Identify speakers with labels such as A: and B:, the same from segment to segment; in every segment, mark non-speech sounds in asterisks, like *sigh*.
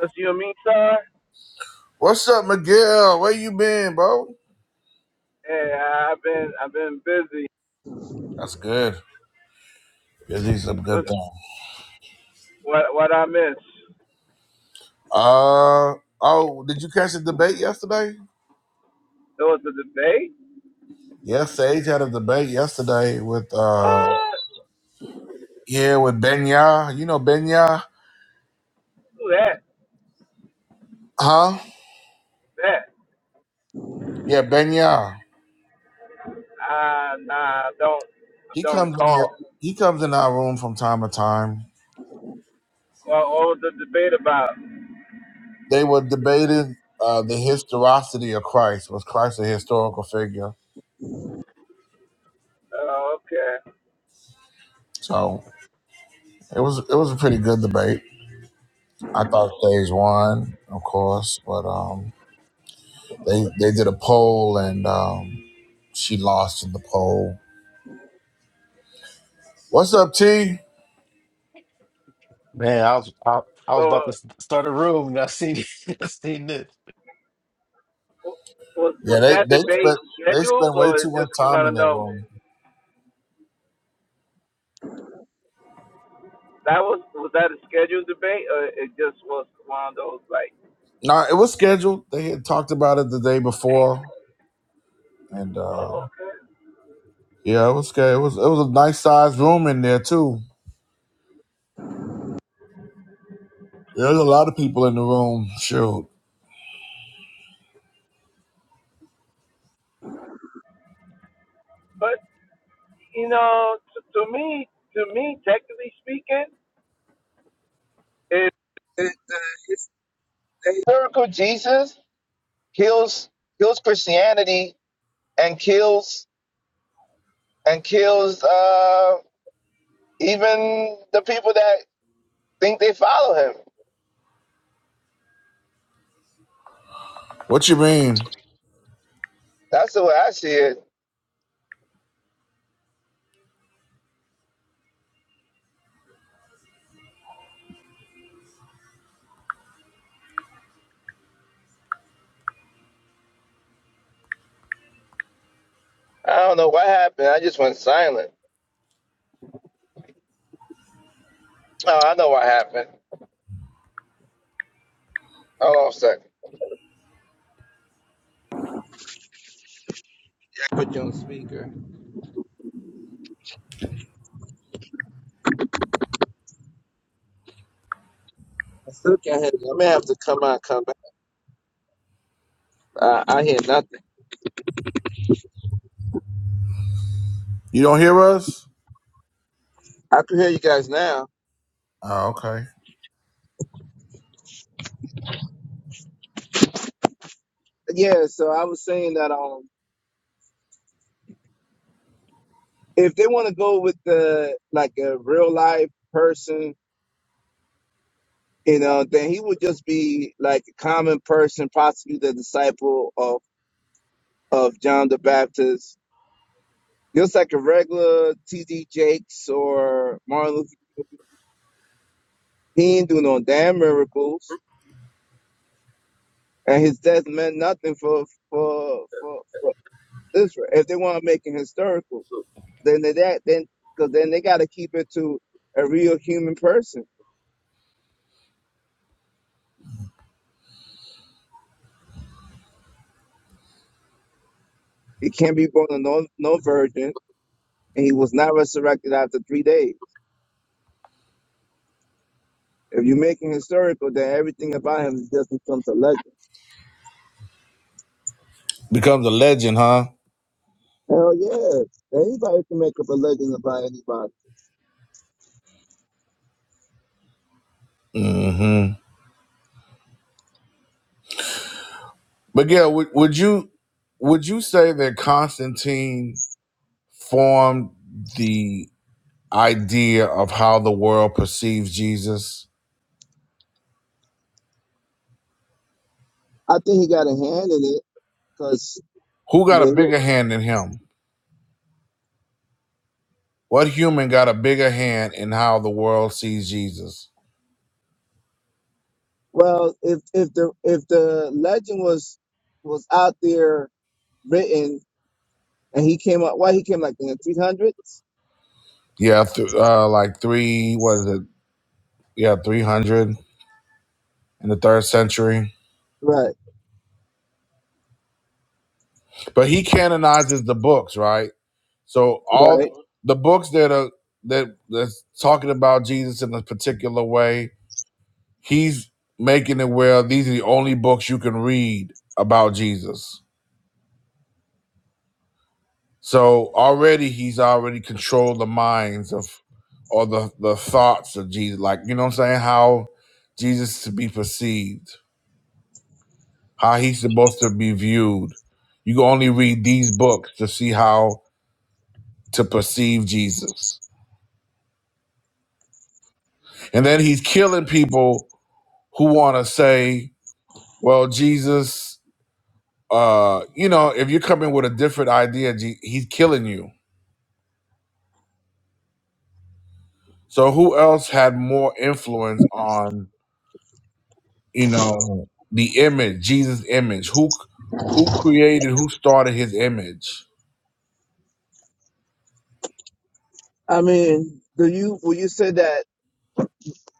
A: Just you and me, sir.
B: What's up, Miguel? Where you been, bro?
A: Hey, I've been I've been busy.
B: That's good. Busy, some good
A: What's,
B: thing.
A: what what I missed?
B: Uh oh, did you catch the debate yesterday?
A: There was a debate.
B: Yes, Sage had a debate yesterday with uh
A: What?
B: yeah with Benya. You know Benya,
A: Who that?
B: huh?
A: That?
B: Yeah, Benya.
A: Uh, nah, I don't I
B: He
A: don't
B: comes in here.
A: recall.
B: He comes in our room from time to time.
A: Well, what was the debate about?
B: They were debating uh, the historicity of Christ. Was Christ a historical figure?
A: Oh, okay.
B: So it was it was a pretty good debate. I thought Sage won, of course, but um They they did a poll and um, she lost in the poll. What's up, T?
C: Man, I was I, I was
A: So
C: about to s- start a room and I seen *laughs* I seen this.
A: w- was
B: Yeah,
A: was
B: they
A: that
B: they
A: debate
B: spent they
A: scheduled
B: spent way
A: or it
B: too much
A: just came
B: time
A: out
B: in
A: of
B: that
A: nowhere?
B: room.
A: That was was that a scheduled debate or it just was one of those like?
B: No, it was scheduled. They had talked about it the day before, and uh, yeah, it was good. It was it was a nice sized room in there too. There's a lot of people in the room. Shoot,
A: But you know, t- to me, to me, technically speaking. it. miracle Jesus kills kills Christianity and kills and kills uh, even the people that think they follow him.
B: what you mean?
A: That's the way I see it. I don't know what happened. I just went silent. Oh, I know what happened. Hold on a second. Yeah. I still can't hear you. I may have to come out, come back. Uh, I hear nothing.
B: You don't hear us?
A: I can hear you guys now.
B: Oh, okay.
A: Yeah, so I was saying that um, if they want to go with the like a real life person You know, then he would just be like a common person, possibly the disciple of, of John the Baptist, just like a regular T.D. Jakes or Martin Luther. He ain't do no damn miracles, and his death meant nothing for for for, for Israel. If they want to make it historical, then they that then because then they got to keep it to a real human person. He can't be born of no no virgin, and he was not resurrected after three days. If you make him historical, then everything about him just becomes a legend.
B: Becomes a legend, huh?
A: Hell yeah. Anybody can make up a legend about anybody.
B: Mm-hmm. But yeah, would, would you would you say that Constantine? formed the idea of how the world perceives Jesus?
A: I think he got a hand in it because
B: Who got a
A: with it,
B: bigger hand than him? What human got a bigger hand in how the world sees Jesus?
A: well, if, if the, if the legend was, was out there written and he came up, why he came like in the 300s?
B: Yeah, th- uh, like three, what is it? Yeah, 300 in the third century.
A: Right.
B: But he canonizes the books, right? So all
A: Right.
B: the books that are that that's talking about Jesus in a particular way, he's making it where these are the only books you can read about Jesus. So already he's already controlled the minds of or the, the thoughts of Jesus. Like, you know what I'm saying? How Jesus to be perceived, how he's supposed to be viewed. You can only read these books to see how to perceive Jesus. And then he's killing people who want to say, well, Jesus, uh, you know, if you're coming with a different idea, Je- he's killing you. So who else had more influence on you know the image jesus image who who created who started his image
A: I mean, do you, will you say that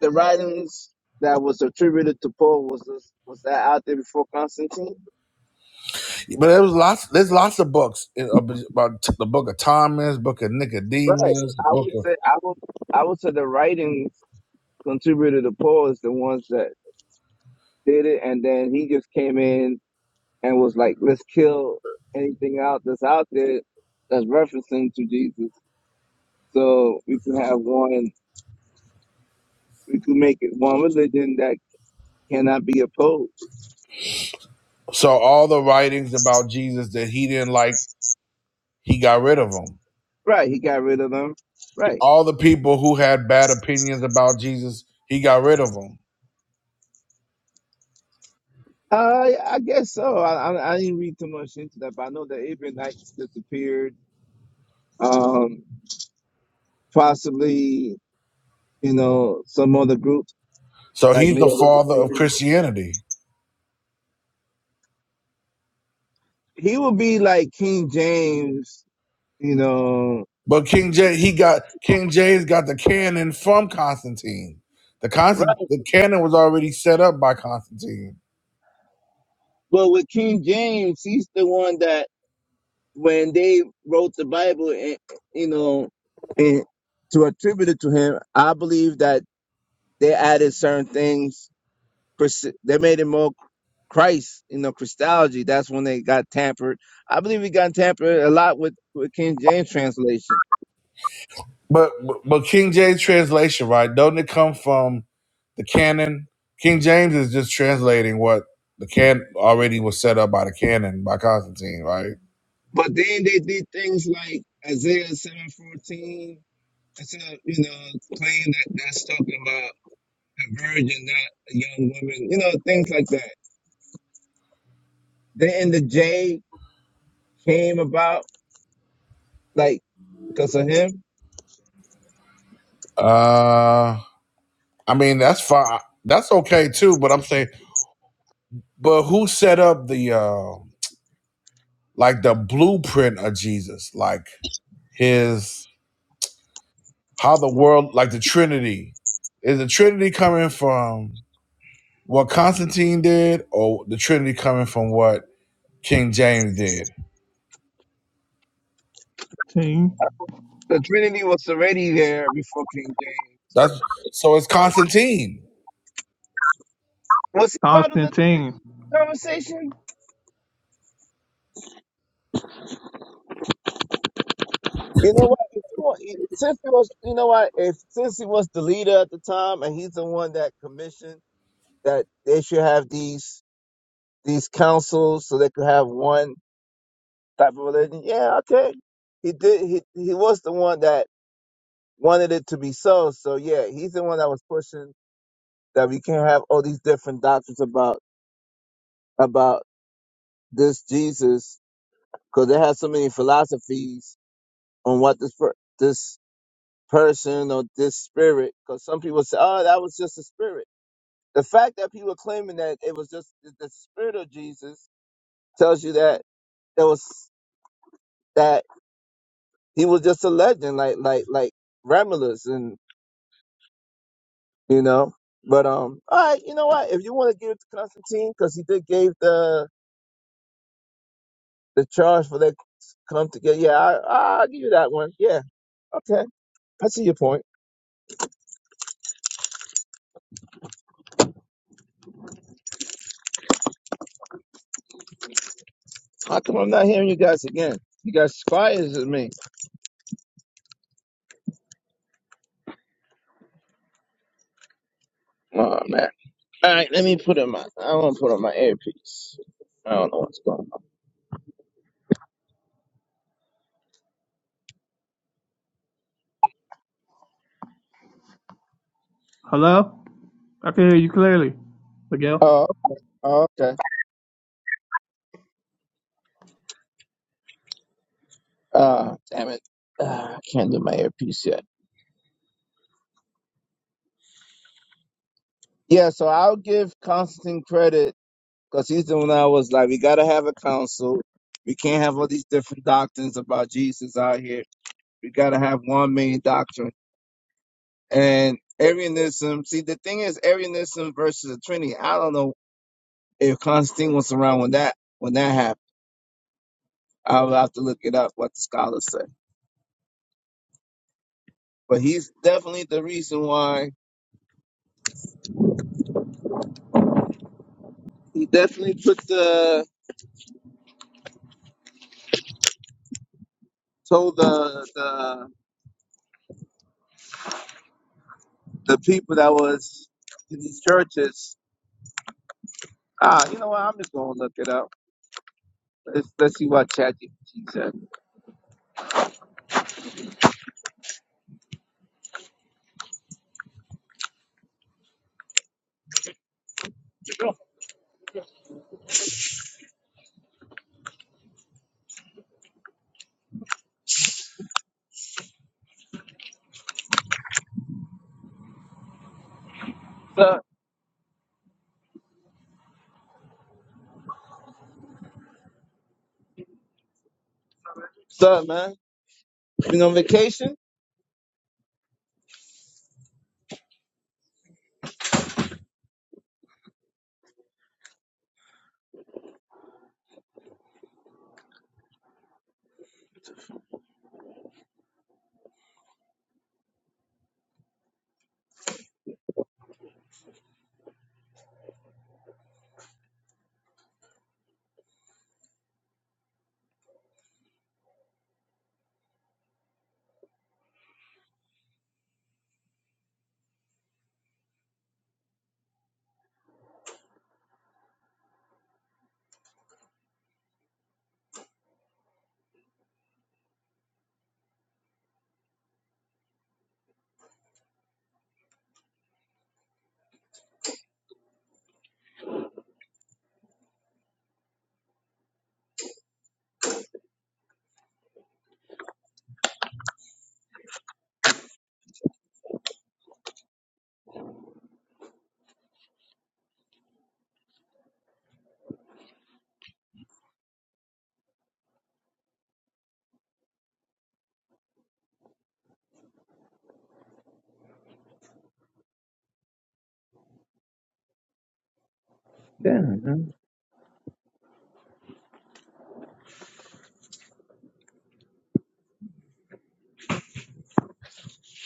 A: the writings that was attributed to Paul was, was that out there before Constantine?
B: but there was lots there's lots of books in- about the book of thomas book of
A: Right.
B: nicodemus
A: I
B: book
A: would
B: of
A: say I would I would say the writings contributed to Paul is the ones that did it and then he just came in and was like, Let's kill anything out that's out there that's referencing to Jesus. So we can have one we could make it one religion that cannot be opposed.
B: so all the writings about jesus that he didn't like he got rid of them
A: Right, he got rid of them. Right.
B: all the people who had bad opinions about jesus he got rid of them
A: Uh, I guess so. I, I I didn't read too much into that, but I know the Abrahamites disappeared. Um, possibly you know, some other groups.
B: so
A: Like
B: he's the
A: maybe
B: father of christianity
A: he would be like King James, you know.
B: But King J, he got King J's got the canon from Constantine. The constant
A: Right.
B: the canon was already set up by Constantine.
A: But with King James, he's the one that when they wrote the Bible, and you know, and to attribute it to him, I believe that they added certain things. Chris- They made it more Christ, you know, Christology. That's when they got tampered. I believe it got tampered a lot with, with King James translation.
B: But but but King James translation, right? Don't it come from the canon? King James is just translating what the can already was set up by the canon by Constantine, right?
A: But then they did things like Isaiah seven fourteen It's a, you know, claim that that's talking about a virgin, not a young woman, you know, things like that. Then the J came about, like, because of him.
B: Uh, I mean that's fine. That's okay too. But I'm saying, but who set up the uh like the blueprint of Jesus, like his? how the world, like the Trinity, is the Trinity coming from what Constantine did, or the Trinity coming from what King James did?
D: Team.
A: The Trinity was already there before King James. So
B: That's so. It's Constantine.
A: was he part of the
D: Constantine,
A: Trinity conversation? You know what? If you want- Since he was, you know what? If since he was the leader at the time, and he's the one that commissioned that they should have these these councils, so they could have one. type of religion. Yeah, okay. He did. He he was the one that wanted it to be so. So yeah, he's the one that was pushing that we can't have all these different doctrines about about this Jesus because they have so many philosophies on what this per, this person or this spirit. Because some people say, oh, that was just a spirit. The fact that people are claiming that it was just the the spirit of Jesus tells you that there was that he was just a legend, like like like Romulus and. you know. But um, all right, you know what? If you want to give it to Constantine, because he did gave the the charge for that come together. Yeah, I, I'll give you that one. Yeah, okay, I see your point. How come I'm not hearing you guys again? You guys quiet as me. Oh man. All right, let me put in my. I want to put on my earpiece. I don't know what's going on.
D: Hello? I can hear you clearly, Miguel.
A: Oh, okay. Oh, okay. Uh, damn it. Uh, I can't do my earpiece yet. Yeah, so I'll give Constantine credit Because he's the one I was like, we gotta have a council. We can't have all these different doctrines about Jesus out here. We gotta have one main doctrine. And Arianism, see the thing is Arianism versus the Trinity. I don't know if Constantine was around when that when that happened. I'll have to look it up what the scholars say. But he's definitely the reason why he definitely put the told the the the people that was in these churches, ah, you know what, I'm just gonna look it up. Let's let's see what ChatGPT said. So, so man, been on vacation?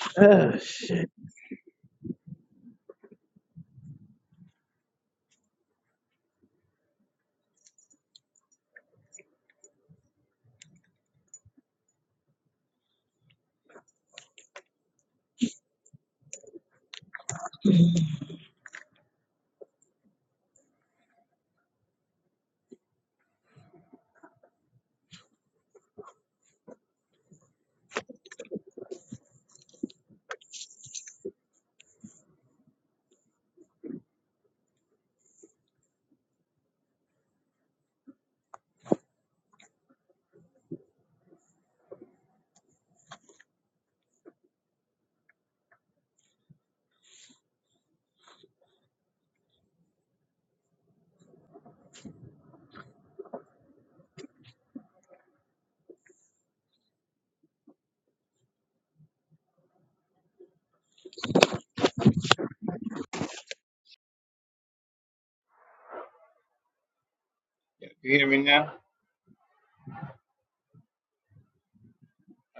A: *sighs* Ugh.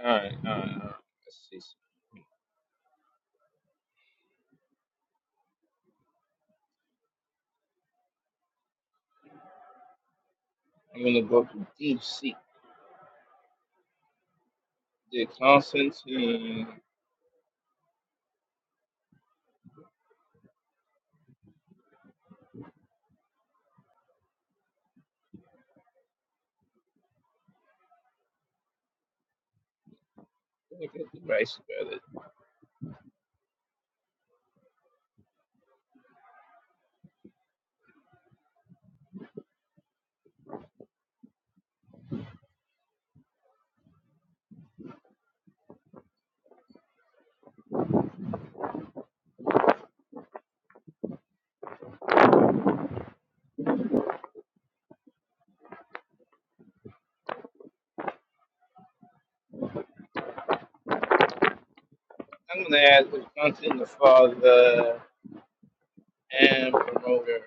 A: Ah, she's did Constance and let me the rice brother. I'm gonna add the content the father and promoter.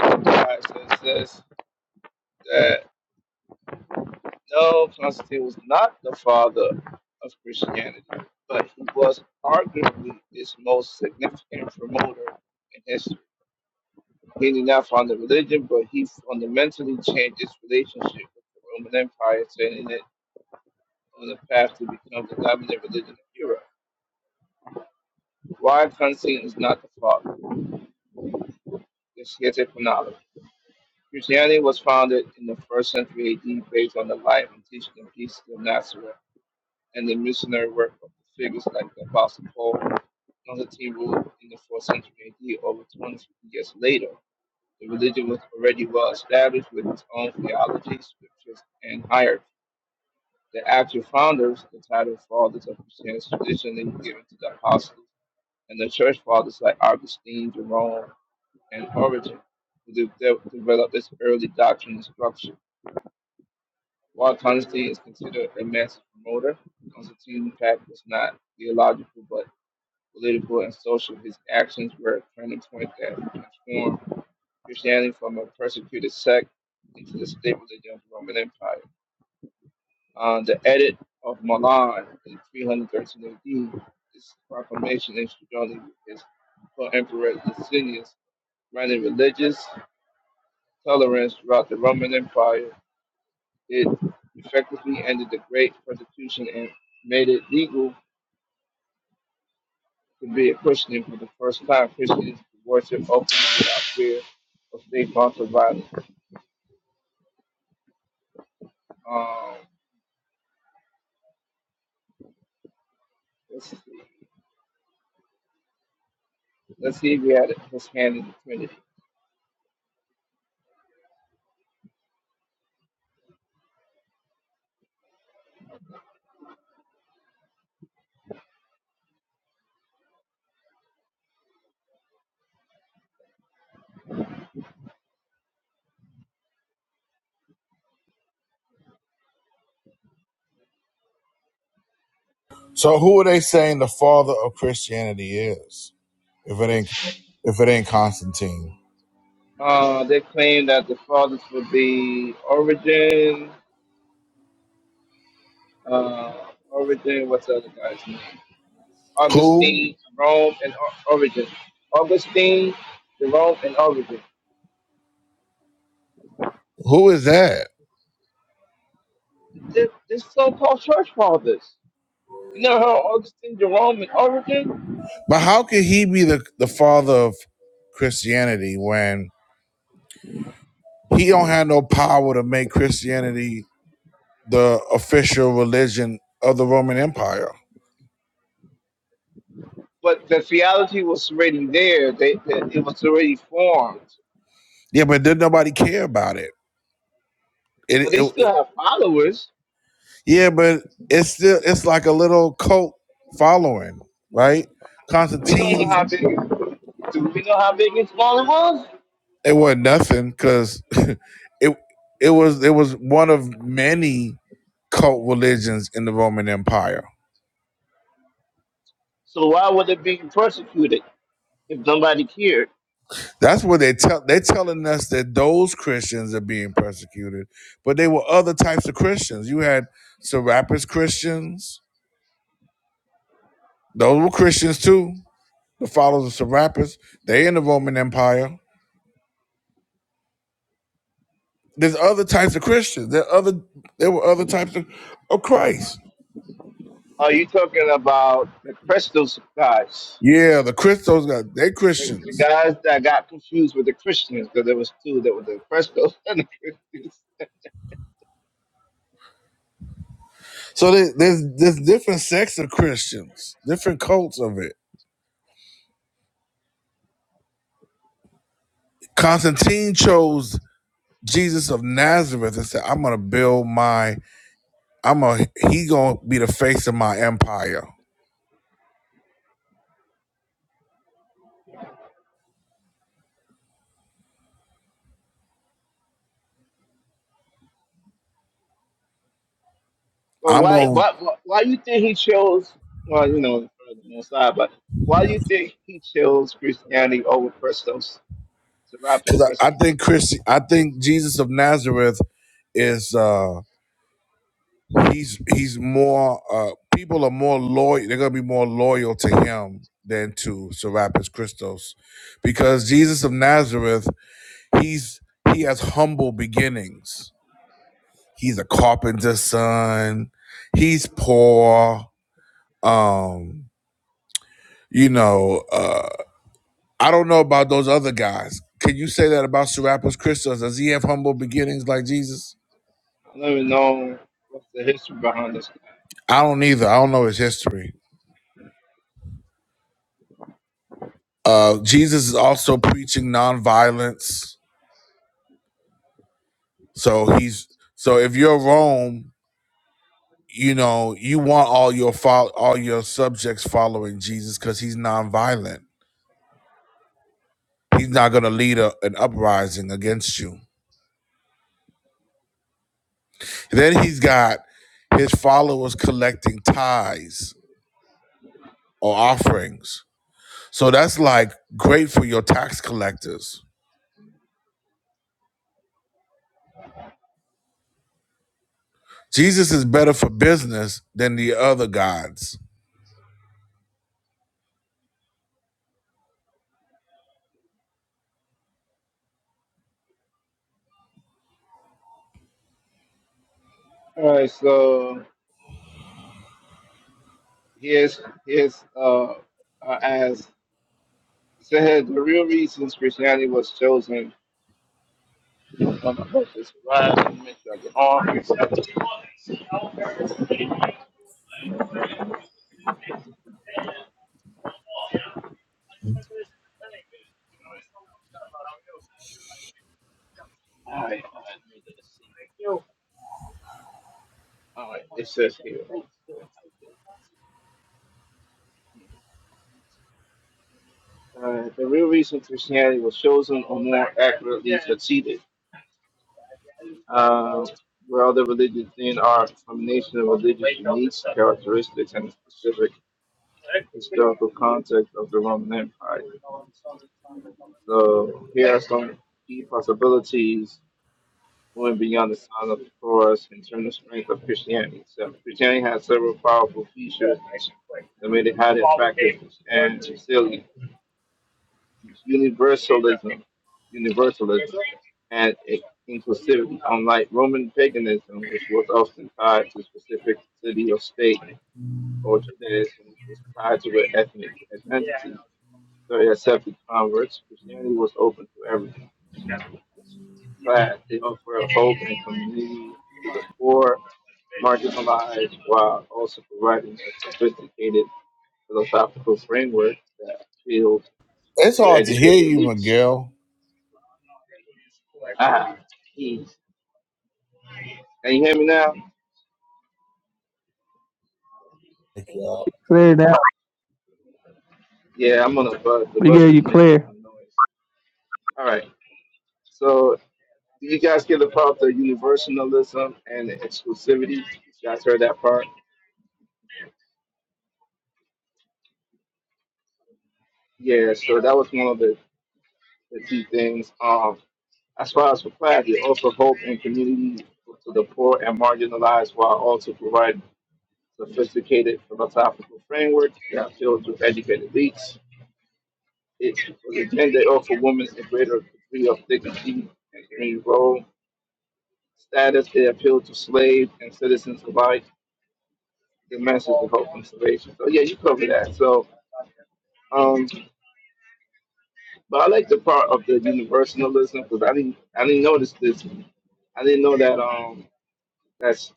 A: Alright, so it says that no, Constantine was not the father of Christianity, but he was arguably its most significant promoter in history. He did not found the religion, but he fundamentally changed its relationship with the Roman Empire, setting it on the path to become the dominant religion of Europe. Why Constantine is not the father? This here's a chronology. Christianity was founded in the first century AD based on the life and teaching of Jesus of Nazareth and the missionary work of the figures like the Apostle Paul, Constantine ruled in the fourth century AD over 250 years later. The religion was already well established with its own theology, scriptures, and hierarchy. The actual founders, the title fathers of Christianity, traditionally given to the apostles and the church fathers like Augustine, Jerome, and Origen, who de- de- developed this early doctrine and structure. While Constantine is considered a massive promoter, Constantine's path was not theological but political and social. His actions were a turning point that transformed Christianity from a persecuted sect into the state religion of the Roman Empire. Uh, the edit of Milan in 313 AD, this proclamation instrumented his co-emperor Licinius, granted religious tolerance throughout the Roman Empire. It effectively ended the Great Persecution and made it legal to be a Christian for the first time. Christians could worship openly without fear of state-sponsored violence. Um, let's see. Let's see if we had his hand in the Trinity.
B: So who are they saying the father of Christianity is? If it ain't, if it ain't Constantine,
A: Uh, they claim that the fathers would be Origin. Uh, Origin, what's the other guy's name?
B: who
A: Augustine, Jerome, and Or- Origin. Augustine, Jerome, and Origin.
B: who is that?
A: This, this so-called church fathers. You never heard of Augustine, Jerome, and Origin?
B: But how could he be the the father of Christianity when he don't have no power to make Christianity the official religion of the Roman Empire?
A: But the theology was already there. They, they, it was already formed.
B: Yeah, but did nobody care about it? It,
A: But they still
B: it
A: have followers.
B: yeah, but it's still it's like a little cult following, right?
A: We don't know
B: Constantine,
A: how big. Do we know how big and small it was?
B: it wasn't nothing because *laughs* it it was it was one of many cult religions in the Roman Empire.
A: So why would it be persecuted? if nobody cared.
B: That's what they tell they're telling us that those Christians are being persecuted, but they were other types of Christians. You had Serapis Christians; those were Christians too. The followers of Serapis, they in the Roman Empire There's other types of Christians. There other there were other types of, of Christ.
A: Are you talking about the Crestals guys?
B: Yeah, the Christos got they
A: The, the
B: Christians.
A: guys that got confused with the Christians because there was two that were the Crestals *laughs* and the Christians.
B: So there, there's there's different sects of Christians, different cults of it. Constantine chose Jesus of Nazareth and said, "I'm gonna build my. I'm a. He gonna be the face of my empire.
A: But
B: I'm
A: why,
B: gonna.
A: why, why, why you think he chose? Well, you know, for side, but why do you think he chose Christianity over Crestals, the rappers
B: Cause I, I
A: Crestals?
B: think Christian. I think Jesus of Nazareth is. uh he's he's more uh people are more loyal they're gonna be more loyal to him than to Serapis Christos because Jesus of Nazareth he's he has humble beginnings he's a carpenter's son he's poor um you know uh I don't know about those other guys can you say that about Serapis Christos does he have humble beginnings like Jesus
A: I don't even know what's the history behind this.
B: I don't either I don't know his history uh Jesus is also preaching nonviolence So he's so if you're Rome, you know you want all your fol- all your subjects following Jesus because he's nonviolent. He's not going to lead a, an uprising against you. Then he's got his followers collecting tithes or offerings. So that's like great for your tax collectors. Jesus is better for business than the other gods.
A: All right, so here's here's uh, uh as it said the real reasons Christianity was chosen But my brother right. sure All right, it says here. Uh, the real reason Christianity was chosen, or more accurately, succeeded, uh, where other religions then are a combination of religious beliefs, characteristics, and the specific historical context of the Roman Empire. So here are some key possibilities going beyond the sign of the cross in terms of strength of Christianity. So Christianity has several powerful features that made it highly attractive and still universalism, universalism, and e, inclusivity, unlike Roman paganism, which was often tied to a specific city or state, or Judaism, which was tied to an ethnic identity. So it accepted converts. Christianity was open to everyone. Class, they offered hope and community to the poor, marginalized, while also providing a sophisticated philosophical framework that appealed
B: It's
A: to
B: hard to hear
A: educated
B: you,
A: elites.
B: Miguel.
A: Ah, jeez. Can you hear me now?
B: Yeah.
D: Clear now.
A: Yeah, I'm on the bus. The
D: We
A: bus
D: hear
A: is
D: you
A: making
D: clear.
A: some noise. All right. So, did you guys get the part of universalism and exclusivity? You guys heard that part? Yeah. So that was one of the, the key things. Um, as far as for clarity, also hope and community to the poor and marginalized, while also providing sophisticated philosophical framework that deals with educated elites. It was intended to offer women a greater degree of dignity and community role status, they appeal to slaves and citizens alike, the message of hope and salvation. So yeah, you covered that. So um but I like the part of the universalism because I didn't I didn't notice this. I didn't know that um that's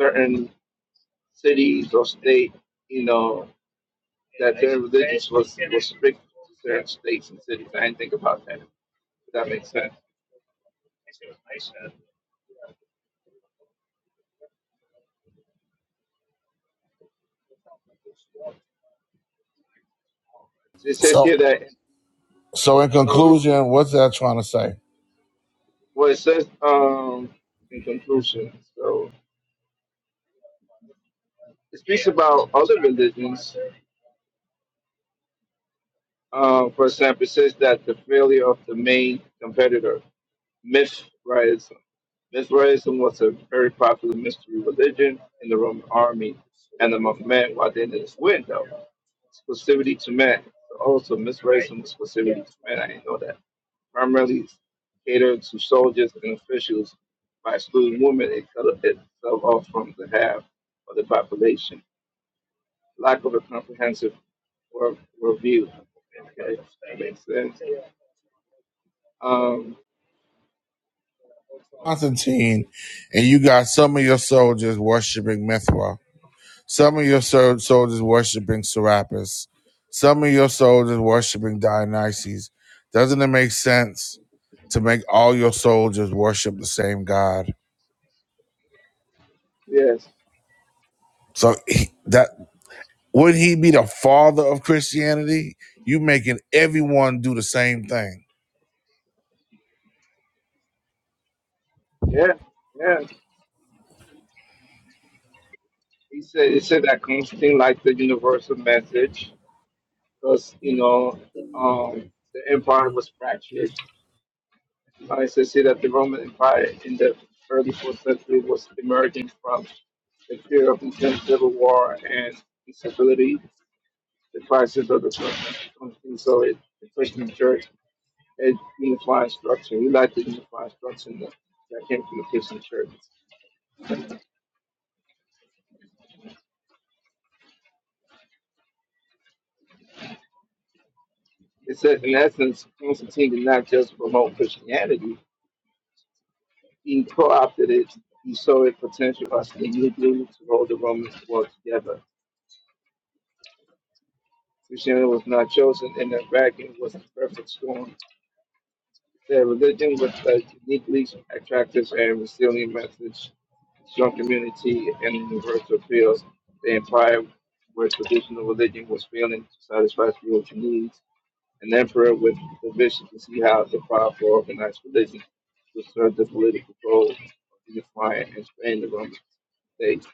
A: certain cities or state, you know, that their religious was was strict to certain states and cities. I didn't think about that. If that makes sense. It says
B: So,
A: here that
B: so in
A: um,
B: conclusion, what's that trying to say?
A: well it says um in conclusion. So It speaks about other religions. Uh, for example, it says that the failure of the main competitor, Mithraism. Mithraism was a very popular mystery religion in the Roman army and among men while they didn't win, though. Exclusivity to men. Also, Mithraism was exclusivity to men. I didn't know that. Primarily catered to soldiers and officials by excluding women, it cut itself off from the half of the population. Lack of a comprehensive were, were Okay, that makes sense. Um,
B: Constantine, and you got some of your soldiers worshiping Mithra, some of your sol- soldiers worshiping Serapis, some of your soldiers worshiping Dionysus. Doesn't it make sense to make all your soldiers worship the same God?
A: yes,
B: So he, that would he be the father of Christianity? You making everyone do the same thing.
A: yeah, yeah. He said he said that Constantine liked the universal message because you know um, the empire was fractured. I said see that the Roman Empire in the early fourth century was emerging from the fear of intense civil war and instability, the crisis of the Constantine. So it the Christian church a unified structure. We like the unified structure that, that came from the Christian churches. It said, in essence, Constantine did not just promote Christianity, he co opted it. He saw a potential for us in unity to hold the Roman world together. Christianity was not chosen in a vacuum, it was a perfect storm. Their religion was a uniquely attractive and resilient message, strong community, and universal appeals. The empire where traditional religion was failing to satisfy spiritual needs an emperor with the vision to see how the power for organized religion would serve the political goal of unifying and expanding the Roman state.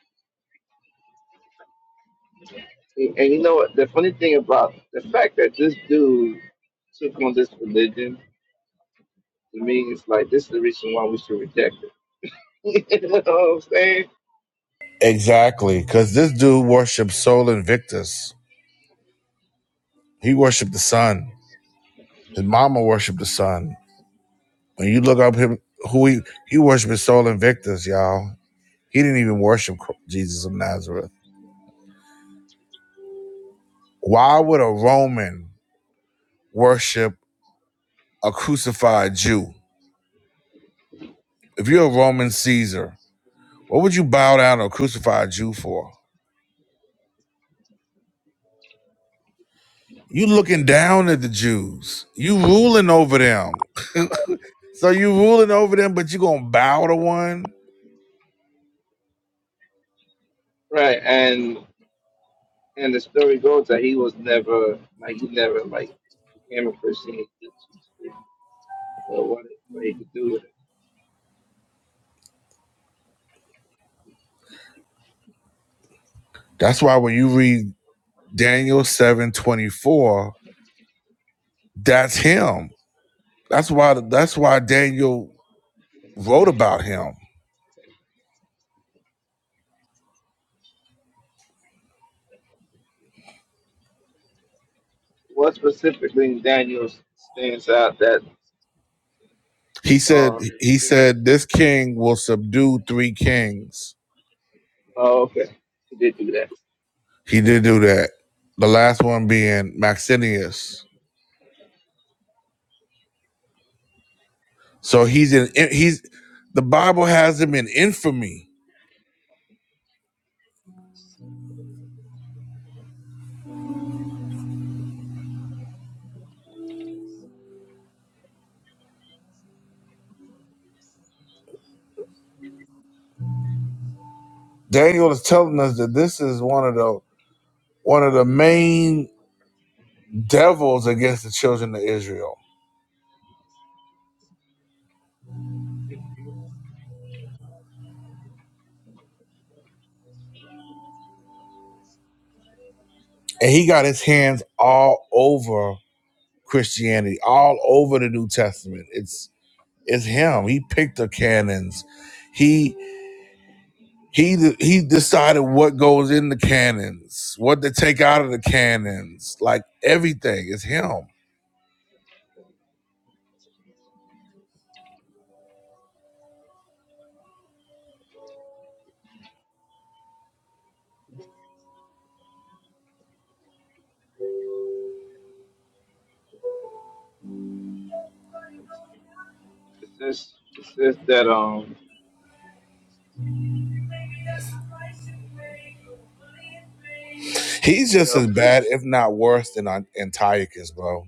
A: And, and you know what? The funny thing about the fact that this dude took on this religion to me is like this is the reason why we should reject it. *laughs* you know what I'm saying?
B: Exactly, because this dude worshipped Sol Invictus. He worshiped the sun. His mama worshiped the sun. When you look up him, who he he worshiped Sol Invictus, y'all. He didn't even worship Jesus of Nazareth. Why would a Roman worship a crucified Jew? If you're a Roman Caesar, what would you bow down to a crucified Jew for? You looking down at the Jews. You ruling over them. So you ruling over them, but you gonna bow to one?
A: Right. And and the story goes that he was never like he never like became a Christian. He just- Or what, what he could do with it.
B: That's why when you read Daniel 7 24, that's him. That's why that's why Daniel wrote about him.
A: What specifically in Daniel stands out that?
B: He said
A: Uh,
B: he said this king will subdue three kings.
A: oh, okay. He did do that.
B: He did do that. The last one being Maxinius. So he's in he's the Bible has him in infamy. Daniel is telling us that this is one of the one of the main devils against the children of Israel. And he got his hands all over Christianity, all over the New Testament. It's it's him. He picked the canons. He He he decided what goes in the cannons, what to take out of the cannons, like everything It's him.
A: It says, it says that, um,
B: He's just
A: uh,
B: as
A: first,
B: bad, if not worse, than An- Antiochus, bro.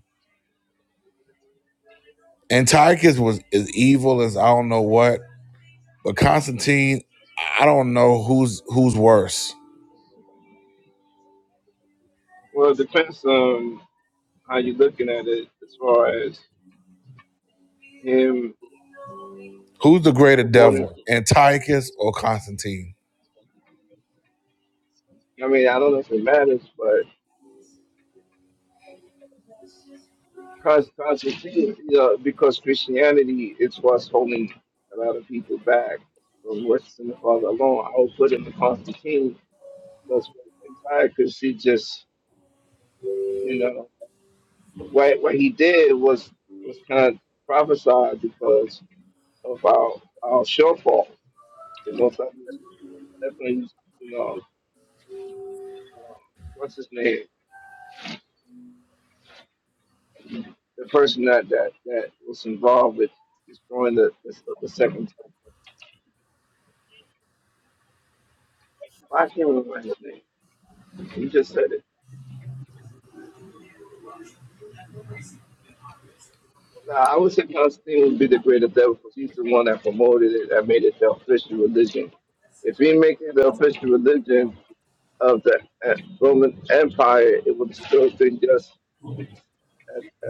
B: Antiochus was as evil as I don't know what, but Constantine, I don't know who's who's worse.
A: well, it depends on how you're looking at it as far as him
B: Who's the greater
A: promoting.
B: devil, Antiochus or Constantine?
A: I mean, I don't know if it matters, but cause, cause it's, you know, because Christianity is what's holding a lot of people back from worshiping the Father alone. I would put in the Constantine because entire could see just, you know. what what he did was was kind of prophesied because of our our shortfall. The most of us definitely, you know, uh, what's his name? The person that that that was involved with destroying the the, the second temple. I can't remember his name. You just said it. Nah, I would say Constantine would be the greater devil because he's the one that promoted it, that made it the official religion. If he make it the official religion of the uh, Roman Empire, it would still be just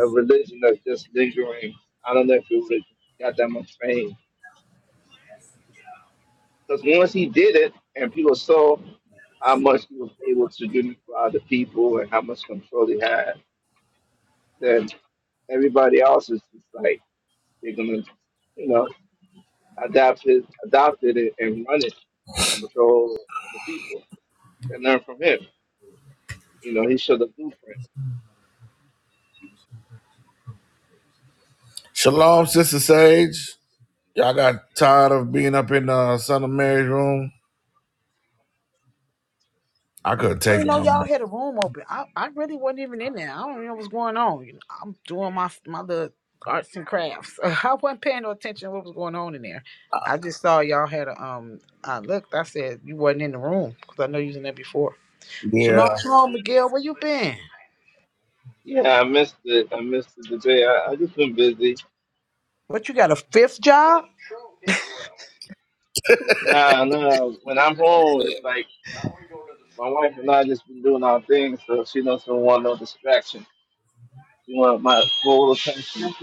A: a religion that's just lingering. I don't know if it would got that much fame. Because once he did it, and people saw how much he was able to do for other people and how much control he had, then everybody else is just like they're gonna, you know, adapt it, adopted it, and run it to control the people and learn from him. You know, he showed the blueprint.
B: Shalom, Sister Sage. Y'all got tired of being up in the Son of Mary's room? I couldn't
E: I
B: take
E: didn't
B: it
E: know
B: no
E: y'all
B: more.
E: had a room open. I, I really wasn't even in there. I don't even know what's going on. You know, I'm doing my my little arts and crafts. *laughs* I wasn't paying no attention to what was going on in there. I just saw y'all had a um. I looked. I said you wasn't in the room because I know you was in there before.
B: Yeah,
E: Shalom, shalom, Miguel. Where you been?
A: Yeah, I missed it. I missed the debate. I, I just been busy.
E: What you got a fifth job?
A: Nah, nah. When I'm home, it's like My wife and I just been doing our thing, so she doesn't want no distraction. She want my full attention.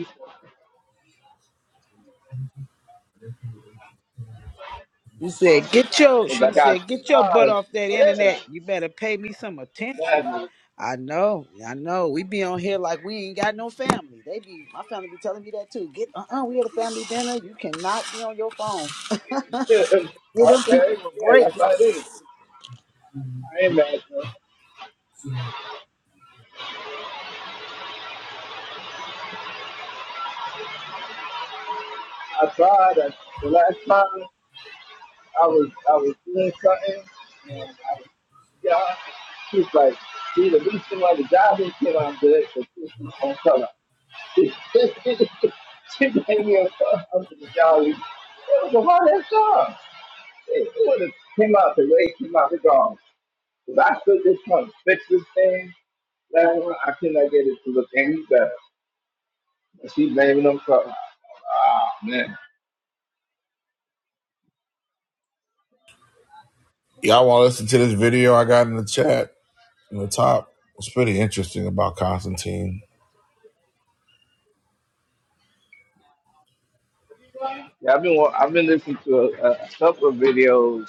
E: She said, "Get your,"
A: Cause I
E: she
A: got
E: said, "Get your butt
A: God.
E: off that internet.
A: Yeah,
E: You better pay me some attention."
A: exactly.
E: I know, I know. We be on here like we ain't got no family. They be my family be telling me that too. Get uh uh we had a family dinner. You cannot be on your phone.
A: *laughs*
E: Give them people
A: okay,
E: a
A: yeah,
E: break.
A: that's what it is. I ain't mad. though. I tried. I, the last time I was, I was doing something. And yeah, she's like, she the least thing like the job and kid I'm good, but she's on color. *laughs* she made me a fuck up to the job. It was a hard ass job. It would have came out the way it came out the gong. Because I stood this trying to fix this thing. That one, I could not get it to look any better. And she blaming them for, ah, man.
B: Y'all want to listen to this video I got in the chat in the top? It's pretty interesting about Constantine.
A: Yeah, I've been, wa- I've been listening to a, a couple of videos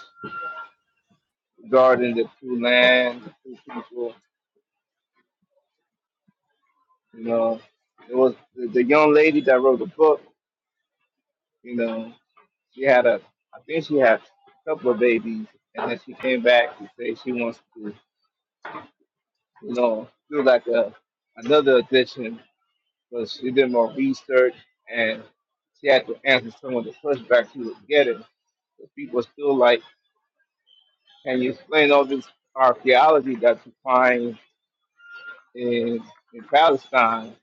A: regarding the two lands, the two people. You know, it was the, the young lady that wrote the book. You know, she had a, I think she had a couple of babies. And then she came back to say she wants to, you know, do like a, another edition But she did more research and she had to answer some of the pushback she was getting. The people were still like, Can you explain all this archaeology that you find in in Palestine?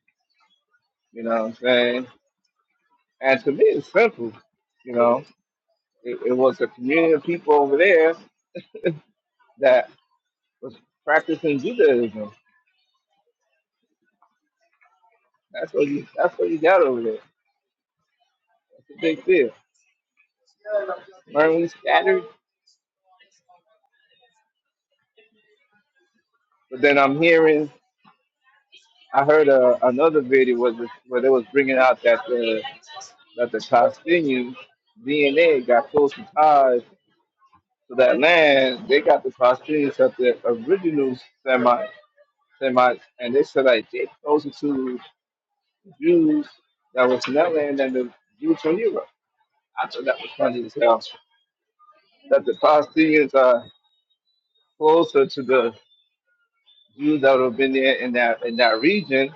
A: You know what I'm saying? And to me it's simple, you know. It, it was a community of people over there that was practicing Judaism. That's what you that's what you got over there. That's a big deal. were we scattered? But then I'm hearing I heard a another video was where they was bringing out that the that the Palestinian DNA got closer ties to that land. They got the Palestinians at the original Semites, Semites, and they said like they closer to Jews that was in that land than the Jews from Europe. I thought that was funny as hell. That the Palestinians are closer to the Jews that would have been there in that in that region,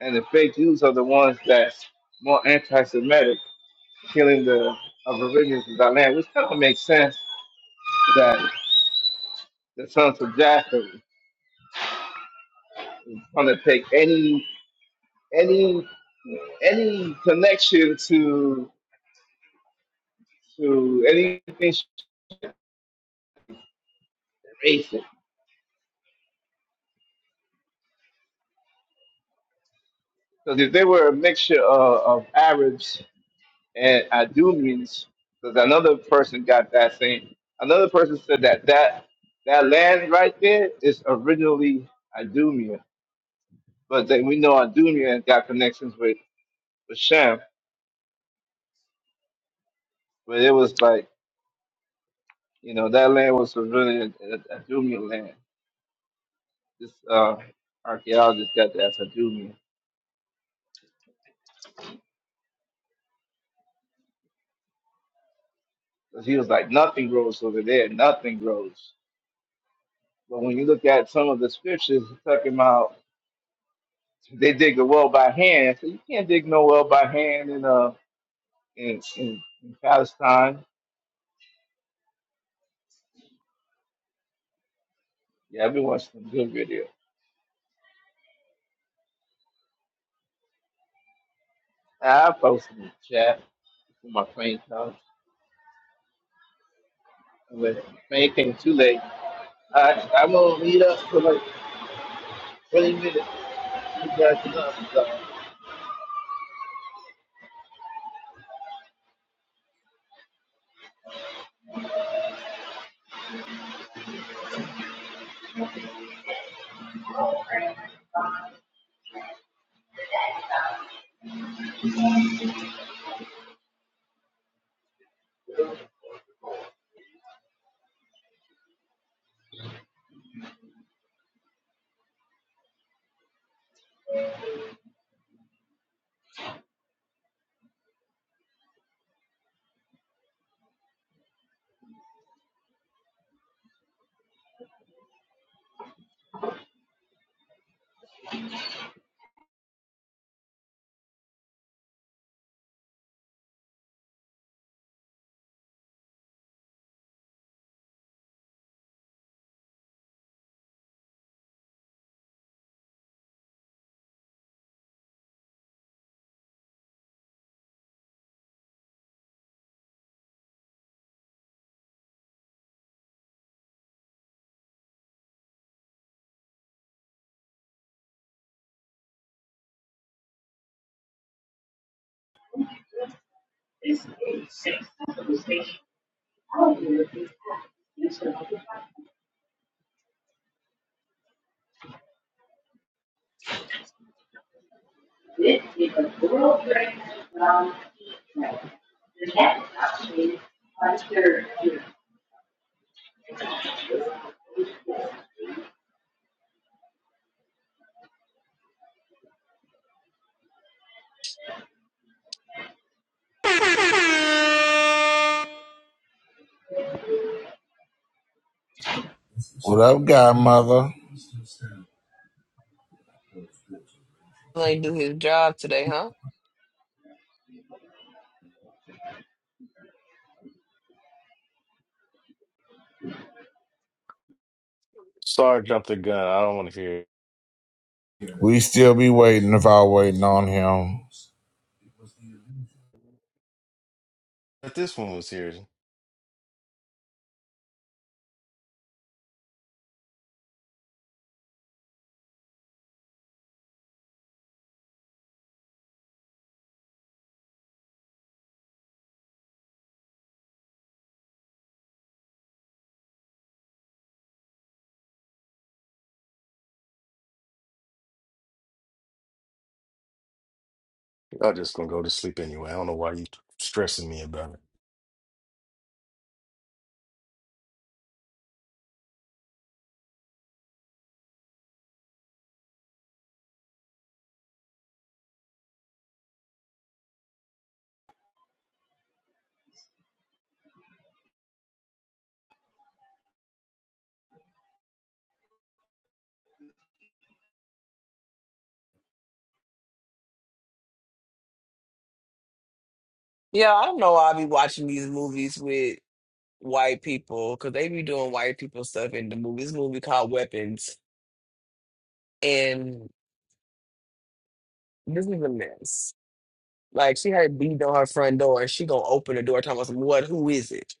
A: and the fake Jews are the ones that's more anti-Semitic, killing the aborigines of that land, which kind of makes sense that. the sons of Japheth gonna take any any any connection to to anything racist. Because if they were a mixture of, of Arabs and Idumeans, because another person got that thing. Another person said that that that land right there is originally Idumea, but then we know Idumea got connections with with Shem, but it was like you know that land was originally Idumea land. This uh, archaeologist got that to do because he was like, nothing grows over there, nothing grows. But when you look at some of the scriptures it's talking about they dig a well by hand, so you can't dig no well by hand in uh in in, in Palestine. Yeah, I've been watching some good video. I posted in the chat when my plane comes. When the plane came too late, I I'm gonna meet up for like 20 minutes. You guys know, so,
B: What up, godmother?
F: Ain't do his job today, huh?
C: Sorry, jumped the gun. I don't want to hear it.
B: We still be waiting if I waiting on him.
C: But this one was serious. I'm just gonna go to sleep anyway. I don't know why you stressing me about it.
F: Yeah, I don't know why I be watching these movies with white people because they be doing white people stuff in the movie. This movie called Weapons, and this is a mess. Like she had a beat on her front door, and she gonna open the door talking about some what? Who is it?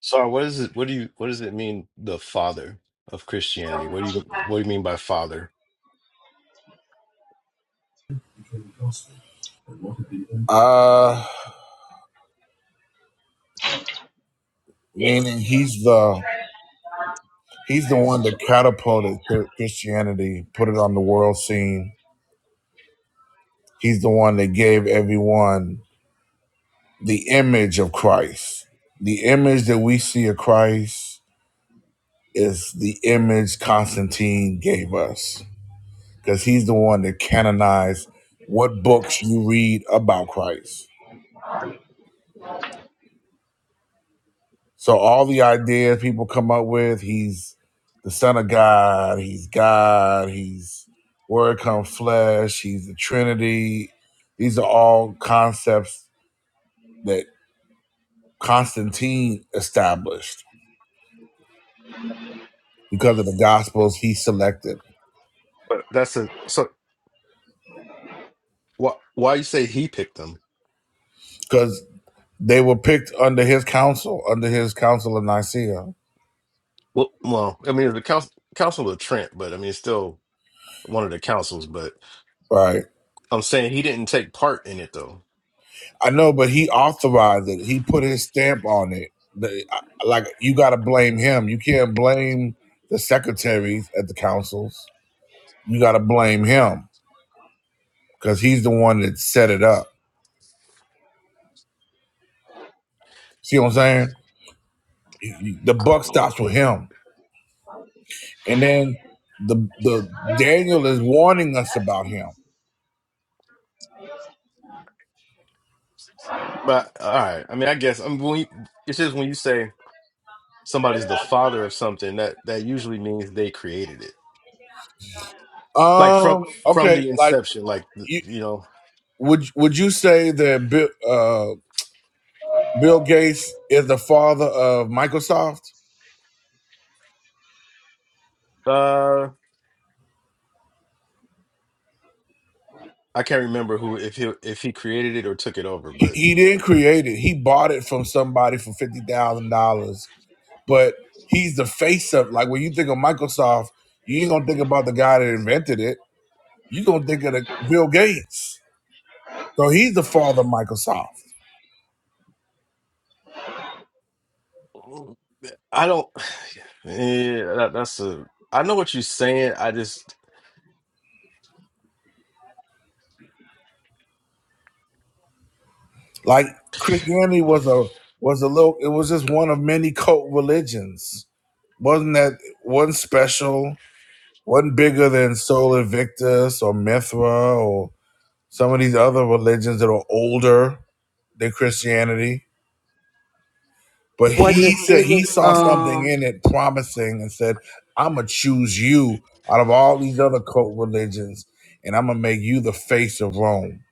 C: Sorry, what is it? What do you? What does it mean? The father of Christianity. What do you? What do you mean by father?
B: Uh, meaning he's the he's the one that catapulted Chri- Christianity, put it on the world scene. He's the one that gave everyone the image of Christ. The image that we see of Christ is the image Constantine gave us. because he's the one that canonized what books you read about Christ. So all the ideas people come up with, he's the Son of God, he's God, he's Word come flesh, he's the Trinity. These are all concepts that Constantine established because of the Gospels he selected,
C: But that's a so. Why? Why you say he picked them?
B: because they were picked under his counsel, under his council of Nicaea,
C: Well, well, I mean the council, council of Trent, but I mean it's still one of the councils. But
B: right?
C: I'm saying he didn't take part in it though.
B: I know, but he authorized it. He put his stamp on it. The- Like you got to blame him. You can't blame the secretaries at the councils. You got to blame him because he's the one that set it up. See what I'm saying? The buck stops with him. And then the the Daniel is warning us about him.
C: But all right, I mean, I guess I mean, when you, it's just when you say somebody's the father of something, that that usually means they created it, like from
B: Um.
C: from
B: Okay.
C: the
B: Like
C: inception. Like th-
B: you
C: you know,
B: would would you say that Bill uh, Bill Gates is the father of Microsoft?
C: uh, I can't remember who if he if he created it or took it over,
B: He,
C: but
B: he didn't create it. He bought it from somebody for fifty thousand dollars. But he's the face of like when you think of Microsoft, you ain't gonna think about the guy that invented it. You gonna think of the Bill Gates. So he's the father of Microsoft.
C: I don't. Yeah, that, that's a. I know what you're saying. I just
B: Like Christianity was a was a little. It was just one of many cult religions. Wasn't that wasn't special? Wasn't bigger than Sol Invictus or Mithra or some of these other religions that are older than Christianity But
E: Wasn't
B: he
E: as
B: said
E: big
B: he
E: as
B: saw
E: um
B: something in it promising and said, I'm going to choose you out of all these other cult religions and I'm going to make you the face of Rome.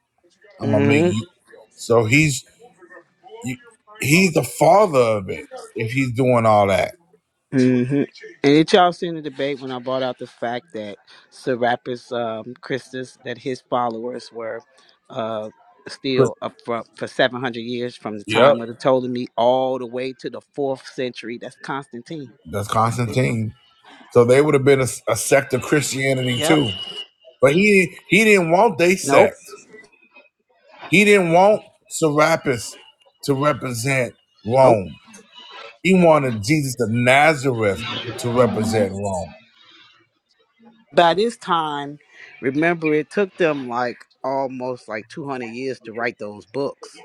B: I'm going to make you. So he's you, he's the father of it if he's doing all that.
E: hmm And it y'all seen the debate when I brought out the fact that Serapis um, Christus, that his followers were uh,
B: Chr-
E: still up for, for 700 years from the
B: Yep,
E: time of the Ptolemy all the way to the fourth century. That's Constantine.
B: that's
E: That's it.
B: Constantine. So they would have been a, a sect of Christianity
E: Yep.
B: too. But he he didn't want they
E: Nope.
B: sect. He didn't want Serapis to represent
E: Nope.
B: Rome. He wanted Jesus of Nazareth to represent Rome.
E: By this time, remember, it took them like almost like 200 years to write those books.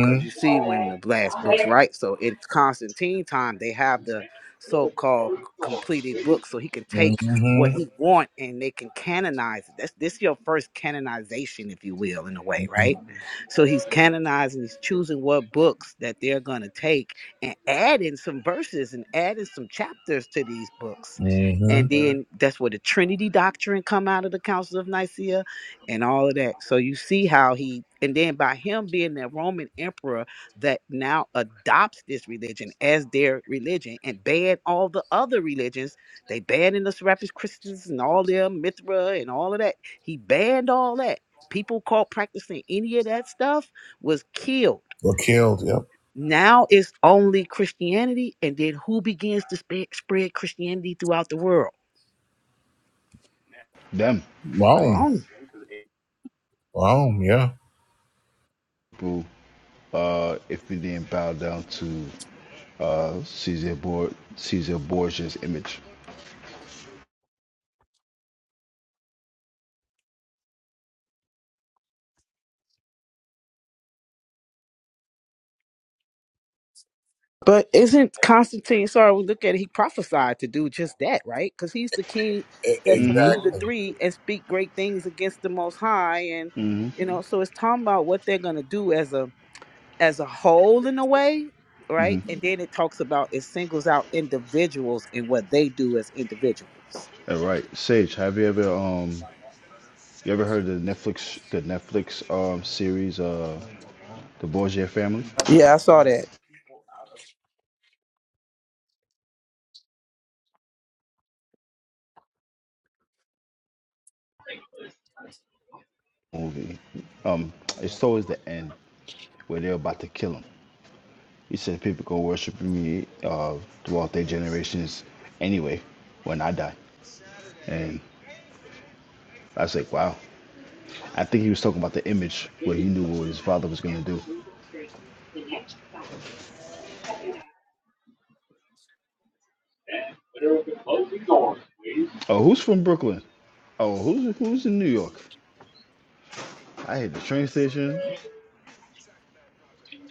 E: because you see when the last books right so it's constantine time they have the so-called completed book so he can take what he
B: Mm-hmm.
E: want and they can canonize it that's this your first canonization if you will in a way right so he's canonizing he's choosing what books that they're going to take and adding some verses and adding some chapters to these books
B: Mm-hmm.
E: and Mhm. then that's where the trinity doctrine come out of the council of nicaea and all of that. So you see how he, and then by him being the Roman emperor that now adopts this religion as their religion and ban all the other religions, they banned in the Serapis Christians and all their Mithra and all of that. He banned all that. People caught practicing any of that stuff was killed.
B: Were killed. Yep.
E: Now it's only Christianity, and then who begins to spe- spread Christianity throughout the world?
G: them
B: Rome.
E: Grown
B: Rome. Yeah.
G: people uh, if we didn't bow down to uh, Caesar Bor- Caesar Borgia's image.
E: But isn't Constantine, sorry, we look at it, he prophesied to do just that, right? Because he's the king
B: E-
E: that
G: hmm
E: subdued
B: exactly.
E: the three and speak great things against the most high. And you know, so it's talking about what they're gonna do as a as a whole in a way, right? And then it talks about it singles out individuals and what they do as individuals.
G: All right, Sage, have you ever um you ever heard of the Netflix the Netflix um series uh the Borgia family movie? Um, it's towards the end where they're about to kill him. He said people go worship me uh throughout their generations anyway when I die, and I was like, wow, I think he was talking about the image where he knew what his father was going to do. Oh, who's from Brooklyn? Oh, who's who's in New York? I hit the train station.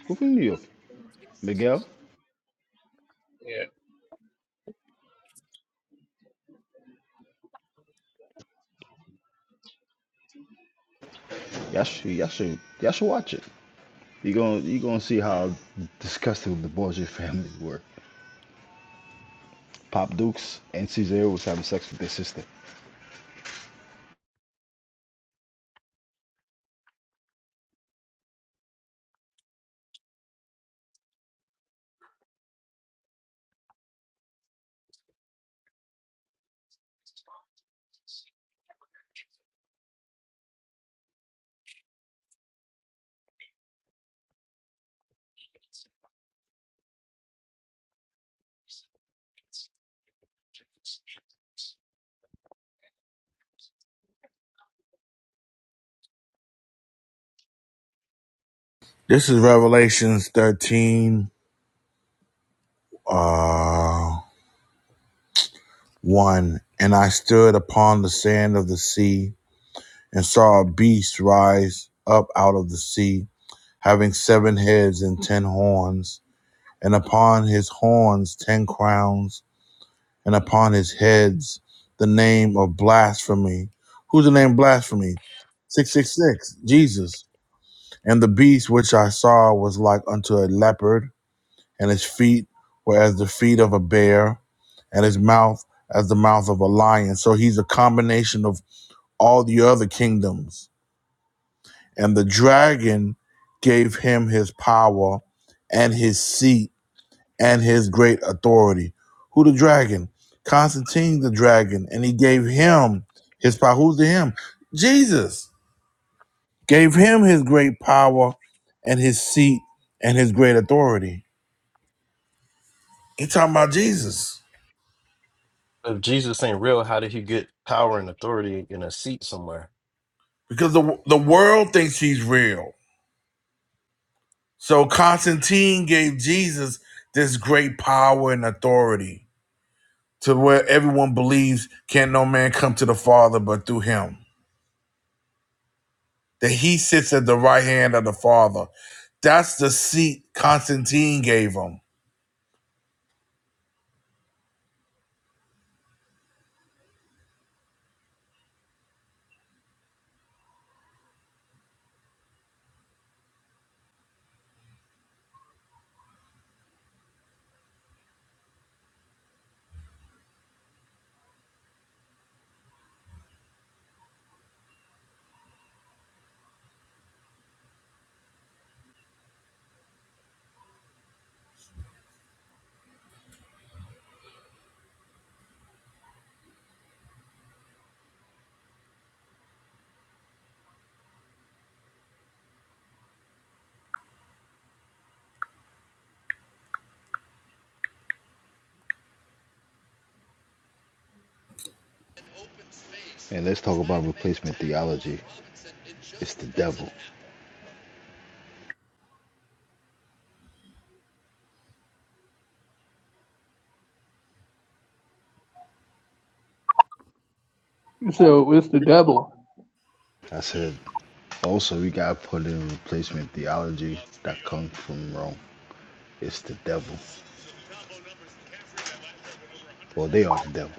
G: Who from New York? Miguel?
A: yeah,
G: Y'all should, y'all should, y'all should watch it. You're going you gonna see how disgusting the Borgia family were. Pop Dukes and Cesare was having sex with their sister.
B: This is Revelations 13, uh, 1. And I stood upon the sand of the sea and saw a beast rise up out of the sea, having seven heads and ten horns, and upon his horns ten crowns and upon his heads the name of blasphemy. Who's the name blasphemy? 666, Jesus. And the beast which I saw was like unto a leopard, and his feet were as the feet of a bear, and his mouth as the mouth of a lion. So he's a combination of all the other kingdoms. And the dragon gave him his power and his seat and his great authority. Who the dragon? Constantine the dragon, and he gave him his power. Who's the him? Jesus gave him his great power and his seat and his great authority. He talking about Jesus
C: if Jesus ain't real, how did he get power and authority in a seat somewhere?
B: because the the world thinks he's real. So Constantine gave Jesus this great power and authority to where everyone believes can no man come to the Father but through him. that he sits at the right hand of the Father. That's the seat Constantine gave him.
G: And let's talk about replacement theology. It's the devil.
D: So it's the devil.
G: I said, also, we got to put in replacement theology that comes from Rome. It's the devil. Well, they are the devil.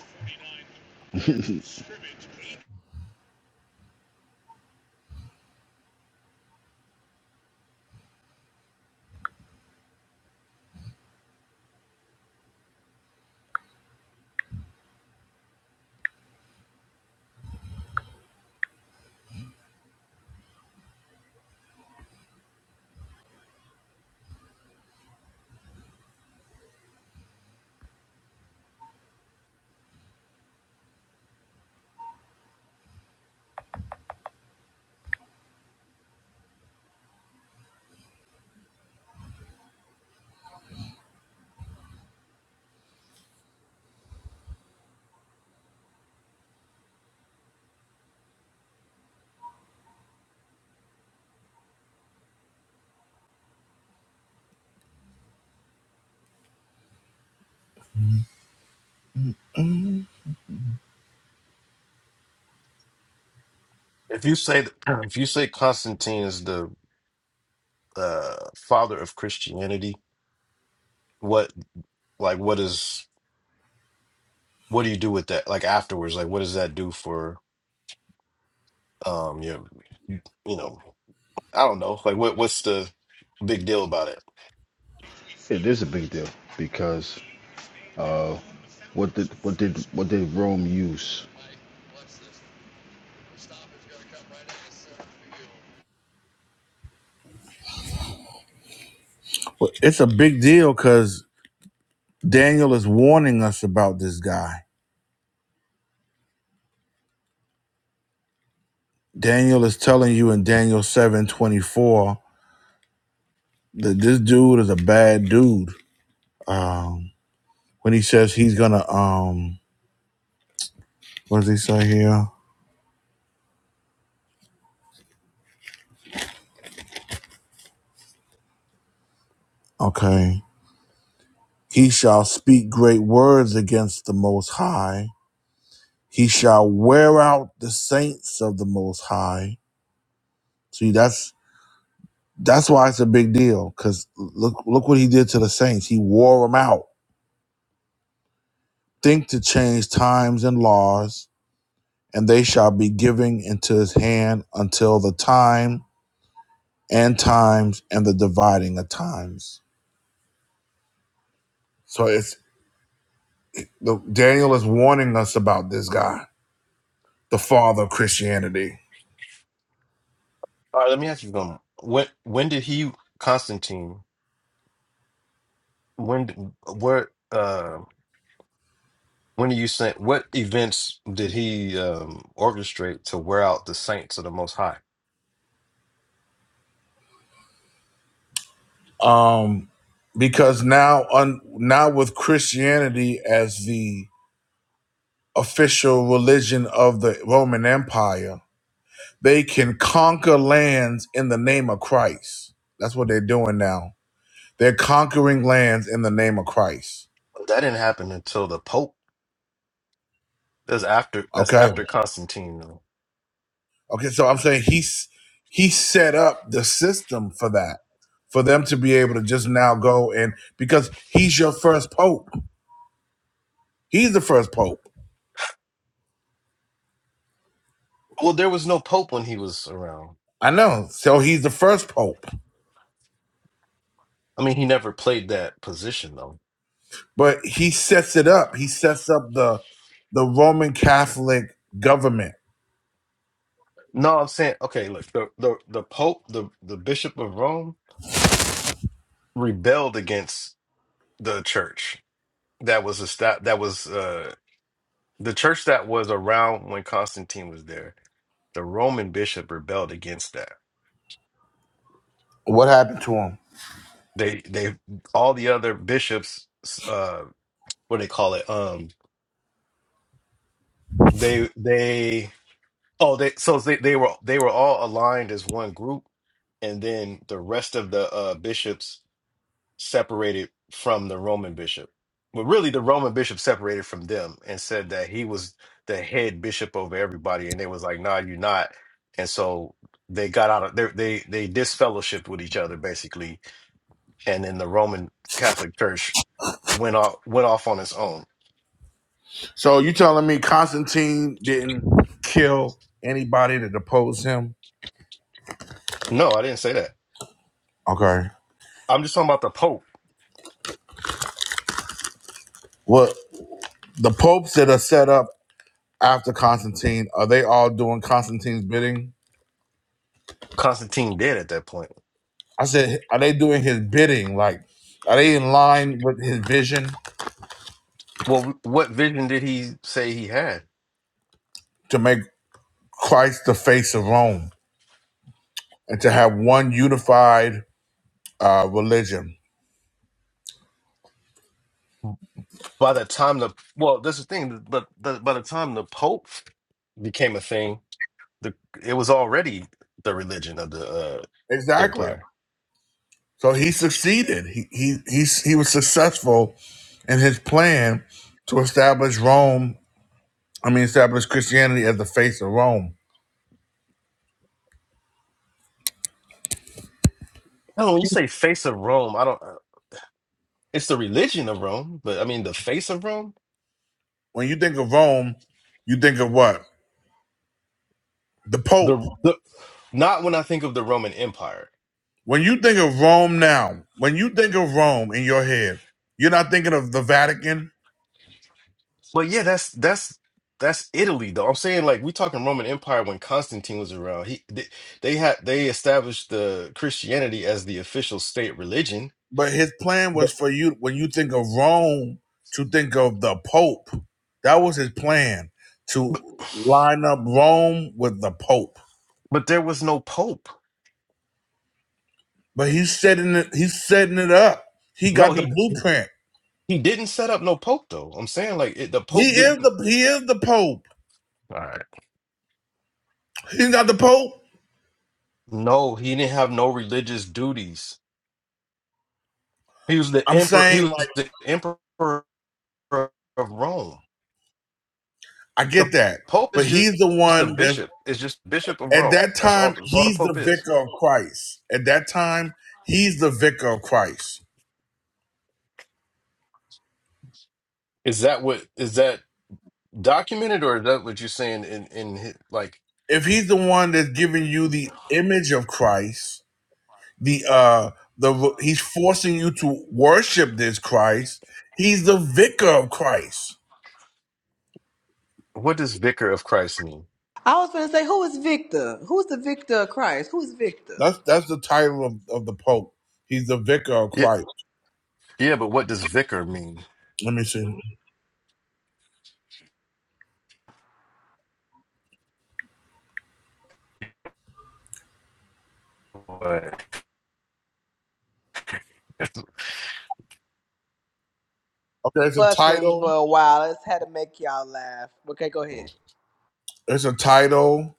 C: If you say *clears throat* if you say Constantine is the uh, father of Christianity, what? like what is what do you do with that like afterwards like what does that do for um your you, you know i don't know like what what's the big deal about it
G: It is a big deal because uh, what did what did what did Rome use?
B: Well, It's a big deal because Daniel is warning us about this guy. Daniel is telling you in Daniel seven twenty four that this dude is a bad dude. Um, when he says he's gonna, um, what does he say here? Okay, he shall speak great words against the Most High. He shall wear out the saints of the Most High. See, that's That's why it's a big deal. Cause look, look what he did to the saints. He wore them out. Think to change times and laws, and they shall be giving into his hand until the time and times and the dividing of times. So it's the Daniel is warning us about this guy, the father of Christianity.
C: all right let me ask you something when when did he constantine when d- where uh when do you think what events did he um orchestrate to wear out the saints of the most high
B: Um, because now, un, now with Christianity as the official religion of the Roman Empire They can conquer lands in the name of Christ. That's what they're doing now. They're conquering lands in the name of Christ.
C: that didn't happen until the pope that's after that's
B: Okay.
C: after constantine though.
B: Okay. So I'm saying he's he set up the system for that, for them to be able to just now go and because he's your first pope. He's the first pope.
C: well there was no pope when he was around
B: I know. So he's the first pope,
C: i mean he never played that position though
B: but he sets it up. He sets up the the Roman Catholic government.
C: No, I'm saying okay. Look, the the the Pope, the the Bishop of Rome, rebelled against the church that was a stat that was uh the church that was around when Constantine was there. The Roman bishop rebelled against that.
B: What happened to him?
C: They they all the other bishops, uh, what do they call it? Um, they they oh they so they they were they were all aligned as one group, and then the rest of the uh bishops separated from the Roman bishop. But really, the Roman bishop separated from them and said that he was the head bishop over everybody, and they was like, "Nah, you're not." And so they got out of they they they disfellowshipped with each other basically, and then the Roman Catholic Church went off went off on its own.
B: So you telling me Constantine didn't kill anybody to depose him?
C: No, I didn't say that.
B: Okay.
C: I'm just talking about the Pope
B: Well, the popes that are set up after Constantine, are they all doing Constantine's bidding?
C: Constantine did at that point.
B: I said, are they doing his bidding? Like, are they in line with his vision
C: Well, what vision did he say he had?
B: to make Christ the face of Rome and to have one unified uh, religion?
C: By the time the well, that's the thing. But but by the time the Pope became a thing, the it was already the religion of the uh,
B: Exactly.
C: empire.
B: So he succeeded. He, he he he was successful in his plan to establish Rome I mean, established Christianity as the face of Rome.
C: No, when you say face of Rome, I don't. uh, It's the religion of Rome, but I mean the face of Rome.
B: When you think of Rome, you think of what? The Pope.
C: The the not when I think of the Roman Empire.
B: When you think of Rome now, when you think of Rome in your head, you're not thinking of the Vatican,
C: Well, yeah, that's that's that's Italy though. I'm saying like we talking Roman Empire when Constantine was around. He they, they had they established the Christianity as the official state religion,
B: but his plan
C: But
B: was for you, when you think of Rome, to think of the Pope. That was his plan to line up Rome with the Pope.
C: but there was no pope.
B: But he's setting it, he's setting it up. He
C: No,
B: got the
C: he
B: blueprint.
C: he didn't set up no pope though. I'm saying like it, the
B: He
C: pope
B: is
C: didn't.
B: the he is the Pope.
C: All right.
B: He's not the Pope.
C: No, he didn't have no religious duties. He was the
B: I'm
C: emperor. He
B: saying
C: was the emperor of Rome.
B: I
C: The
B: get that.
C: pope
B: But
C: is just,
B: he's the
C: just the
B: one that
C: bishop. Is just bishop of
B: at
C: Rome.
B: that
C: That's all.
B: time
C: That's all the
B: he's
C: pope
B: the
C: is.
B: vicar of Christ. At that time, he's the vicar of Christ.
C: Is that what is that documented, or is that what you're saying in in hi- like
B: If he's the one that's giving you the image of Christ, the uh the he's forcing you to worship this Christ, he's the vicar of Christ.
C: what does vicar of Christ mean?
F: I was gonna say, who is Victor? Who's the Victor of Christ? Who is Victor?
B: That's that's the title of, of the Pope. He's the vicar of
C: Yeah,
B: Christ.
C: yeah, but what does vicar mean?
B: Let me see.
C: What?
B: Okay, it's a title.
F: Okay, go ahead.
B: It's a title.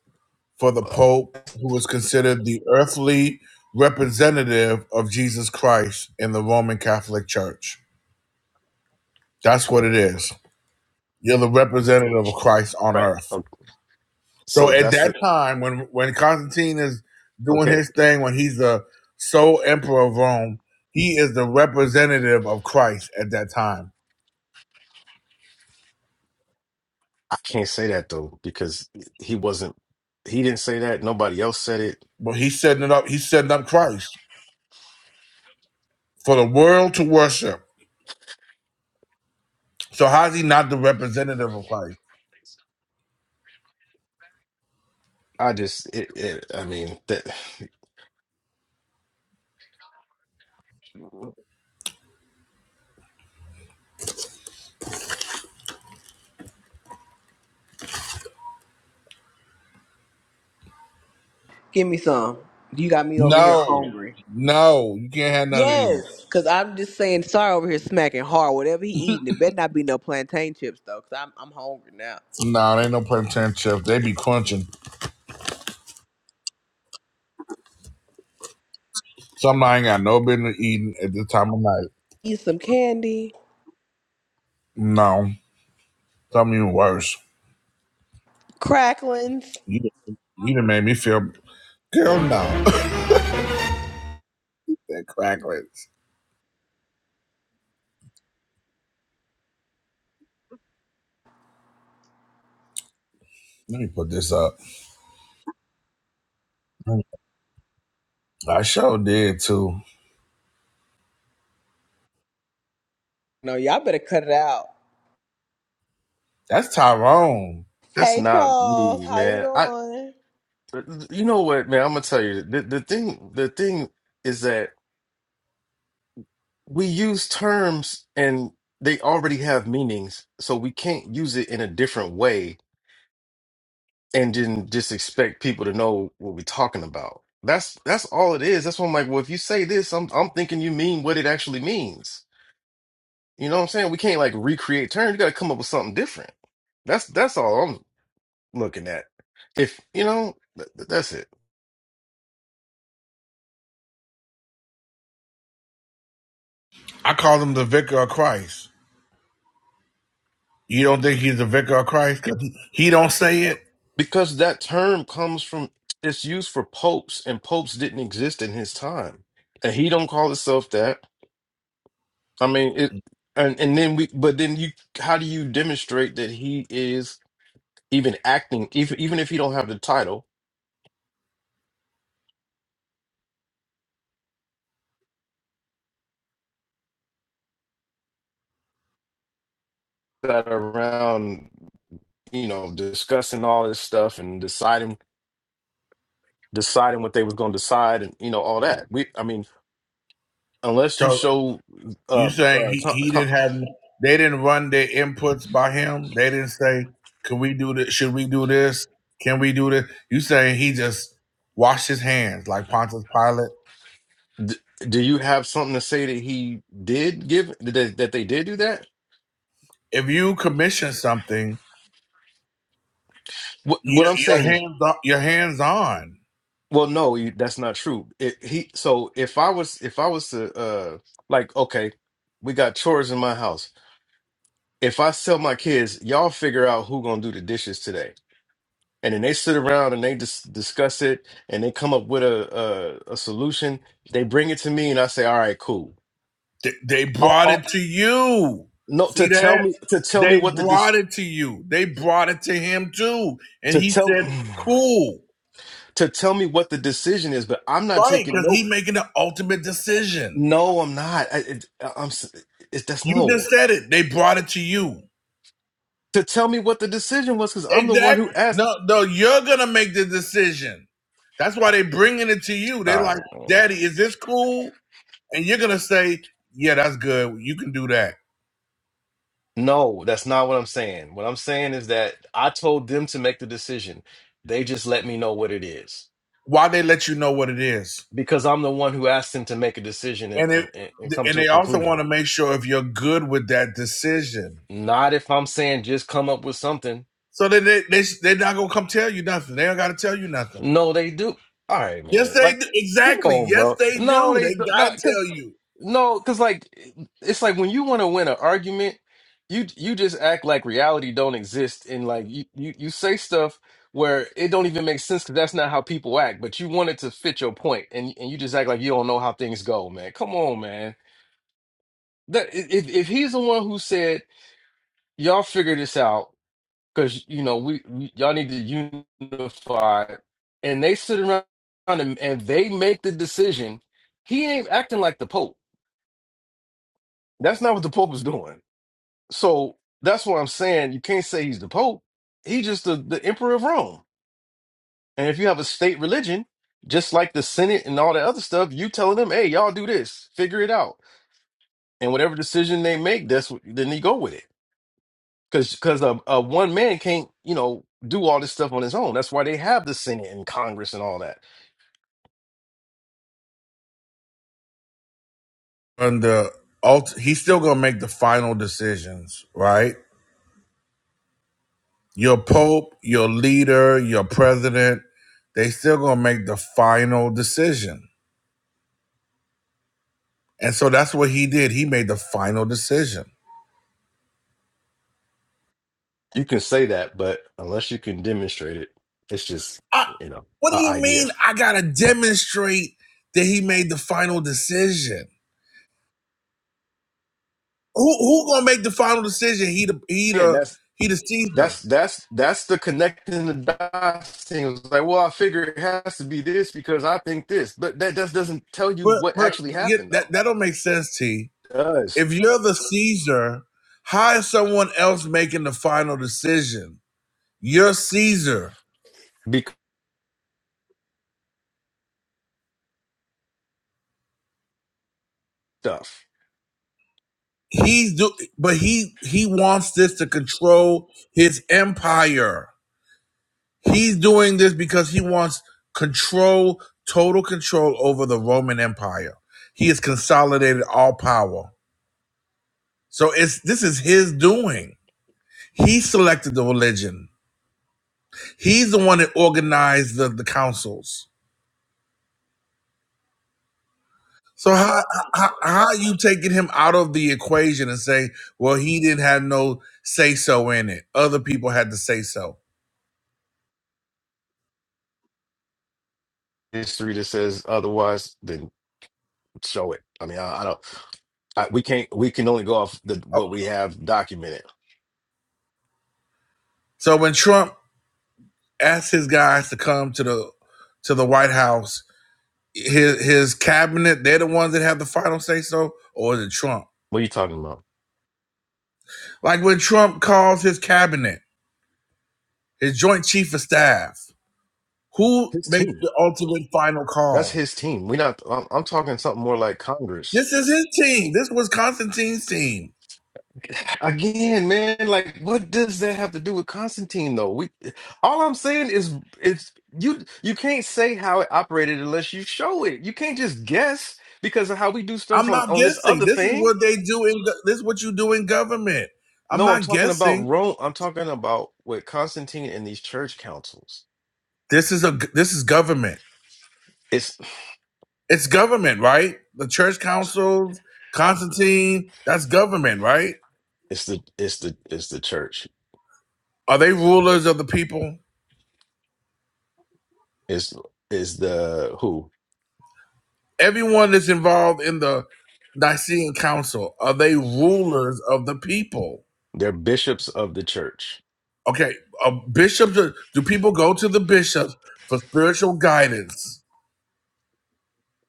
B: for the Pope, who was considered the earthly representative of Jesus Christ in the Roman Catholic Church. That's what it is. You're the representative of Christ on
C: Right.
B: earth.
C: Okay.
B: So
C: So
B: at
C: that's
B: that
C: the
B: time, when when Constantine is doing
C: okay.
B: his thing, when he's the sole emperor of Rome, he is the representative of Christ at that time.
C: I can't say that though because he wasn't. He didn't say that. Nobody else said it.
B: But he's setting it up. He's setting up Christ for the world to worship. So how's he not the representative of Christ?
C: I just. It, it, I mean that.
F: Give me some. You got me over here
B: No, no, you can't have none of these.
F: Yes, because I'm just saying, sorry over here smacking hard. Whatever he eating, it better not be no plantain chips though, because I'm I'm hungry now.
B: No, they ain't no plantain chips. They be crunching. Something I ain't got no business eating at this time of night.
F: Eat some candy,
B: No, something even worse.
F: cracklings.
B: You done- you done made me feel. Girl, no. *laughs* that crackling. Let me put this up. I sure did too.
F: No, y'all better cut it out.
B: That's Tyrone.
C: That's
F: Hey
C: not
F: Charles,
C: me,
F: how you
C: man. I.
F: doing?
C: You know what, man? I'm gonna tell you the the thing. The thing is that we use terms and they already have meanings, so we can't use it in a different way and then just expect people to know what we're talking about. That's that's all it is. That's why I'm like, well, if you say this, I'm I'm thinking you mean what it actually means. You know what I'm saying? We can't like recreate terms. You got to come up with something different. That's that's all I'm looking at. If you know, th- th- that's it.
B: I call him the vicar of Christ. You don't think he's the vicar of Christ 'Cause he he don't say it.
C: Because that term comes from it's used for popes, and popes didn't exist in his time, and he don't call himself that. I mean, it, and and then we, but then you, how do you demonstrate that he is even acting, even even if he don't have the title? That around, you know, discussing all this stuff and deciding deciding what they was going to decide, and you know all that. We, I mean, unless you
B: So.
C: show
B: You
C: uh,
B: saying
C: uh
B: he,
C: con-
B: he
C: con-
B: didn't have they didn't run their inputs by him? They didn't say, Can we do this? Should we do this? Can we do this? You saying he just washed his hands like Pontius Pilate.
C: D do you have something to say that he did give that they, that they did do that?
B: If you commission something,
C: What
B: you,
C: what I'm
B: your
C: saying is,
B: hands on your hands on.
C: well, no, you, that's not true. It, he so if I was if I was to uh like okay, we got chores in my house. If I sell my kids, y'all figure out who gonna do the dishes today, and then they sit around and they just discuss it and they come up with a a, a solution. They bring it to me and I say, all right, cool.
B: They, they
C: I'll,
B: brought
C: I'll,
B: it to you.
C: no, to
B: See that?
C: tell me to tell me
B: They
C: what the dis
B: brought it to you. They brought it to him too. And
C: to
B: he
C: tell.
B: said,
C: *sighs*
B: Cool.
C: to tell me what the decision is, but I'm not
B: Right,
C: taking
B: because he
C: no.
B: making the ultimate decision.
C: No, I'm not. I, it, uh, I'm. s- It, that's
B: You just
C: no.
B: said it. They brought it to you.
C: To tell me what the decision was, because I'm the one who
B: Exactly.
C: asked.
B: No, no, you're gonna make the decision. That's why they bringing it to you. They're like, "Daddy, is this cool?" And you're gonna say, "Yeah, that's good. You can do that."
C: No, that's not what I'm saying. What I'm saying is that I told them to make the decision. They just let me know what it is
B: Why they let you know what it is,
C: because I'm the one who asked them to make a decision and,
B: and it,
C: and, and and come
B: and
C: to a
B: they also want to
C: conclusion.
B: make sure if you're good with that decision.
C: Not if I'm saying just come up with something.
B: So then they they they're not gonna come tell you nothing. They don't gotta tell you nothing.
C: No, they do. All right,
B: Yes,
C: man.
B: they
C: Like,
B: do.
C: come
B: Exactly.
C: on,
B: Yes,
C: bro.
B: they
C: No,
B: do.
C: they
B: They
C: do
B: gotta
C: not.
B: tell you.
C: No, because like it's like when you want to win an argument, you you just act like reality don't exist, and like you you, you say stuff where it don't even make sense because that's not how people act. But you want it to fit your point, and and you just act like you don't know how things go, man. Come on, man. That if if he's the one who said y'all figure this out because you know we, we y'all need to unify, and they sit around and, and they make the decision, he ain't acting like the Pope. That's not what the Pope is doing. So that's what I'm saying. You can't say he's the Pope. He's just the, the Emperor of Rome. And if you have a state religion, just like the Senate and all that other stuff, you telling them, hey, y'all do this, figure it out. And whatever decision they make, that's what then they go with it. Because because a, a one man can't, you know, do all this stuff on his own. That's why they have the Senate and Congress and all that.
B: and the ult- he's still gonna make the final decisions, right? Your pope, your leader, your president, they still gonna make the final decision. And so that's what he did. He made the final decision.
C: You can say that, but unless you can demonstrate it, it's just,
B: I,
C: you know,
B: what do
C: an
B: you
C: idea.
B: mean? I gotta demonstrate that he made the final decision. Who who gonna make the final decision? He the he
C: And
B: the
C: that's
B: he the Caesar.
C: That's that's that's the connecting the dots thing. It's like, well, I figure it has to be this because I think this, but that just doesn't tell you
B: But
C: what
B: but
C: actually
B: yeah,
C: happened,
B: that
C: though.
B: that don't make sense. T.
C: It does
B: If you're the Caesar, how is someone else making the final decision? You're Caesar.
C: because stuff
B: He's do, but he he wants this to control his empire. He's doing this because he wants control, total control over the Roman Empire. He has consolidated all power. So it's this is his doing. He selected the religion. He's the one that organized the, the councils. So how, how how are you taking him out of the equation and saying, well, he didn't have no say so in it. Other people had to say so.
C: history that says otherwise, then show it. I mean, I, I don't. I, we can't. We can only go off the
B: Oh,
C: what we have documented.
B: So when Trump asked his guys to come to the to the White House, his his cabinet, they're the ones that have the final say so, or is it Trump?
C: What are you talking about?
B: Like when Trump calls his cabinet, his joint chief of staff, who
C: His
B: makes
C: team.
B: the ultimate final
C: That's
B: call?
C: his team. we not. I'm, I'm talking something more like Congress.
B: This is his team. This was Constantine's team.
C: Again, man, like what does that have to do with Constantine though? We all I'm saying is it's you you can't say how it operated unless you show it. You can't just guess because of how we do
B: I'm
C: stuff on
B: not
C: on this
B: guessing.
C: other
B: This is
C: thing.
B: what they do in. go- This is what you do in government. I'm
C: No, I'm
B: not
C: talking about
B: guessing.
C: Rome. I'm talking about with Constantine and these church councils.
B: This is a. g- This is government.
C: It's
B: It's government, right? The church councils, Constantine. That's government, right?
C: it's the it's the it's the church.
B: Are they rulers of the people?
C: It's is the who?
B: Everyone that's involved in the Nicene Council are they rulers of the people?
C: They're bishops of the church.
B: Okay, uh, bishops. Are, do people go to the bishops for spiritual guidance?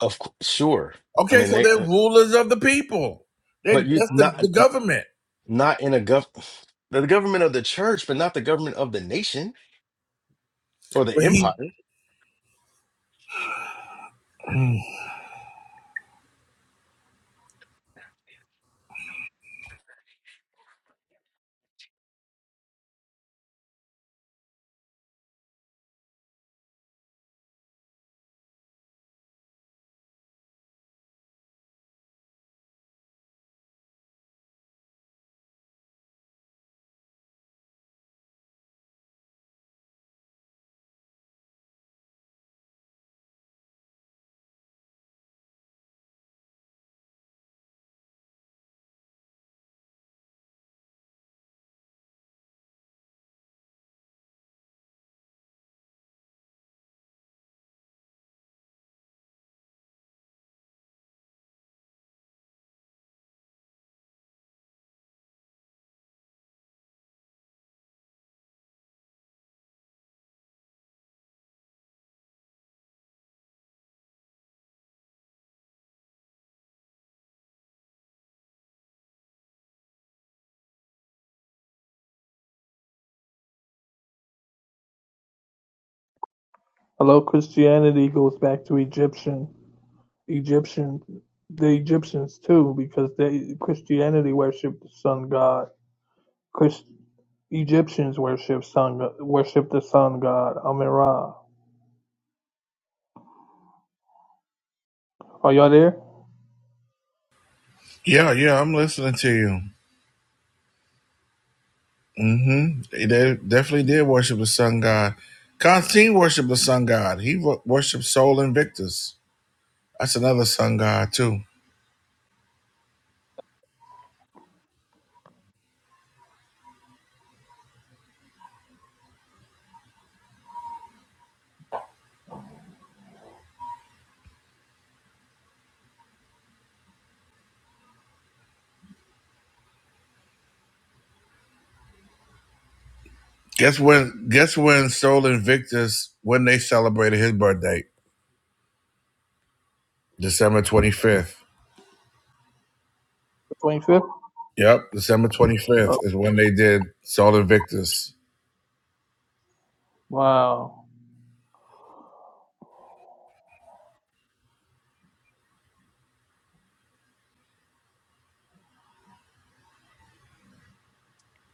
C: Of cou- sure. I
B: Okay,
C: mean
B: so
C: they
B: they're
C: uh,
B: rulers of the people. They're,
C: but you
B: that's the,
C: not.
B: the government.
C: not in a gov the government of the church, but not the government of the nation or the
B: But he,
C: empire.
B: Mm.
D: Hello, Christianity goes back to Egyptian Egyptian the Egyptians too, because they Christianity worship the sun god. Chris, Egyptians worship sun worship the sun god Amen Ra. Are y'all there?
B: yeah, yeah, I'm listening to you. Mm-hmm. They definitely did worship the sun god. Constantine worshiped the sun god. He wo- worshipped Sol Invictus. That's another sun god too. Guess when? Guess when Sol Invictus when they celebrated his birthday, December 25th.
D: Twenty fifth?
B: Yep, December 25th
D: Oh,
B: is when they did Sol Invictus.
D: wow.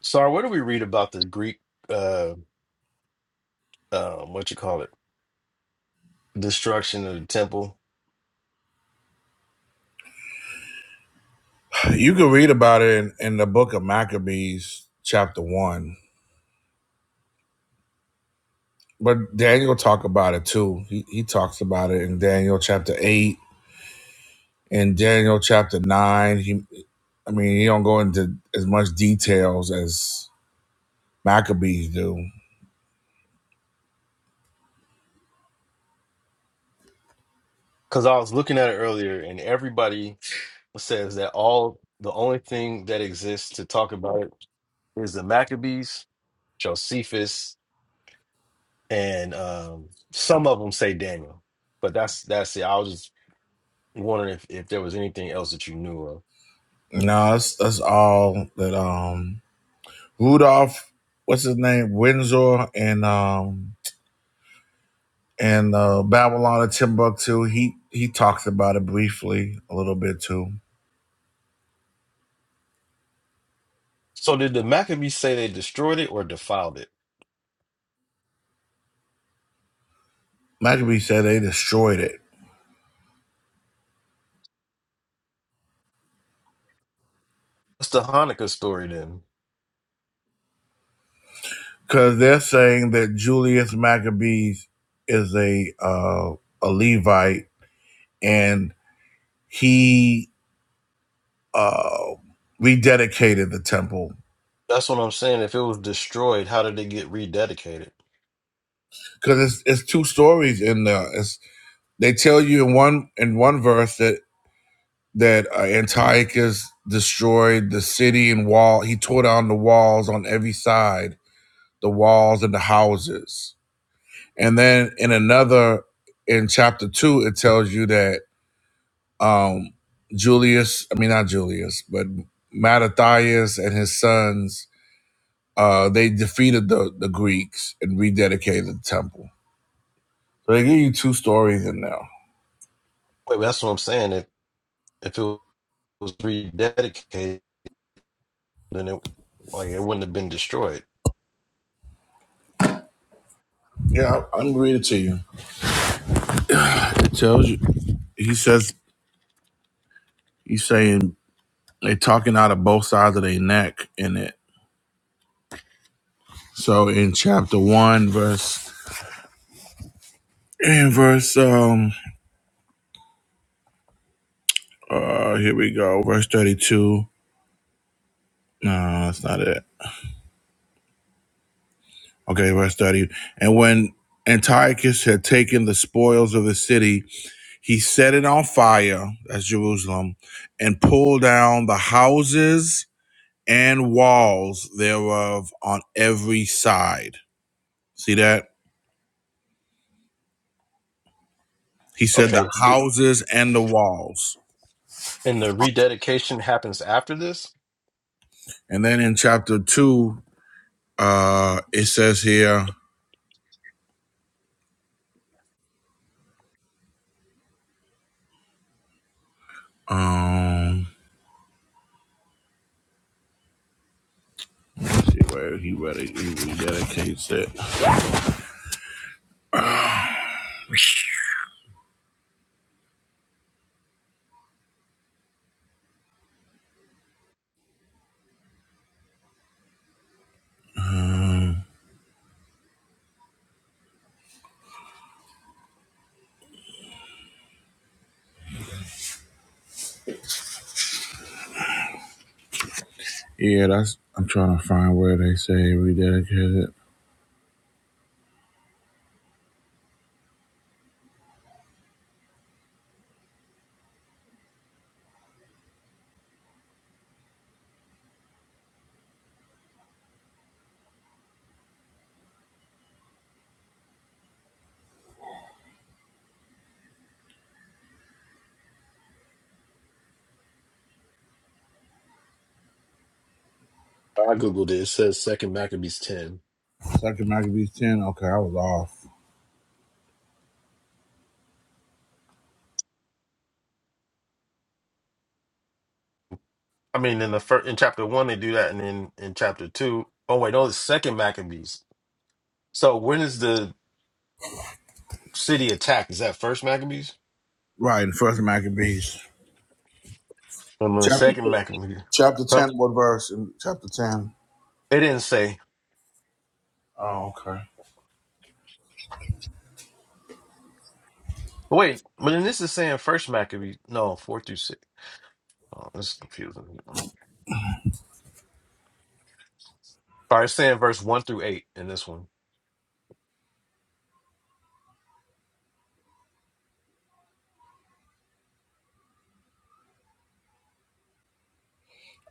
C: Sorry, where do we read about the Greek uh um what you call it? Destruction of the temple?
B: You can read about it in, in the book of Maccabees, chapter one. But Daniel talk about it too. He he talks about it in Daniel chapter eight and Daniel chapter nine. He, I mean, he don't go into as much details as Maccabees do.
C: Because I was looking at it earlier and everybody says that all the only thing that exists to talk about it is the Maccabees, Josephus, and um some of them say Daniel. But that's that's it. I was just wondering if, if there was anything else that you knew of.
B: No, that's that's all that um Rudolph, what's his name, Windsor and um and uh, Babylon and Timbuktu. He he talks about it briefly a little bit too.
C: So did the Maccabees say they destroyed it or defiled it?
B: Maccabee said they destroyed it.
C: That's the Hanukkah story then.
B: because they're saying that Julius Maccabees is a uh, a Levite and he uh, rededicated the temple
C: That's what I'm saying. If it was destroyed, how did it get rededicated?
B: because it's, it's two stories in there. It's, they tell you in one in one verse that that uh, Antiochus destroyed the city and wall. He tore down the walls on every side, the walls and the houses. And then in another, in chapter two, it tells you that Um, Julius, I mean not Julius, but Mattathias and his sons, uh, they defeated the, the Greeks and rededicated the temple. So they give you two stories in there.
C: Wait, that's what I'm saying. If if it was rededicated, then it like it wouldn't have been destroyed.
B: Yeah, I- I'm gonna read it to you. It tells you. He says he's saying they're talking out of both sides of their neck in it. So in chapter one, verse in verse um uh here we go, verse thirty two. No, that's not it. Okay, verse 30. And when Antiochus had taken the spoils of the city, he set it on fire, that's Jerusalem, and pulled down the houses and walls thereof on every side. See that? He said the
C: Okay, th-
B: houses and the walls.
C: and the rededication happens after this.
B: And then in chapter 2, uh, it says here, um, let's see where he redi- he rededicates it. Yeah, that's, I'm trying to find where they say rededicated.
C: I googled it. It says Second Maccabees ten.
B: Second Maccabees 10. Okay, I was off.
C: I mean, in the first in chapter one they do that, and then in chapter two, oh wait, no, it's Second Maccabees. So when is the city attacked? Is that First Maccabees?
B: Right, first Maccabees.
C: I'm on the
B: Chapter,
C: Second Maccabees.
B: *laughs* chapter
C: Huh?
B: 10, what verse? In chapter 10.
C: They didn't say.
B: Oh, okay.
C: Wait, but then this is saying first Maccabee. No, four through six. Oh, this is confusing. All right, it's saying verse one through eight in this one.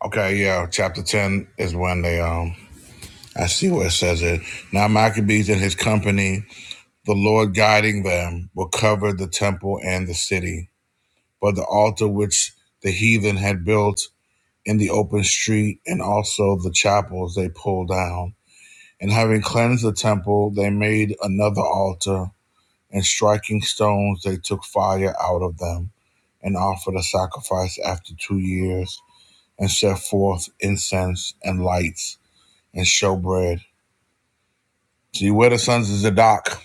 B: Okay, yeah. Chapter 10 is when they, um, I see where it says it. Now Maccabees and his company, the Lord guiding them, will cover the temple and the city. But the altar which the heathen had built in the open street and also the chapels they pulled down. And having cleansed the temple, they made another altar and striking stones they took fire out of them and offered a sacrifice after two years and set forth incense and lights and showbread. See where the sons of Zadok.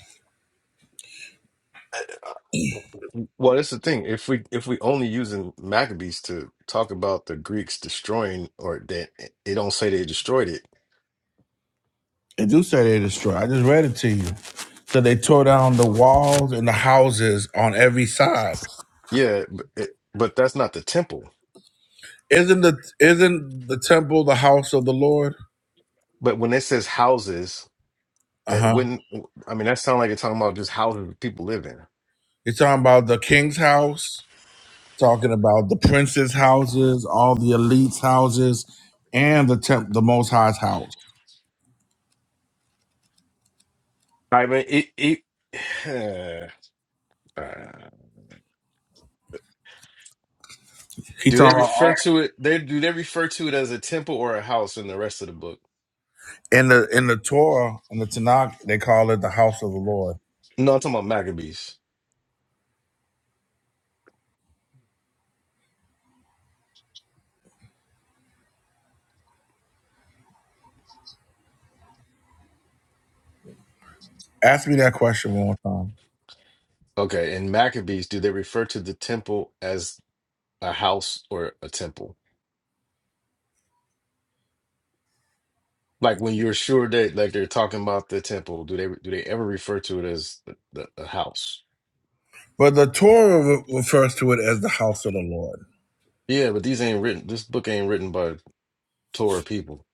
C: Well, that's the thing. If we if we only using Maccabees to talk about the Greeks destroying, or that it don't say they destroyed it,
B: They do say they destroyed. I just read it to you. So they tore down the walls and the houses on every side.
C: yeah, but, it, but that's not the temple.
B: Isn't the isn't the temple the house of the Lord?
C: But when it says houses,
B: Uh
C: it
B: huh.
C: wouldn't. I mean, that sounds like it's talking about just houses that people live in.
B: You're talking about the king's house talking about the princes' houses, all the elites' houses, and the temp, the Most High's house.
C: I mean, it. it *sighs* uh,
B: He
C: Do they
B: talking about
C: refer
B: all,
C: to it? They do they refer to it as a temple or a house in the rest of the book?
B: in the in the Torah in the Tanakh they call it the house of the Lord.
C: No, I'm talking about Maccabees.
B: Ask me that question one more time.
C: Okay, in Maccabees, do they refer to the temple as a house or a temple? Like when you're sure that like they're talking about the temple, do they do they ever refer to it as the, the, a house?
B: But the Torah re- refers to it as the house of the Lord.
C: Yeah, but these ain't written. This book ain't written by Torah people.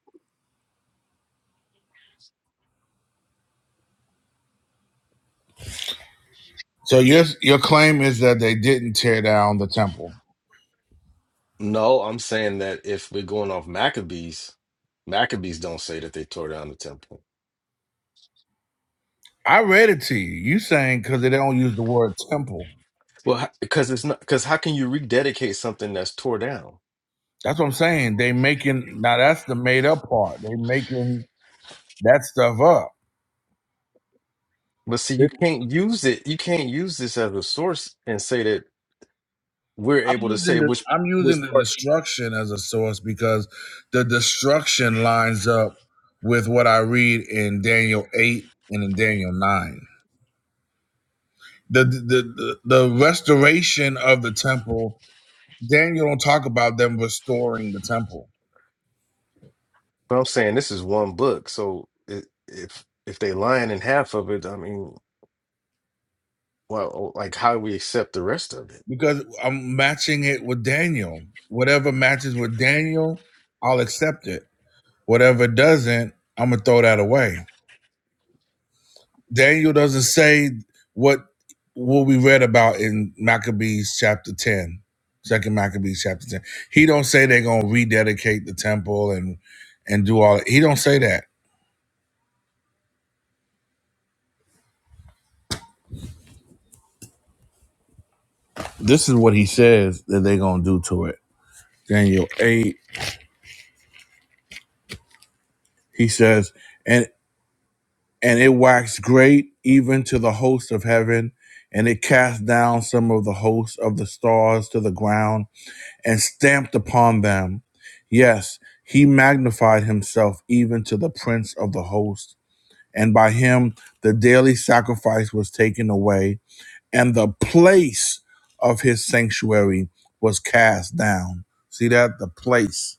B: So your your claim is that they didn't tear down the temple.
C: No, I'm saying that if we're going off Maccabees, Maccabees don't say that they tore down the temple.
B: I read it to you. You saying because they don't use the word temple.
C: Well, because it's not because how can you rededicate something that's tore down?
B: That's what I'm saying. They making now that's the made up part. They making that stuff up
C: But see, you can't use it. You can't use this as a source and say that we're
B: I'm
C: able to
B: using
C: say
B: the
C: which
B: I'm
C: which
B: using the
C: parts.
B: destruction as a source because the destruction lines up with what I read in Daniel eight and in Daniel nine. The the the, the restoration of the temple. Daniel don't talk about them restoring the temple
C: But I'm saying this is one book, so it, if if they lying in half of it, I mean, well, like how do we accept the rest of it?
B: because I'm matching it with Daniel. Whatever matches with Daniel, I'll accept it. Whatever doesn't, I'm gonna throw that away. Daniel doesn't say what what we read about in Maccabees chapter 10, Second Maccabees chapter 10. He don't say they're gonna rededicate the temple and and do all that. He don't say that. This is what he says that they're gonna do to it. Daniel 8, he says, and and it waxed great even to the host of heaven, and it cast down some of the hosts of the stars to the ground and stamped upon them. Yes, he magnified himself even to the prince of the host. And by him the daily sacrifice was taken away, and the place of his sanctuary was cast down. See that? The place.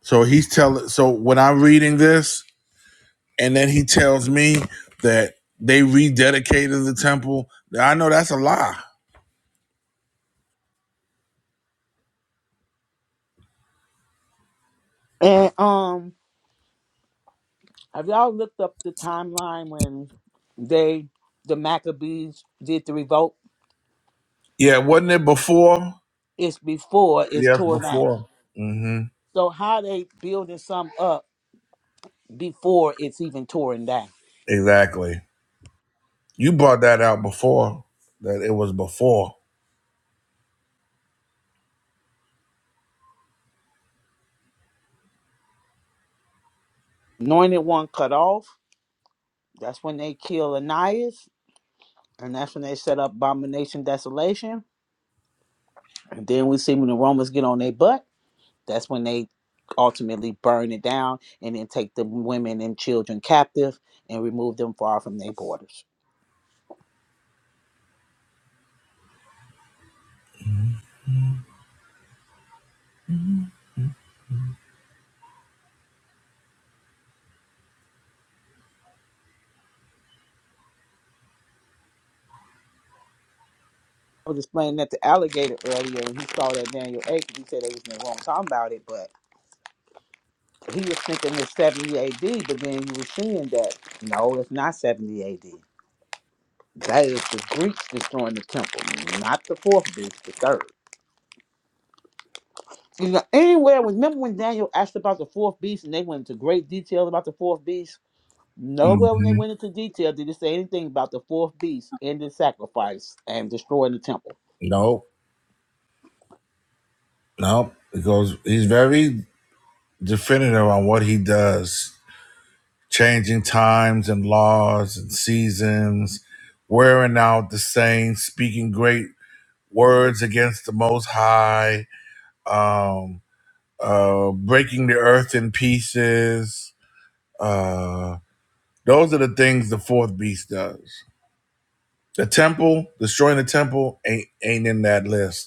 B: So he's telling, so when I'm reading this, and then he tells me that they rededicated the temple, I know that's a lie.
E: And um have y'all looked up the timeline when they the Maccabees did the revolt?
B: Yeah, wasn't it before?
E: It's before it's
B: Yes,
E: tore down.
B: before. mm hmm
E: So how they building some up before it's even torn down?
B: Exactly. You brought that out before that it was before.
E: Anointed one cut off. That's when they kill Ananias, and that's when they set up abomination desolation. And then we see when the Romans get on their butt. That's when they ultimately burn it down and then take the women and children captive and remove them far from their borders. I was explaining that to alligator earlier, and he saw that Daniel 8. 'cause He said they was in the wrong time about it, but he was thinking it's 70 AD, but then you were seeing that no, it's not 70 AD. That is the Greeks destroying the temple, not the fourth beast, the third. You know, anywhere, remember when Daniel asked about the fourth beast and they went into great detail about the fourth beast? Nowhere when they
B: Mhm.
E: went into detail did it say anything about the fourth beast ending sacrifice and destroying the temple.
B: no, nope. Because he's very definitive on what he does, changing times and laws and seasons, wearing out the saints, speaking great words against the Most High, um, uh, breaking the earth in pieces. Uh, those are the things the fourth beast does. The temple, destroying the temple, ain't ain't in that list.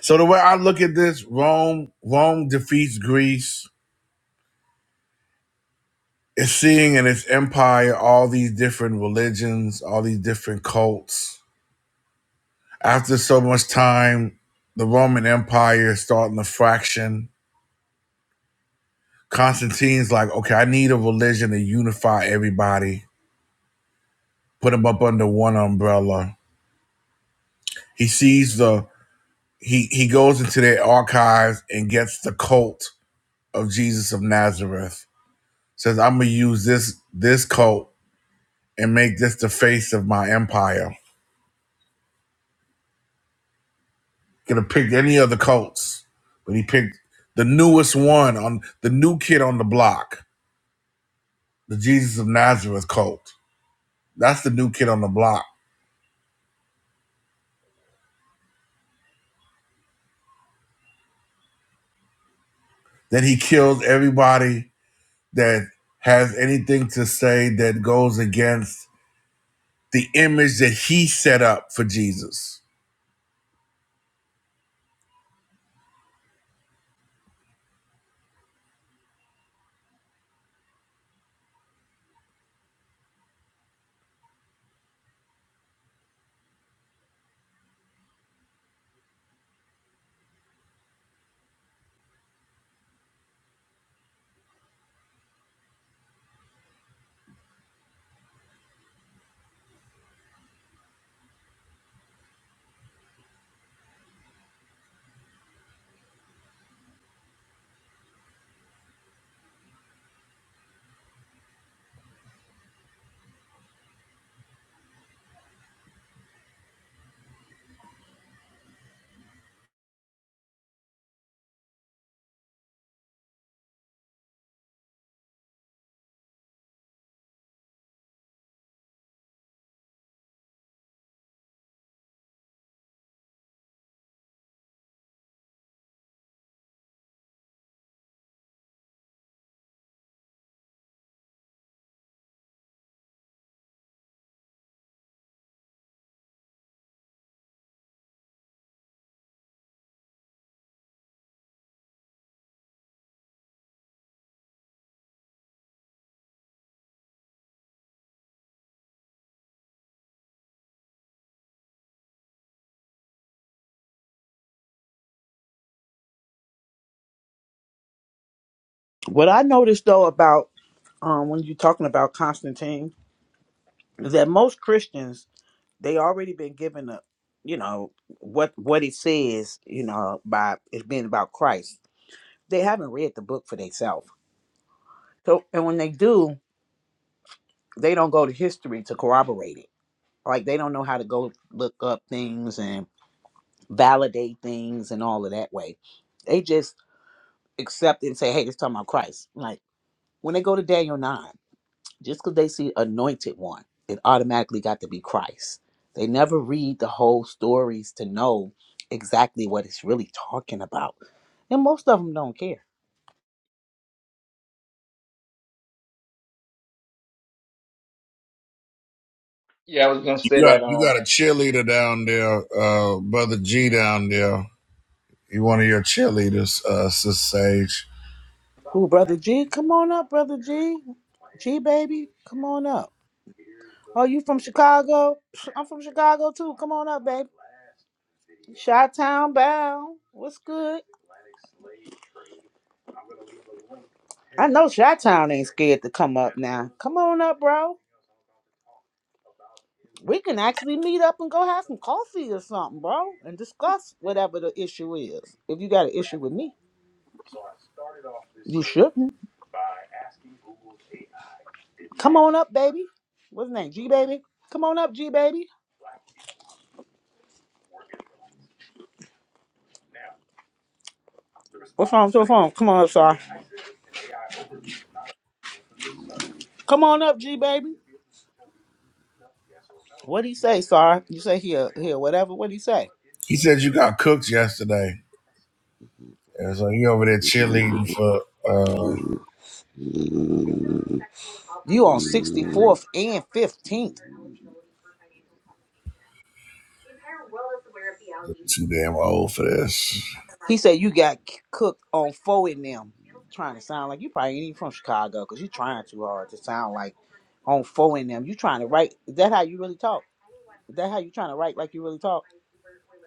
B: So the way I look at this, Rome Rome defeats Greece. It's seeing in its empire all these different religions, all these different cults. After so much time, the Roman Empire is starting to fraction. Constantine's like, okay, I need a religion to unify everybody, put them up under one umbrella. He sees the he he goes into their archives and gets the cult of Jesus of Nazareth. Says, I'm gonna use this this cult and make this the face of my empire. Could have picked any other the Colts, but he picked the newest one on the new kid on the block, the Jesus of Nazareth Colt. That's the new kid on the block. Then he kills everybody that has anything to say that goes against the image that he set up for Jesus.
E: Um, when you're talking about Constantine, that most Christians they already been given a you know what what it says you know by it being about christ they haven't read the book for themselves so and when they do they don't go to history to corroborate it like they don't know how to go look up things and validate things and all of that way they just accept it and say hey it's talking about christ like when they go to daniel 9 Just because they see anointed one, it automatically got to be Christ. They never read the whole stories to know exactly what it's really talking about. And most of them don't care.
A: yeah, I was gonna say
B: You got
A: that.
B: you
A: Um,
B: got a cheerleader down there, uh, brother G down there. He one of your cheerleaders, uh, Sis Sage.
E: Who, Brother G? Come on up, Brother G. G, baby, come on up. Oh, you from Chicago? I'm from Chicago too. Come on up, baby. Shot Town bound. What's good? I know Shot Town ain't scared to come up now. Come on up, bro. We can actually meet up and go have some coffee or something, bro, and discuss whatever the issue is. If you got an issue with me, you shouldn't. Come on up, baby. What's his name? G baby. Come on up, G baby. What's wrong? What's wrong? Come on up, sir. Come on up, G baby. What do he say, sir? You say here, here, whatever. What do he say?
B: He said you got cooked yesterday. And so he over there cheerleading for uh
E: You on sixty fourth and fifteenth.
B: too damn old for this.
E: He said you got c- cooked on four in them. Trying to sound like you probably ain't even from Chicago because you trying too hard to sound like on four in them. You trying to write. Is that how you really talk? Is that how you trying to write like you really talk?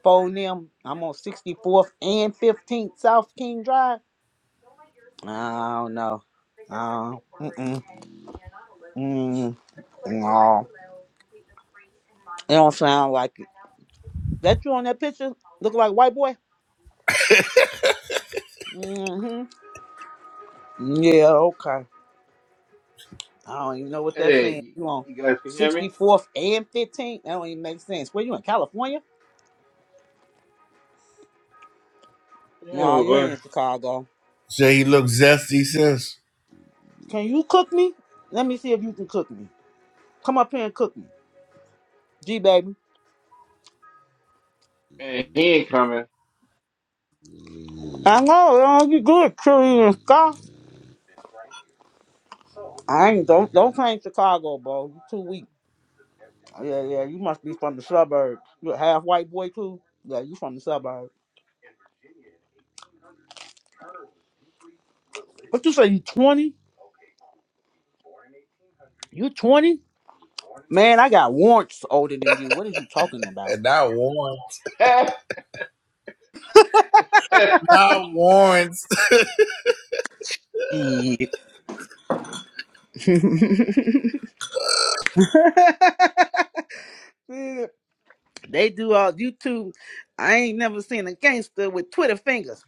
E: Four in them. I'm on 64th and 15th South King Drive. I don't know. Uh, mm-mm, mm, no. It don't sound like it. That you on that picture? Look like white boy? Mm-hmm. Yeah, okay. I don't even know what that's
A: hey,
E: saying.
A: you
E: You on
A: you guys can hear me?
E: 64th and 15th? That don't even make sense. Where you in California?
A: Yeah,
E: No, you
A: boy.
E: ain't in Chicago.
B: Say he looks zesty, sis.
E: Can you cook me? Let me see if you can cook me. Come up here and cook me. G baby.
A: Man, he ain't coming.
E: I know, all you good, is chili and stuff. I ain't don't don't claim Chicago, bro. You too weak. Yeah, yeah, you must be from the suburbs. You a half white boy too? Yeah, you from the suburbs. What you say, you twenty? You twenty? Man, I got warrants older than you. What is you talking about?
B: And not Warren.
A: *laughs* uh,
B: Not Warren. *laughs*
E: Yeah. *laughs* Yeah, They do all YouTube. I ain't never seen a gangster with Twitter fingers.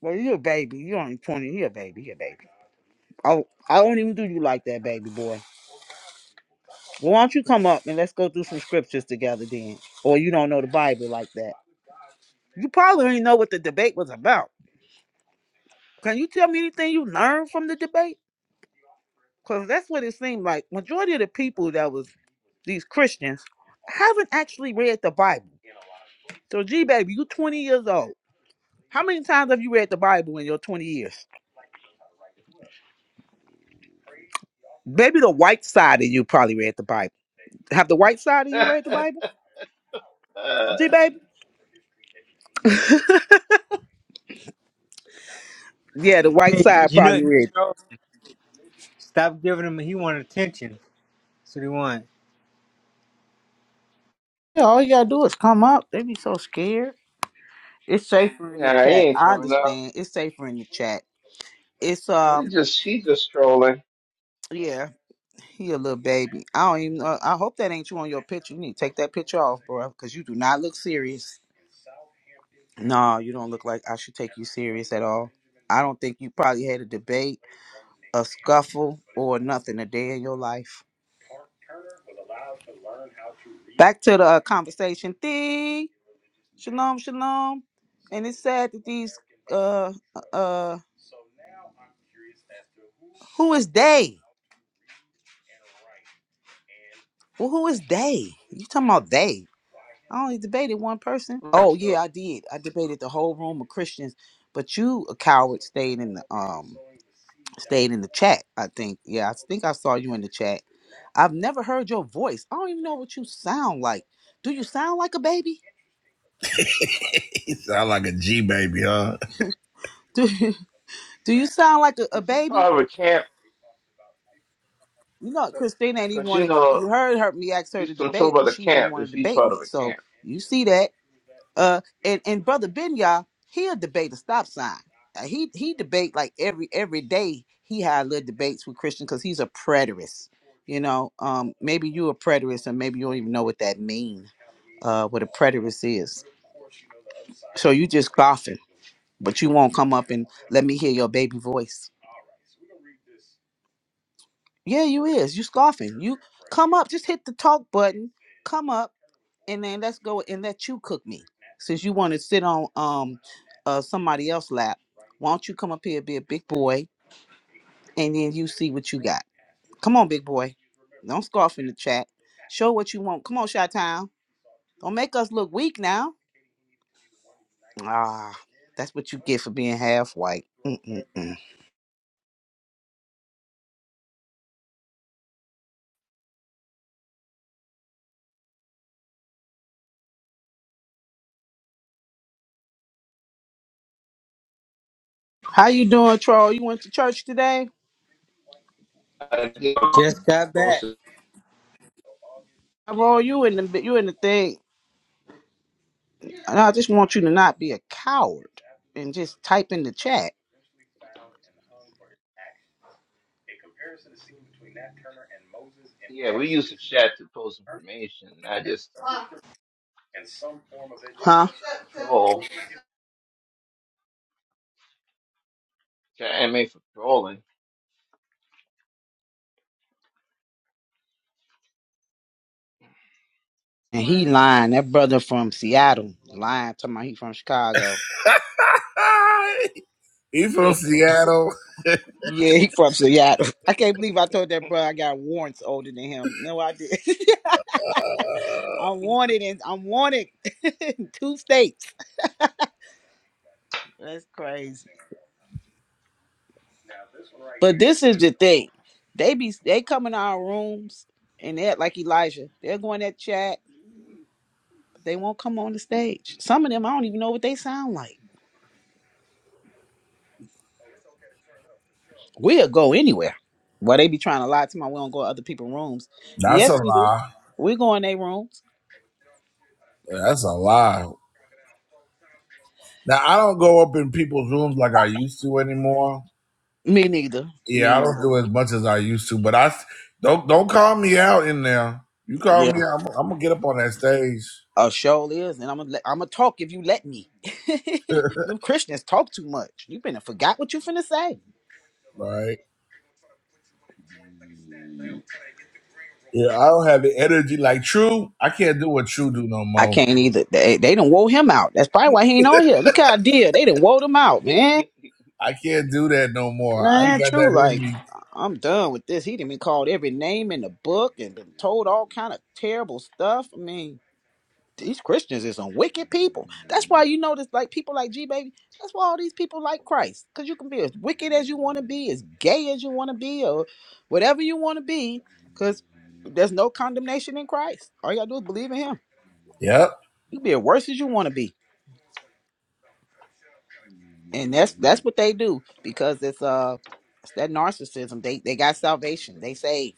E: Well, you a baby. You only 20. You a baby. You a baby. Oh, I do not even do you like that, baby boy. Well, why don't you come up and let's go through some scriptures together then? Or you don't know the Bible like that. You probably ain't know what the debate was about. Can you tell me anything you learned from the debate? Because that's what it seemed like. Majority of the people that was these Christians haven't actually read the Bible. So, G baby, you 20 years old. How many times have you read the Bible in your 20 years? Maybe the white side of you probably read the Bible. Have the white side of you read the Bible? G baby? Yeah, the white
H: Hey,
E: side
H: you know,
E: probably read. it.
H: Charles, stop giving him. He want attention. That's what he want.
E: Yeah, all you gotta do is come up. They be so scared. It's safer in the
A: nah, he
E: chat.
A: ain't
E: I
A: coming out.
E: understand. It's safer in the chat. It's
A: He
E: um
A: just he just strolling.
E: yeah, he a little baby. I don't even know. I hope that ain't you on your picture. You need to take that picture off, bro, because you do not look serious. No, you don't look like I should take you serious at all. I don't think you probably had a debate a scuffle or nothing a day in your life. Back to the uh, conversation thing. Shalom, shalom. And it's sad that these uh uh who is they? Well, who is they? You talking about they? I only debated one person. Oh yeah, I did. I debated the whole room of Christians, but you a coward stayed in the um stayed in the chat. I think. Yeah, I think I saw you in the chat. I've never heard your voice. I don't even know what you sound like. Do you sound like a baby?
B: He sound like a G baby, huh?
E: *laughs* Do you sound like a, a
A: Is he
E: baby?
A: part of a camp?
E: You know,
A: Uh,
E: Christine ain't even
A: Cause
E: want
A: you
E: to.
A: know
E: You heard her me ask her
A: he's
E: to
A: controlled
E: debate,
A: by
E: and
A: the
E: she ain't
A: camp.
E: want to
A: If he's
E: debate
A: part
E: me.
A: of a
E: So
A: camp,
E: you see that. Uh, and and brother Benya, he'll debate a stop sign. Uh, he he debate like every every day. He had little debates with Christian because he's a preterist. You know, um, maybe you a preterist, and maybe you don't even know what that mean. Uh, what a preterist is. So you just coughing, but you won't come up and let me hear your baby voice. Yeah, you is. You scoffing. You come up, just hit the talk button. Come up and then let's go and let you cook me. Since you want to sit on um uh somebody else's lap, why don't you come up here, be a big boy, and then you see what you got. Come on, big boy. Don't scoff in the chat. Show what you want. Come on, Chi Town. Don't make us look weak now. Ah, that's what you get for being half white. Mm-mm-mm. How you doing, Troll? You went to church today?
A: I did
H: Just got
A: post.
H: back.
A: it.
E: Roll you in the you in the thing. And I just want you to not be a coward and just type in the chat.
A: Yeah, we use the chat to post information, not just to
E: Huh?
A: troll. Chat ain't made for trolling.
E: And he lying. That brother from Seattle lying. Talking about he from Chicago.
B: *laughs* he from Seattle.
E: Yeah, he from Seattle. I can't believe I told that brother I got warrants older than him. No, I did. *laughs*
B: Uh,
E: I'm wanted in I'm wanted *laughs* in two states. That's crazy. But this is the thing. They be they come in our rooms and they act like Elijah. They'll go in that chat They won't come on the stage. Some of them, I don't even know what they sound like. We'll go anywhere. Well, they be trying to lie to my we don't go to other people's rooms.
B: that's a
E: Yes, we do.
B: lie.
E: We go in their rooms.
B: That's a lie. Now I don't go up in people's rooms like I used to anymore.
E: Me neither. Me
B: Yeah, I don't
E: neither.
B: do as much as I used to, but I do s- don't don't call me out in there. You call me
E: Yeah.
B: out, I'm, I'm gonna get up on that stage,
E: A show is, and I'm gonna let- I'm gonna talk if you let me. *laughs* Them Christians talk too much. You been forgot what you finna say.
B: right? Yeah, I don't have the energy like True. I can't do what True do no
E: I
B: more.
E: can't either. They they done wore him out. That's probably why he ain't on here. Look how I did. They done wore him out, man.
B: I can't do that no more. I
E: Nah,
B: ain't got
E: true.
B: that in
E: Like
B: me.
E: I'm done with this. He done been called every name in the book and been told all kind of terrible stuff. I mean, these Christians is some wicked people. That's why you notice like people like G baby. That's why all these people like Christ, because you can be as wicked as you want to be, as gay as you want to be, or whatever you want to be, because there's no condemnation in Christ. All you gotta do is believe in Him.
B: Yep.
E: You can be as worse as you want to be, and that's that's what they do because it's uh it's that narcissism. They they got salvation. They saved.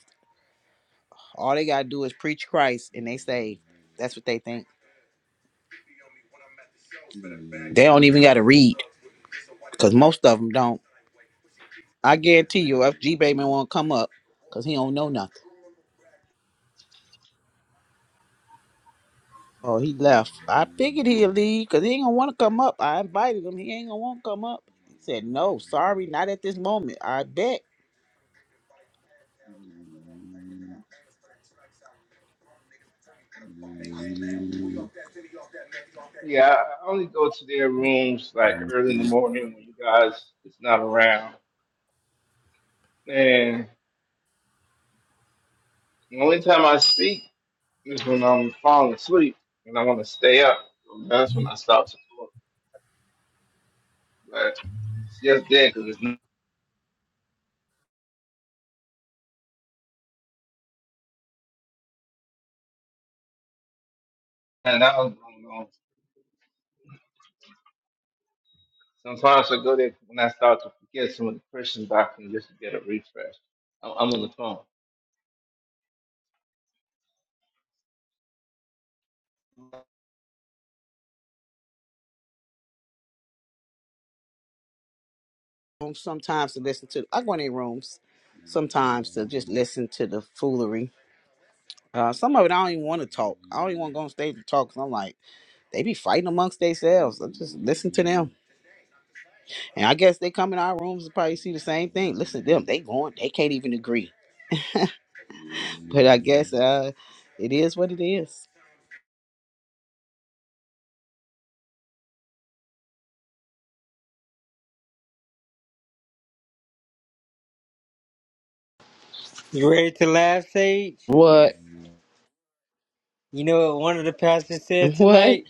E: All they gotta do is preach Christ, and they say that's what they think. They don't even gotta read, cause most of them don't. I guarantee you, if G Baby won't come up, cause he don't know nothing. Oh, he left. I figured he'd leave, cause he ain't gonna wanna come up. I invited him. He ain't gonna wanna come up. He said no, sorry, not at this moment. I bet.
A: Yeah, I I only go to their rooms like early in the morning when you guys is not around. And the only time I speak is when I'm falling asleep and I want to stay up. So that's when I stop to look. But it's just there because there's nothing else going on. Sometimes I go there when I start to forget some of the Christian doctrine just to get a refresh. I'm, I'm on the phone.
E: Um, Sometimes to listen to. I go in their rooms sometimes to just listen to the foolery. Uh, some of it I don't even want to talk. I don't even want to go on stage to talk. Cause I'm like, they be fighting amongst themselves. I just listen to them. And I guess they come in our rooms and probably see the same thing. Listen to them. They going, they can't even agree. But I guess uh it is what it is.
H: You ready to laugh, Sage?
E: What?
H: You know what one of the pastors
E: *laughs*
H: said
E: What?
H: tonight?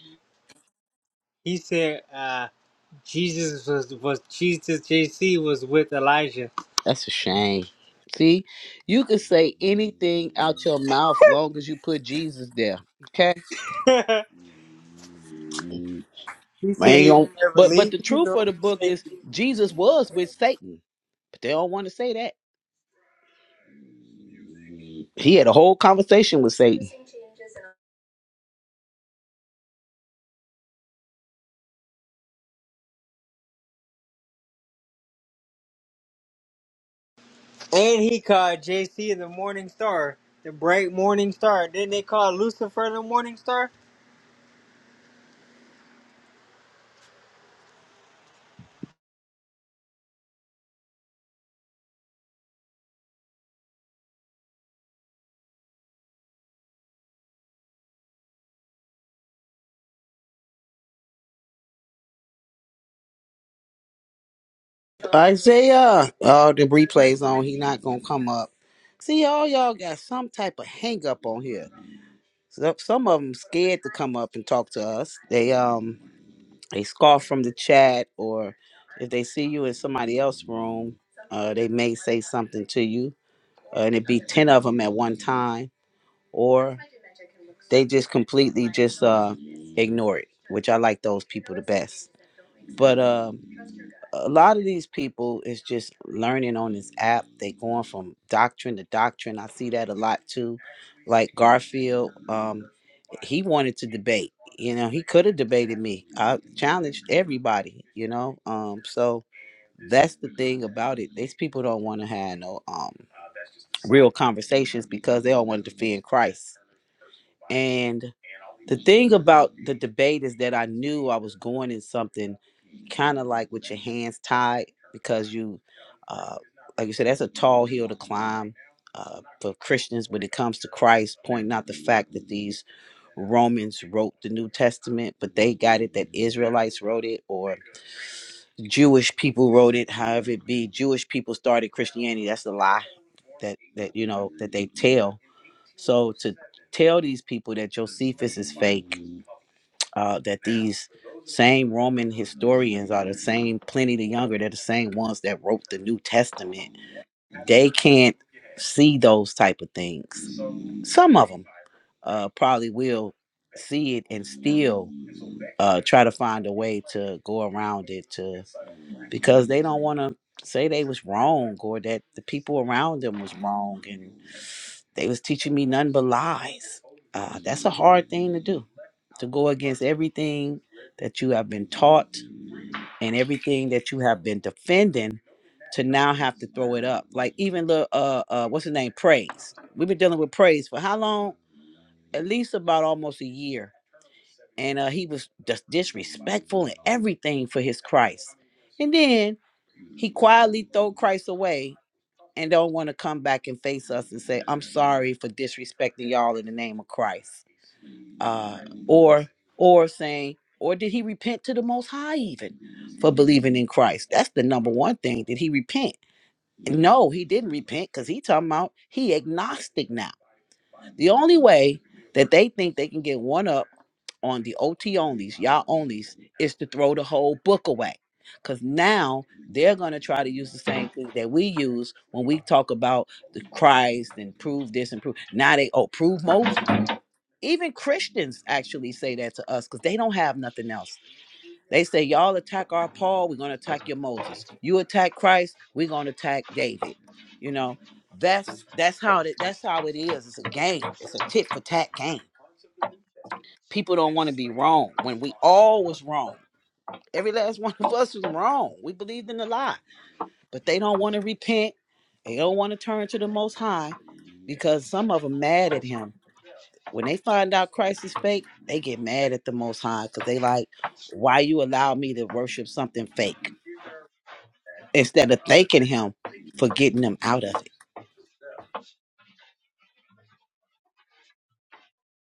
H: He said, uh, Jesus was was Jesus JC was with Elijah.
E: That's a shame. See, you could say anything out your mouth long as you put Jesus there. Okay?
H: *laughs*
E: I ain't
H: he said he would
E: gonna,
H: never
E: but but
H: leave
E: the
H: you
E: truth of
H: nor
E: the book
H: forsake
E: is
H: you.
E: Jesus was with Satan. But they don't want to say that. He had a whole conversation with Satan.
H: And he called JC the morning star, the bright morning star. Didn't they call Lucifer the morning star?
E: Isaiah. Oh, the replay's on. He not gonna come up. See, all y'all got some type of hang up on here. So, some of them scared to come up and talk to us. They um they scoff from the chat, or if they see you in somebody else's room, uh, they may say something to you, uh, and it be ten of them at one time, or they just completely just uh ignore it, which I like those people the best. But um, a lot of these people is just learning on this app. They going from doctrine to doctrine. I see that a lot too. Like Garfield, um, he wanted to debate. You know, he could have debated me. I challenged everybody. You know, um, so that's the thing about it. These people don't want to have no um real conversations because they all want to defend Christ. The thing about the debate is that I knew I was going in something kind of like with your hands tied because you, uh, like you said, that's a tall hill to climb uh, for Christians when it comes to Christ, pointing out the fact that these Romans wrote the New Testament, but they got it that Israelites wrote it or Jewish people wrote it, however it be. Jewish people started Christianity. That's a lie that, that you know, that they tell. So to tell these people that Josephus is fake uh, that these same Roman historians are the same Pliny the Younger. They're the same ones that wrote the New Testament. They can't see those type of things. Some of them uh, probably will see it and still uh, try to find a way to go around it to because they don't want to say they was wrong or that the people around them was wrong and. They was teaching me none but lies. Uh, that's a hard thing to do, to go against everything that you have been taught and everything that you have been defending to now have to throw it up. Like even the uh, uh what's his name? Praise. We've been dealing with praise for how long? At least about almost a year. And uh, he was just disrespectful and everything for his Christ. And then he quietly throw Christ away and don't want to come back and face us and say, "I'm sorry for disrespecting y'all in the name of Christ," uh, or or saying, or did he repent to the Most High even for believing in Christ? That's the number one thing. Did he repent? No, he didn't repent because he talking about he agnostic now. The only way that they think they can get one up on the OT onlys, y'all onlys, is to throw the whole book away. Because now they're going to try to use the same thing that we use when we talk about the Christ and prove this and prove. Now they, oh, prove Moses. Even Christians actually say that to us because they don't have nothing else. They say, y'all attack our Paul, we're going to attack your Moses. You attack Christ, we're going to attack David. You know, that's that's how it that's how it is. It's a game. It's a tit for tat game people don't want to be wrong when we all was wrong. Every last *laughs* one of us was wrong. We believed in the lie, but they don't want to repent. They don't want to turn to the Most High because some of them mad at Him. When they find out Christ is fake, they get mad at the Most High because they like, why you allow me to worship something fake instead of thanking Him for getting them out of it.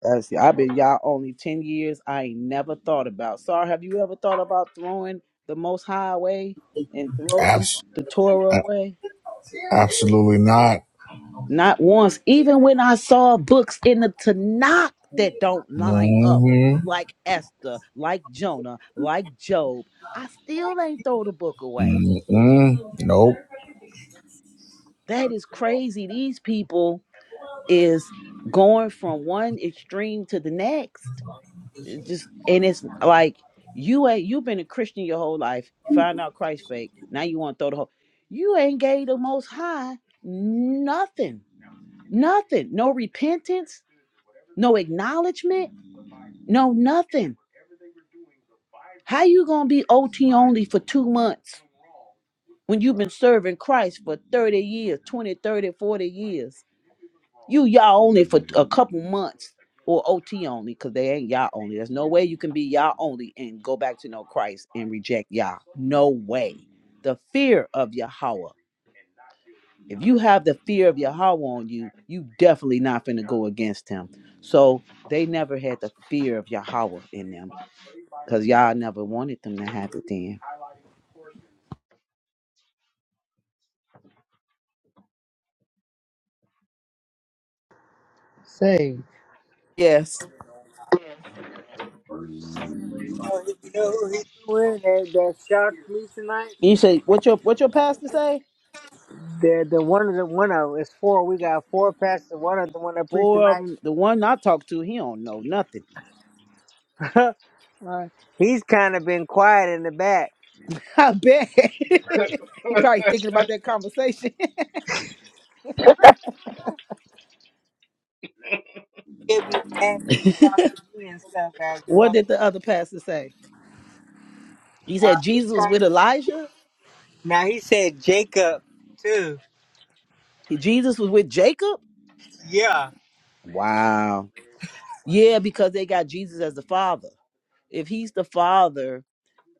E: That's, I've been y'all only 10 years. I ain't never thought about. Sorry, have you ever thought about throwing the most high away and throwing
B: Abs-
E: the Torah
B: a-
E: away?
B: absolutely not.
E: Not once. Even when I saw books in the Tanakh that don't line up,
B: Mm-hmm.
E: like Esther, like Jonah, like Job, I still ain't throw the book away.
B: Mm-mm. Nope.
E: That is crazy. These people is going from one extreme to the next. It's just and it's like you ain't you've been a Christian your whole life. Find out Christ fake. Now you want to throw the whole. You ain't gave the Most High nothing, nothing, no repentance, no acknowledgement, no nothing. How you gonna be OT only for two months when you've been serving Christ for 30 years, 20, 30, 40 years? You y'all only for a couple months or OT only, because they ain't y'all only. There's no way you can be y'all only and go back to know Christ and reject y'all. No way. The fear of Yahweh. If you have the fear of Yahweh on you, you definitely not finna go against him. So they never had the fear of Yahweh in them. Cause y'all never wanted them to have it then.
H: Say,
E: Yes.
H: You know, you know who he's doing that, that shocked me tonight?
E: you say, what your what your pastor say?
H: The the one of the one of it's four. We got four pastors. One of the one that preached
E: Four of
H: tonight.
E: them. The one I talked to, he don't know nothing.
H: *laughs* uh, he's kind of been quiet in the back.
E: I bet. *laughs* he probably thinking about that conversation.
H: He'll be mad when he talks to me and stuff, as
E: *laughs* what
H: well.
E: did the other pastor say? He
H: Uh,
E: said
H: he
E: Jesus was
H: tried-
E: with Elijah.
H: now he said Jacob too.
E: He- Jesus was with Jacob.
H: Yeah,
E: Wow. Yeah, because they got Jesus as the father. If he's the father,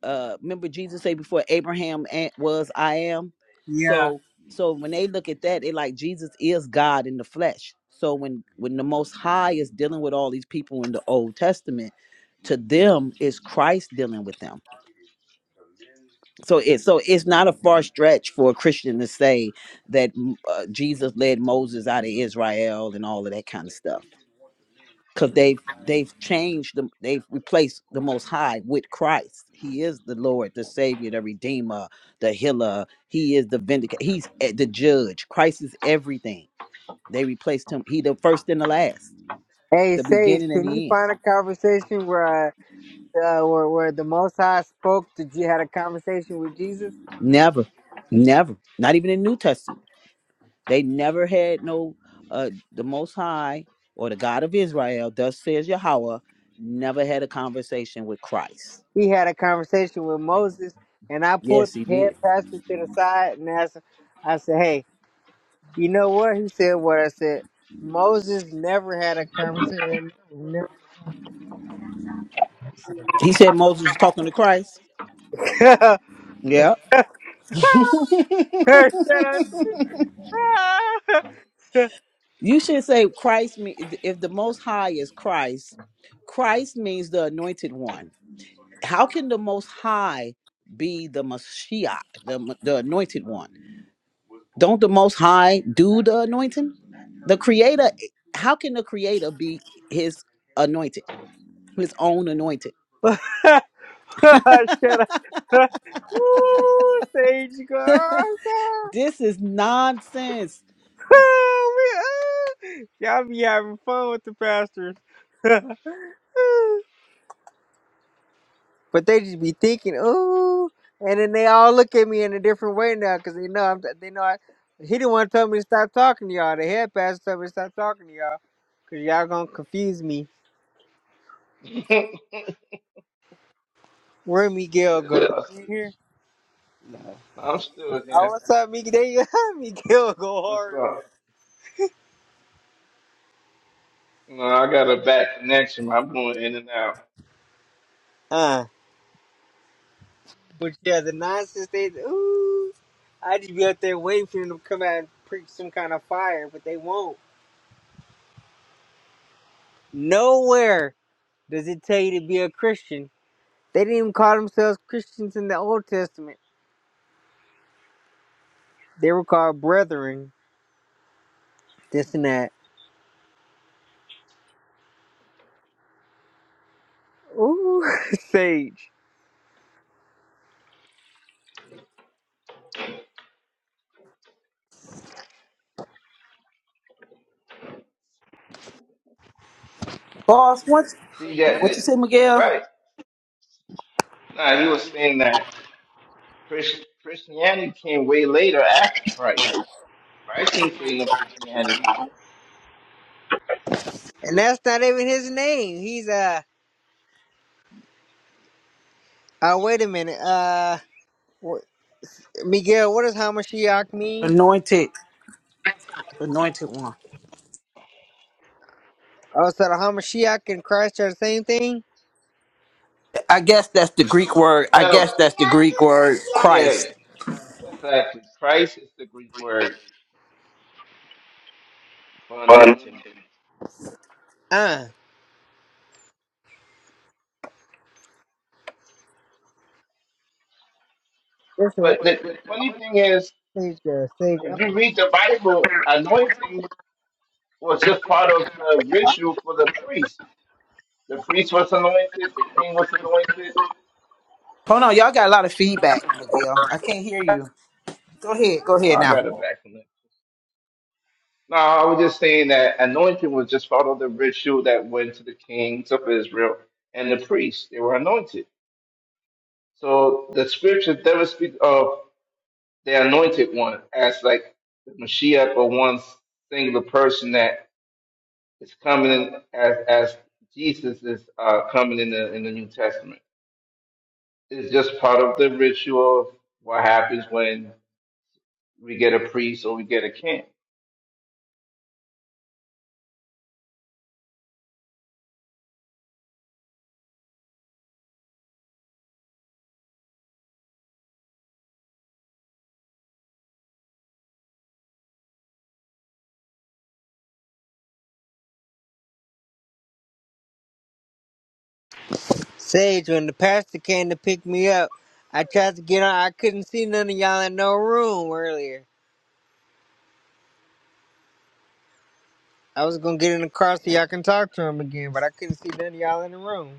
E: uh, remember Jesus say before Abraham a- was I am.
H: yeah.
E: So so when they look at that, they like Jesus is God in the flesh. So when when the Most High is dealing with all these people in the Old Testament, to them is Christ dealing with them. so it so it's not a far stretch for a Christian to say that mm, uh, Jesus led Moses out of Israel and all of that kind of stuff because they've they've changed them they've replaced the Most High with Christ. He is the Lord, the Savior, the Redeemer, the Healer. He is the vindicator. He's eh, the Judge. Christ is everything. They replaced him. He the first and the last,
H: Hey
E: the
H: Sage,
E: beginning and
H: can you
E: the end.
H: find a conversation where uh, where where the Most High spoke to? you Had a conversation with Jesus.
E: Never, never. Not even in New Testament. They never had no uh the Most High or the God of Israel, thus says Yahweh, never had a conversation with Christ.
H: He had a conversation with Moses, and I pulled
E: Yes, he
H: the head
E: did.
H: pastor to the side and asked. I said, "Hey." You know what? He said what I said. Moses never had a conversation. Never.
E: He said Moses was talking to Christ.
H: *laughs* Shut up.
E: Yeah.
H: *laughs*
E: You should say Christ means if the Most High is Christ, Christ means the anointed one. How can the Most High be the Mashiach, the, the anointed one? Don't the Most High do the anointing? The Creator, how can the Creator be his anointed? his own anointed.
H: Shut up. Woo, Sage girl.
E: This is nonsense.
H: *laughs* Y'all be having fun with the pastors. *laughs* But they just be thinking, ooh, and then they all look at me in a different way now because they know I'm. They know I. He didn't want to tell me to stop talking to y'all. The head pastor told me to stop talking to y'all because y'all gonna confuse me.
A: *laughs*
H: Where Miguel go? You here?
A: I'm still
H: Oh,
A: here.
H: what's up, Miguel? There you go. *laughs* Miguel go
A: What's
H: hard.
A: up? You know, I got a bad connection. I'm going in and out.
H: Uh, but yeah, the nonsense they. Ooh, I just be up there waiting for them to come out and preach some kind of fire, but they won't. Nowhere does it tell you to be a Christian. They didn't even call themselves Christians in the Old Testament. They were called brethren, this and that. Ooh, *laughs* Sage.
E: Boss, what
A: See that?
E: what
A: that
E: you say,
A: you- you're
E: Miguel?
A: right. Nah, he was saying that Chris, Christianity came way later after Christ. Christ ain't creating no Christianity.
H: And that's not even his name. He's uh oh wait a minute. Uh wh- Miguel, what does Hamashiach mean?
E: Anointed. Anointed one.
H: Oh, so the Hamashiach and Christ are the same thing?
E: I guess that's the Greek word. I guess
A: Well,
E: that's the Greek word
A: yeah,
E: Christ.
A: exactly. Christ is the Greek word for
H: Fun.
A: anointing.
H: Uh that's right.
A: But the, the funny thing is,
H: Sage uh, Sage uh,
A: if you read the Bible, anointing was just part of the ritual for the priest. The priest was anointed, the king was anointed.
E: Hold on, y'all got a lot of feedback, Miguel. I can't hear you. Go ahead, go
A: Oh,
E: ahead
A: I
E: now.
A: got it back from that. No, I was just saying that anointing was just part of the ritual that went to the kings of Israel and the priests. They were anointed. So the scriptures never speak of the anointed one as like the Mashiach or one singular person that is coming in as as Jesus is uh, coming in the in the New Testament. It's just part of the ritual of what happens when we get a priest or we get a king.
H: Sage, when the pastor came to pick me up, I tried to get on I couldn't see none of y'all in no room earlier. I was gonna get in the car so y'all can talk to him again, but I couldn't see none of y'all in the room.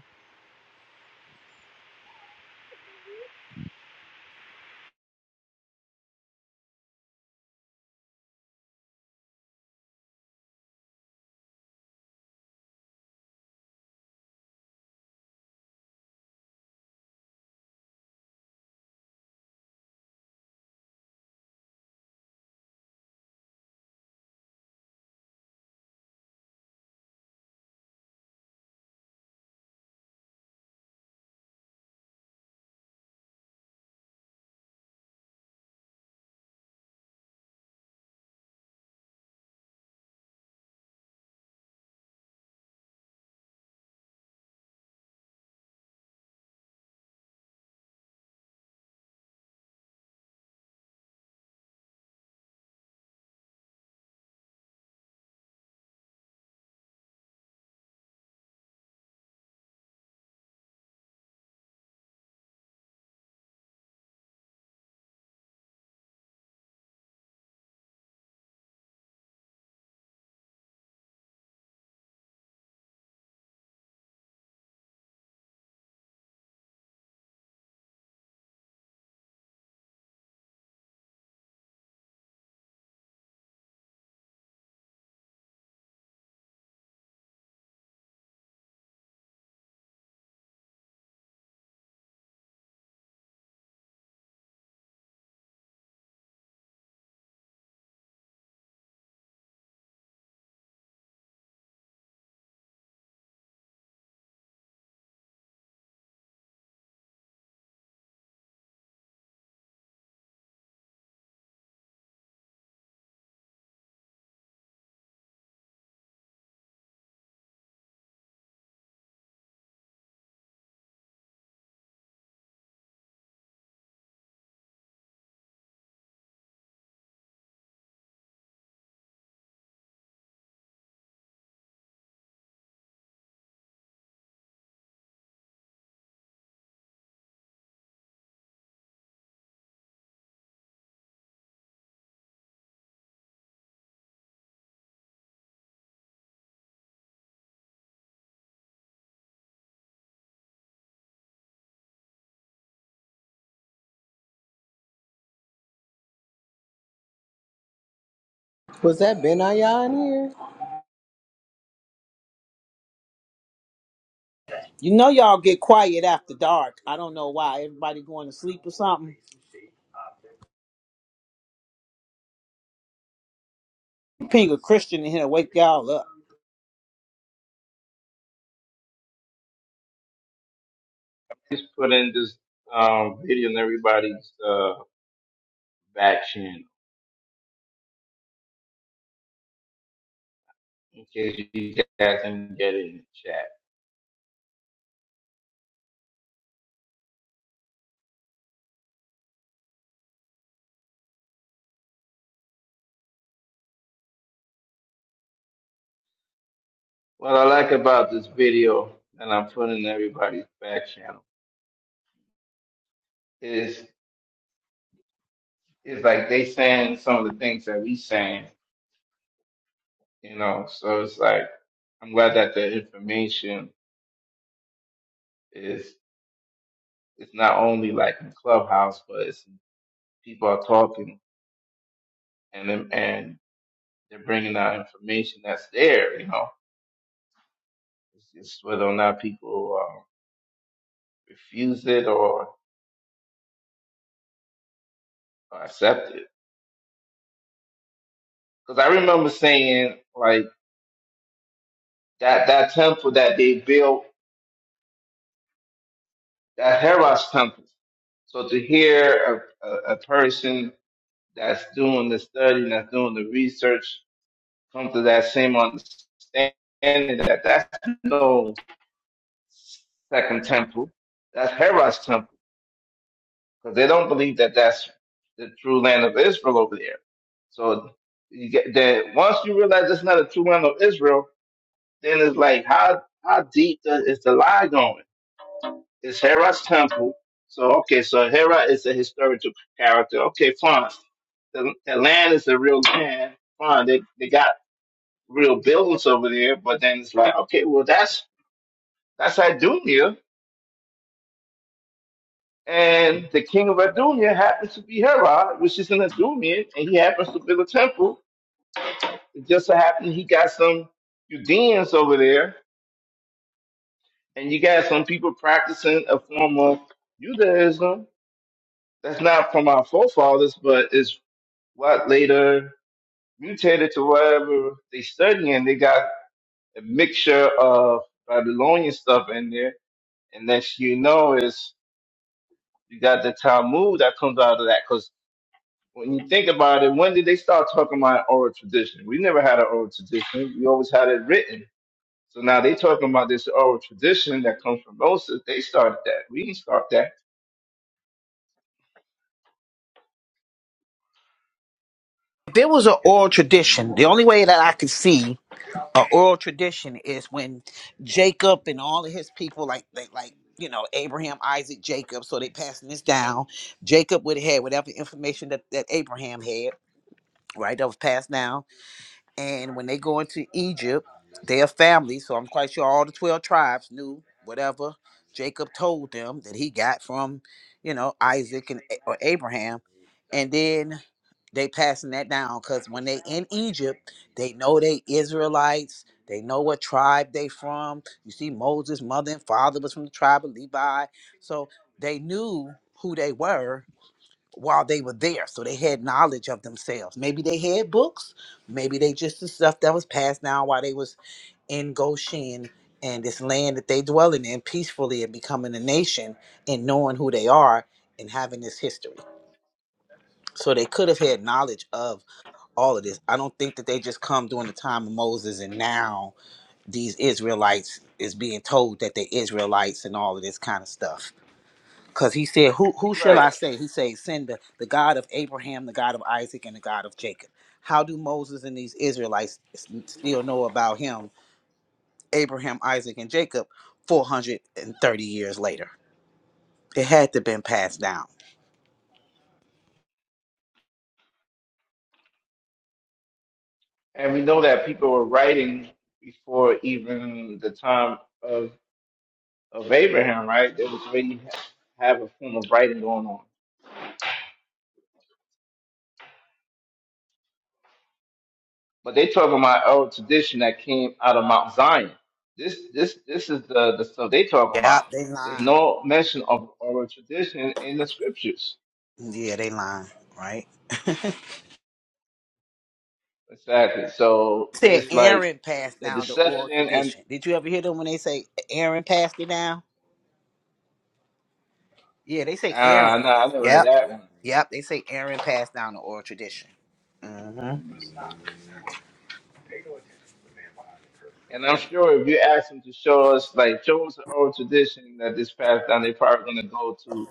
F: Was that Ben Ayah in here?
E: You know y'all get quiet after dark. I don't know why. Everybody going to sleep or something. Ping a Christian in here, wake y'all up.
A: Just put in this um, video in everybody's uh, back channel in case you guys didn't get it in the chat. What I like about this video that I'm putting in everybody's back channel is. it's like they saying some of the things that we saying, you know. So it's like I'm glad that the information is it's not only like in Clubhouse, but it's people are talking and them and they're bringing out information that's there, you know. It's just whether or not people uh, refuse it or, or accept it. Because I remember saying like that that temple that they built, that Heros temple. So to hear a, a, a person that's doing the study that's doing the research come to that same understanding that that's no second temple. That's Herod's temple because they don't believe that that's the true land of Israel over there. So you get that once you realize it's not a true land of Israel, then it's like how how deep the, is the lie going? It's Herod's temple. So okay, so Herod is a historical character. Okay, fine the, the land is the real land. Fine, they, they got real buildings over there. But then it's like, okay, well that's that's Adunia, and the king of Adunia happens to be Herod, which is in Adunia, and he happens to build a temple. It just so happened he got some Judeans over there, and you got some people practicing a form of Judaism that's not from our forefathers, but is what later mutated to whatever they studying. They got a mixture of Babylonian stuff in there, and next you know is You got the Talmud that comes out of that. Because when you think about it, when did they start talking about oral tradition? We never had an oral tradition. We always had it written. So now they talking about this oral tradition that comes from Moses. They started that. We didn't start that.
E: If it was an oral tradition, the only way that I could see a oral tradition is when Jacob and all of his people, like they like you know Abraham, Isaac, Jacob, so they passing this down. Jacob would have had whatever information that that Abraham had, right? That was passed down. And when they go into Egypt, their family, so I'm quite sure all the twelve tribes knew whatever Jacob told them that he got from you know Isaac and A- or Abraham, and then they passing that down because when they in Egypt, they know they Israelites. They know what tribe they from. You see, Moses' mother and father was from the tribe of Levi, so they knew who they were while they were there. So they had knowledge of themselves. Maybe they had books. Maybe they just the stuff that was passed down while they was in Goshen and this land that they dwelling in peacefully and becoming a nation and knowing who they are and having this history. So they could have had knowledge of all of this. I don't think that they just come during the time of Moses and now these Israelites is being told that they're Israelites and all of this kind of stuff. Because he said, who, who shall
A: Right.
E: I say? He said, send the, the God of Abraham, the God of Isaac, and the God of Jacob. How do Moses and these Israelites s- still know about him, Abraham, Isaac, and Jacob, 430 years later? It had to been passed down.
A: And we know that people were writing before even the time of of Abraham, right? They was already have a form of writing going on. But they talking about oral tradition that came out of Mount Zion. This this this is the, the stuff they talking
E: Yeah,
A: about.
E: they
A: There's
E: lying.
A: no mention of oral tradition in the scriptures.
E: Yeah, they they Right.
A: Exactly. So
E: said
A: it's like
E: Aaron passed
A: the
E: down the oral
A: deception and
E: tradition. Did you ever hear them when they say Aaron passed it down? Yeah, they say Aaron.
A: ah no, I never heard
E: Yep,
A: that one.
E: yep. They say Aaron passed down the oral tradition. hmm
A: And I'm sure if you ask them to show us like show us an oral tradition that this passed down, they're probably gonna go to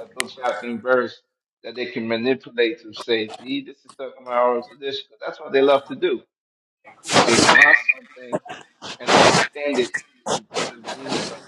A: a book chapter and verse that they can manipulate to say, see, this is talking about oral tradition. But That's what they love to do. They they find something and they extend it to, to mean something.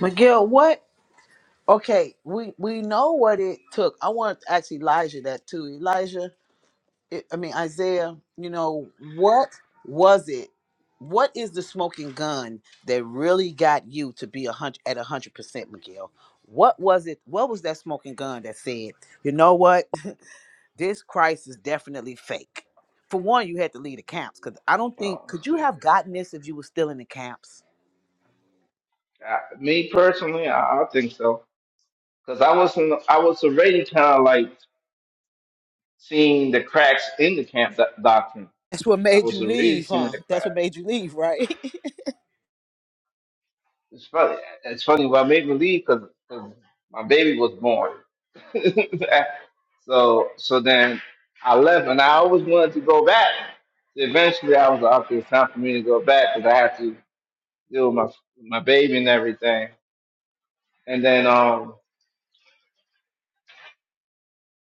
E: Miguel, what? Okay, we we know what it took. I want to ask Elijah that too. Elijah, it, I mean, Isaiah, you know, what was it? What is the smoking gun that really got you to be a hundred at a hundred percent, Miguel? What was it? What was that smoking gun that said, you know what, *laughs* this Christ is definitely fake? For one, you had to leave the camps because I don't
A: Well,
E: think
A: I'm
E: could you
A: still
E: have gotten
A: here.
E: this if you were still in the camps.
A: I, me personally, I, I think so, because I wasn't. I was already kind of like seeing the cracks in the camp doc- doctrine.
E: That's what
A: I
E: made
A: was
E: you
A: already
E: leave,
A: seeing
E: huh?
A: the
E: That's
A: cracks.
E: what made you leave, right? *laughs*
A: It's funny. It's funny. Well, I made me leave. because my baby was born. *laughs* so so then I left, and I always wanted to go back. Eventually, I was like, okay, it's time for me to go back because I have to deal with my my baby and everything. And then um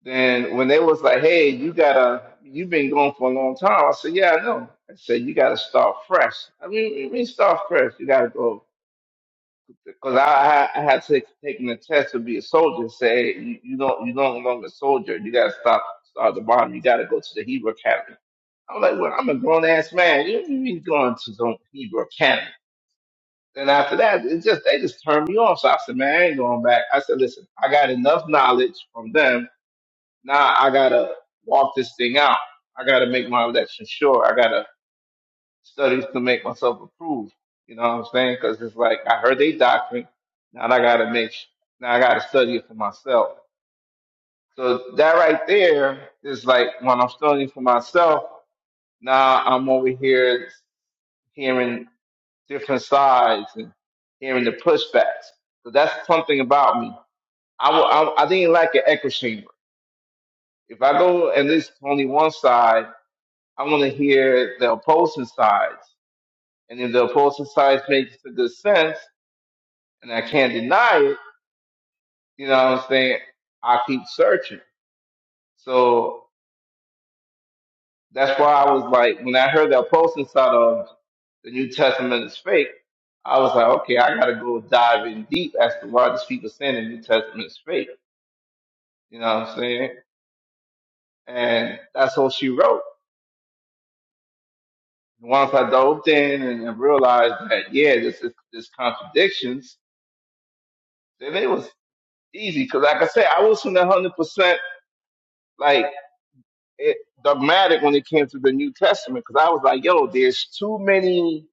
A: then when they was like, Hey, you gotta you've been gone for a long time, I said, Yeah, I know. I said, You gotta start fresh. I mean you mean start fresh, you gotta go because I I I had to taken the test to be a soldier, say "Hey, you, you don't you no longer a soldier, you gotta stop start at the bottom, you gotta go to the Hebrew Academy. I'm like, Well, I'm a grown ass man, you you mean going to the Hebrew Academy? Then after that, it just they just turned me off. So I said, Man, I ain't going back. I said, Listen, I got enough knowledge from them Now I gotta walk this thing out. I gotta make my election sure. I gotta studies to make myself approved. You know what I'm saying? Because it's like I heard they doctrine. Now I gotta make. Now I gotta study it for myself. So that right there is like when I'm studying for myself. Now I'm over here hearing different sides and hearing the pushbacks. So that's something about me. I will, I, I didn't like an echo chamber. If I go and listen to only one side I want to hear the opposing sides. And if the opposing sides makes a good sense, and I can't deny it, you know what I'm saying? I keep searching. So that's why I was like, when I heard the opposing side of the New Testament is fake, I was like, okay, I got to go dive in deep as to why these people saying the New Testament is fake. You know what I'm saying? And that's all she wrote. And Once I dove in and, and realized that, yeah, this is this contradictions, then it was easy because, like I said, I wasn't one hundred percent like it, dogmatic when it came to the New Testament because I was like, yo, there's too many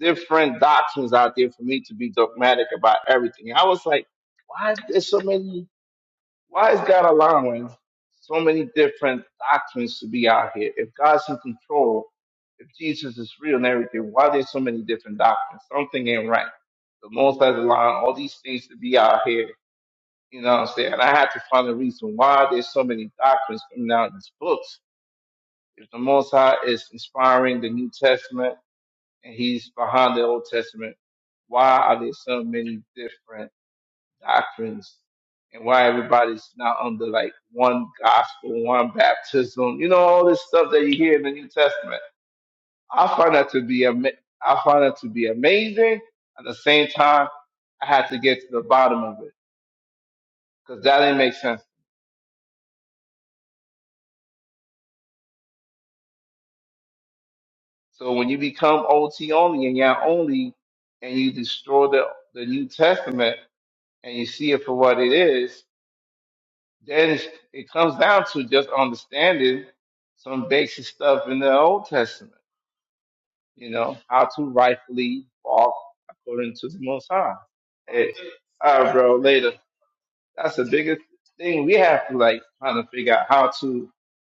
A: different doctrines out there for me to be dogmatic about everything. I was like, why is there so many? Why is God allowing so many different doctrines to be out here? If God's in control, if Jesus is real and everything, why there's so many different doctrines? Something ain't right. The Most High's allowing all these things to be out here You know what I'm saying? I had to find a reason why there's so many doctrines coming out in these books. If the Most High is inspiring the New Testament and he's behind the Old Testament, why are there so many different doctrines? And why everybody's not under like one gospel, one baptism, you know, all this stuff that you hear in the New Testament. I find that to be ama- I find that to be amazing. At the same time, I had to get to the bottom of it because that didn't make sense So when you become OT only and Yah only, and you destroy the, the New Testament and you see it for what it is, then it's, it comes down to just understanding some basic stuff in the Old Testament. You know how to rightfully walk according to the Most High. It, all right, bro. Later. That's the biggest thing we have to like kind of figure out how to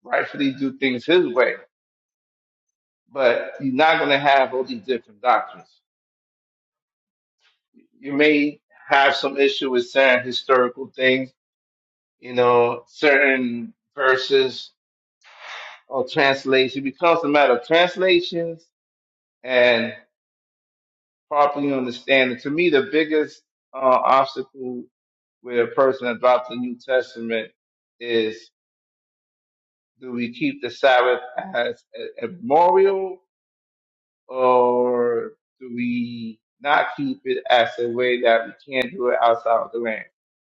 A: rightfully do things His way. But you're not gonna have all these different doctrines. you may have some issue with certain historical things, you know, certain verses or translation. It becomes a matter of translations and properly understanding. To me, the biggest uh, obstacle with a person about the New Testament is do we keep the Sabbath as a, a memorial or do we not keep it as a way that we can't do it outside of the land?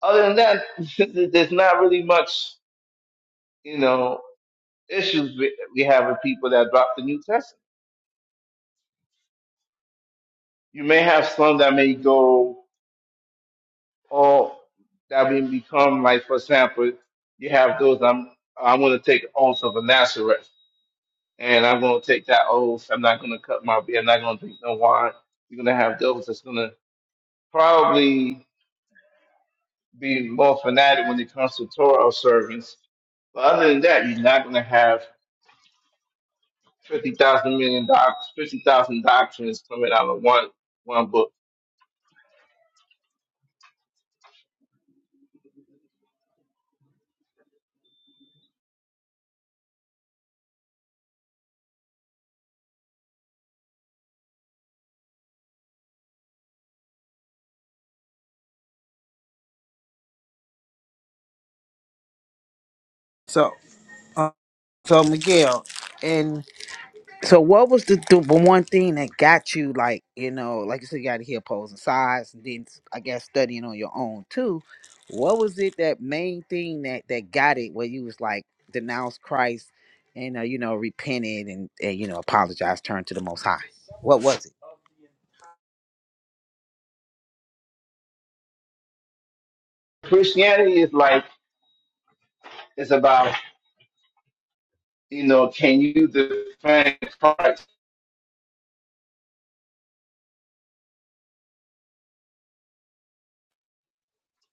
A: Other than that, *laughs* there's not really much, you know, issues we we have with people that drop the New Testament. You may have some that may go all that may become like, for example, you have those I'm I'm going to take oath of a Nazareth, and I'm going to take that oath. I'm not going to cut my beard. I'm not going to drink no wine. You're going to have those that's going to probably be more fanatic when it comes to Torah observance. But other than that, you're not going to have fifty thousand million doc, fifty thousand doctrines coming out of one one book.
E: So, uh, so Miguel, in So what was the, the the one thing that got you like, you know, like you said, you got to hear opposing sides and then s- I guess studying on your own too. What was it that main thing that that got it where you was like denounced Christ and uh, you know repented and, and you know apologized, turned to the Most High? What was it?
A: Christianity is like it's about you know can you defend Christ?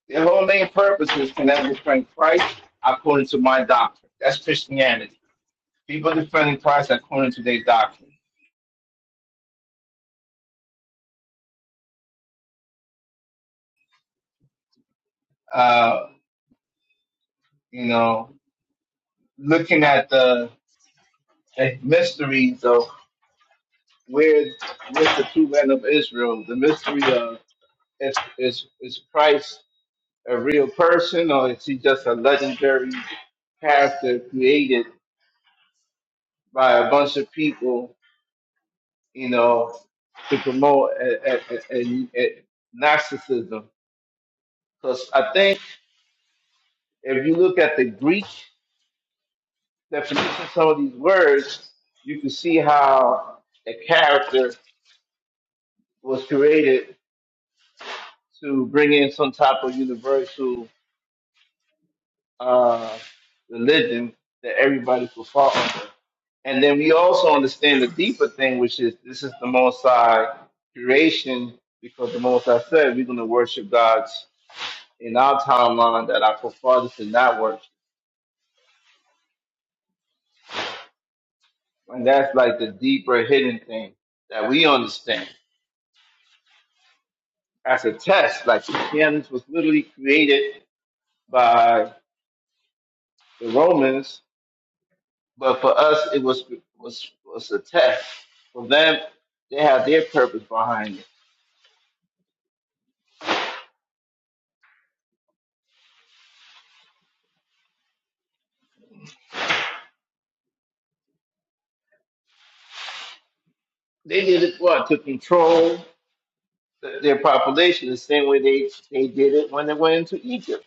A: The whole main purpose is can I defend Christ according to my doctrine? That's Christianity. People defending Christ according to their doctrine. Uh, you know, looking at the the mysteries of where with the true land of Israel, the mystery of is is is Christ a real person or is he just a legendary character created by a bunch of people, you know, to promote a, a, a, a- a narcissism? Because I think if you look at the Greek definition of some of these words, you can see how a character was created to bring in some type of universal uh, religion that everybody could fall under. And then we also understand the deeper thing, which is this is the Most High creation, because the Most High said we're going to worship gods in our timeline that our forefathers did not worship. And that's like the deeper hidden thing that we understand as a test. Like Christianity was literally created by the Romans, but for us it was was was a test. For them, they had their purpose behind it They did it what to control th- their population, the same way they they did it when they went into Egypt.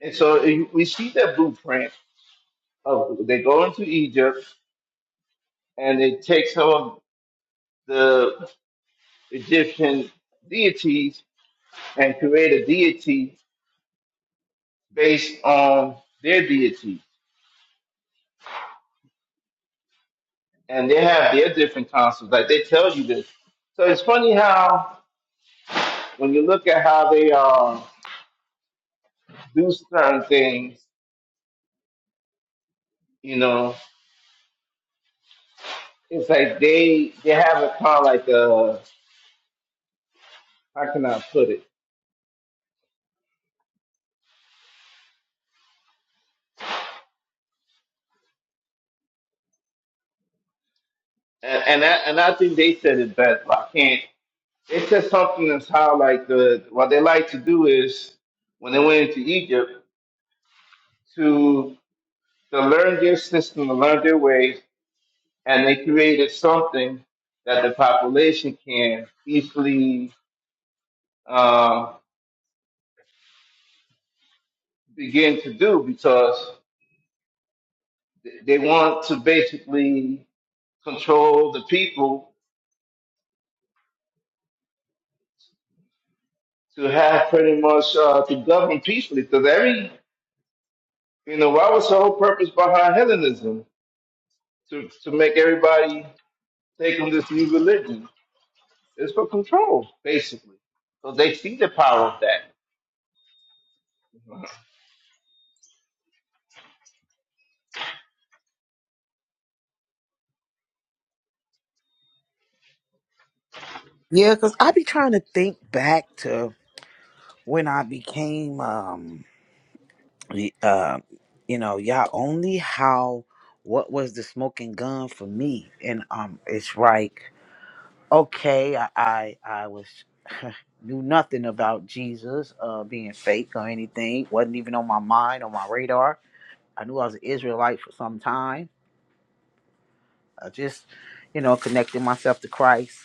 A: And so you- we see that blueprint of they go into Egypt and they take some of the Egyptian deities and create a deity based on their deity, and they have their different concepts. Like they tell you this. So it's funny how when you look at how they uh, do certain things, you know. it's like they they have it kind of like uh how can I put it? And and I, and I think they said it best, but I can't. They said something that's how like the what they like to do is when they went into Egypt to to learn their system, to learn their ways, and they created something that the population can easily uh, begin to do because they they want to basically control the people to have pretty much uh, to govern peacefully. Because every, you know, what was the whole purpose behind Hellenism? To to make everybody take on this new religion. It's for control, basically. So they see the power of that,
E: Yeah, cause I be trying to think back to when I became um the uh you know y'all only how what was the smoking gun for me and um it's right Okay, I I, I was *laughs* knew nothing about Jesus uh, being fake or anything. wasn't even on my mind, on my radar. I knew I was an Israelite for some time. I just, you know, connected myself to Christ,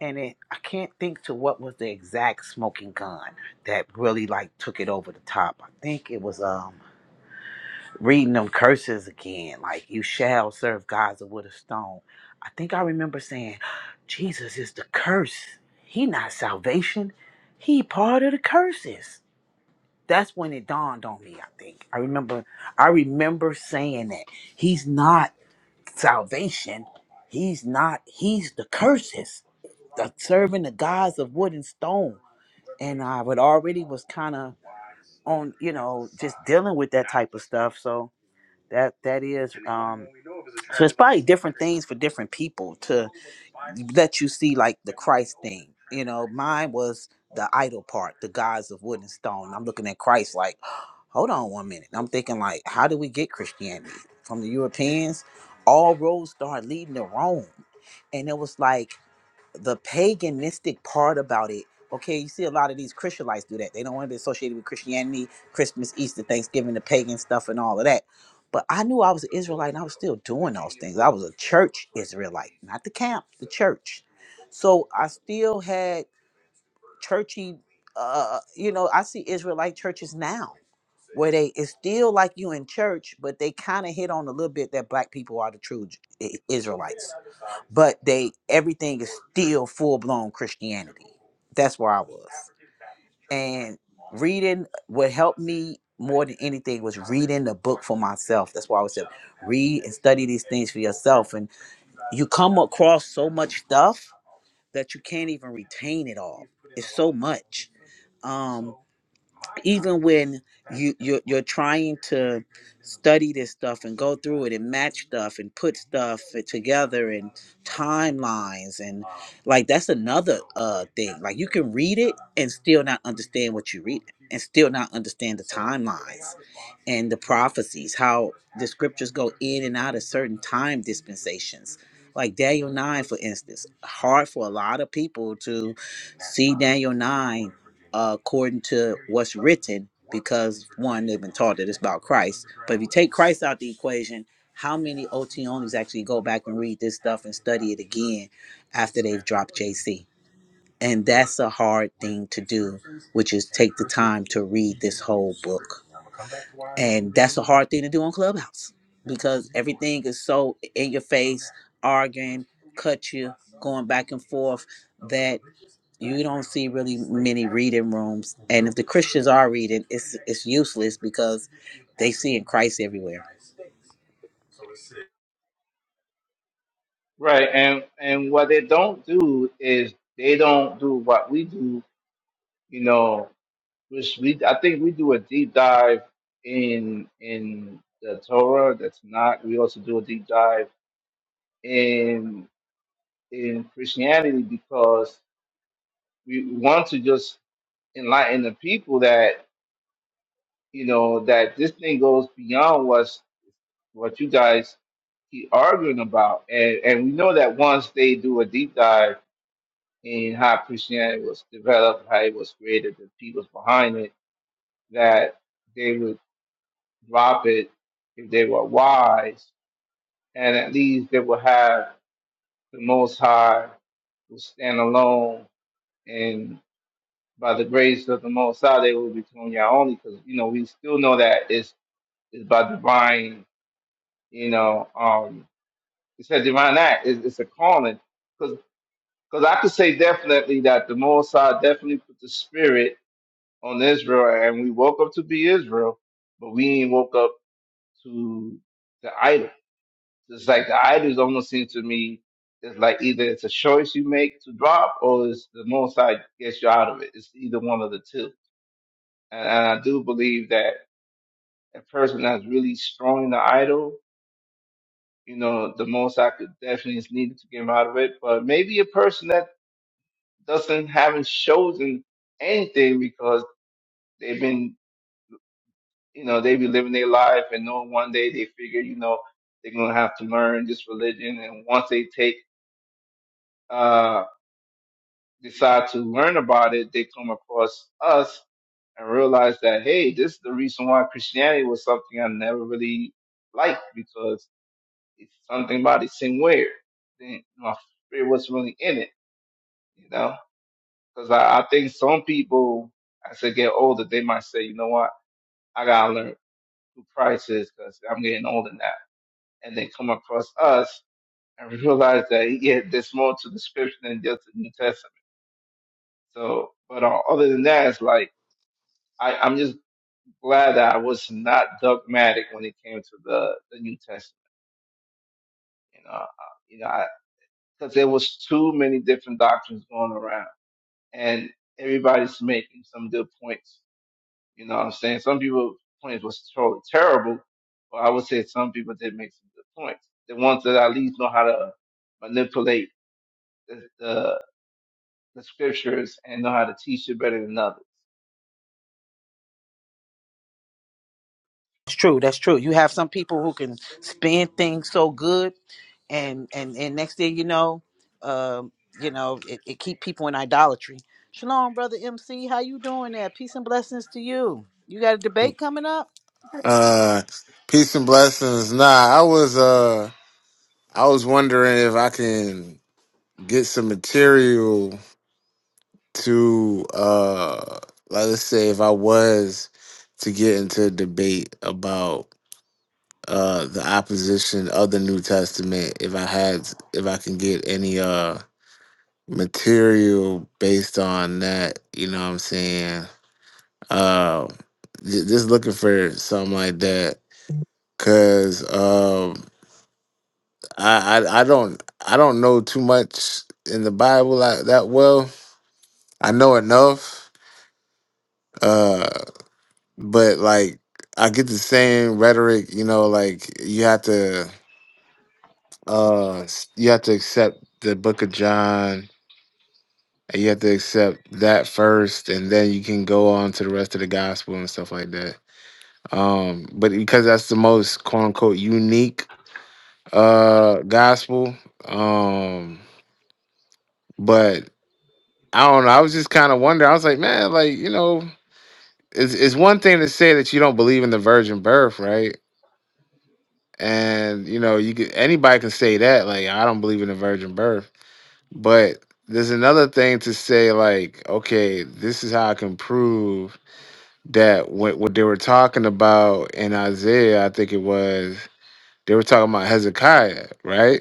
E: and it, I can't think to what was the exact smoking gun that really like took it over the top. I think it was. um. reading them curses again, like you shall serve gods with a stone. I think I remember saying, Jesus is the curse. He not salvation. He part of the curses. That's when it dawned on me, I think. I remember I remember saying that. He's not salvation. He's not he's the curses. The serving the gods of wood and stone. And I would already was kind of on, you know, just dealing with that type of stuff. So that that is um so it's probably different things for different people to let you see like the christ thing you know mine was the idol part the gods of wood and stone i'm looking at christ like *gasps* hold on one minute i'm thinking like how did we get christianity from the europeans all roads start leading to rome and it was like the paganistic part about it. Okay, you see a lot of these Christianites do that. They don't want to be associated with Christianity, Christmas, Easter, Thanksgiving, the pagan stuff, and all of that. But I knew I was an Israelite and I was still doing those things. I was a church Israelite, not the camp, the church. So I still had churchy, uh, uh, you know, I see Israelite churches now where they, it's still like you in church, but they kind of hit on a little bit that black people are the true J- I- Israelites but they everything is still full blown Christianity. That's where I was. And reading what helped me more than anything was reading the book for myself. That's why I always said read and study these things for yourself. And you come across so much stuff that you can't even retain it all. It's so much. Um, even when you you're, you're trying to study this stuff and go through it and match stuff and put stuff together and timelines and like that's another uh thing like you can read it and still not understand what you read and still not understand the timelines and the prophecies how the scriptures go in and out of certain time dispensations like daniel 9 for instance hard for a lot of people to see daniel 9 uh, according to what's written because one they've been taught that it's about christ but if you take christ out the equation how many ot onlys actually go back and read this stuff and study it again after they've dropped jc and that's a hard thing to do which is take the time to read this whole book and that's a hard thing to do on clubhouse because everything is so in your face arguing cut you going back and forth that you don't see really many reading rooms and if the christians are reading it's it's useless because they see in christ everywhere
A: right? And and what they don't do is they don't do what we do. You know, which we I think we do a deep dive in in the Torah. That's not. We also do a deep dive in in Christianity because we want to just enlighten the people that you know that this thing goes beyond what's what you guys keep arguing about, and and we know that once they do a deep dive in how Christianity was developed, how it was created, the people's behind it, that they would drop it if they were wise, and at least they would have the Most High will stand alone by the grace of the Most High, they will be Tonya only because you know we still know that it's it's by divine, you know, um, it's a divine act. It's, it's a calling because because I could say definitely that the Most High definitely put the spirit on Israel, and we woke up to be Israel, but we ain't woke up to the idol. It's like the idols almost seem to me. It's like either it's a choice you make to drop, or it's the Most High gets you out of it. It's either one of the two and, and I do believe that. A person that's really strong in the idol, you know, the most I could definitely is needed to get him out of it. But maybe a person that doesn't haven't chosen anything because they've been, you know, they be living their life and know one day they figure, you know, they're gonna have to learn this religion and once they take uh decide to learn about it, they come across us and realize that hey, this is the reason why Christianity was something I never really liked because If something about it seemed weird, then my spirit was really in it, you know? Because I, I think some people, as they get older, they might say, you know what, I gotta learn who Christ is because I'm getting older now. And they come across us and *laughs* realize that, yeah, there's more to the scripture than just the New Testament. So, but uh, other than that, it's like, I, I'm just glad that I was not dogmatic when it came to the, the New Testament. You know, uh, you know, I, because there was too many different doctrines going around. and everybody's making some good points. You know what I'm saying? Some people's points was totally terrible, but I would say some people did make some good points. The ones that at least know how to manipulate the, the, the scriptures and know how to teach it better than others.
E: it's true that's true you have some people who can spin things so good and and and next thing you know um you know it, it keep people in idolatry shalom brother mc how you doing there peace and blessings to you you got a debate coming up
I: Uh, peace and blessings. Nah, I was uh, I was wondering if I can get some material to uh, like, let's say if I was to get into a debate about uh the opposition of the New Testament, if I had, if I can get any uh material based on that, you know what I'm saying? Uh, j- just looking for something like that, cause um. I, I I don't I don't know too much in the Bible like, that well. I know enough, uh, but like I get the same rhetoric, you know. Like you have to uh s- you have to accept the Book of John, and you have to accept that first, and then you can go on to the rest of the Gospel and stuff like that. Um, but because that's the most quote unquote unique uh gospel, um, but I don't know. I was just kind of wondering. I was like, man, like you know, it's it's one thing to say that you don't believe in the virgin birth, right? And you know, you could, anybody can say that, like I don't believe in the virgin birth. But there's another thing to say, like, okay, this is how I can prove that what what they were talking about in Isaiah, I think it was, they were talking about Hezekiah, right?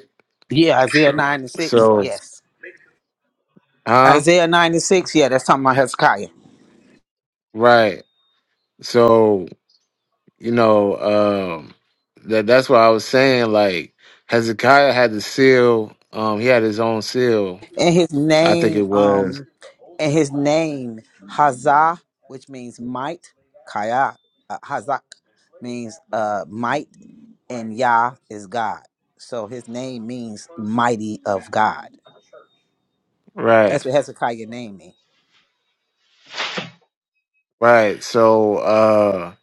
E: yeah isaiah 9 and 6
I: So,
E: yes
I: huh?
E: isaiah 9 and 6 yeah that's talking about hezekiah
I: Right. So. you know, um, that that's what I was saying. Like Hezekiah had the seal. Um, he had his own seal.
E: And his
I: I think it
E: name,
I: was
E: um, and his name Hazah, which means might, Kaya, uh, Hazak means uh might, and Yah is God. So his name means mighty of God.
I: right,
E: That's what Hezekiah name means.
I: right. So uh,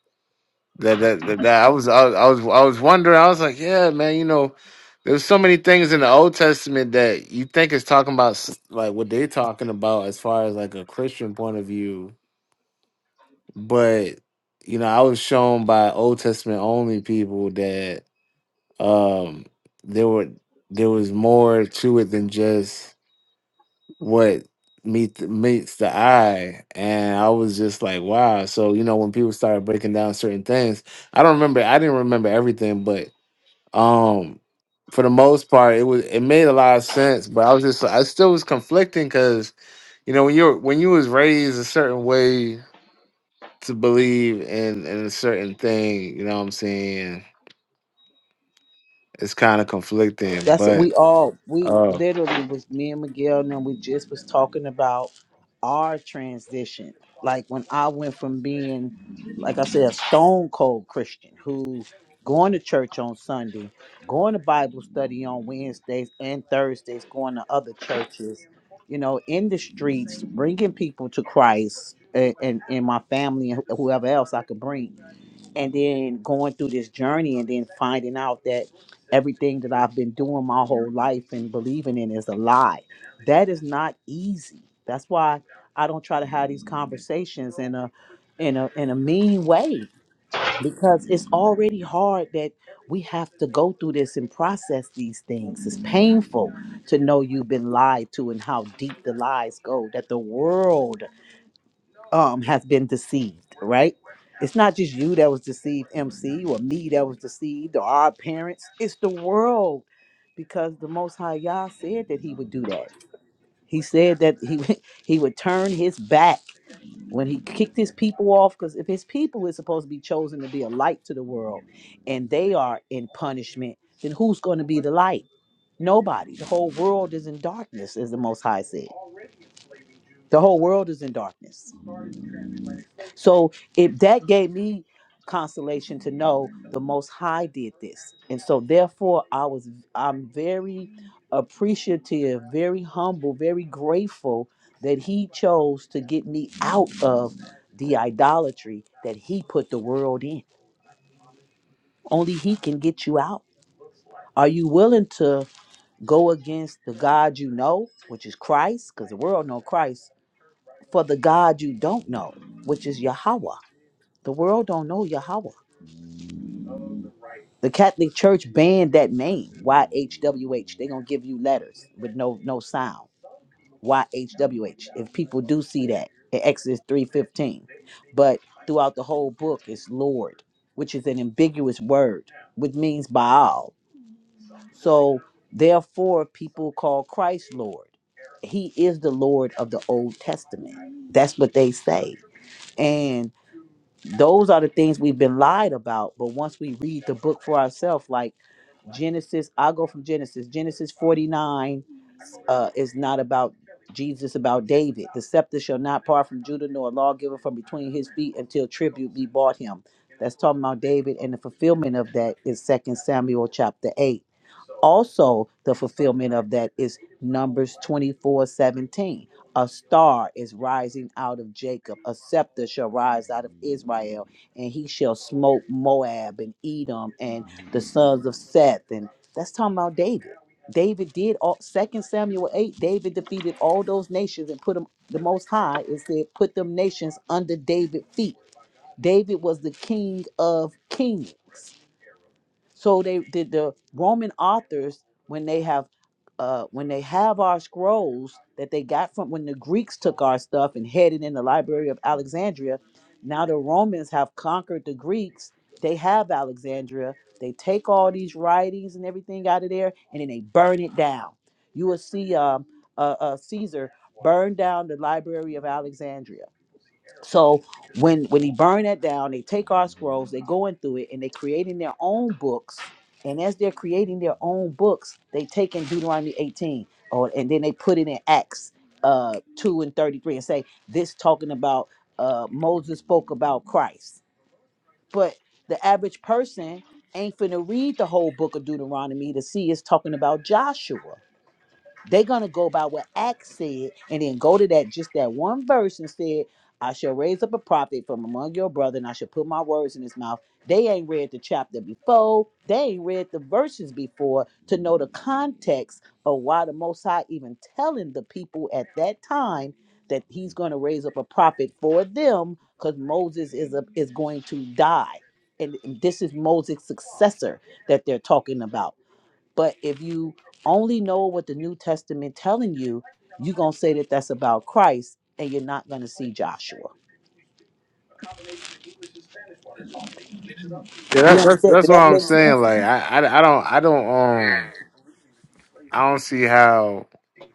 I: that that that, that I was I, was I was I was wondering. I was like, yeah, man. You know, there's so many things in the Old Testament that you think is talking about, s- like what they're talking about as far as like a Christian point of view, but. You know, I was shown by Old Testament only people that. um there were there was more to it than just what meet meets the eye and i was just like wow so you know when people started breaking down certain things i don't remember i didn't remember everything but um for the most part it was it made a lot of sense but i was just i still was conflicting because you know when you're when you was raised a certain way to believe in in a certain thing you know what i'm saying it's kind of conflicting
E: That's what
I: but
E: we all we
I: uh,
E: literally was me and Miguel and then we just was talking about our transition. Like when I went from being, like I said, a stone cold Christian who going to church on Sunday, going to Bible study on Wednesdays and Thursdays, going to other churches, you know, in the streets, bringing people to Christ and, and, and my family and whoever else I could bring and then going through this journey and then finding out that everything that I've been doing my whole life and believing in is a lie. That is not easy. That's why I don't try to have these conversations in a in a in a mean way because it's already hard that we have to go through this and process these things. It's painful to know you've been lied to and how deep the lies go that the world um has been deceived, right? It's not just you that was deceived, MC, or me that was deceived, or our parents. It's the world, because the Most High Yah said that He would do that. He said that He *laughs* He would turn His back when He kicked His people off, because if His people is supposed to be chosen to be a light to the world, and they are in punishment, then who's going to be the light? Nobody. The whole world is in darkness, as the Most High said. The whole world is in darkness. So if that gave me consolation to know the most high did this. And so therefore I was I'm very appreciative, very humble, very grateful that he chose to get me out of the idolatry that he put the world in. Only he can get you out. Are you willing to go against the God you know, which is Christ, because the world know Christ, for the God you don't know, which is Yahweh? The world don't know Yahweh The Catholic Church banned that name, YHWH. They're gonna give you letters with no no sound. YHWH. If people do see that in Exodus 3:15. But throughout the whole book it's Lord, which is an ambiguous word, which means Baal. So therefore people call Christ Lord. He is the Lord of the Old Testament. That's what they say. And those are the things we've been lied about. But once we read the book for ourselves, like Right. Genesis, I'll go from Genesis. Genesis 49 uh, is not about Jesus, about David. The scepter shall not part from Judah, nor a lawgiver from between his feet until tribute be bought him. That's talking about David, and the fulfillment of that is is Second Samuel chapter 8 also the fulfillment of that is numbers 24 17. a star is rising out of jacob a scepter shall rise out of israel and he shall smote moab and edom and the sons of seth and that's talking about david david did all second samuel 8 david defeated all those nations and put them the most high it said put them nations under David's feet david was the king of kings so they the, the Roman authors, when they have uh when they have our scrolls that they got from when the Greeks took our stuff and headed in the Library of Alexandria, now the Romans have conquered the Greeks. They have Alexandria. They take all these writings and everything out of there, and then they burn it down. You will see um, uh, uh, Caesar burn down the Library of Alexandria so when when he burn that down, they take our scrolls, they going through it, and they creating their own books. And as they're creating their own books, they take in Deuteronomy 18, or and then they put it in Acts uh 2 and 33 and say this talking about uh Moses spoke about Christ. But the average person ain't finna read the whole book of Deuteronomy to see it's talking about Joshua. They're gonna go by what Acts said and then go to that just that one verse and said, I shall raise up a prophet from among your brother, and I shall put my words in his mouth. They ain't read the chapter before, they ain't read the verses before to know the context of why the most high even telling the people at that time that he's gonna raise up a prophet for them because Moses is a, is going to die. And this is Moses' successor that they're talking about. But if you only know what the New Testament telling you, you're gonna say that that's about Christ, and you're not gonna see Joshua.
I: Yeah,
E: You
I: that, that's
E: understand?
I: that's
E: Did
I: what
E: that
I: I'm
E: make
I: saying.
E: sense?
I: Like, I, I, I don't, I don't, um, I don't see how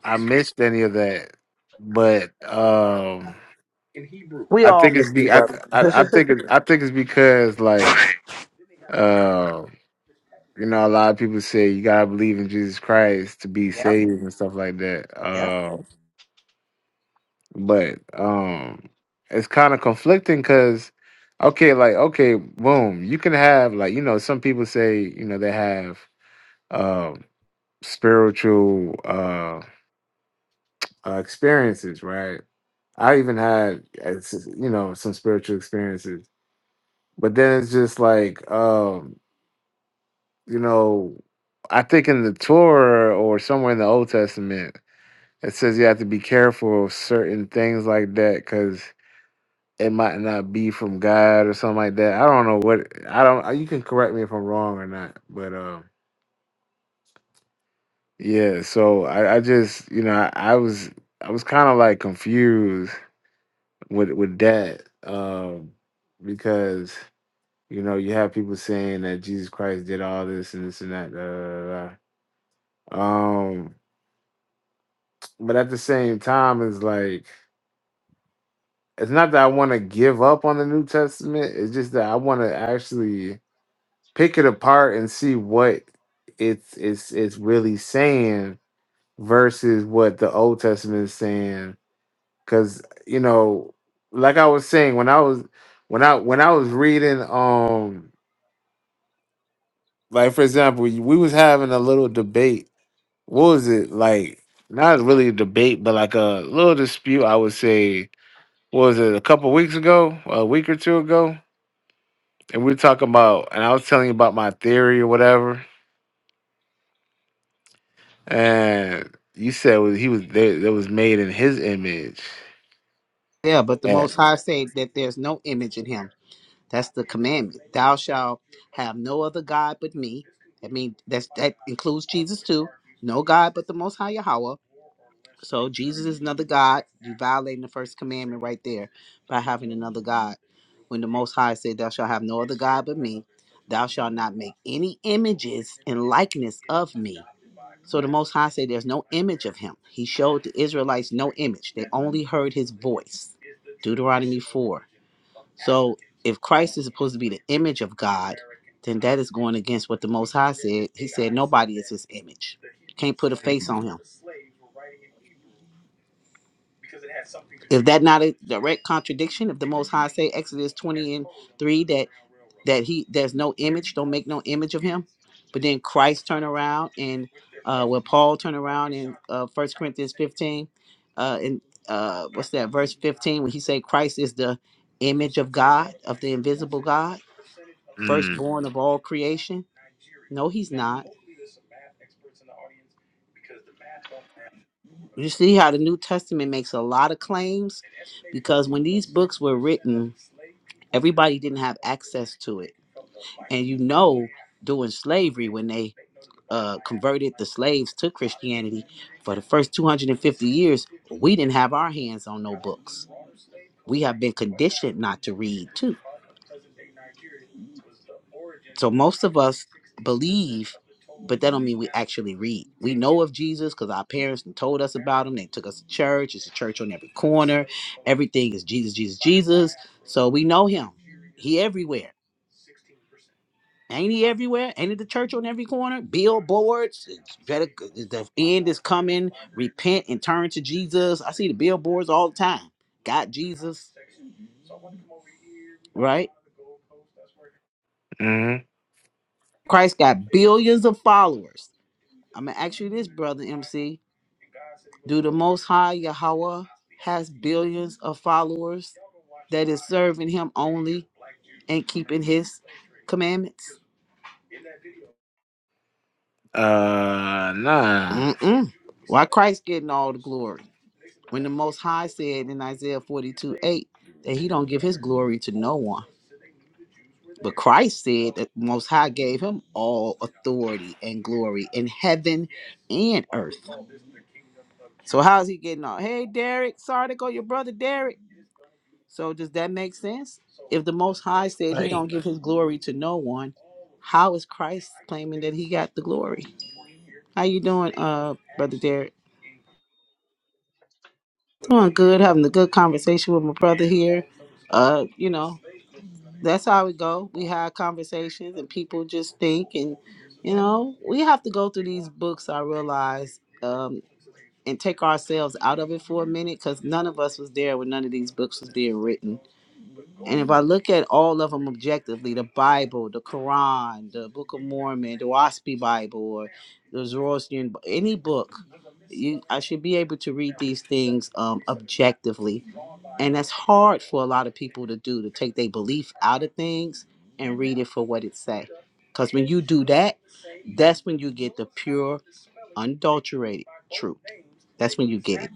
I: I missed any of that. But um,
E: We
I: I
E: all
I: think it's
E: missed it.
I: be, I, th- I, I think it I think it's because like, uh, you know, a lot of people say you gotta believe in Jesus Christ to be saved and stuff like that. Uh, but um, it's kind of conflicting because, okay, like, okay, boom, you can have like, you know, some people say, you know, they have. um, spiritual uh, uh experiences, right? I even had uh, s- you know some spiritual experiences, but then it's just like um, you know, I think in the Torah or somewhere in the Old Testament it says you have to be careful of certain things like that because it might not be from God or something like that. I don't know what I don't. uh, You can correct me if I'm wrong or not, but um, yeah. So I, I just you know I, I was I was kind of like confused with with that um because you know you have people saying that Jesus Christ did all this and this and that da, da, da, da. um but at the same time it's like it's not that I want to give up on the New Testament it's just that I want to actually pick it apart and see what it's it's it's really saying versus what the Old Testament is saying cuz you know like I was saying when I was when I when I was reading um Like for example, we was having a little debate. What was it like? Not really a debate, but like a little dispute. I would say, what was it a couple weeks ago, a week or two ago, and we were talking about, and I was telling you about my theory or whatever, and you said was he was there that was made in his image.
E: Yeah, but the
I: Yeah.
E: Most High said that there's no image in him. That's the commandment. Thou shalt have no other God but me. I mean, that's, that includes Jesus too. No God but the Most High Yahweh. So Jesus is another God. You violating the first commandment right there by having another God. When the Most High said, "Thou shalt have no other God but me," thou shalt not make any images and likeness of me. So the Most High said, "There's no image of Him." He showed the Israelites no image; they only heard His voice. Deuteronomy four. So if Christ is supposed to be the image of God, then that is going against what the Most High said. He said, "Nobody is His image." You can't put a face on Him. Is that not a direct contradiction? If the Most High say Exodus twenty and three that that he there's no image, don't make no image of him, but then Christ turn around and uh, well Paul turn around in uh, First Corinthians fifteen, uh, in uh, what's that verse fifteen when he say Christ is the image of God of the invisible God,
I: Mm,
E: firstborn of all creation. No, he's not. You see how the New Testament makes a lot of claims because when these books were written, everybody didn't have access to it. And you know, during slavery, when they uh, converted the slaves to Christianity for the first 250 years, we didn't have our hands on no books. We have been conditioned not to read, too. So most of us believe, but that don't mean we actually read. We know of Jesus because our parents done told us about him. They took us to church. It's a church on every corner. Everything is Jesus, Jesus, Jesus. So we know him. He everywhere. Ain't he everywhere? Ain't it the church on every corner? Billboards. It's better. The end is coming. Repent and turn to Jesus. I see the billboards all the time. Got Jesus, right?
I: mm,
E: Christ got billions of followers. I'm gonna ask you this, brother MC. Do the Most High Yahweh has billions of followers that is serving Him only and keeping His commandments?
I: uh, nah.
E: Mm-mm. Why Christ getting all the glory when the Most High said in Isaiah 42 8 that He don't give His glory to no one? But Christ said that the Most High gave Him all authority and glory in heaven and earth. So how is He getting all? Hey, Derek, sorry to go, your brother Derek. So does that make sense? If the Most High said He don't
J: Hey,
E: give His glory to no one, how is Christ claiming that He got the glory? How you doing, uh, brother Derek? Doing good, having a good conversation with my brother here. Uh, you know, that's how we go. We have conversations, and people just think, and you know, we have to go through these books. I realize, um, and take ourselves out of it for a minute, because none of us was there when none of these books was being written And if I look at all of them objectively, the Bible, the Quran, the Book of Mormon, the WASPI Bible, or the Zoroastrian, any book, you, I should be able to read these things um, objectively. And that's hard for a lot of people to do, to take their belief out of things and read it for what it say. Because when you do that, that's when you get the pure, unadulterated truth. That's when you get it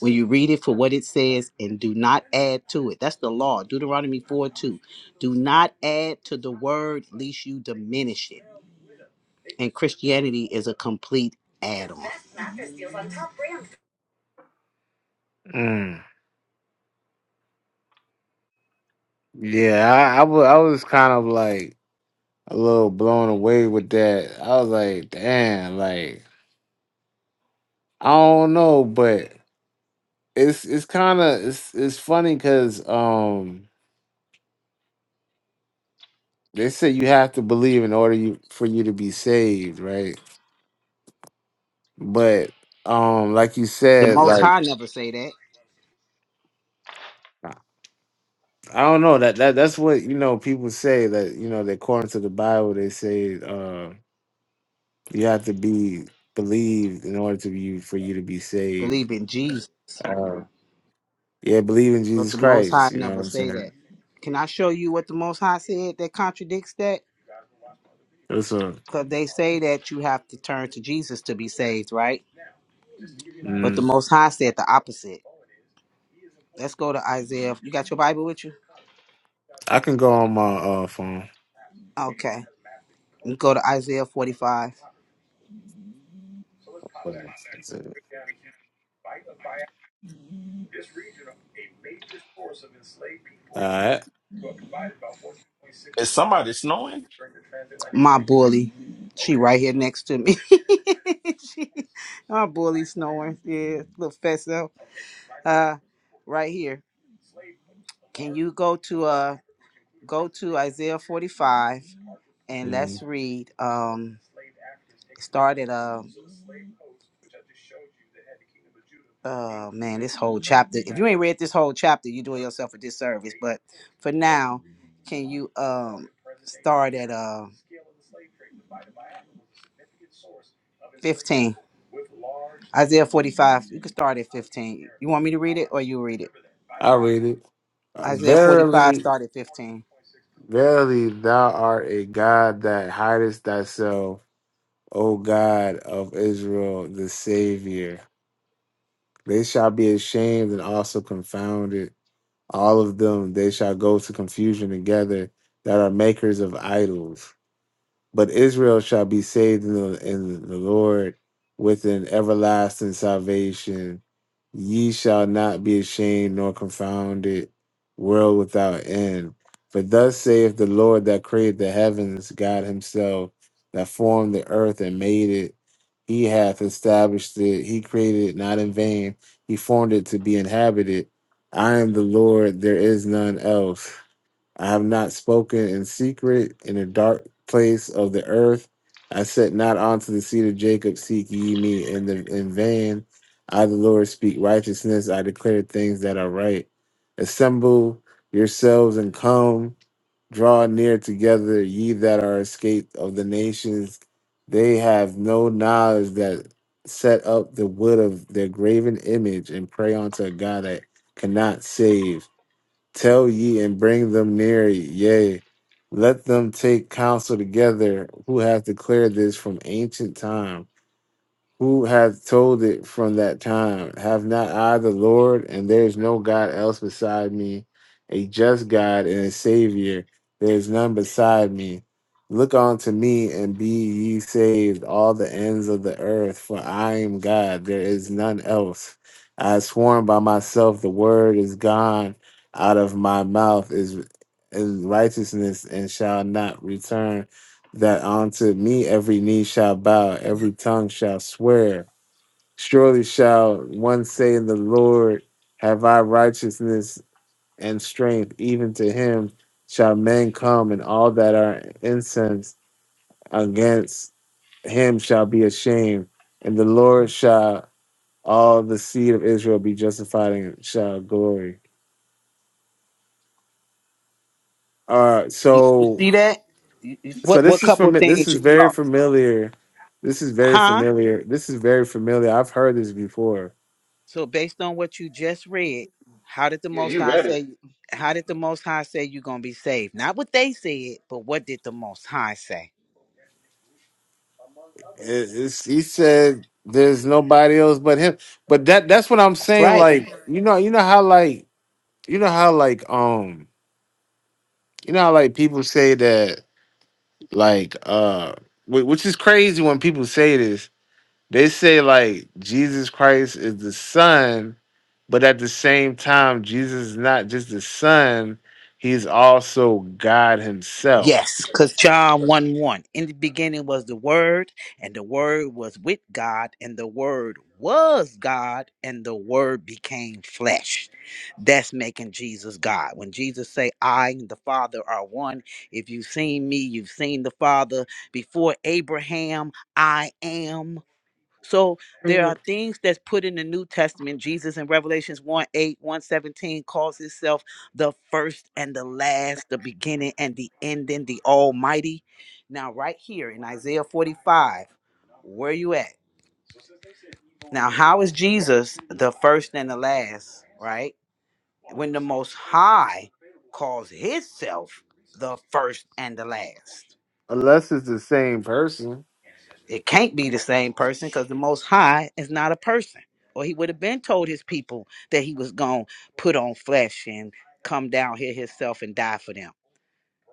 E: when you read it for what it says and do not add to it. That's the law, Deuteronomy 4 2. Do not add to the word, lest you diminish it. And Christianity is a complete add on.
I: Mm. Yeah, I, I, wa- I was kind of like. a little blown away with that. I was like, damn, like I don't know, but it's it's kind of it's it's funny because um they say you have to believe in order you for you to be saved, right? But um like you
E: The
I: said,
E: Most
I: like
E: High never say that.
I: I don't know that that that's what you know people say that you know that according to the Bible they say uh you have to be believed in order to be for you to be saved.
E: Believe in Jesus,
I: Uh, yeah, believe in
E: but
I: Jesus
E: the Most
I: Christ.
E: High
I: You know what
E: never
I: I'm
E: say
I: saying?
E: that. Can I show you what the Most High said that contradicts that?
I: What's up?
E: Because they say that you have to turn to Jesus to be saved, right? But the
I: Mm,
E: Most High said the opposite. Let's go to Isaiah. You got your Bible with you?
I: I can go on my uh, phone.
E: Okay. Go to Isaiah 45.
I: All right.
J: is somebody snowing?
E: My bully. She right here next to me. *laughs* she, my bully snoring. Yeah, little fesso. Uh, right here. Can you go to uh go to Isaiah 45 and
I: Mm,
E: let's read um start at uh oh man this whole chapter. If you ain't read this whole chapter, you're doing yourself a disservice. But for now, can you um start at uh 15? Isaiah 45. You can start at 15. You want me to read it or you read it?
I: I read it. Uh,
E: Isaiah 45,
I: verily,
E: start at 15.
I: verily, thou art a God that hidest thyself, O God of Israel, the Savior. They shall be ashamed and also confounded. All of them, they shall go to confusion together that are makers of idols. But Israel shall be saved in the, in the Lord with an everlasting salvation. Ye shall not be ashamed nor confounded, world without end. For thus saith the Lord that created the heavens, God Himself, that formed the earth and made it. He hath established it. He created it not in vain. He formed it to be inhabited. I am the Lord, there is none else. I have not spoken in secret in a dark place of the earth. I said not unto the seed of Jacob, seek ye me in the in vain. I the Lord speak righteousness, I declare things that are right. Assemble yourselves and come, draw near together, ye that are escaped of the nations. They have no knowledge that set up the wood of their graven image and pray unto a God that cannot save Tell ye and bring them near, yea. Let them take counsel together who have declared this from ancient time who hath told it from that time? Have not I the Lord, and there is no God else beside me, a just God and a Savior. There is none beside me. Look unto me and be ye saved, all the ends of the earth, for I am God, there is none else. I have sworn by myself, the word is gone out of my mouth, is, is righteousness, and shall not return that unto me every knee shall bow, every tongue shall swear. Surely shall one say in the Lord, Have I righteousness and strength? Even to him shall men come, and all that are incensed against him shall be ashamed. And the Lord shall all the seed of Israel be justified and shall glory. All right,
E: You, you
I: so
E: see that? You- you-
I: So
E: What
I: this
E: what
I: is
E: couple
I: from this
E: things
I: is
E: you
I: very
E: saw?
I: familiar. This is very
E: Huh?
I: familiar. This is very familiar. I've heard this before.
E: So based on what you just read, how did the most high say how did the most high say you're gonna be saved? Not what they said, but what did the most high say?
I: It- it's- he said there's nobody else but him. But that that's what I'm
E: That's
I: saying.
E: right.
I: Like you know you know how like you know how like um you know how like people say that like uh wh- which is crazy when people say this. They say like Jesus Christ is the son But at the same time, Jesus is not just the Son, he's also God Himself.
E: Yes, because John 1 1. In the beginning was the Word, and the Word was with God, and the Word was God, and the Word became flesh. That's making Jesus God. When Jesus say, I and the Father are one, if you've seen me, you've seen the Father. Before Abraham, I am. So there are
I: Mhm.
E: things that's put in the New Testament. Jesus in Revelations one eight one seventeen calls himself the first and the last, the beginning and the ending, the Almighty. Now, right here in Isaiah 45, where you at? Now, how is Jesus the first and the last, right? When the Most High calls himself the first and the last.
I: Unless it's the same person.
E: It can't be the same person because the Most High is not a person. Or he would have been told his people that he was going to put on flesh and come down here himself and die for them.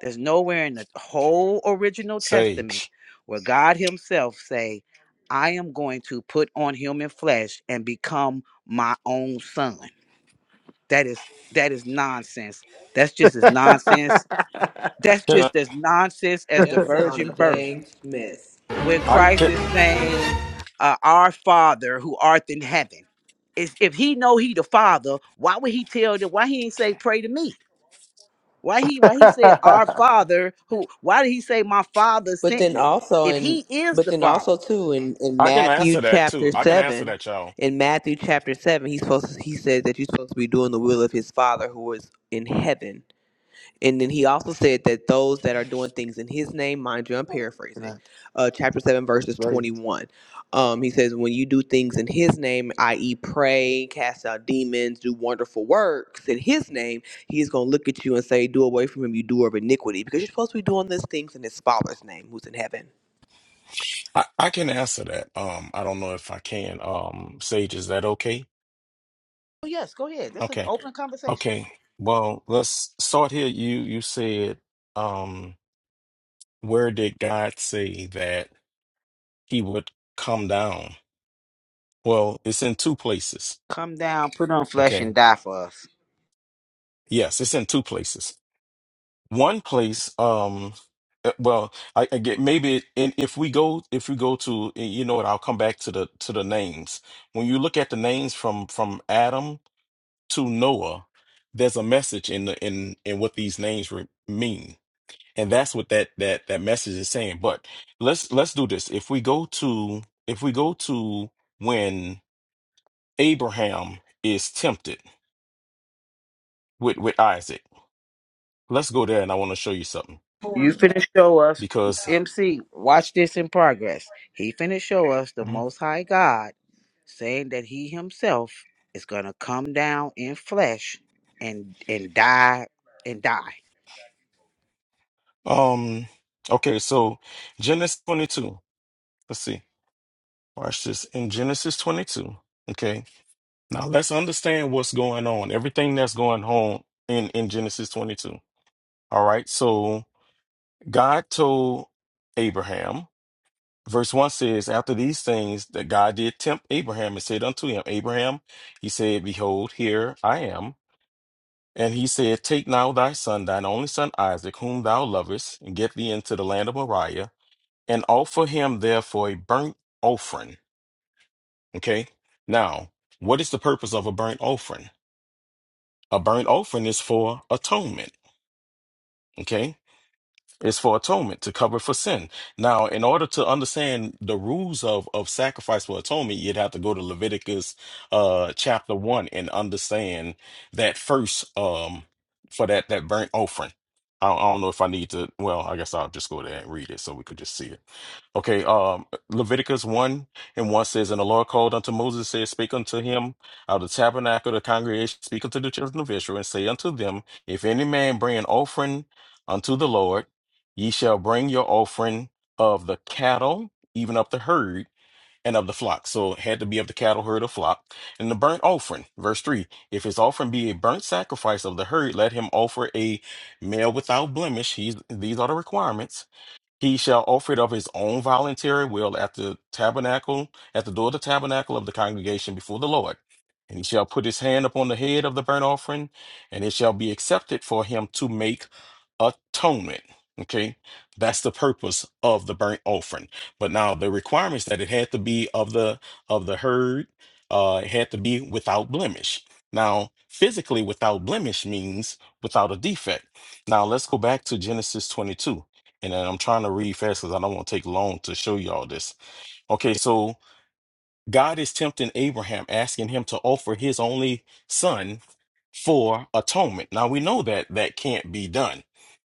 E: There's nowhere in the whole original testament
J: Sage.
E: where God himself say, I am going to put on human flesh and become my own son. That is that is nonsense. That's just as
I: *laughs*
E: nonsense. That's
J: Can I,
E: just as nonsense as the
F: That sound a
E: virgin birth
F: dang mess.
E: when
J: I
E: Christ
J: can
E: is saying, uh, "Our Father who art in heaven," is if He know He the Father, why would He tell them? Why He ain't say, "Pray to me"? Why He Why He said, "Our Father who"? Why did He say, "My Father
F: But
E: sent
F: then
E: me"?
F: also
E: If
F: in,
E: He is
F: but
E: the
F: then
E: Father,
F: also too in in
J: I can
F: Matthew
J: answer that too.
F: chapter
J: I can answer
F: seven.
J: that, y'all.
F: In Matthew chapter seven, he's supposed to, he said that you're supposed to be doing the will of his Father who is in heaven. And then he also said that those that are doing things in his name, mind you, I'm paraphrasing, uh, chapter 7, verses 21. Um, he says, When you do things in his name, i.e., pray, cast out demons, do wonderful works in his name, he's going to look at you and say, Do away from him, you doer of iniquity, because you're supposed to be doing these things in his Father's name who's in heaven.
J: I, I can answer that. Um, I don't know if I can. Um, Sage, is that okay?
E: oh yes, go ahead. This is
J: Okay.
E: open conversation.
J: Okay. Well, let's start here. You you said, um, where did God say that he would come down? Well, it's in two places.
E: Come down, put on flesh, and
J: Okay.
E: die for us.
J: Yes, it's in two places. One place, um, uh, well, I, I get maybe, and if we go, if we go to, and you know what, I'll come back to the to the names. When you look at the names from from Adam to Noah, there's a message in the in in what these names re- mean, and that's what that that that message is saying. But let's let's do this. If we go to if we go to when Abraham is tempted with with Isaac, let's go there, and I want to show you something
E: You finna show us,
J: because.
E: MC, watch this in progress. He finna show us the Most High God saying that he himself is gonna come down in flesh and and die and die.
J: Um, okay, so Genesis 22. Let's see. Watch this. In Genesis 22, okay. Now let's understand what's going on. Everything that's going on in in Genesis 22. All right. So God told Abraham, verse 1 says, after these things that God did tempt Abraham and said unto him, Abraham, he said, behold, here I am. And he said, Take now thy son, thine only son Isaac, whom thou lovest, and get thee into the land of Moriah and offer him therefore a burnt offering. Okay. Now, what is the purpose of a burnt offering? A burnt offering is for atonement. Okay. It's for atonement to cover for sin. Now, in order to understand the rules of, of sacrifice for atonement, you'd have to go to Leviticus uh chapter one and understand that first um for that that burnt offering. I I don't know if I need to. Well, I guess I'll just go there and read it so we could just see it. Okay, um, Leviticus 1 and 1 says, And the Lord called unto Moses, said, Speak unto him out of the tabernacle of the congregation, speak unto the children of Israel, and say unto them, If any man bring an offering unto the Lord, ye shall bring your offering of the cattle, even of the herd, and of the flock. So it had to be of the cattle, herd, or flock. And the burnt offering, verse 3 If his offering be a burnt sacrifice of the herd, let him offer a male without blemish. He's, these are the requirements he shall offer it of his own voluntary will at the tabernacle, at the door of the tabernacle of the congregation before the Lord. And he shall put his hand upon the head of the burnt offering, and it shall be accepted for him to make atonement. Okay, that's the purpose of the burnt offering. But now the requirements that it had to be of the of the herd, uh, it had to be without blemish. Now, physically without blemish means without a defect. Now let's go back to Genesis 22. And then I'm trying to read fast because I don't want to take long to show you all this. Okay, so God is tempting Abraham, asking him to offer his only son for atonement. Now we know that that can't be done.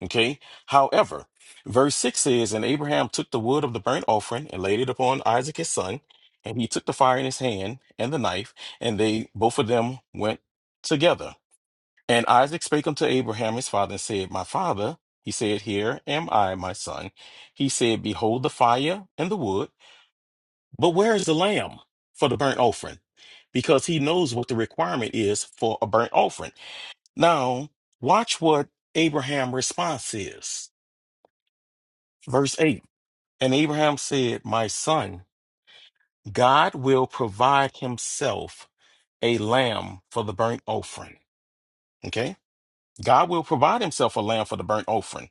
J: Okay. However, verse 6 says, And Abraham took the wood of the burnt offering and laid it upon Isaac his son, and he took the fire in his hand and the knife, and they both of them went together. And Isaac spake unto Abraham his father and said, My father, he said, Here am I, my son. He said, Behold the fire and the wood, but where is the lamb for the burnt offering? Because he knows what the requirement is for a burnt offering. Now, watch what Abraham's response is. Verse 8 And Abraham said, My son, God will provide himself a lamb for the burnt offering. Okay? God will provide himself a lamb for the burnt offering.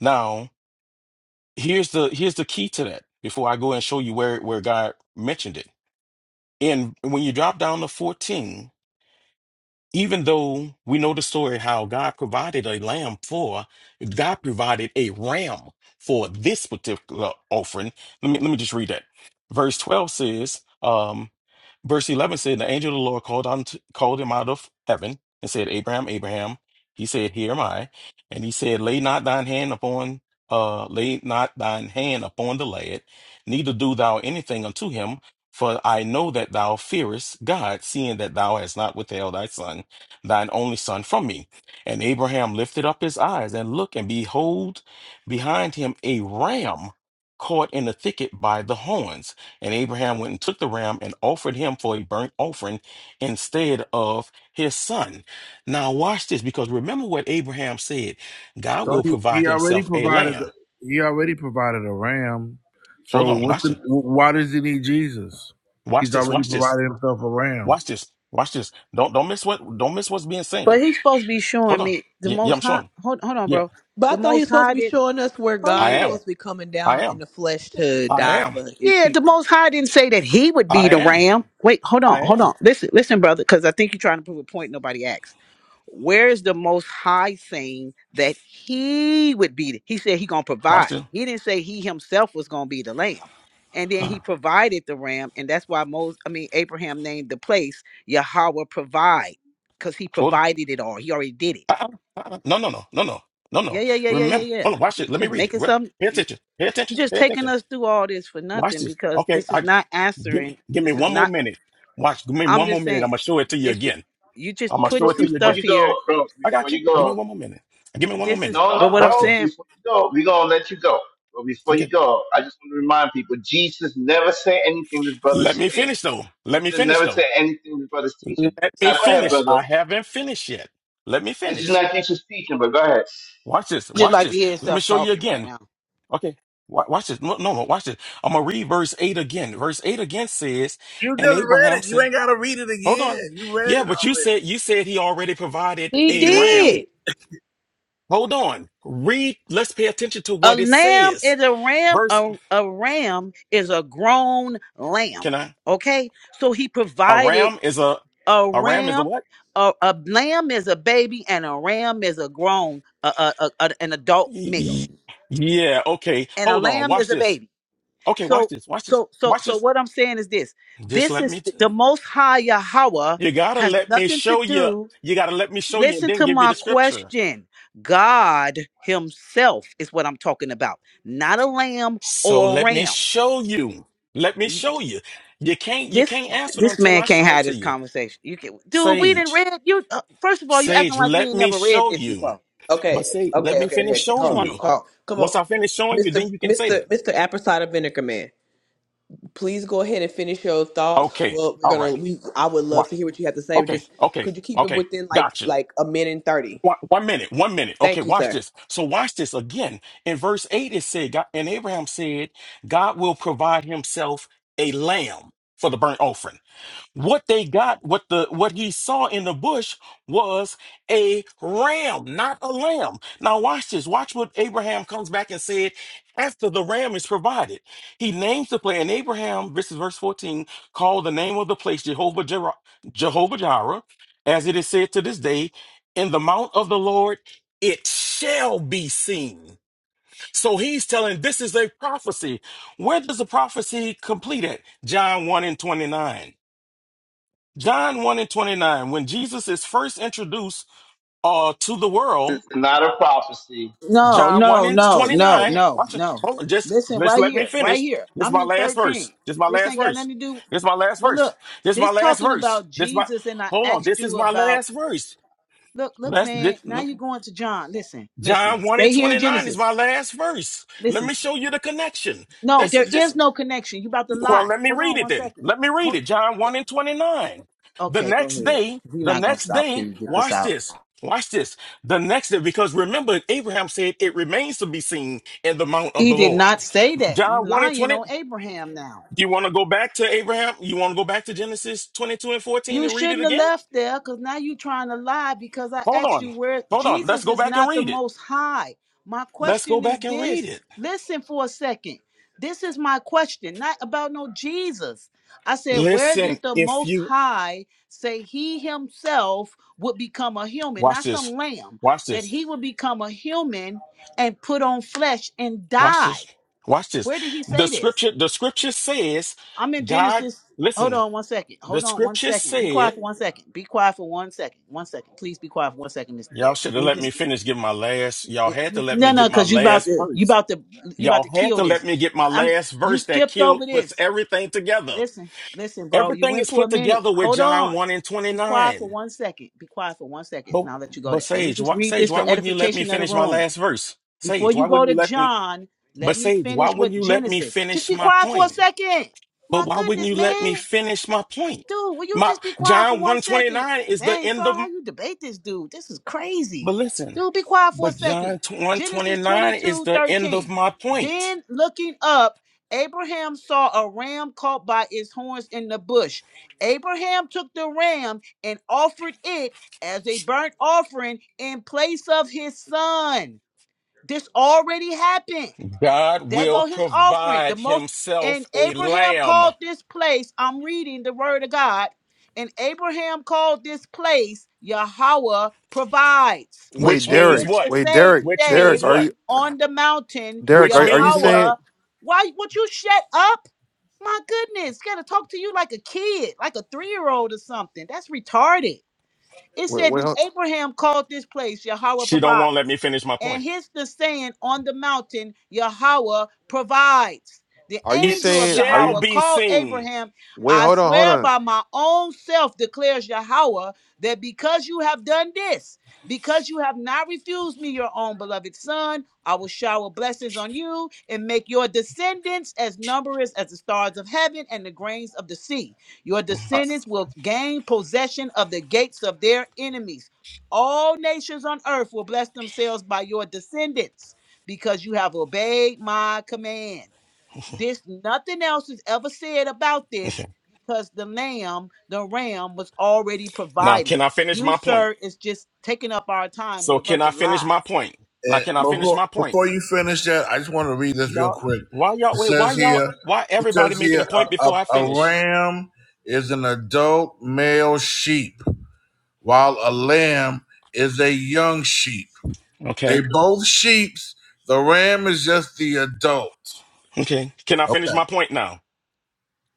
J: Now, here's the here's the key to that before I go and show you where where God mentioned it. And when you drop down to 14, even though we know the story how God provided a lamb for, God provided a ram for this particular offering. Let me let me just read that. Verse 12 says, um, Verse 11 said, The angel of the Lord called, on called him out of heaven and said, Abraham, Abraham. He said, Here am I. And he said, Lay not thine hand upon, uh, lay not thine hand upon the lad, neither do thou anything unto him. For I know that thou fearest God, seeing that thou hast not withheld thy son, thine only son, from me. And Abraham lifted up his eyes and looked, and behold, behind him a ram caught in the thicket by the horns. And Abraham went and took the ram and offered him for a burnt offering instead of his son. Now, watch this because remember what Abraham said God
B: So
J: will
B: he,
J: provide
B: he already
J: himself a
B: provided
J: lamb.
B: the, he already provided a ram. So
J: Hold on,
B: what's
J: watch
B: the
J: this.
B: why does he need Jesus?
J: Watch
B: He's
J: this.
B: already
J: Watch this.
B: provided himself a ram.
J: Watch this. Watch this. Don't don't miss what don't miss what's being said.
E: But he's supposed to be
J: Hold
E: showing
J: on.
E: me the
J: Yeah, yeah,
E: Most
J: I'm
E: High.
J: showing.
E: Hold, hold on,
J: Yeah,
E: bro. The
F: But I thought he
E: Most
F: was supposed to
E: High
F: be
E: did.
F: showing us where
E: Oh
J: I
F: God is
J: am.
E: yeah.
F: supposed to be coming
J: I
F: down in
J: am.
F: the flesh to
J: I
F: die
J: am.
F: for his
E: Yeah, the
F: people.
E: Most High didn't say that he would be
J: I
E: the
J: am.
E: ram. Wait, hold on,
J: I
E: hold
J: am.
E: on. Listen, listen, brother, because I think you're trying to prove a point nobody asked. Where is the Most High saying that he would be? the- He said he gonna
J: Watch
E: provide.
J: this.
E: He didn't say he himself was gonna be the lamb. And then
J: Huh.
E: he provided the ram, and that's why Moses, I mean Abraham, named the place Yahweh provide, because he
J: Hold.
E: provided it all. He already did it.
J: Uh-uh. Uh-uh. No, no, no, no, no, no, no.
E: Yeah, yeah, yeah, yeah, yeah,
J: Remember.
E: yeah.
J: Hold on. Watch it.
E: You
J: Let me
E: Just
J: read it.
E: making
J: Re-
E: something.
J: Pay attention. Pay
E: You're
J: attention.
E: just
J: Pay
E: taking
J: attention.
E: us through all this for
J: Watch
E: nothing
J: this.
E: because
J: Okay,
E: this is
J: I
E: not
J: give
E: answering.
J: me give me
E: This is
J: one more
E: not.
J: minute. Watch, give me
E: I'm
J: one more
E: just
J: minute. I'm
E: saying
J: gonna show it to you
E: this. ju-
J: again.
E: You just
A: Hold
J: I'm gonna
A: on,
E: putting
J: show
A: bro.
J: it to
E: some
J: you
A: Before
J: again.
E: stuff
A: you go,
E: here.
A: bro.
J: I
A: Before
J: got you.
A: you
J: Give me
A: go.
J: one more minute. Give me one more
E: This
J: minute.
E: is.
A: No,
E: But
A: no,
E: what I'm
J: Watch
A: bro.
J: this.
E: saying,
A: Before you go, we gonna let you go. But before you
J: Okay.
A: go, I just want to remind people: Jesus never said anything this
J: Let
A: brother's
J: me
A: saying.
J: finish though.
A: He
J: Let me
A: Jesus
J: finish
A: never
J: though.
A: said anything this brother's teaching.
J: Let me
A: Now, go ahead,
J: finish.
A: brother.
J: I haven't finished yet. Let me
A: This is
J: finish.
A: not Jesus teaching, but go ahead.
J: Watch this.
E: just
J: Watch
E: like to
J: this.
E: hear
J: Let me
E: yourself
J: show you
E: talking right
J: again.
E: now.
J: Okay. Wa- Watch this. No, no, no. Watch this. I'm gonna read verse eight again. Verse eight again says,
B: You
J: "And
B: just read
J: Abraham
B: it. You
J: said,
B: ain't gotta read it
J: Hold on.
B: again. You read
J: Yeah,
B: it
J: but you
B: already.
J: said you said he already provided
E: He
B: He
J: a
B: did.
J: ram.
E: did.
J: Hold on. Read. Let's pay attention to
E: A
J: what it
E: lamb
J: says.
E: is a ram.
J: Verse.
E: A, a ram is a grown lamb.
J: Can I?
E: Okay. So he
J: A
E: provided.
J: ram is a.
E: a
J: A ram is a
E: ram
J: what?
E: a, a lamb is a baby and a ram is a grown a, a, a, a- an adult
J: Y-
E: male
J: y- Yeah. Okay.
E: and a
J: Hold on.
E: lamb
J: Watch
E: is a
J: this.
E: baby
J: Okay. Watch
E: so
J: this. Watch this.
E: so so
J: Watch
E: so
J: this.
E: what i'm saying is this
J: Just
E: this
J: let
E: is
J: me.
E: the most high yahweh
J: You gotta
E: has
J: let me
E: nothing to
J: show you.
E: do
J: You gotta let me show you, and
E: listen
J: then
E: to
J: give you
E: my
J: the scripture.
E: question god himself is what i'm talking about not a lamb
J: So
E: or a
J: let me
E: ram
J: show you. Let me show you. You can't. You
E: this
J: can't answer it
E: this
J: until
E: man
J: I
E: can't
J: show it
E: have
J: to
E: this
J: you.
E: conversation. You can, dude. We didn't
J: Sage.
E: read you. Uh, first of all, you acting
J: Sage.
E: like we
J: Let
E: ain't
J: me
E: never read
J: show
E: this
J: you.
E: before.
J: But
F: Okay,
J: say, let
F: okay,
J: me
F: okay,
J: finish
F: okay, okay.
E: just
F: Hold
J: showing
F: on,
E: want
J: you.
F: hold
E: to
F: on, hold
E: talk.
F: on. Come
J: Once
F: on,
J: I finish showing you, then
F: Mister,
J: you can say
F: Mister,
J: that.
F: Mister Apple Cider Vinegar Man. Please go ahead and finish your thoughts.
J: Okay.
F: Well, we're
J: All
F: gonna.
J: right.
F: We, I would
J: Why?
F: love to hear what you have to say.
J: Okay.
F: Just
J: Okay.
F: could you keep it
J: Okay.
F: within like
J: Gotcha.
F: like a minute and thirty?
J: One, one minute. One minute. Okay.
F: Thank you,
J: Watch
F: sir.
J: this. So watch this again. In verse eight, it said, God, and Abraham said, God will provide Himself a lamb for the burnt offering. what they got what the what he saw in the bush was a ram not a lamb now watch this watch what abraham comes back and said after the ram is provided he names the place and abraham this is verse 14 called the name of the place jehovah jireh, jehovah jireh as it is said to this day in the mount of the lord it shall be seen so he's telling this is a prophecy where does the prophecy complete at john 1 and 29 John 1 and 29, when Jesus is first introduced uh, to the world,
A: It's not a prophecy.
E: No,
J: John 1
E: no,
J: and
E: no, no,
J: 29,
E: no,
J: watch it.
E: no.
J: Hold on, just,
E: Listen,
J: just
E: right
J: let me
E: here, right
J: finish.
E: here.
J: This is
E: I'm
J: my
E: in
J: last verse.
E: 13.
J: This is my
E: This
J: last
E: ain't got
J: verse.
E: nothing to do.
J: This is my last
E: But
J: verse.
E: look,
J: This is my
E: this
J: last
E: talking
J: verse.
E: about
J: This is my,
E: Jesus, and I
J: hold on,
E: asked
J: this is
E: you
J: my
E: about.
J: last verse.
E: Look, look,
J: Let's, this,
E: man. Now you're going to John. Listen, listen.
J: John 1 and
E: Stay here in
J: 29 is
E: Genesis.
J: my last verse. Let
E: Listen.
J: me show you the connection.
E: No,
J: That's
E: there
J: it. This,
E: is no connection. You about to
J: Well,
E: lie.
J: let me
E: Hold
J: read
E: on
J: it
E: one
J: then.
E: second.
J: Let me read
E: Hold,
J: it. John 1 and 29. The
E: okay, go
J: next
E: ahead.
J: day,
E: We're
J: the
E: not gonna
J: next
E: stop till
J: day,
E: you get this
J: watch
E: out.
J: this. Watch this. The next day, because remember, Abraham said it remains to be seen in the mount of
E: He
J: the
E: did
J: Lord.
E: not say that. You
J: John 1 and
E: lying
J: 20.
E: on Abraham now.
J: You want to go back to Abraham? You want to go back to Genesis 22 and 14
E: You
J: and read it
E: shouldn't have
J: again?
E: left there because now you're trying to lie because I
J: Hold
E: asked
J: on.
E: you where
J: Hold on. Let's
E: Jesus
J: go
E: is
J: back and
E: not the
J: read it.
E: most high. My
J: Let's go
E: question is
J: back and read
E: this
J: it.
E: listen for a second. This is my question, not about no Jesus. I said, where
J: Listen,
E: did the
J: if
E: most
J: you
E: high say he himself would become a human,
J: watch
E: not
J: this,
E: some lamb,
J: watch
E: that
J: this.
E: he would become a human and put on flesh and
J: Watch this.
E: die?
J: Watch this.
E: Where did he
J: The
E: say this?
J: scripture, the scripture says,
E: I'm in
J: God,
E: Genesis. Hold
J: listen,
E: on one second.
J: the
E: Hold on one
J: scripture
E: second. Be
J: said,
E: quiet for one second. Be quiet for one second. One second. Please be quiet for one second, Mr.
J: y'all
E: Derrick.
J: should
E: Let
J: have
E: me
J: let me
E: just
J: finish get my last, y'all had to let me
E: No,
J: get
E: no,
J: my
E: because you about
J: last
E: to you
J: verse.
E: about to you about
J: Y'all
E: to
J: had
E: kill
J: to let
E: this.
J: me get my
E: I mean
J: last
E: you
J: verse that
E: skipped
J: killed,
E: over
J: puts
E: this.
J: everything together.
E: Listen, listen, bro. You
J: Everything
E: went
J: is
E: for a
J: put
E: minute.
J: together with
E: Hold
J: John
E: on.
J: 1 and
E: Be quiet for
J: 29.
E: one second. Be quiet for one second,
J: But,
E: and I'll let you go
J: but
E: there. Let me
J: Sage,
E: just
J: why,
E: read
J: Sage,
E: this
J: why
E: for
J: wouldn't you let me
E: edification of the
J: finish my
E: room.
J: last verse?
E: Before
J: Sage,
E: you
J: why
E: go
J: wouldn't
E: to
J: you let me,
E: John,
J: but
E: let me
J: Sage, why
E: finish
J: wouldn't
E: with
J: you let me
E: Genesis. Just
J: finish
E: be
J: my
E: quiet for a
J: point?
E: second.
J: But
E: My
J: why wouldn't
E: goodness,
J: you let me
E: man.
J: finish my point?
E: Dude, will you
J: My
E: just be quiet for
J: John
E: one second?
J: 129 is the
E: Dang,
J: end
E: sorry
J: of
E: how you debate this dude. This is
J: but
E: crazy.
J: listen,
E: Dude, be quiet for a
J: but
E: second.
J: John
E: Genesis
J: 129 is
E: 22
J: the end of
E: 13.
J: my point.
E: Then looking up, Abraham saw a ram caught by its horns in the bush. Abraham took the ram and offered it as a burnt offering in place of his son. This already happened.
J: God
E: There
J: will
E: go his offering. The
J: provide
E: most
J: himself
E: and
J: a
E: Abraham
J: lamb,
E: called this place. I'm reading the word of God. And Abraham called this place Yahweh provides.
J: which
I: Wait,
E: And
J: means
I: Derek.
E: hence
J: what?
E: the
I: Wait,
E: saying
I: Derek.
J: Which means
I: Derek,
E: today
I: are
J: what?
I: you
E: on the mountain,
I: Derek,
J: Which
I: are you, are you
J: means what?
E: Yahweh.
I: saying
E: Why would you shut up? My goodness, gotta talk to you like a kid, like a three-year-old or something. That's retarded. It
I: wait
E: said,
I: wait
E: then
I: hold,
E: Abraham called this place Yahweh
J: She don't want
E: provides.
J: to let me finish my
E: And
J: point.
E: here's the saying on the mountain Yahweh provides. The
I: are you
J: It
E: angel of
I: saying are
J: shall
I: you
E: Yahweh
J: be
E: called
J: seen.
E: Abraham,
I: wait,
E: I
I: hold on, hold
E: swear
I: on.
E: by my own self, declares Yahweh, that because you have done this, because you have not refused me your own beloved son, I will shower blessings on you and make your descendants as numerous as the stars of heaven and the grains of the sea. Your
J: *laughs*
I: Uh,
E: descendants will gain possession of the gates of their enemies. All nations on earth will bless themselves by your descendants because you have obeyed my command. This nothing else is ever said about
J: Okay.
E: this because the lamb, the ram was already
J: Now,
E: provided.
J: can I finish
E: You,
J: my point?
E: sir, is just taking up our time with
J: So,
E: a
J: can
E: bunch
J: I
E: of
J: finish my
E: lies.
J: point? Now,
B: And
J: can I finish
B: before
J: my point?
B: before you finish that, I just want to read this real
J: Y'all,
B: quick.
J: why y'all
B: It
J: wait? Why
B: says
J: y'all?
B: here,
J: Why
B: it
J: everybody
B: says
J: making a
B: here,
J: point
B: a,
J: before I
B: a, a
J: finish?
B: ram is an adult male sheep, while a lamb is a young sheep. They
J: Okay,
B: both sheeps. The ram is just the adult.
J: okay. Can I finish
B: Okay.
J: my point now?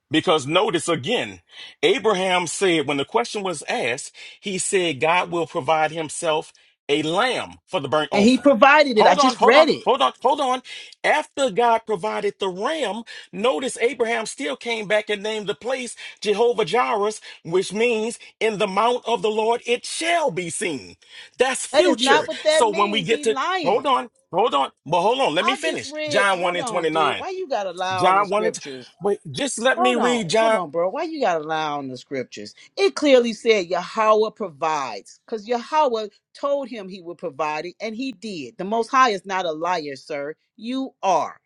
J: Because notice again, Abraham said, when the question was asked, he said, God will provide himself a lamb for the burnt
E: And he
J: offering.
E: provided it. I
J: Hold on,
E: just
J: hold on,
E: read it.
J: hold on, hold on. After God provided the ram, notice Abraham still came back and named the place Jehovah Jireh, which means in the mount of the Lord it shall be seen. That's
E: That is
J: future.
E: not what that
J: So when we
E: means.
J: get
E: He
J: to, hold
E: lying.
J: on, hold on, but hold on, let me
E: I just
J: finish.
E: read.
J: John 1
E: Hold
J: and
E: on,
J: 29.
E: dude. Why you gotta lie on the
J: John wanted to
E: scriptures?
J: wait, just let me
E: Hold on,
J: read
E: hold
J: John.
E: on, bro. Why you gotta lie on the scriptures? It clearly said Yahweh provides, because Yahweh told him he would provide it, and he did. The Most High is not a liar, sir. You are.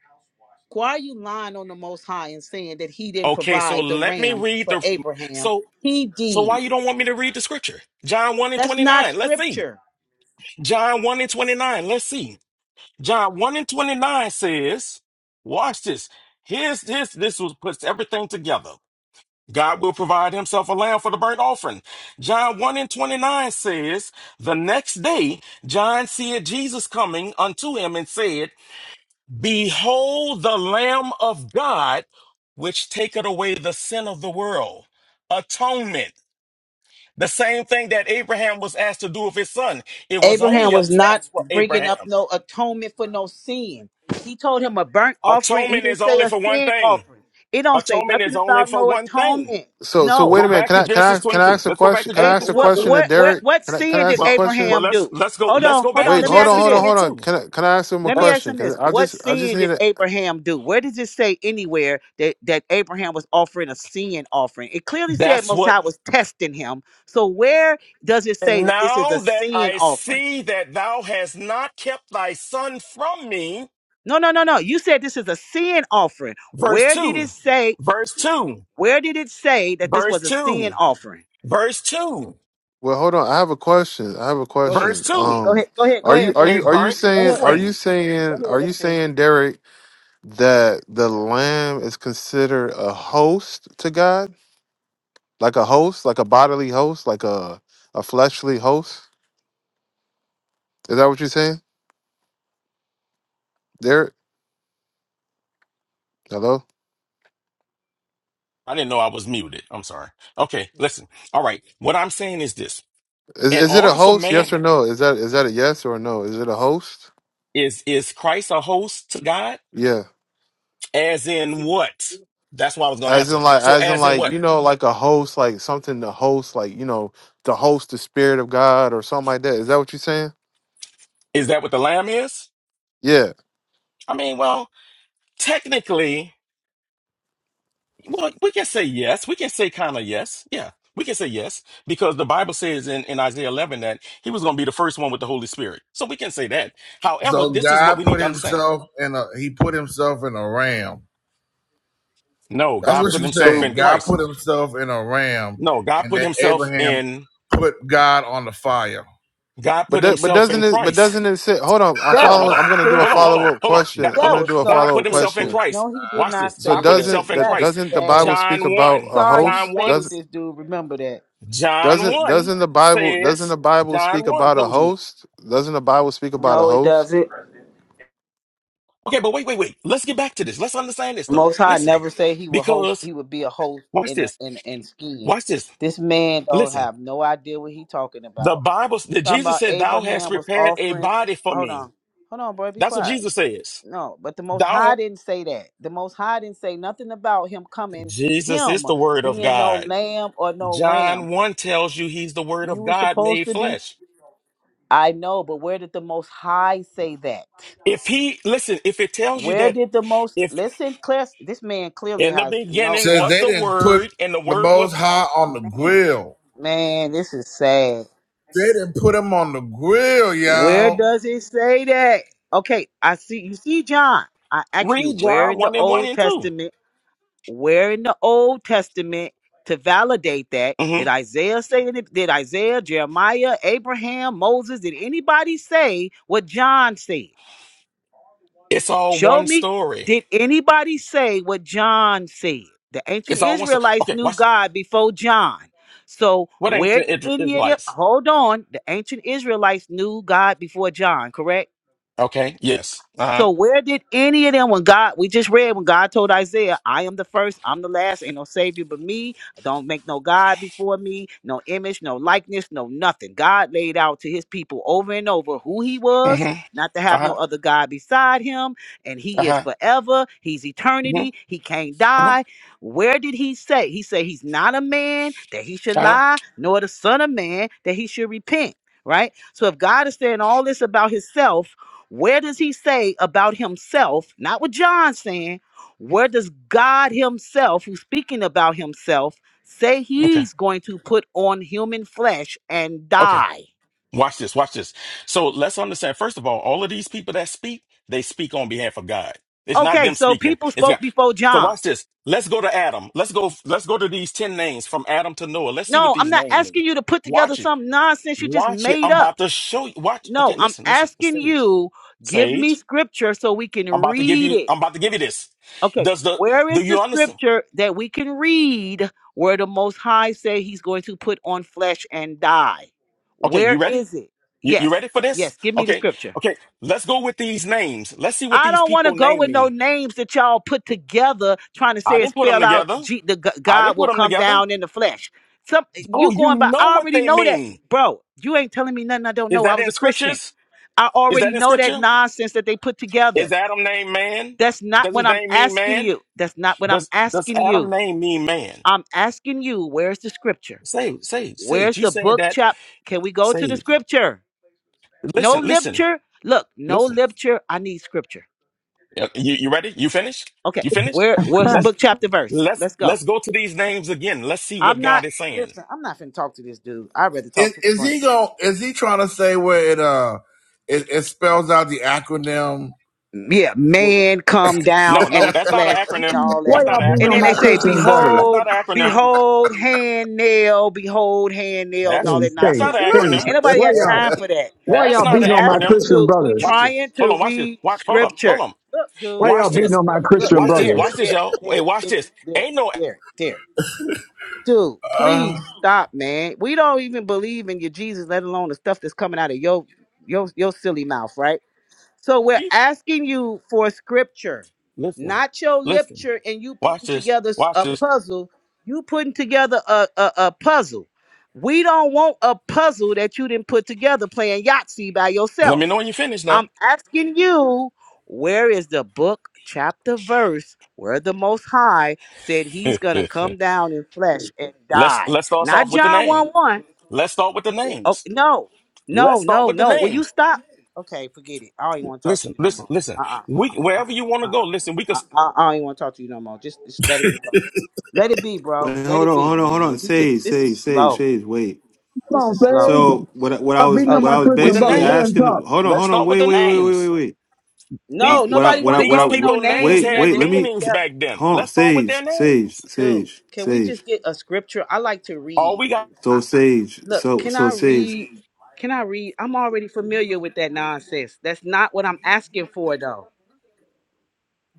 E: Why are you lying on the Most High and saying that he didn't
J: Okay, so
E: provide the
J: let me
E: ram
J: read
E: for
J: the
E: Abraham?
J: so
E: He
J: so why you
E: did.
J: don't want me to read the scripture? John 1 and
E: That's not
J: 29. Let's see.
E: scripture.
J: John 1 and 29. Let's see. John 1 and 29 says, watch this. Here's this this was puts everything together. God will provide himself a lamb for the burnt offering. John 1 and 29 says, The next day John seeth Jesus coming unto him and said, Behold the Lamb of God, which taketh away the sin of the world. Atonement. The same thing that Abraham was asked to do with his son. It was only
E: Abraham
J: a
E: was not
J: test for
E: bringing up
J: Abraham.
E: no atonement for no sin. He told him a burnt offering. He
J: Atonement is
E: didn't say
J: only
E: a
J: for one
E: sin
J: thing.
E: offering. It don't say
J: Atonement
E: nothing
J: is only
E: about
J: for
E: no
J: one thing.
E: atonement.
I: So so
E: No.
I: wait a
J: Go
I: minute.
J: back
I: Can
J: to
I: I can
J: Genesis
I: I can I
J: 22.
I: ask a
J: Let's go back
I: question?
J: to
I: Can I
E: Ab-
I: ask
J: Genesis
I: a
E: what,
I: question
J: 22.
I: to
E: what, what,
I: Derek?
E: what
I: Can I can
E: sin
I: I
E: did
I: ask a
J: Well,
I: question?
J: well,
E: Abraham
J: let's
E: do?
J: let's go
E: Hold
J: let's
E: on,
J: go
E: hold
J: back
E: on.
J: to
I: Wait,
E: Let me
I: hold on,
E: ask you
J: Genesis
I: hold on,
E: this.
I: hold on.
J: 22.
I: Can I can I ask him a
E: Let me
J: That's
E: ask
I: question?
E: him this.
I: Cause I
E: What
I: just I just
E: sin
I: need
E: did
I: to
E: Abraham do? Where does it say anywhere that, that Abraham was offering a sin offering? It clearly said
J: that's what.
E: Mosiah was testing him. So where does it say
J: And
E: that this is a
J: now that
E: sin
J: I
E: offering?
J: see that thou hast not kept thy son from me,
E: No, no, no, no. You said this is a sin offering.
J: verse
E: Where did
J: 2
E: it say?
J: verse 2
E: Where did it say that this
J: verse
E: was a sin
J: 2
E: offering?
J: verse 2
I: Well, hold on. I have a question. I have a
E: Go ahead.
J: verse
I: question.
J: 2
E: Go
I: Um,
E: ahead. Go ahead. Go
I: are you
E: ahead,
I: are
J: a
E: MC.
I: you are you
J: burnt
E: Go
I: saying
E: ahead,
I: are
E: MC.
I: you
J: offering
E: Go
I: saying
E: ahead,
I: are you saying Derek that the lamb is considered a host to God, like a host, like a bodily host, like a a fleshly host? Is that what you're saying, Derek? Hello.
J: i didn't know i was muted i'm sorry okay listen all right what i'm saying is this
I: Is
J: in
I: is it a
J: order for
I: host? Yes
J: man
I: or no? Is that is that a yes or a no? Is it a host?
J: is is christ a host to god
I: Yeah.
J: as in what that's what i was going to
I: As
J: answer
I: in like
J: so
I: as in
J: as in
I: like,
J: what
I: you know, like a host, like something to host, like, you know, to host the spirit of God or something like that. Is that what you're saying?
J: is that what the lamb is
I: Yeah,
J: i mean well technically Well, we can say yes. We can say kind of yes. Yeah, we can say yes because the Bible says in, in Isaiah 11 that he was going to be the first one with the Holy Spirit. So we can say that. However,
B: So
J: this is what
B: God
J: we need
B: put
J: to understand.
B: himself in a he put himself in a ram.
J: No,
B: That's
J: God
E: MC.
B: what
J: put
B: you're
E: Stu-
J: himself
B: saying.
J: in
B: God
J: Christ.
B: put himself in a ram,
J: No, God
B: and
J: put
B: then
J: himself
B: Abraham
J: in,
B: put God on the fire.
J: God
I: but
J: put
I: do- but
J: himself in
I: doesn't it? But
J: Christ.
I: doesn't it sit? Hold on, I'm
J: Hold
E: That
J: on, hold
I: following.
J: on,
I: I'm
E: was
I: gonna do a
J: hold on,
E: stupid.
J: hold on,
I: follow up
J: hold on, God,
I: question. I'm
J: hold
E: That
J: on.
I: gonna
E: was
I: do a
E: so
J: God
I: follow
J: put
I: up
J: himself in
I: question.
E: stupid.
J: Christ.
E: No, he did
J: Watch
E: not
J: this.
I: So
J: God
E: say
J: put
E: that.
J: himself
I: doesn't
J: in
I: that
E: That's
J: Christ.
I: doesn't the Bible
E: bad.
I: speak
J: John
I: about
J: 1,
I: a
E: Sorry, you
J: John
I: host?
J: 1,
E: debated
I: Doesn't
E: this dude. Remember that.
J: John
I: doesn't
J: 1
I: doesn't the Bible doesn't
J: says,
I: the Bible
J: John
I: speak
J: 1
I: about a
J: told you.
I: host? Doesn't the Bible speak about a
E: No, it
I: host?
E: doesn't.
J: Okay, but wait, wait, wait. Let's get back to this. Let's understand this though.
E: Most High
J: Listen,
E: never say he will host.
J: because
E: He would be a host
J: watch
E: in a,
J: this.
E: in in skiing.
J: Watch this.
E: This man don't
J: Listen,
E: have no idea what he talking
J: the
E: about.
J: Bible, the
E: Talking
J: Jesus
E: about
J: said, "Thou hast
E: Abraham was
J: prepared a
E: offering.
J: body for
E: Hold
J: me."
E: on. Hold on, boy. Be
J: That's what
E: quiet.
J: Jesus says.
E: No, but the Most
J: Thou,
E: High
J: ha-"
E: didn't say that. The Most High didn't say nothing about him coming,
J: Jesus is
E: him
J: the Word of
E: being no
J: God.
E: lamb or no ram.
J: John one tells you He's the Word
E: You
J: of
E: were
J: God
E: supposed
J: made
E: to be.
J: flesh.
E: I know, but where did the Most High say that?
J: If He listen, if it tells you
E: Where
J: that
E: did the most
J: if
E: listen, Claire? This man clearly
J: in the
E: has no
J: beginning
B: Says
E: uh,
J: was
B: they
J: the
B: didn't put
J: Word and the
B: the
J: Word
B: Most
J: was
B: High on the
E: man.
B: grill.
E: Man, this is sad.
B: They didn't put him on the grill,
E: Where
B: y'all.
E: does it say that? Okay, I see you see John. I actually
J: read
E: where
J: John
E: in the
J: one and one
E: Old
J: and 2
E: Testament, where in the Old Testament to validate that?
J: hmm
E: Did Isaiah say it? Did Isaiah, Jeremiah, Abraham, Moses, did anybody say what John said?
J: It's all
E: Show
J: one
E: me,
J: story.
E: did anybody say what John said? The ancient
J: It's all one story.
E: Israelites
J: Okay,
E: knew
J: watch.
E: God before John. So
J: What ain't
E: where
J: the
E: did
J: Id-
E: any of them
J: Israelites?
E: hold on? The ancient Israelites knew God before John, correct?
J: Okay. Yes. Uh huh.
E: So where did any of them when God we just read when God told Isaiah, I am the first, I'm the last, ain't no savior but me. Don't make no God before me, no image, no likeness, no nothing. God laid out to his people over and over who he was,
J: Mm-hmm.
E: not to
J: Uh
E: have
J: huh.
E: no other God beside him, and
J: Uh
E: he is
J: huh.
E: forever, he's eternity,
J: Mm-hmm.
E: he can't die.
J: Mm-hmm.
E: Where did he say? He said he's not a man that he should
J: Uh huh.
E: lie, nor the son of man that he should repent. Right? So if God is saying all this about himself where does he say about himself, not what John's saying, where does God himself, who's speaking about himself, say
J: Okay.
E: he's going to put on human flesh and
J: Okay.
E: die?
J: Watch this. Watch this. So let's understand. First of all, all of these people that speak, they speak on behalf of God. It's not
E: Okay,
J: them
E: so
J: speaking.
E: people
J: It's
E: spoke
J: God.
E: before
J: So
E: John.
J: watch this. Let's go to Adam. Let's go. Let's go to these ten names from Adam to Noah. Let's see what
E: No, I'm
J: these
E: not
J: names mean.
E: asking you to put together
J: Watch it.
E: some nonsense you just
J: Watch it.
E: made
J: I'm about
E: up.
J: to show you. Watch.
E: No,
J: Okay.
E: I'm
J: Listen. Listen.
E: asking
J: sage.
E: you, give me
J: Sage.
E: scripture so we can
J: I'm about to give
E: read
J: you.
E: it.
J: I'm about to give you this.
E: Okay,
J: Does the
E: where
J: do
E: is the
J: you understand?
E: scripture that we can read where the Most High say He's going to put on flesh and die?
J: Okay, you
E: Where
J: ready?
E: is it?
J: You, you
E: Yes,
J: ready for this?
E: yes. Give me the
J: Okay.
E: scripture.
J: Okay. Let's go with these names. Let's see what
E: I
J: these
E: don't want to
J: people
E: go
J: name
E: with no
J: mean.
E: names that y'all put together trying to
J: I
E: say it
J: didn't put them
E: spell out
J: together.
E: G- the G-
J: I
E: God
J: didn't put
E: will
J: them
E: come
J: together.
E: down in the flesh. Some
J: Oh,
E: you
J: you
E: going by?
J: know
E: I
J: what
E: already
J: they
E: know that,
J: mean.
E: bro. You ain't telling me nothing I don't
J: Is
E: know. I
J: that
E: was
J: in
E: a Christian.
J: scriptures?
E: I
J: Is that
E: already
J: in
E: know that
J: scripture?
E: nonsense that they put together.
J: Is Adam named man?
E: That's not
J: Does his
E: what I'm
J: name mean
E: asking
J: man?
E: you. That's not what I'm
J: Does does
E: asking
J: Adam
E: you.
J: name mean man?
E: I'm asking you, where's the scripture?
J: Sage, Sage, Sage,
E: Where's
J: you
E: the
J: saying
E: book
J: that?
E: chap? Can we go to the
J: Sage,
E: scripture? No
J: listen, listen,
E: literature. Look, no
J: listen.
E: literature. I need scripture.
J: Yeah, You, you ready? You finished?
E: Okay,
J: You finished?
E: where where's
J: Let's
K: *laughs*
E: book chapter verse?
J: let's
E: Let's go.
J: let's go to these names again. Let's see what
E: I'm not
J: God is saying.
E: listen. I'm not finna talk to this dude. I'd rather talk
B: Is,
E: to the
B: is
E: friend.
B: he going? Is he trying to say where it uh it, it spells out the acronym?
E: Yeah,
B: *laughs*
E: man, come down
J: No, no,
E: and
J: that's not an
E: flesh and
J: acronym.
E: all that.
K: Why
J: That's not
K: y'all
J: an
K: beating
E: And
K: on
E: then
J: acronym.
E: they
K: my
E: say,
K: Christian brothers?
J: That's
E: "Behold,
J: not an acronym.
E: behold, hand nail, behold, hand nail," and
J: That's
E: all that
K: Things,
J: that's
K: things,
J: not
E: nonsense.
J: an
K: things.
J: acronym.
E: Ain't nobody
K: Why
E: got
K: y'all?
E: time for that.
K: Why
J: That's
K: y'all
J: not
E: We
K: beating
J: an
K: on my
E: asking
J: acronym.
K: Christian
E: you, we
K: brothers?
J: Watch this.
E: trying
J: Hold
E: to
J: on. Watch this.
E: read
J: Watch. Hold up. Hold
E: scripture.
J: on.
E: Look, dude,
K: Why
J: Watch
K: y'all
E: look,
K: beating
J: this.
K: on my
E: look,
K: Christian
J: Watch
E: look,
J: this.
E: there,
K: brothers?
J: Watch this,
E: there,
J: y'all. Wait.
E: there,
J: Watch
E: there,
J: this.
E: there,
J: Ain't no.
E: there, there. Dude,
B: Uh,
E: please stop, man. We don't even believe in your Jesus, let alone the stuff that's coming out of your your your silly mouth, right? So we're asking you for scripture,
J: Listen.
E: not your
J: Listen.
E: literature, and you
J: Watch
E: putting
J: this.
E: together s-
J: Watch
E: a
J: this.
E: puzzle. You putting together a, a, a puzzle. We don't want a puzzle that you didn't put together playing Yahtzee by
J: Let me
E: yourself.
J: know when you finish now.
E: I'm asking you, where is the book, chapter, verse where the Most High said
J: *laughs*
E: he's going to come down in flesh and
J: let's
E: die?
J: let's start us
E: Not
J: off with the
E: John
J: name.
E: 1 1.
J: Let's start with the
E: Oh,
J: names.
E: no, no,
J: Let's start
E: no,
J: with the
E: no. Will you
J: names.
E: stop? Okay, forget it. I don't even want to talk to
J: Listen.
E: you no
J: Listen.
E: more.
J: Listen.
E: Uh uh-uh, uh,
J: We
E: uh
J: wherever
E: uh,
J: you want
E: uh
J: to go.
E: uh.
J: Listen. We can.
E: I, I, I don't even want to talk to you no more. Just, just let it be go. Let it be, bro.
I: Wait,
E: Let
I: hold
E: it
I: on,
E: be,
I: hold on, hold on.
E: man. You just,
I: Sage,
E: this is
I: sage, sage,
E: slow.
I: sage. Wait.
K: Come
E: This
K: on,
E: is slow.
K: Faith.
I: So what? I- What I
K: Stop
I: was,
K: beating
E: Oh,
K: on
I: what
K: my
I: I was
J: with
K: Christian
J: the
I: basically
K: brothers. Let
J: names.
K: them
I: asking.
K: talk.
I: Hold on,
J: Let's
I: hold on.
J: start with
I: Wait,
J: the
I: wait, wait, wait, wait,
J: names.
I: wait. Uh,
J: These
E: no,
J: pe-
I: what I,
E: nobody
I: what I,
E: want to
I: what
J: these
E: go
I: I.
E: with no
J: people names
E: names and
I: Wait,
J: had
E: nothing
I: wait.
E: you
I: Let
E: put
I: me.
J: meanings
I: c-
E: together.
J: back then.
I: Hold on,
J: Let's start with their
I: sage, sage,
J: names.
E: Dude,
I: sage,
E: can we
I: sage.
E: just get a scripture? I like to
J: All we
E: read.
J: got,
E: I,
I: So
E: I,
I: Sage,
E: look,
I: so
E: can
I: so
E: I
I: Sage,
E: read? Can I read? I'm already familiar with that nonsense. That's not what I'm asking for, though.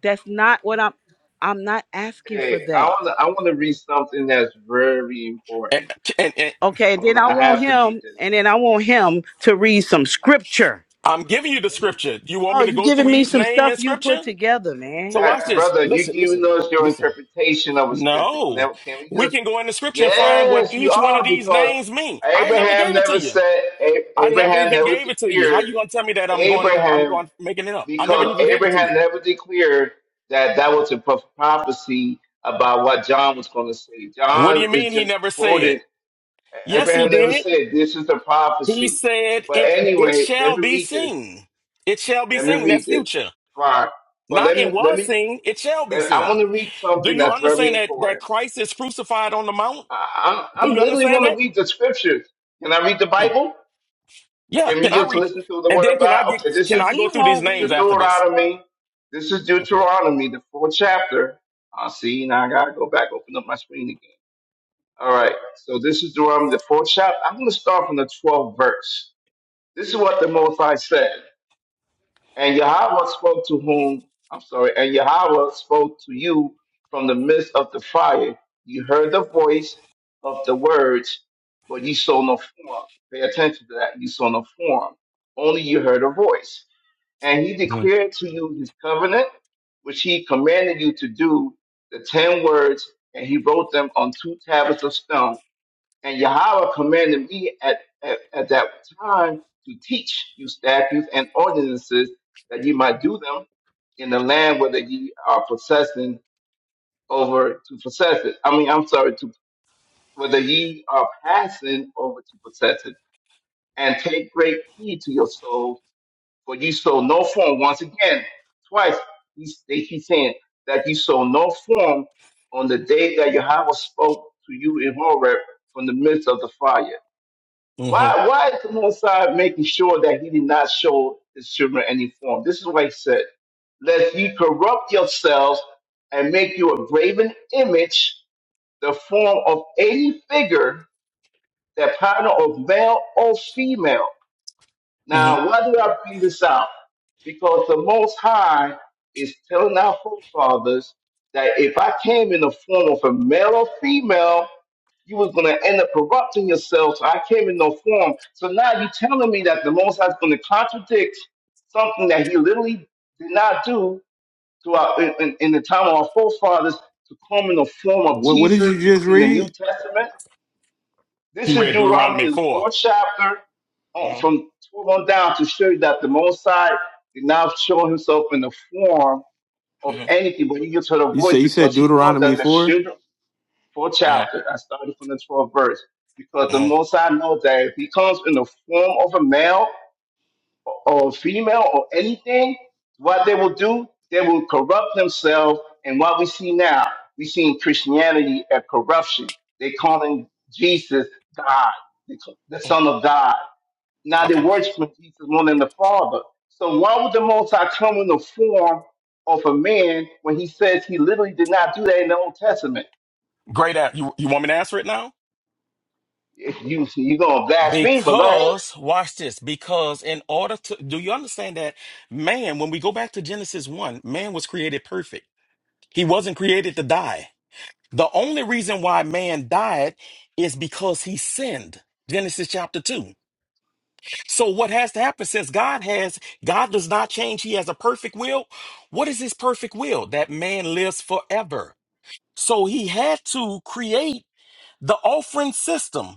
E: That's not what I'm. I'm not asking for
A: Hey, I
E: that.
A: want to. I want to read something that's very
J: and,
A: important.
J: and, and
E: Okay,
A: I
E: and
A: want.
E: then I
A: to. I
E: want
A: have to read
E: him,
A: this.
E: and then I want him to read some scripture.
J: I'm giving you the scripture. You want
E: Oh,
J: me to
E: you
J: go
E: giving
J: through
E: me
J: each
E: some
J: name
E: stuff
J: in
E: you
J: scripture?
E: put together,
J: So
E: man?
J: watch
A: That
J: this.
A: brother, you can
J: Listen,
A: even
J: listen,
A: know it's your
J: listen.
A: interpretation of a scripture. Can
J: No,
A: that, Can we
J: we
A: just?
J: can go in the scripture and find what
A: Yes, you
J: each one of
A: are
J: these
A: because
J: names mean. I never
A: Abraham
J: gave it to
A: never
J: you.
A: said. A-
J: I never
A: Abraham
J: even
A: never
J: gave it to you. How
A: declared
J: you gonna tell me that I'm going? I'm
A: Abraham
J: going making it up. I never
A: because
J: even gave it to
A: Abraham
J: you.
A: never declared that that was a pro- prophecy about what John was going to say.
J: What do you
A: John is
J: mean he
A: just
J: never said?
A: quoted
J: Yes, he
A: Abraham never
J: did.
A: said this is the
J: He
A: prophecy.
J: said,
A: But
J: "It it
A: anyway, let
J: shall
A: me
J: be
A: read this.
J: seen. It shall be
A: Let me
J: seen."
A: read
J: That's
A: this.
J: future.
A: Fine. But let
J: Not it
A: me let
J: was
A: me.
J: seen. It shall be
A: Let, I
J: seen.
A: want to read
J: Do
A: something
J: you
A: that's
J: understand
A: very
J: that that
A: important.
J: Christ is crucified on the mount?
A: I, I, I
J: Do you
A: literally
J: understand
A: want to
J: that?
A: read the scriptures. Can I read the
J: Um,
A: Bible?
J: yeah.
A: Can we
J: Can I
A: just
J: read?
A: listen to the
J: And
A: Word
J: then
A: of
J: can
A: God?
J: I get?
A: Okay, this
J: Can
A: is
E: Cause
J: I
E: he
J: go through these
E: won't
A: this
E: read
A: is
J: names
E: it.
J: after this?
A: Deuteronomy. This is
J: Okay.
A: Deuteronomy, the fourth chapter. I see. Now I gotta go back, open up my screen again. All right. So this is Deuteronomy, the fourth chapter. I'm gonna start from the 12th verse. This is what the Most High said. And Yahweh spoke to whom, I'm sorry, and Yahweh spoke to you from the midst of the fire. You heard the voice of the words, but you saw no form. Pay attention to that. You saw no form. Only you heard a voice. And he
J: hmm
A: declared to you his covenant, which he commanded you to do, the ten words, and he wrote them on two tablets of stone and Yahweh commanded me at, at, at that time to teach you statutes and ordinances that ye might do them in the land whether ye are possessing over to possess it. I mean, I'm sorry, to whether ye are passing over to possess it. And take great heed to your souls, for ye sow no form. Once again, twice, he's, he's saying that ye sow no form on the day that Yahweh spoke to you in Horeb from the midst of the fire.
J: hmm
A: Why why is the Most High making sure that he did not show his children any form? This is why he said, Lest ye corrupt yourselves and make you a graven image, the form of any figure that partner of male or female.
J: hmm
A: Now, why do I bring this out? Because the Most High is telling our forefathers that if I came in the form of a male or female, you was going to end up corrupting yourself. So I came in no form. So now you're telling me that the Most High is going to contradict something that he literally did not do throughout in, in, in the time of our forefathers to come in the form of
I: what what did
A: Jesus
I: you just
A: in the New
I: read?
A: Testament.
J: He
A: This is
J: read Deuteronomy
A: Deuteronomy, the
J: 4
A: fourth chapter, on-
J: Mm-hmm.
A: from 12 on down, to show you that the Most High did not show himself in the form of
J: hmm
A: anything, but he gives her the
I: You
A: voice
I: said you said
A: because he knows
I: Deuteronomy
A: that the
I: four.
A: children, fourth chapter, I started from the 12th verse, because the
J: hmm
A: Most High knows that if he comes in the form of a male, or female or anything, what they will do, they will corrupt themselves. And what we see now, we see in Christianity a corruption. They calling Jesus God, the the
J: hmm
A: Son of God. Now they
J: Okay.
A: worshiping Jesus more than the Father. So why would the Most High come in the form of a man when He says He literally did not do that in the Old Testament?
J: Great. a- You you want me to answer it now?
A: If you you gonna blaspheme, but go ahead.
J: Because, watch this, because in order to, do you understand that man, when we go back to Genesis 1, man was created perfect. He wasn't created to die. The only reason why man died is because he sinned. Genesis chapter 2. So what has to happen since God has, God does not change. He has a perfect will. What is his perfect will? That man lives forever. So he had to create the offering system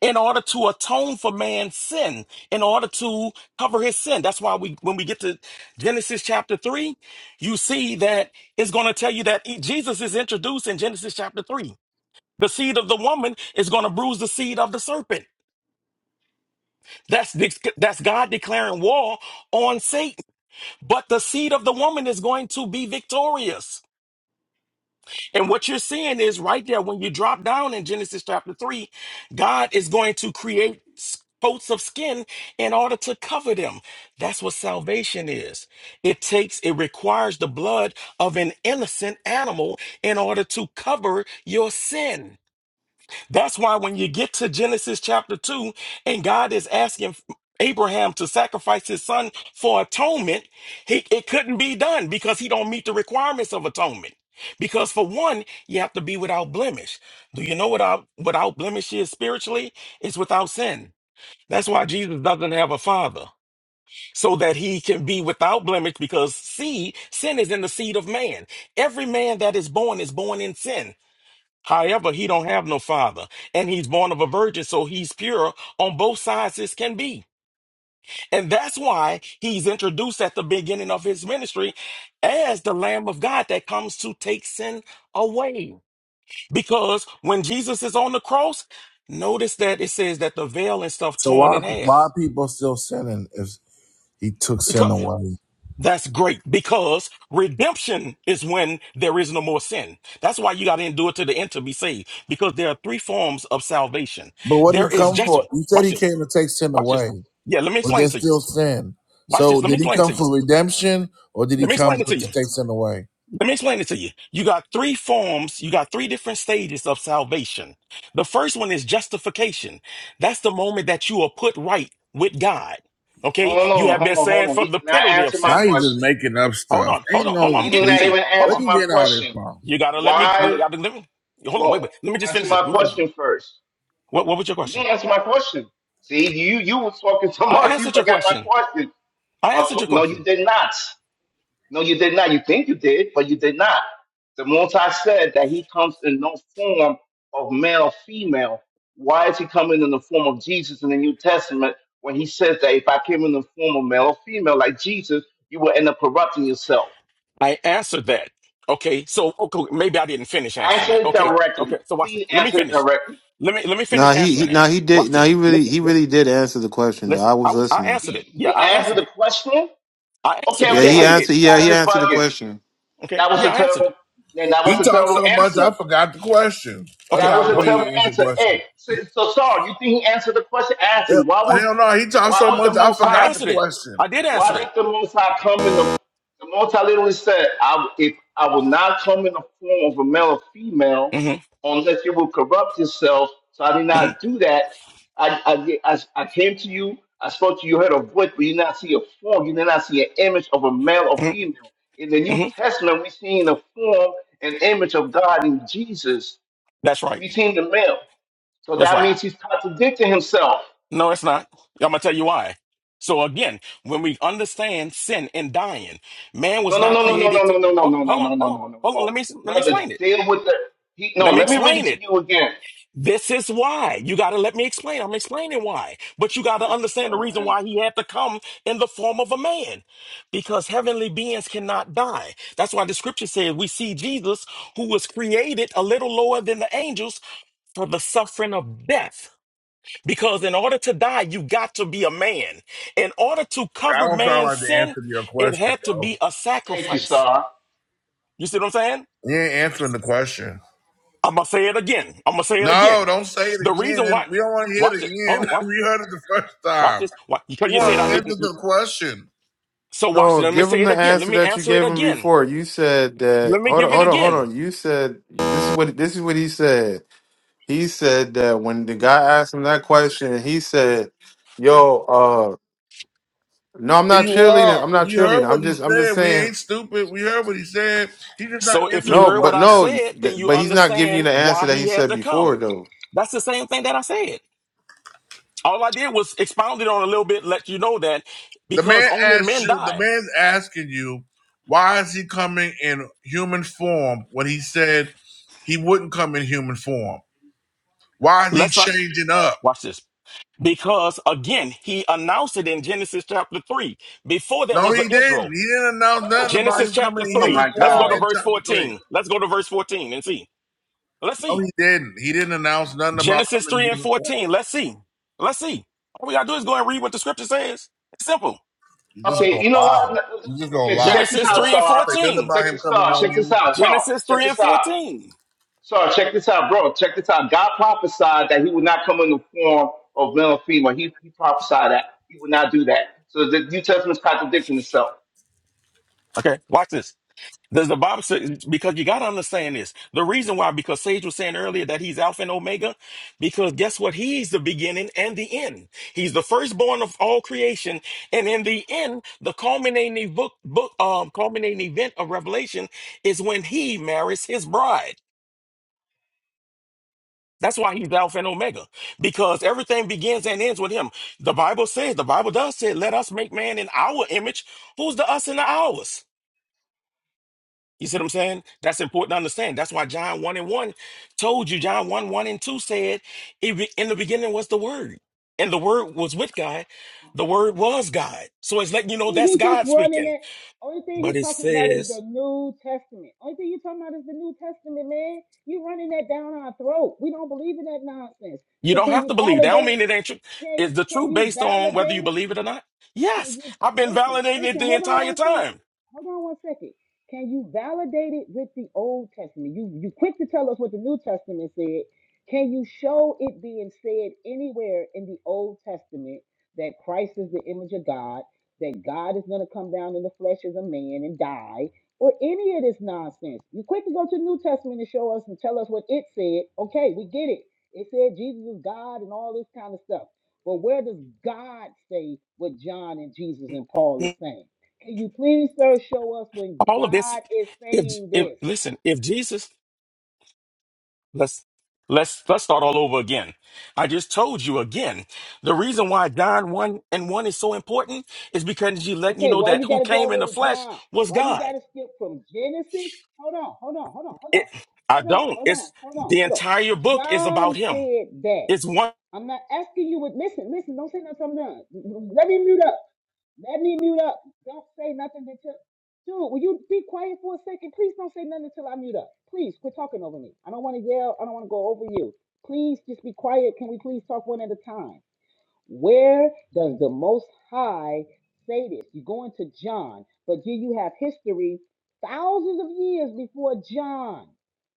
J: in order to atone for man's sin, in order to cover his sin. That's why we, when we get to Genesis chapter three, you see that it's going to tell you that he- Jesus is introduced in Genesis chapter three. The seed of the woman is going to bruise the seed of the serpent. That's dec- that's God declaring war on Satan. But the seed of the woman is going to be victorious. And what you're seeing is right there when you drop down in Genesis chapter 3, God is going to create s- coats of skin in order to cover them. That's what salvation is. It takes, it requires the blood of an innocent animal in order to cover your sin. That's why when you get to Genesis chapter 2 and God is asking Abraham to sacrifice his son for atonement, he, it couldn't be done because he don't meet the requirements of atonement. Because for one, you have to be without blemish. Do you know what out, without blemish is spiritually? It's without sin. That's why Jesus doesn't have a father, so that he can be without blemish because see, sin is in the seed of man. Every man that is born is born in sin. However, he don't have no father, and he's born of a virgin, so he's pure on both sides as can be. And that's why he's introduced at the beginning of his ministry as the Lamb of God that comes to take sin away. Because when Jesus is on the cross, notice that it says that the veil and stuff
B: so
J: torn
B: why
J: in
B: why
J: half.
B: are people still sinning if he took sin away?
J: That's great because redemption is when there is no more sin. That's why you got to endure to the end to be saved because there are three forms of salvation.
B: But what did
J: There
B: he
J: is
B: come
J: just,
B: for? He said
J: watch
B: he
J: this,
B: came to take sin
J: watch this.
B: away,
J: Yeah, let me
B: but
J: explain
B: there's
J: to you.
B: still sin.
J: Watch this,
B: So
J: let me
B: did he
J: explain
B: come
J: to you.
B: for redemption or did he
J: Let me
B: come
J: explain it
B: for,
J: to you.
B: to take sin away?
J: Let me explain it to you. You got three forms, you got three different stages of salvation. The first one is justification. That's the moment that you are put right with God. Okay,
A: Hold
J: you have
A: on,
J: been
A: hold on, hold
J: saved
A: on. He
J: from the
A: did not
J: penalty of
A: answer my
B: Now
J: sin.
B: you just
A: question.
B: making up
J: Hold
B: stuff.
J: on, hold on,
B: Ain't
J: hold on.
B: no
A: He
J: I'm
A: did
J: giving it
B: sleep.
A: not
J: to you.
A: even
J: Hold
B: Where
A: answer
J: on.
B: you
A: my
B: get all this
A: question.
B: from?
J: You gotta let me. You
A: Why
J: gotta let me. Hold on, wait,
A: go
J: wait. Let me just
A: answer
J: finish this.
A: my
J: Let me finish this.
A: question first?
J: What What was your
A: You
J: question?
A: didn't answer my question. See, you you was talking so *laughs*
J: I
A: much, you
J: answered your
A: forgot my
J: question.
A: question.
J: I
A: My
J: answered your
A: qu- no,
J: question.
A: you did not. No, you did not. You think you did, but you did not. The Multi said that he comes in no form of male, female. Why is he coming in the form of Jesus in the New Testament when he says that if I came in the form of male or female like Jesus, you will end up corrupting yourself?
J: I answered that. Okay, so okay, maybe I didn't finish answering
A: Answer
J: that.
A: it
J: Okay,
A: directly.
J: okay. So watch this.
A: Please
J: Let me
A: answer it
J: finish.
A: directly.
J: Let me let me finish
I: Nah, he he
J: answering that.
I: nah he
J: Watch
I: did nah
J: this.
I: he really
J: Listen,
I: he
J: listen,
I: really did answer the question though.
J: listen.
I: I
J: I
I: was
J: was I
I: listening.
J: answered
A: He
J: it. Yeah,
A: he
J: I
A: answered
J: answered
A: the
J: it.
A: question
J: I answered
A: Okay,
J: it.
I: Yeah,
J: Yeah,
A: okay,
I: he
J: I
A: okay.
J: did.
I: answered.
A: You
I: Yeah,
A: guys
I: he
A: is
I: answered the
A: bugging.
I: question.
J: Okay.
A: That was a
J: Yeah, I answered it.
A: terrible. And that was
B: He
A: a
B: talked
A: terrible
B: so much, I
A: answer.
B: forgot the question. That's
J: Okay,
A: That
B: how I
A: was
B: know
A: a
J: but
A: terrible
B: he answered the
A: answer.
B: question.
A: Hey, so, so sorry. You think he answered the question? Ask him why
B: Hell
A: would
B: hell no, he talked
A: why
B: so
A: would the
B: much, I
A: Most
J: I
A: High?
B: forgot the
J: answered it.
B: question.
J: I did
A: Why
J: answer it.
A: did the Most High come in the? The Most High literally said, "I if I will not come in the form of a male or female,
J: hmm
A: unless you will corrupt yourself." So I did
J: hmm
A: not do that. I I did- I, I came to you. I spoke to you. Heard a voice, but you did not see a form. You did not see an image of a male or
J: hmm
A: female. In the New
J: hmm
A: Testament, we seen the form and image of God in Jesus.
J: That's right.
A: We seen the male. So
J: That's
A: that
J: right.
A: means he's contradicting himself.
J: No, it's not. I'm gonna tell you why. So again, when we understand sin and dying, man was
A: No, no,
J: not
A: no, no, no,
J: created to
A: no, no, no,
J: hold on,
A: no, no, no,
J: hold on,
A: no, no,
J: hold on,
A: no, no,
J: hold on.
A: no.
J: Let me let me
A: Brother,
J: explain it.
A: deal with the he no,
J: Let me
A: let me read it
J: explain
A: to
J: it.
A: you again.
J: This is why. You gotta let me explain. I'm explaining why. But you gotta
A: This is
J: understand the
A: terrible
J: reason
A: answer.
J: why he had to come in the form of a man. Because heavenly beings cannot die. That's why the scripture says we see Jesus who was created a little lower than the angels for the suffering of death because in order to die, you got to be a man. In order to
B: I
J: cover
B: don't sound
J: man's
B: like the
J: sin,
B: answer to your
J: it
B: question,
J: had to
B: bro.
J: be a
A: Thank you,
J: sacrifice.
A: Star.
J: You see what I'm saying?
B: You ain't answering the question.
J: I'm gonna say it again. I'm gonna say it
B: No,
J: again.
B: don't say
J: The
B: it
J: reason
B: again.
J: why,
B: We don't want to hear
J: watch it.
B: it
J: Hold on,
B: again. *laughs*
J: watch,
B: we heard it the first
J: watch
B: time.
J: this. Why, because
B: You
J: you
B: want
J: said I
B: to answer
J: didn't.
B: the question.
J: So watch it.
I: No,
J: Let me
I: give
J: say
I: him
J: it
I: the
J: again. Let
I: answer
J: me
I: that you
J: answer it
I: gave him
J: again.
I: before. You said that.
J: Let me
I: Hold on,
J: give it
I: hold on, hold
J: again.
I: on. You said this is what this is what he said. He said that when the guy asked him that question, he said, "Yo, uh, no, I'm
B: And
I: not
B: you
I: cheerleading.
B: are.
I: I'm not
B: You heard
I: cheerleading.
B: what
I: I'm
B: he
I: just I'm just
B: said. We
I: saying
B: ain't stupid. We heard what he said. He just not
J: So if
B: answering
J: you
B: the
I: No,
J: heard what
I: but
J: I
B: question.
I: no,
J: said, then you
I: but he's not giving you
J: understand
I: the answer
J: why
I: that
J: he
I: he
J: had
I: said
J: to come.
I: before, though.
J: That's the same thing that I said. All I did was expound it on a little bit, let you know that
B: The
J: because
B: man
J: only
B: asks
J: men
B: you. The
J: die.
B: man's asking you, why is he coming in human form when he said he wouldn't come in human form? Why is he
J: Let's not
B: changing up?
J: watch this. Because again, he announced it in Genesis chapter 3. Before there
B: No,
J: was
B: he
J: an
B: didn't.
J: Israel.
B: He didn't announce
A: What the
B: nothing about
A: fuck?
J: Genesis
B: him coming
J: chapter
B: in
A: Oh
B: human
J: 3.
A: my
J: Let's
B: form
J: go to
B: in
A: god.
J: verse
B: chapter three.
J: 14. Let's go to verse 14 and see. Let's
B: No,
J: see.
B: he didn't. He didn't announce nothing about
J: Genesis
B: coming in
J: 3 and
B: human form.
J: 14. Let's see. Let's see. All we gotta do is go and read what the scripture says. It's simple.
B: You just
A: Okay,
B: gonna
A: you know
B: lie.
A: what?
B: You just gonna
A: Okay,
B: lie.
A: check this
J: Genesis
A: out,
J: 3 and
A: Star.
B: Say nothing
J: 14.
A: Check
B: about him
A: this
B: coming in
A: out.
B: on
A: Check this
B: human
A: out,
B: form.
A: Star.
J: Genesis
A: Check
J: 3 and
A: this out.
J: 14.
A: Star, check this out, bro. Check this out. God prophesied that he would not come in the form of male or female. He, he prophesied that. He would not do that. So the New Testament's contradicting itself.
J: Okay, watch this. Does the Bible say, because you got to understand this. The reason why, because Sage was saying earlier that he's Alpha and Omega, because guess what? He's the beginning and the end. He's the firstborn of all creation. And in the end, the culminating book, book, um, culminating event of Revelation is when he marries his bride. That's why he's Alpha and Omega, because everything begins and ends with him. The Bible says, the Bible does say, let us make man in our image. Who's the us and the ours? You see what I'm saying? That's important to understand. That's why John 1 and 1 told you, John 1, 1 and 2 said, "It be- in the beginning was the Word, and the Word was with God. The Word was God. So it's letting you know
E: And
J: that's
E: he just
J: God
E: running
J: speaking.
E: it. Only thing
J: But
E: he
J: it
E: talking about is the
J: says,
E: New Testament. Only thing you talking about is the New Testament, man. You running that down our throat. We don't believe in that nonsense.
J: you
E: So
J: don't
E: can
J: have
E: you
J: to believe. That don't
E: validate it?
J: mean it ain't true.
E: Can
J: Is the
E: can
J: truth
E: you
J: based on whether you
E: validate it?
J: believe it or not?
E: Can
J: Yes.
E: you
J: I've been
E: listen?
J: validating it
E: Listen.
J: the
E: Hold on
J: entire
E: one second.
J: time.
E: Hold on one second. Can you validate it with the Old Testament? You you quick to tell us what the New Testament said. Can you show it being said anywhere in the Old Testament that Christ is the image of God, that God is going to come down in the flesh as a man and die, or any of this nonsense? You quick to go to the New Testament and show us and tell us what it said. Okay, we get it. It said Jesus is God and all this kind of stuff. But where does God say what John and Jesus and Paul is saying? Can you please, sir, show us when
J: All of this,
E: God is
J: if,
E: saying
J: if
E: this?
J: listen, if Jesus Let's let's let's start all over again. I just told you again. The reason why John 1 and 1 is so important is because he's letting you
E: Okay,
J: know
E: why
J: that
E: you got
J: who
E: to go
J: came
E: all the
J: in
E: way
J: the
E: to
J: flesh
E: John?
J: was
E: Why you
J: God.
E: got to skip from Genesis? Hold on, hold on, hold on, hold
J: It
E: on,
J: I
E: hold on,
J: don't.
E: hold on,
J: It's
E: hold on,
J: the
E: hold on.
J: entire book is
E: John
J: about him.
E: said that.
J: It's one
E: I'm not asking you what. Listen, listen. Don't say nothing. I'm done. Let me mute up. Let me mute up. Don't say nothing until. Dude, will you be quiet for a second? Please don't say nothing until I mute up. Please quit talking over me. I don't want to yell. I don't want to go over you. Please just be quiet. Can we please talk one at a time? Where does the Most High say this? You go into John, but here you have history thousands of years before John,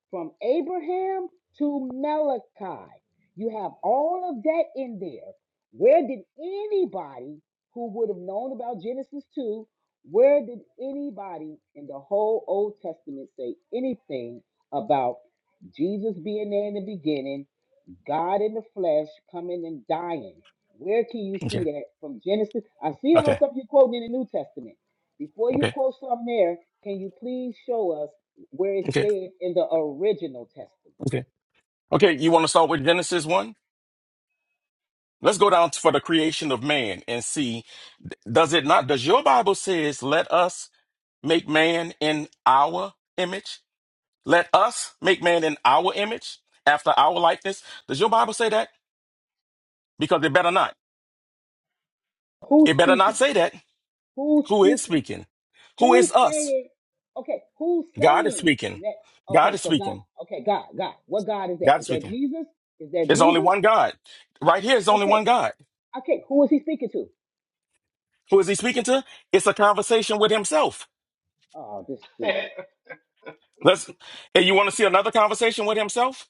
E: from Abraham to Malachi. You have all of that in there. Where did anybody who would have known about Genesis 2, where did anybody in the whole Old Testament say anything about Jesus being there in the beginning? God in the flesh coming and dying. Where can you see
J: Okay.
E: that from Genesis? I see all the
J: Okay.
E: stuff you are quoting in the New Testament. Before you
J: Okay.
E: quote something there, can you please show us where it
J: Okay.
E: said in the original testament?
J: Okay. Okay. You want to start with Genesis 1? Let's go down for the creation of man and see. Does it not? Does your Bible says, let us make man in our image? Let us make man in our image, after our likeness. Does your Bible say that? Because it better not.
E: Who's
J: It better not
E: speaking?
J: say that.
E: Who's
J: Who is
E: speaking?
J: speaking? Who is
E: Who's
J: us?
E: saying? Okay, who's
J: God is
E: saying
J: speaking.
E: that?
J: God
E: Okay,
J: is
E: so God.
J: speaking.
E: Okay, God, God. What God is that?
J: God is
E: Is that
J: speaking.
E: Jesus? Is that
J: There's only
E: Jesus?
J: one God. Right here is only
E: Okay,
J: one God.
E: okay. Who is he speaking to?
J: Who is he speaking to? It's a conversation with himself.
E: Oh, this is
A: *laughs*
E: stupid.
J: Let's and you want to see another conversation with himself?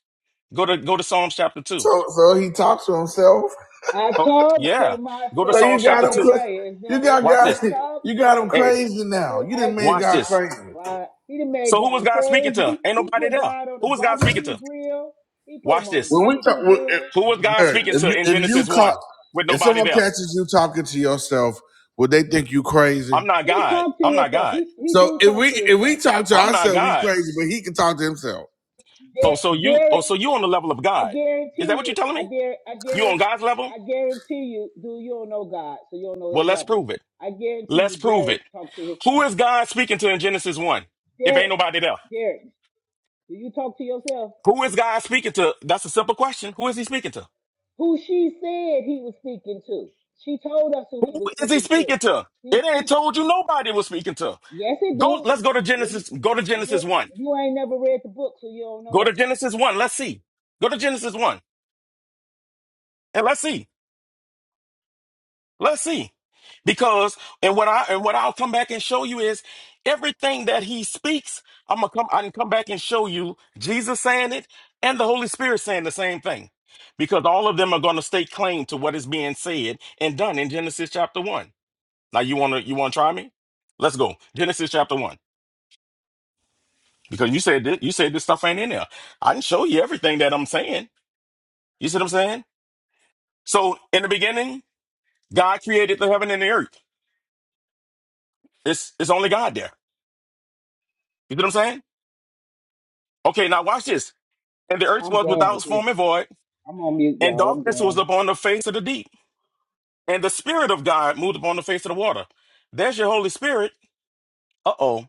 J: Go to go to Psalms chapter two.
B: So so he talks to himself.
E: I
J: Oh,
E: talk to
J: yeah. Go to
B: So
E: myself
B: you
J: Psalms
B: got
J: chapter
B: them.
E: when
J: two.
B: cra-
E: there is
B: You
E: no
B: got
E: one
J: Watch
B: God.
E: to
J: this.
E: talk
B: You got
E: to.
B: them
J: Hey,
B: crazy now.
E: People
B: You didn't
E: ask me
B: make
J: watch
B: God
J: this.
E: why.
B: crazy.
E: Why he done made
J: So who was
E: God
J: God speaking to?
E: crazy?
J: Ain't
E: *laughs* He
J: nobody
E: put
J: there.
E: God on the
J: Who was God speaking
E: barbecue
J: to?
E: grill. He put him
J: Watch
E: on the
J: this.
B: When we
E: barbecue
B: talk, when, if,
E: grill.
J: Who was God
E: Come
B: Derek,
E: on
J: speaking
B: if
J: to
B: you
E: now.
J: in
B: if you
J: Genesis 1
B: caught,
J: with
B: if
J: nobody
B: someone
J: there?
B: catches you talking to yourself, would they think you crazy?
J: I'm not
E: He
J: God.
E: talk to
J: I'm not
E: himself.
J: God.
E: He he
B: So
E: do
B: if
E: talk to
B: we if we
E: himself.
B: talk to
J: I'm not
B: ourselves, we
J: God.
B: crazy, but he can talk to himself.
J: Oh,
E: Dare,
J: so you
E: dare
J: oh so you on the level of
E: I
J: God. Is that
E: guarantee
J: what you're
E: you.
J: telling
E: I
J: me?
E: dare. I
J: You on
E: guarantee.
J: God's level?
E: I guarantee you. Do you don't know God, so you don't know
J: Well,
E: His
J: let's
E: level.
J: prove it.
E: I guarantee
J: Let's
E: you.
J: prove
E: Derek
J: it.
E: talks to
J: Who
E: himself.
J: is God speaking to in Genesis 1? If ain't
E: Derek.
J: nobody there.
E: Derek. Do you talk to yourself?
J: Who is God speaking to? That's a simple question. Who is he speaking to?
E: Who she said he was speaking to. She told us who
J: Who
E: he was
J: is he
E: speaking to.
J: speaking to?
E: He
J: It ain't
E: speak.
J: told you nobody was speaking to.
E: Yes, it
J: Go
E: do.
J: let's go to
E: Well, you,
J: Genesis, go to Genesis
E: you
J: 1.
E: you ain't never read the book, so you don't know
J: Go to
E: that.
J: Genesis 1. Let's see. Go to Genesis 1 and let's see. Let's see. Because and what I and what I'll come back and show you is everything that he speaks, I'm gonna come I can come back and show you Jesus saying it and the Holy Spirit saying the same thing. Because all of them are gonna stake claim to what is being said and done in Genesis chapter one. Now you wanna you wanna try me? Let's go. Genesis chapter one. Because you said this, you said this stuff ain't in there. I can show you everything that I'm saying. You see what I'm saying? So in the beginning, God created the heaven and the earth. It's it's only God there. You see what I'm saying? Okay, now watch this. And the earth
E: I'm
J: was
E: done
J: without
E: with this.
J: form and void,
E: I'm on mute,
J: and
E: y'all. I'm
J: darkness was
E: done.
J: upon the face of the deep. And the Spirit of God moved upon the face of the water. There's your Holy Spirit. Uh oh.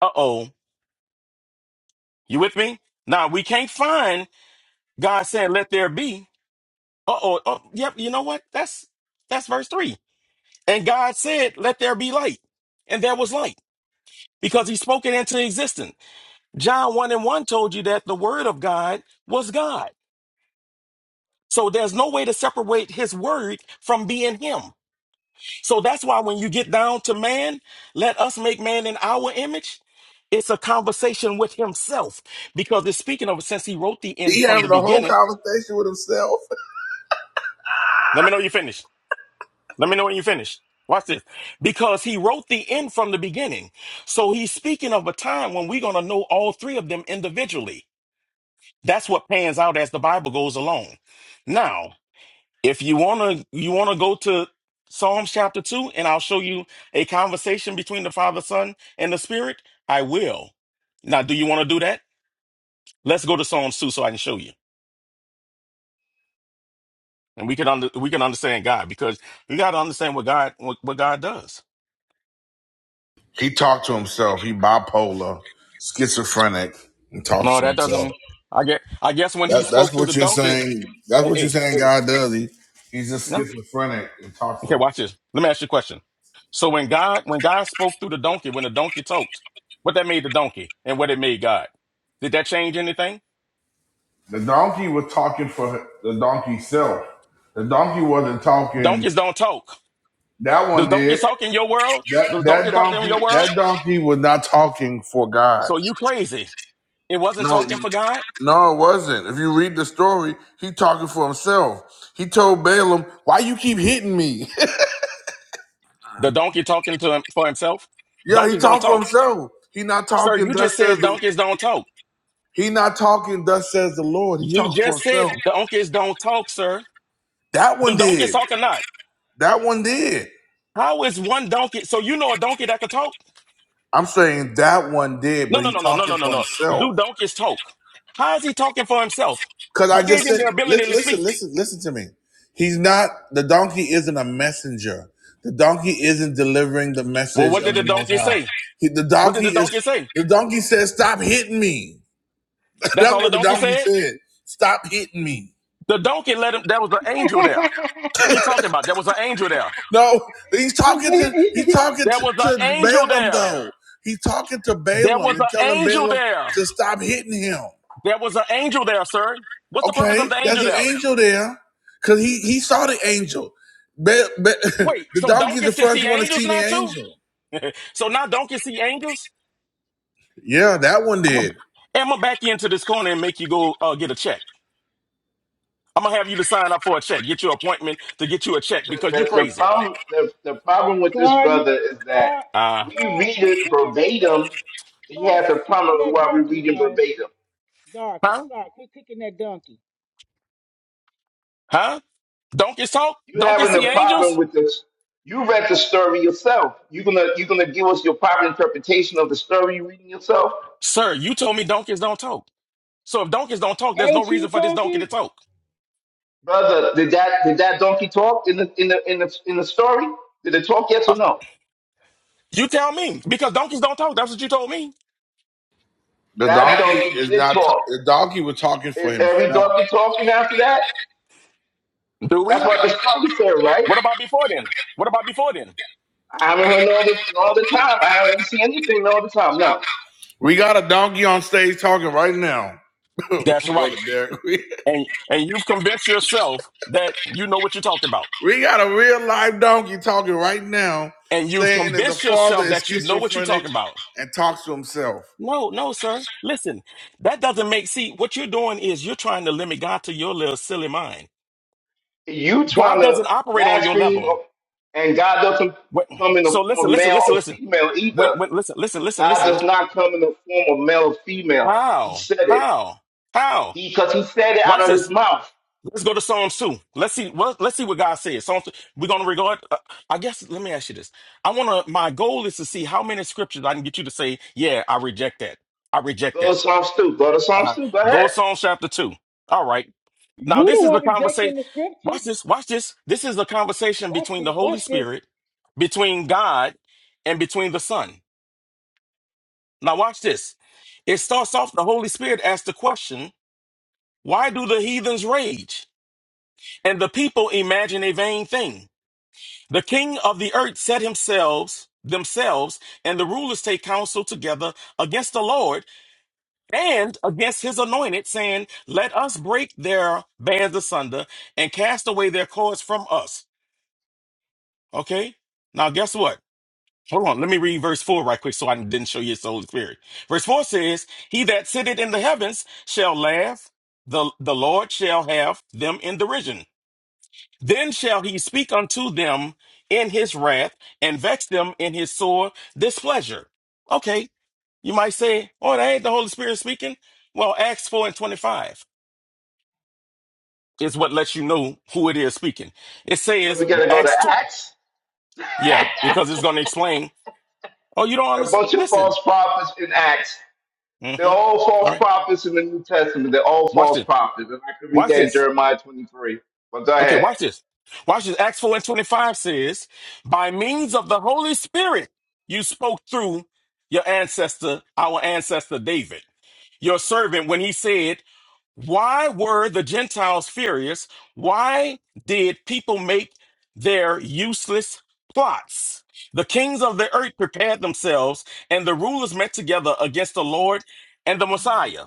J: Uh oh. You with me? Now we can't find God saying, "Let there be." Uh oh. Oh, yep. You know what? That's that's verse three. And God said, "Let there be light," and there was light because He spoke it into existence. John 1 and 1 told you that the word of God was God. So there's no way to separate his word from being him. So that's why when you get down to man, let us make man in our image. It's a conversation with himself because it's speaking of since he wrote the end
B: He
J: from
B: having
J: the
B: a whole
J: beginning.
B: conversation with himself.
J: Let me know you finish. Let me know when you finish. Watch this. Because he wrote the end from the beginning. So he's speaking of a time when we're going to know all three of them individually. That's what pans out as the Bible goes along. Now, If you wanna you wanna go to Psalms chapter two, and I'll show you a conversation between the Father, Son, and the Spirit. I will. Now, do you want to do that? Let's go to Psalms two, so I can show you, and we can under, we can understand God because you got to understand what God what, what God does.
B: He talked to himself. He bipolar, schizophrenic, and talks
J: No,
B: to
J: that
B: himself.
J: doesn't. I get. I guess when He
B: That, that's
J: spoke through the
B: what you're
J: donkey.
B: saying. That's
J: Hey,
B: what you're
J: hey,
B: saying.
J: hey.
B: God does. He he's just
J: No.
B: schizophrenic and talks to
J: Okay,
B: himself.
J: watch this. Let me ask you a question. So when God when God spoke through the donkey, when the donkey talked, what that made the donkey, and what it made God. Did that change anything?
B: The donkey was talking for the donkey's self. The donkey wasn't
J: Donkeys
B: talking.
J: don't talk.
B: That
J: Does
B: one did.
J: donkeys talk in your world?
B: That
J: Does
B: that
J: donkey talk in
B: donkey
J: your world?
B: that donkey was not talking for God.
J: So you crazy. It wasn't
B: No,
J: talking for God.
B: no, it wasn't. If you read the story, he talking for himself. He told Balaam, "Why you keep hitting me?"
J: The donkey talking to him for himself.
B: *laughs* yeah, he
J: Donkeys don't
B: talked for
J: talk.
B: himself. He not
J: Sir,
B: talking.
J: you just
B: Thus says
J: said
B: the,
J: donkeys don't talk.
B: he not talking. Thus says the Lord. He
J: You
B: talking for
J: just
B: himself.
J: said donkeys don't talk, sir.
B: That
J: Do
B: one
J: donkeys
B: did.
J: talk or not?
B: That one did.
J: How is one donkey? So you know a donkey that could talk?
B: I'm saying that one did,
J: No,
B: but
J: no,
B: he
J: no, no, no,
B: talking
J: no, no,
B: for
J: no.
B: himself.
J: Do donkeys talk? How is he talking for himself?
B: Because I
J: What gave
B: just
J: him
B: said,
J: the ability
B: listen,
J: to speak?
B: listen, listen, listen to me. He's not, the donkey isn't a messenger. The donkey isn't delivering the
J: Well,
B: message
J: what
B: of
J: did the
B: the Most
J: donkey
B: High.
J: say?
B: He, the
J: What did
B: donkey
J: the
B: is,
J: donkey say?
B: the donkey says, stop hitting me. *laughs*
J: That's
B: That's
J: all the
B: what the
J: donkey
B: donkey
J: said?
B: said. Stop hitting me.
J: The donkey let him. There was an angel there.
E: *laughs*
J: What are you talking about? There was an angel there.
B: No, he's talking to, he's talking
J: There
B: to,
J: was an
B: to
J: angel
B: Balaam
J: there.
B: though. He's talking to
J: There
B: Balaam
J: was
B: and
J: an
B: telling
J: angel
B: Balaam
J: there.
B: to stop hitting him.
J: There was an angel there, sir. What's the purpose of
B: Okay,
J: the
B: there's
J: angel
B: an
J: there?
B: angel there, cause he he saw the angel. Be- be-
J: Wait,
B: *laughs* the
J: so
B: donkey's the
J: donkeys can
B: first
J: see
B: one to
J: angels
B: see the
J: now too?
B: angel.
J: So now donkeys see angels?
B: Yeah, that one
J: I'm gonna,
B: did.
J: I'm gonna back you into this corner and make you go uh, get a check. I'm gonna have you to sign up for a check. Get your appointment to get you a check
A: the,
J: because you
A: the, the
J: crazy.
A: problem the, the problem with this
E: sorry, you,
A: brother is that
E: sorry,
J: Uh,
A: we
E: sorry.
A: read
E: Quit
A: it
E: kicking that
A: verbatim.
E: donkey.
A: He
E: Sorry,
A: has a
E: quit
A: problem
E: kicking
A: with
E: that
A: why we're
E: donkey,
A: reading
E: bro.
A: verbatim.
E: Sorry, qu-
J: huh?
E: sorry. Quit kicking that donkey.
J: Huh? Donkeys talk?
A: You
J: Donkeys
A: having
J: see
A: a problem
J: angels?
A: with this? You read the story yourself. You gonna you gonna give us your proper interpretation of the story you reading yourself,
J: Sir, you told me donkeys don't talk. So if donkeys don't talk, there's no
E: Ain't
J: reason
E: you
J: for this donkey to
E: talking?
J: talk.
A: brother? Did that did that donkey talk in the in the in the in the story? Did it talk? Yes
J: Uh,
A: or no?
J: you tell me, because donkeys don't talk. That's what you told me.
B: The
A: That
B: donkey
A: donkey
B: is
A: did
B: not.
A: talk.
B: the donkey was talking for
A: Is every
B: himself.
A: donkey talking after that?
J: Do
A: That's
J: we?
A: what the story said, right?
J: What about before then? What about before then?
A: I haven't heard no other no other time. I haven't seen anything no other time. Now
B: We got a donkey on stage talking right now, *laughs*
J: That's
B: brother
J: right.
B: Derek. We,
J: And and you've convinced yourself that you know what you're talking about.
B: we got a real live donkey talking right now,
J: And you've
B: saying that the
J: convinced
B: father
J: yourself
B: is
J: that you know what you're
B: schizophrenic
J: talking about.
B: and talks to himself.
J: No, no, sir. Listen, that doesn't make see what you're doing is you're trying to limit God to your little silly mind.
A: you trying
J: God
A: to
J: doesn't operate on your
A: blaspheme,
J: level.
A: and God doesn't
J: What,
A: come in the
J: so
A: form
J: listen,
A: of
J: listen,
A: male
J: listen,
A: or
J: listen
A: female
J: when
A: either.
J: when listen listen listen
A: God
J: listen listen.
A: does not come in the form of male or female. He
J: How?
A: said it.
J: How? How?
A: He because he said it
J: Watch
A: out of his
J: this.
A: mouth.
J: Let's go to Psalms 2. Let's see what let's see what God says. Psalms 2. We're gonna regard uh, I guess let me ask you this. I wanna my goal is to see how many scriptures I can get you to say, yeah, I reject that. I reject
A: Go
J: that.
A: to Psalms two. Go to Psalms
J: Uh-huh.
A: two. Go
J: Go
A: ahead.
J: to Psalms chapter 2. All right. Now
E: You
J: this
E: the
J: is the
E: one
J: conversation.
E: rejecting the scriptures.
J: Watch this, watch this. This is the conversation
E: Watch
J: between the
E: this.
J: Holy
E: Watch this.
J: Spirit, between God, and between the Son. Now watch this. It starts off the Holy Spirit asks the question. Why do the heathens rage and the people imagine a vain thing? The king of the earth set himself themselves and the rulers take counsel together against the Lord and against his anointed saying, let us break their bands asunder and cast away their cords from us. Okay. Now guess what? Hold on. Let me read verse four right quick. So I didn't show you it's the Holy Spirit. Verse four says, he that sitteth in the heavens shall laugh. The, the Lord shall have them in derision. Then shall he speak unto them in his wrath and vex them in his sore displeasure. Okay, you might say, oh, that ain't the Holy Spirit speaking. Well, Acts 4 and 25 is what lets you know who it is speaking. It
A: Where
J: says,
A: we gotta go to
J: Acts 2,
A: Acts?
J: yeah, because it's going to explain, oh, you don't
A: A
J: understand.
A: bunch of
J: Listen.
A: false prophets in Acts. They're
J: Mhm.
A: all false
J: All right,
A: prophets in the New Testament. They're all
J: watch
A: false
J: this.
A: prophets. And I can read
J: Watch
A: that in
J: this.
A: Jeremiah 23. But go
J: Okay,
A: ahead.
J: watch this. Watch this. Acts 4 and 25 says, By means of the Holy Spirit, you spoke through your ancestor, our ancestor David, your servant, when he said, Why were the Gentiles furious? Why did people make their useless plots? The kings of the earth prepared themselves, and the rulers met together against the Lord and the Messiah.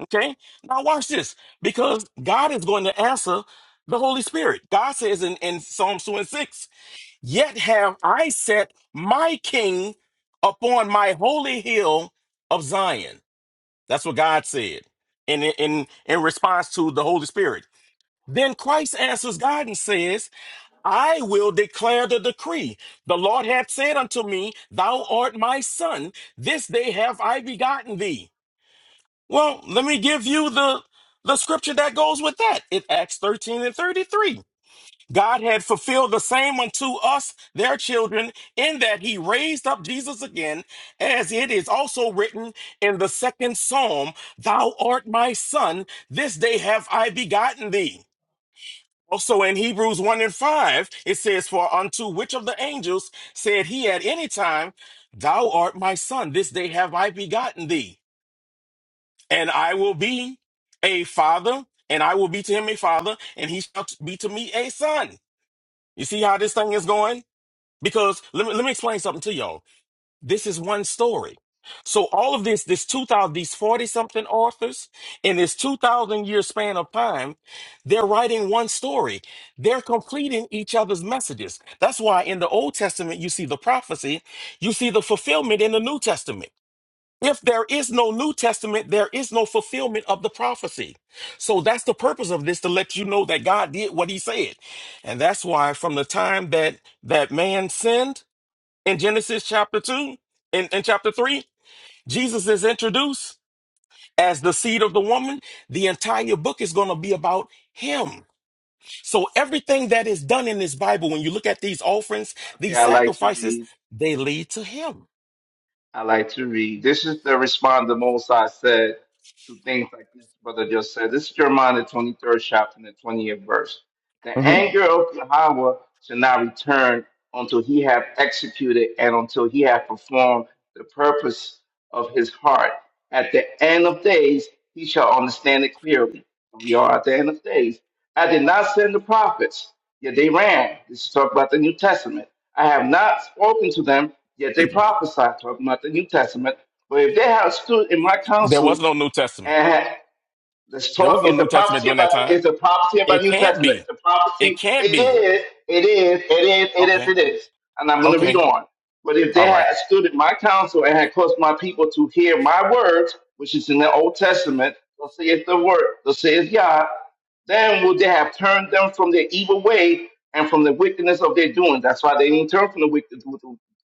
J: Okay? Now watch this. Because God is going to answer the Holy Spirit. God says in, in Psalms 2 and 6, Yet have I set my king upon my holy hill of Zion. That's what God said in, in, in response to the Holy Spirit. Then Christ answers God and says, I will declare the decree. The Lord hath said unto me, Thou art my son. This day have I begotten thee. Well, let me give you the the scripture that goes with that. In Acts 13 and 33. God had fulfilled the same unto us, their children, in that he raised up Jesus again, as it is also written in the second psalm, Thou art my son, this day have I begotten thee. Also in Hebrews 1 and 5, it says, For unto which of the angels said he at any time, Thou art my son, this day have I begotten thee and I will be a father, and I will be to him a father, and he shall be to me a son. You see how this thing is going? Because let me let me explain something to y'all. This is one story. So all of this, this two thousand, these forty something authors in this two thousand year span of time, they're writing one story. They're completing each other's messages. That's why in the Old Testament you see the prophecy, you see the fulfillment in the New Testament. If there is no New Testament, there is no fulfillment of the prophecy. So that's the purpose of this to let you know that God did what he said. And that's why from the time that that man sinned in Genesis chapter 2 and in, in chapter 3, Jesus is introduced as the seed of the woman. The entire book is going to be about him. So everything that is done in this Bible, when you look at these offerings,
A: Okay,
J: these
A: I like to
J: sacrifices,
A: read.
J: they lead to him.
A: I like to read. This is the response the Most High said to things like this brother just said. This is Jeremiah, the 23rd chapter, and the 20th verse. The
J: hmm
A: anger of Yahweh shall not return until he have executed and until he have performed the purpose of his heart. At the end of days, he shall understand it clearly. We are at the end of days. I did not send the prophets, yet they ran. This is talking about the New Testament. I have not spoken to them, yet they prophesied, talking about the New Testament. But if they have stood in my
J: There was
A: counsel,
J: no New Testament.
A: and had. The
J: There was no
A: story is a
J: New Testament
A: prophecy
J: during that
A: about
J: time.
A: it's a prophecy about
J: It
A: New
J: can't
A: Testament. It's
J: be.
A: a
J: It
A: prophecy.
J: can't
A: It
J: be.
A: is, it is, it is, it is,
J: Okay.
A: it is. And I'm gonna read
J: Okay.
A: on. But if they
J: All
A: had
J: right.
A: stood at my counsel and had caused my people to hear my words, which is in the Old Testament, thus saith the word, thus saith Yah, then would they have turned them from their evil way and from the wickedness of their doing. That's why they didn't turn from the wicked,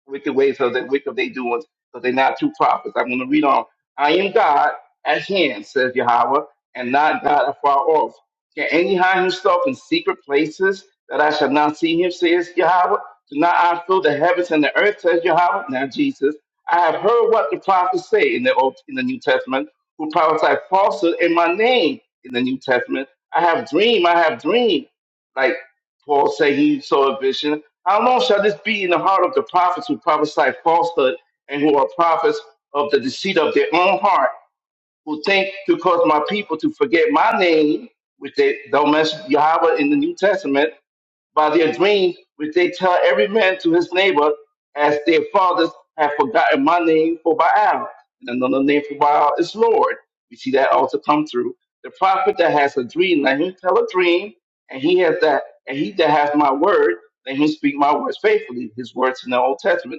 A: wicked ways of the wicked of their doings, because they're not true prophets. I'm gonna read on. I am God, at hand, says Yahweh, and not God afar off. Can any hide himself in secret places that I shall not see him, says Yahweh? Do not I fill the heavens and the earth, says Yahweh? Now, Jesus, I have heard what the prophets say in the Old, in the New Testament, who prophesy falsehood in my name in the New Testament. I have dreamed, I have dreamed. Like Paul said, he saw a vision. How long shall this be in the heart of the prophets who prophesy falsehood and who are prophets of the deceit of their own heart? who think to cause my people to forget my name, which they don't mention Yahweh in the New Testament, by their dreams, which they tell every man to his neighbor, as their fathers have forgotten my name for Baal. And another name for Baal is Lord. We see that also come through. The prophet that has a dream, let him tell a dream, and he has that, and he that has my word, let him speak my words faithfully. His words in the Old Testament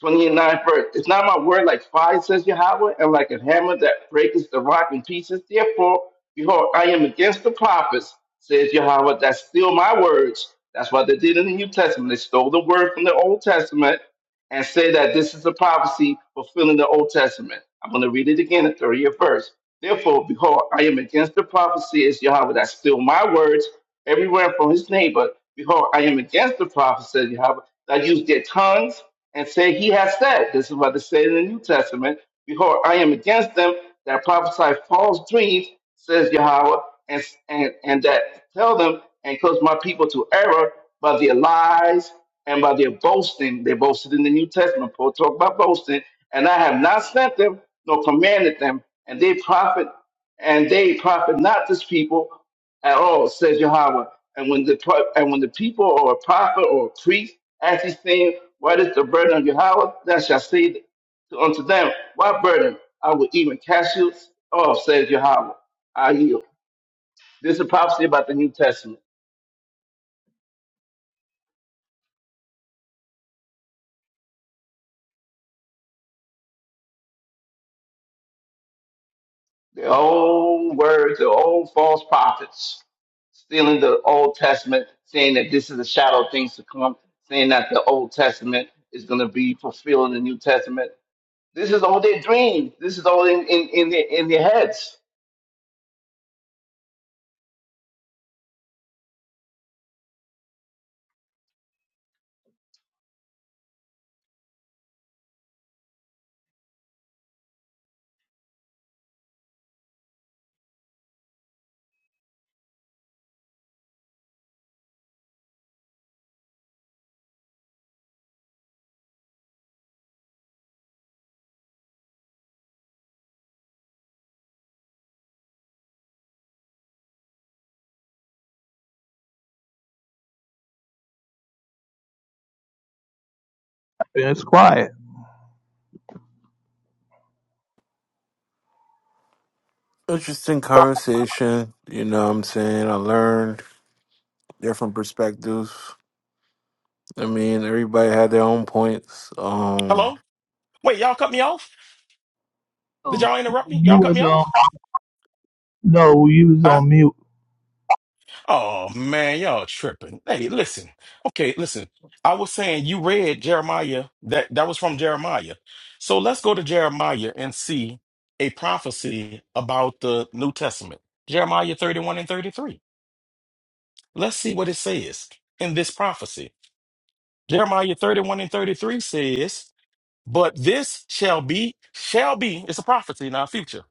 A: 29 verse. It's not my word like fire, says Yahweh, and like a hammer that breaketh the rock in pieces. Therefore, behold, I am against the prophets, says Yahweh, that steal my words. That's what they did in the New Testament. They stole the word from the Old Testament and say that this is a prophecy fulfilling the Old Testament. I'm going to read it again, the 30th verse. Therefore, behold, I am against the prophecy, says Yahweh, that steal my words Everywhere from his neighbor. Behold, I am against the prophets, said Yahweh, that use their tongues and say, He has said. This is what it said in the New Testament. Behold, I am against them that prophesy false dreams, says Yahweh, and, and, and that tell them and cause my people to error by their lies and by their boasting. They boasted in the New Testament. Paul talked about boasting. And I have not sent them nor commanded them, and they profit and they profit not this people, at all, says Yahweh. And when the pro- and when the people or a prophet or a priest asks saying, What is the burden of Yahweh? Thou shalt say unto them, What burden? I will even cast you off, says Yahweh. I yield. This is a prophecy about the New Testament. Their own words, their own false prophets, stealing the Old Testament, saying that this is a shadow of things to come, saying that the Old Testament is going to be fulfilled in the New Testament. This is all their dreams. This is all in in in their, in their heads.
D: It's quiet.
I: Interesting conversation. You know what I'm saying? I learned different perspectives. I mean, everybody had their own points. Um
J: Hello? Wait, y'all cut me off? Did
D: Oh,
J: y'all interrupt me?
D: you
J: Y'all cut
D: was
J: me
D: um
J: off?
D: No, you was
J: Huh?
D: on mute.
J: Oh man, y'all tripping. Hey, listen. Okay, listen. I was saying you read Jeremiah. That that was from Jeremiah. So let's go to Jeremiah and see a prophecy about the New Testament. Jeremiah 31 and 33. Let's see what it says in this prophecy. Jeremiah 31 and 33 says. But this shall be, shall be, it's a prophecy in our future.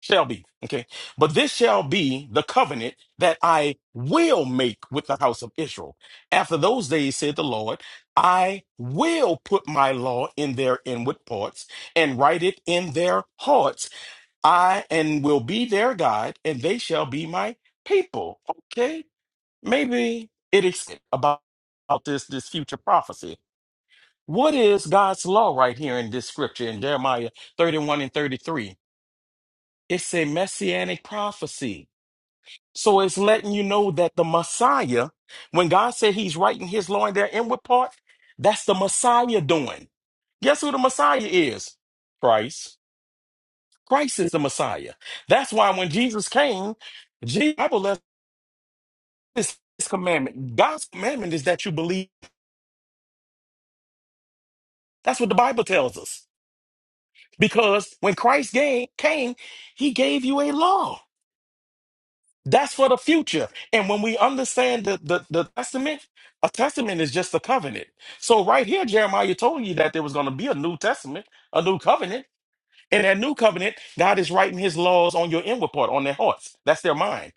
J: Shall be. Okay. But this shall be the covenant that I will make with the house of Israel. After those days, said the Lord, I will put my law in their inward parts and write it in their hearts. I and will be their God, and they shall be my people. Okay. Maybe it is about about this this future prophecy. What is God's law right here in this scripture in Jeremiah 31 and 33? It's a messianic prophecy. So it's letting you know that the Messiah, when God said he's writing his law in their inward part, that's the Messiah doing. Guess who the Messiah is? Christ. Christ is the Messiah. That's why when Jesus came, the Bible left this this commandment. God's commandment is that you believe. That's what the Bible tells us. Because when Christ ga- came, he gave you a law. That's for the future. And when we understand the, the, the testament, a testament is just a covenant. So right here, Jeremiah told you that there was going to be a new testament, a new covenant. And that new covenant, God is writing his laws on your inward part, on their hearts. That's their mind.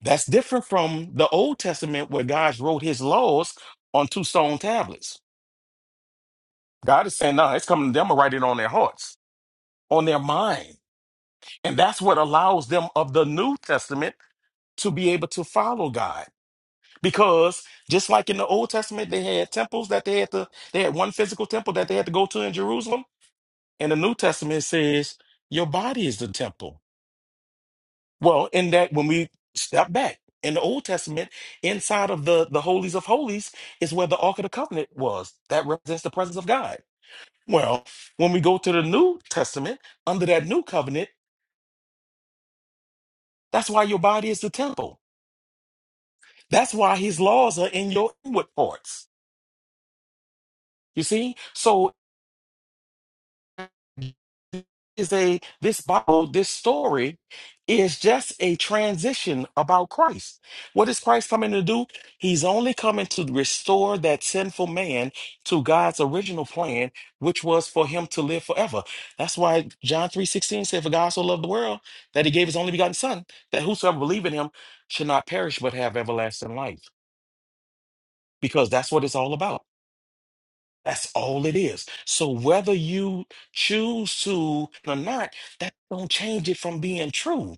J: That's different from the Old Testament where God wrote his laws on two stone tablets. God is saying, no, it's coming to them, I'm gonna write it on their hearts, on their minds And that's what allows them of the New Testament to be able to follow God. Because just like in the Old Testament, they had temples that they had to, they had one physical temple that they had to go to in Jerusalem. And the New Testament says, your body is the temple. Well, in that, when we step back in the Old Testament, inside of the, the holies of holies is where the Ark of the Covenant was. That represents the presence of God. Well, when we go to the New Testament, under that new covenant, that's why your body is the temple That's why his laws are in your inward parts. You see? So is a this Bible, this story is just a transition about Christ. What is Christ coming to do? He's only coming to restore that sinful man to God's original plan, which was for him to live forever. That's why John 3:16 said, For God so loved the world that he gave his only begotten son, that whosoever believe in him should not perish but have everlasting life. Because that's what it's all about. That's all it is. So whether you choose to or not, that don't change it from being true.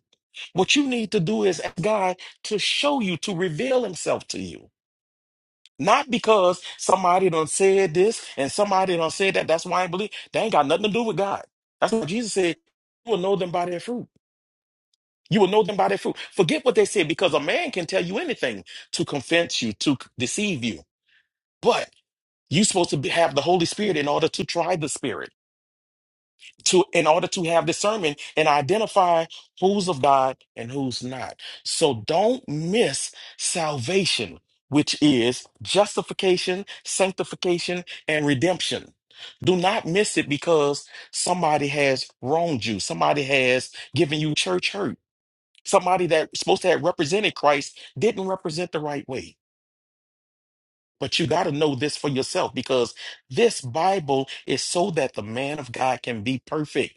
J: What you need to do is ask God to show you, to reveal himself to you. Not because somebody done said this and somebody done said that. That's why I believe. That ain't got nothing to do with God. That's what Jesus said. You will know them by their fruit. You will know them by their fruit. Forget what they said because a man can tell you anything to convince you, to c- deceive you. But you're supposed to be, have the Holy Spirit in order to try the Spirit. to in order to have discernment and identify who's of God and who's not. So don't miss salvation, which is justification, sanctification, and redemption. Do not miss it because somebody has wronged you, somebody has given you church hurt, somebody that's supposed to have represented Christ didn't represent the right way. But you got to know this for yourself because this Bible is so that the man of God can be perfect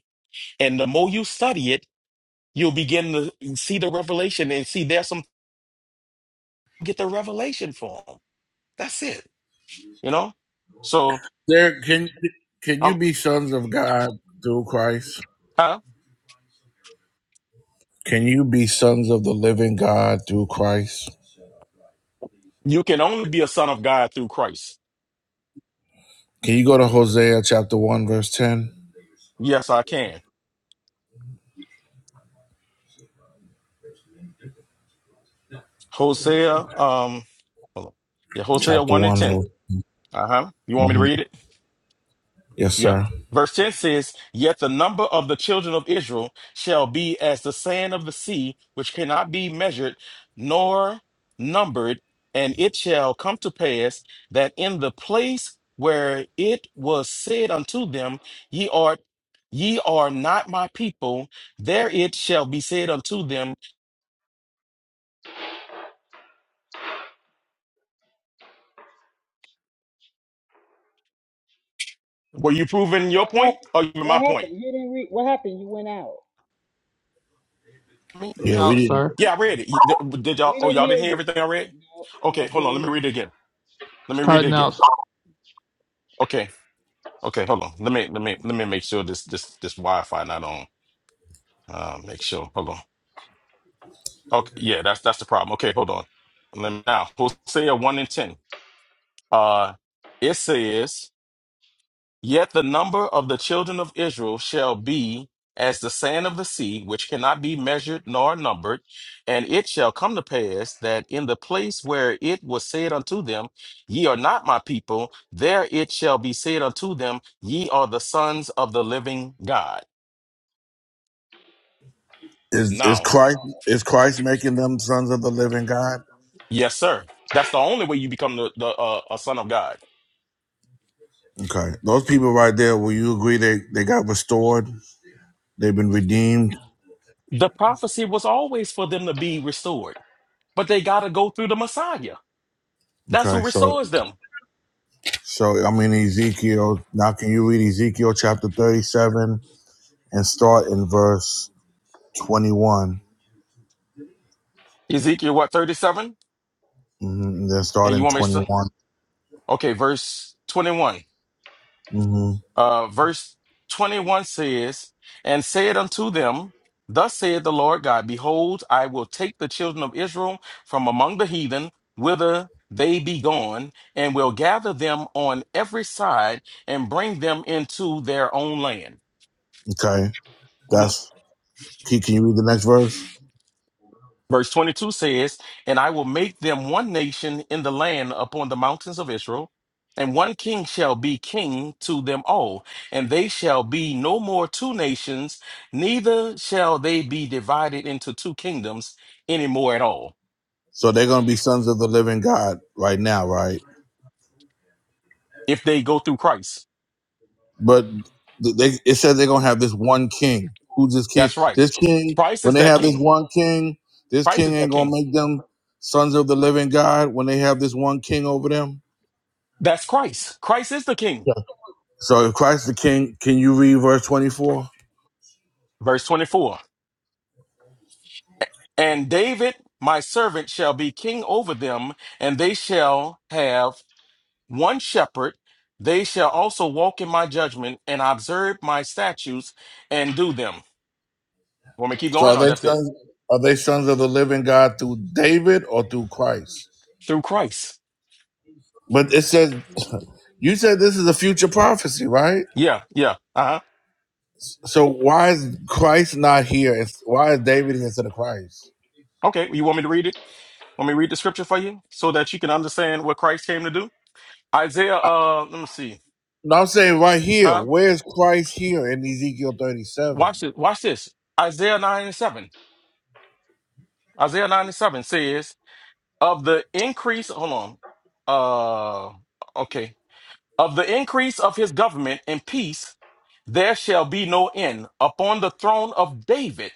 J: and the more you study it, you'll begin to see the revelation and see there's some get the revelation for them. That's it. You know? So
B: Derek, can can
J: um,
B: you be sons of God through Christ?
J: huh?
B: Can you be sons of the living God through Christ?
J: you can only be a son of God through Christ.
B: Can you go to Hosea chapter 1, verse 10?
J: Yes, I can. Hosea, um hold on. Yeah, Hosea
B: Chapter
J: 1 and
B: 1,
J: 10.
B: verse.
J: Uh-huh. You want me to
B: hmm
J: read it?
B: Yes,
J: Yeah.
B: sir.
J: Verse 10 says, Yet the number of the children of Israel shall be as the sand of the sea, which cannot be measured nor numbered. And it shall come to pass that in the place where it was said unto them, Ye are ye are not my people, there it shall be said unto them. Were you proving your
E: What
J: point
E: happened?
J: or you- my
E: What
J: point?
E: happened? You didn't read. What happened? You went out.
J: Me?
B: Yeah, we
D: Out,
B: didn't.
D: sir.
J: Yeah, I read it. You- Did
E: We
J: y'all oh
E: didn't
J: y'all
E: hear
J: didn't hear
E: you.
J: everything I read?
E: No,
J: Okay,
E: no, we
J: hold on,
E: didn't
J: let me
E: hear you.
J: read it again. Let
D: It's
J: me read it
D: cutting
J: again.
D: out,
J: Okay. Okay, hold on. Let me let me let me make sure this this this Wi-Fi not on. Uh, make sure. Hold on. Okay, yeah, that's that's the problem. Okay, hold on. Let me, now Hosea one and ten. Uh, it says, "Yet the number of the children of Israel shall be as the sand of the sea, which cannot be measured nor numbered. And it shall come to pass that in the place where it was said unto them, Ye are not my people, there it shall be said unto them, Ye are the sons of the living God."
B: Is, is
J: Now.
B: Christ is Christ making them sons of the living God?
J: Yes, sir. That's the only way you become the, the uh, a son of God.
B: Okay, those people right there. Will you agree they they got restored? They've been redeemed.
J: The prophecy was always for them to be restored, but they got to go through the Messiah. That's who
B: Okay, so
J: restores them.
B: so I'm in Ezekiel now. Can you read Ezekiel chapter 37 and start in verse 21?
J: Ezekiel, what, 37?
B: hmm And then start
J: And you
B: in
J: want me to?
B: 21.
J: Okay, verse 21.
B: hmm
J: Uh, verse 21 says, And said unto them, Thus saith the Lord God, Behold, I will take the children of Israel from among the heathen, whither they be gone, and will gather them on every side and bring them into their own land.
B: Okay,
J: Mm-hmm.
B: That's can, can you read the next verse?
J: Verse 22 says, And I will make them one nation in the land upon the mountains of Israel, and one king shall be king to them all, and they shall be no more two nations, neither shall they be divided into two kingdoms anymore at all,
B: So they're gonna be sons of the living God right now, right?
J: if they go through Christ.
B: But th- they it says they're gonna have this one king. Who's this king?
J: That's right.
B: This king.
J: Christ
B: When
J: is
B: they
J: that
B: have this
J: king.
B: one king, this
J: Christ
B: king
J: is that
B: ain't gonna
J: king.
B: make them sons of the living God when they have this one king over them.
J: That's Christ. Christ is the king.
B: Yeah. So if Christ the King, can you read verse twenty four?
J: Verse 24. And David, my servant, shall be king over them, and they shall have one shepherd. They shall also walk in my judgment and observe my statutes and do them. Want me to keep
B: So
J: going,
B: are
J: or
B: they
J: that's it?
B: sons? Are they sons of the living God through David or through Christ?
J: Through Christ.
B: But it says *laughs* you said this is a future prophecy, right?
J: Yeah, yeah. Uh huh.
B: So why is Christ not here? It's- Why is David instead of Christ?
J: Okay. well, You want me to read it? Want me to read the scripture for you so that you can understand what Christ came to do? Isaiah.
B: I,
J: Uh, let me see.
B: no, I'm saying right here.
J: Huh?
B: Where's Christ here in Ezekiel 37?
J: Watch it. Watch this. Isaiah nine and seven. Isaiah nine and seven says. of the increase hold on uh okay of the increase of his government and peace there shall be no end upon the throne of david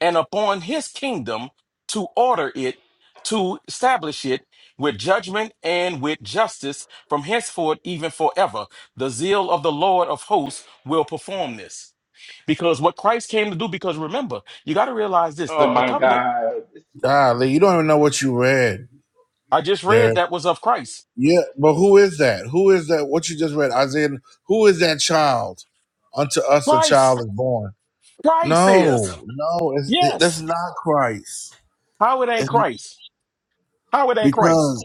J: and upon his kingdom to order it to establish it with judgment and with justice from henceforth even forever the zeal of the lord of hosts will perform this because what christ came to do because remember you got to realize this
A: Oh
J: the, the
A: my
J: covenant
A: God, this, this
B: Golly,
A: is
B: you don't even know
A: stupid,
B: what you read
J: i just
B: there.
J: read that was of christ
B: Yeah, but who is that? Who is that? What you just read, Isaiah? Who is that child? Unto us a
J: christ
B: child is born.
J: Christ is.
B: No, no, it's, that's
J: Yes.
B: not Christ.
J: How it ain't
B: It's
J: Christ? How it ain't Christ?
B: because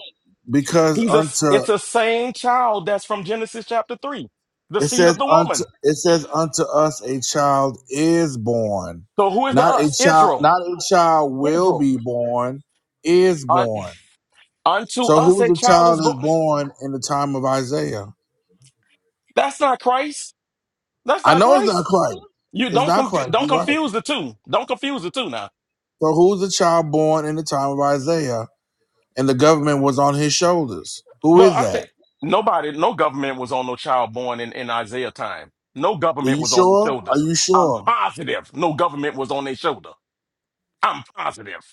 B: because
J: He's a
B: unto
J: it's a same child that's from Genesis chapter 3, the
B: It
J: seed of
B: says
J: the
B: unto
J: woman.
B: it says unto us a child is born.
J: So who is the
B: Not a
J: us?
B: child
J: Israel.
B: not a child will
J: Israel.
B: be born, is
J: Un-
B: born.
J: unto
B: So
J: us
B: who's
J: a
B: the
J: child
B: child
J: is
B: is
J: born.
B: born in the time of Isaiah?
J: That's not Christ. That's
B: I
J: not
B: know it's not
J: Christ.
B: Christ.
J: You
B: It's
J: don't
B: not
J: conf-
B: Christ,
J: don't
B: you're right.
J: confuse the two. Don't confuse the two now.
B: So who's the child born in the time of Isaiah? And the government was on his shoulders. Who
J: Well,
B: is
J: I
B: that?
J: think nobody, no government was on no child born in, in Isaiah time. No
B: Are
J: government
B: you
J: was on their
B: sure? Are
J: shoulders.
B: you
J: I'm
B: sure?
J: positive no government was on their shoulder. I'm positive.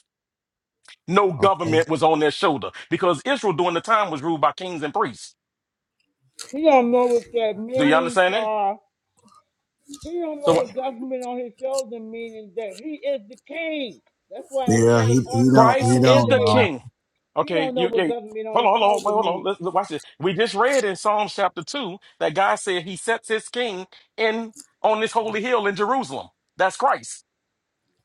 J: No
B: Okay.
J: government was on their shoulder because Israel during the time was ruled by kings and priests.
E: He don't know what that
J: Do you
E: means,
J: understand that?
E: sir. He don't know
J: So
E: the government on his shoulder meaning that he is the king. That's why I
B: Yeah,
E: say
B: he, he
E: on the
B: don't
J: Christ
B: he
E: throne of
J: is
B: don't
J: the
B: know.
E: David.
J: king.
E: He
J: Okay,
E: don't know
J: you,
E: what
J: you
E: government on
J: hold
E: his
J: on, hold on, wait,
E: shoulder
J: hold on.
E: means.
J: Let's, let's watch this. We just read in Psalms chapter two that God said He sets His king in on this holy hill in Jerusalem. That's Christ.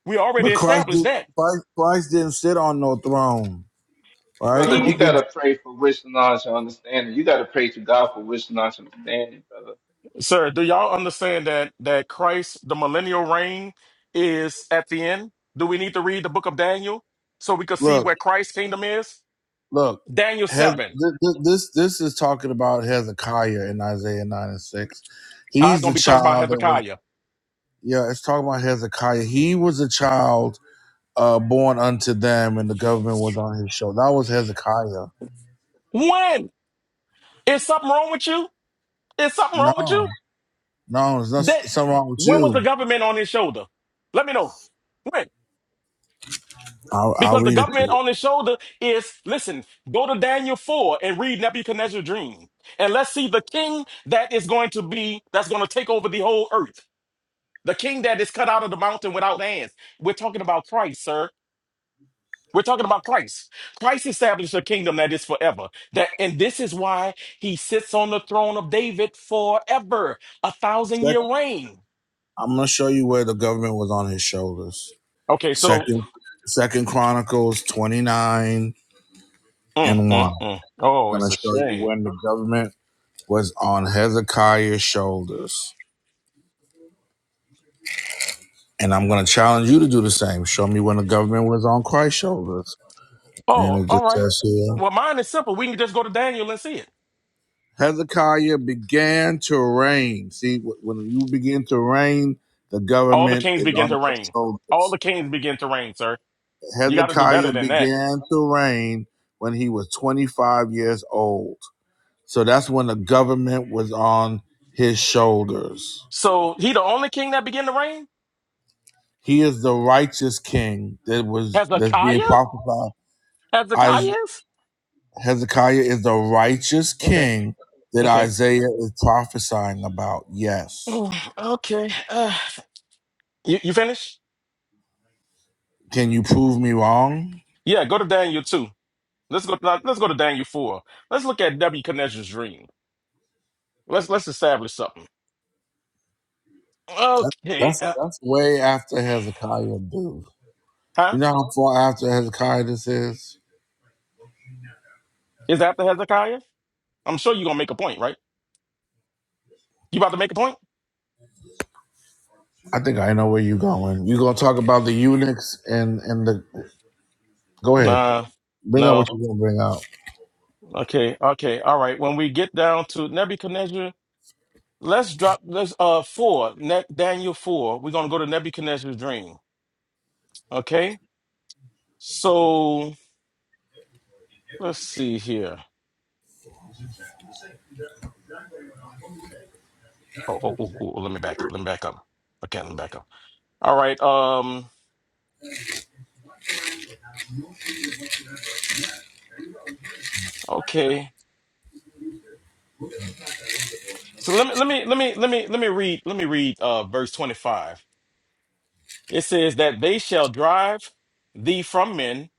J: We already
B: But Christ
J: established
B: did
J: that.
B: Christ, Christ didn't sit on no throne. All right,
A: brother. You
J: He,
B: Corinthians.
A: gotta pray for wisdom, knowledge, and understanding. You gotta pray to God for wisdom, knowledge, and understanding, brother.
J: sir, do y'all understand that that Christ, the millennial reign, is at the end? Do we need to read the book of Daniel so we could see
B: Look,
J: where Christ's kingdom is?
B: look.
J: Daniel
B: Has
J: 7.
B: this this this is talking about Hezekiah in Isaiah nine and six.
J: I'm
B: He's
J: going
B: the
J: to be talking about
B: child that was
J: Hezekiah.
B: yeah. It's talking about Hezekiah. He was a child uh, born unto them, and the government was on his shoulder. That was Hezekiah.
J: When? Is something wrong with you? Is something
B: No,
J: wrong with you?
B: no, there's
J: That
B: nothing something wrong with
J: when was the
B: you.
J: government on his shoulder? Let me know. When?
B: I'll, I'll
J: Because the
B: read it to
J: government
B: you.
J: on his shoulder is, listen, go to Daniel 4 and read Nebuchadnezzar's dream. And let's see the king that is going to be, that's going to take over the whole earth. The king that is cut out of the mountain without hands. We're talking about Christ, sir. We're talking about Christ. Christ established a kingdom that is forever. That and this is why he sits on the throne of David forever, a thousand year
B: Second,
J: reign.
B: I'm gonna show you where the government was on his shoulders.
J: Okay, so
B: Second, Second Chronicles twenty nine
J: mm,
B: and one.
J: mm, mm. oh, it's
B: Gonna
J: a
B: show you
J: shame.
B: when the government was on Hezekiah's shoulders. And I'm going to challenge you to do the same. Show me when the government was on Christ's shoulders. And
J: Oh,
B: it
J: all
B: just
J: right.
B: says here
J: Well, mine is simple. We can just go to Daniel and see it.
B: Hezekiah began to reign. See, wh- when you begin to reign, the
J: All the
B: government
J: kings
B: is
J: begin to
B: on your
J: reign. All the
B: shoulders.
J: kings begin to reign, sir. You got to do better
B: Hezekiah
J: than that.
B: began to reign when he was 25 years old. So that's when the government was on his shoulders.
J: So he the only king that began to reign?
B: He is the righteous king that was that's
J: Hezekiah?
B: being prophesied. Is-
J: Hezekiah is?
B: Hezekiah is the righteous
J: Okay.
B: king that
J: Okay.
B: Isaiah is prophesying about. Yes.
J: Mm, Okay. Uh, you, you finished?
B: Can you prove me wrong?
J: Yeah, go to Daniel two. Let's go. Let's go to Daniel four. Let's look at Nebuchadnezzar's dream. Let's let's establish something.
B: That,
J: Okay,
B: that's
J: uh,
B: that's way after Hezekiah, dude. You
J: huh?
B: know how far after Hezekiah this is?
J: Is that the Hezekiah? I'm sure you're gonna make a point, right? You about to make a point?
B: I think I know where you're going. You're gonna talk about the eunuchs and and the. Go ahead.
J: Nah,
B: Bring out what
J: no.
B: you're gonna bring out.
J: Okay, okay, all right. When we get down to Nebuchadnezzar, let's drop. Let's uh four. Ne- Daniel four. We're gonna go to Nebuchadnezzar's dream. Okay. So let's see here. Oh, oh, oh, oh, let me back up. Let me back up. Okay, let me back up. All right. Um. Okay. So let me let me let me let me let me read let me read uh verse 25. It says that they shall drive thee from men,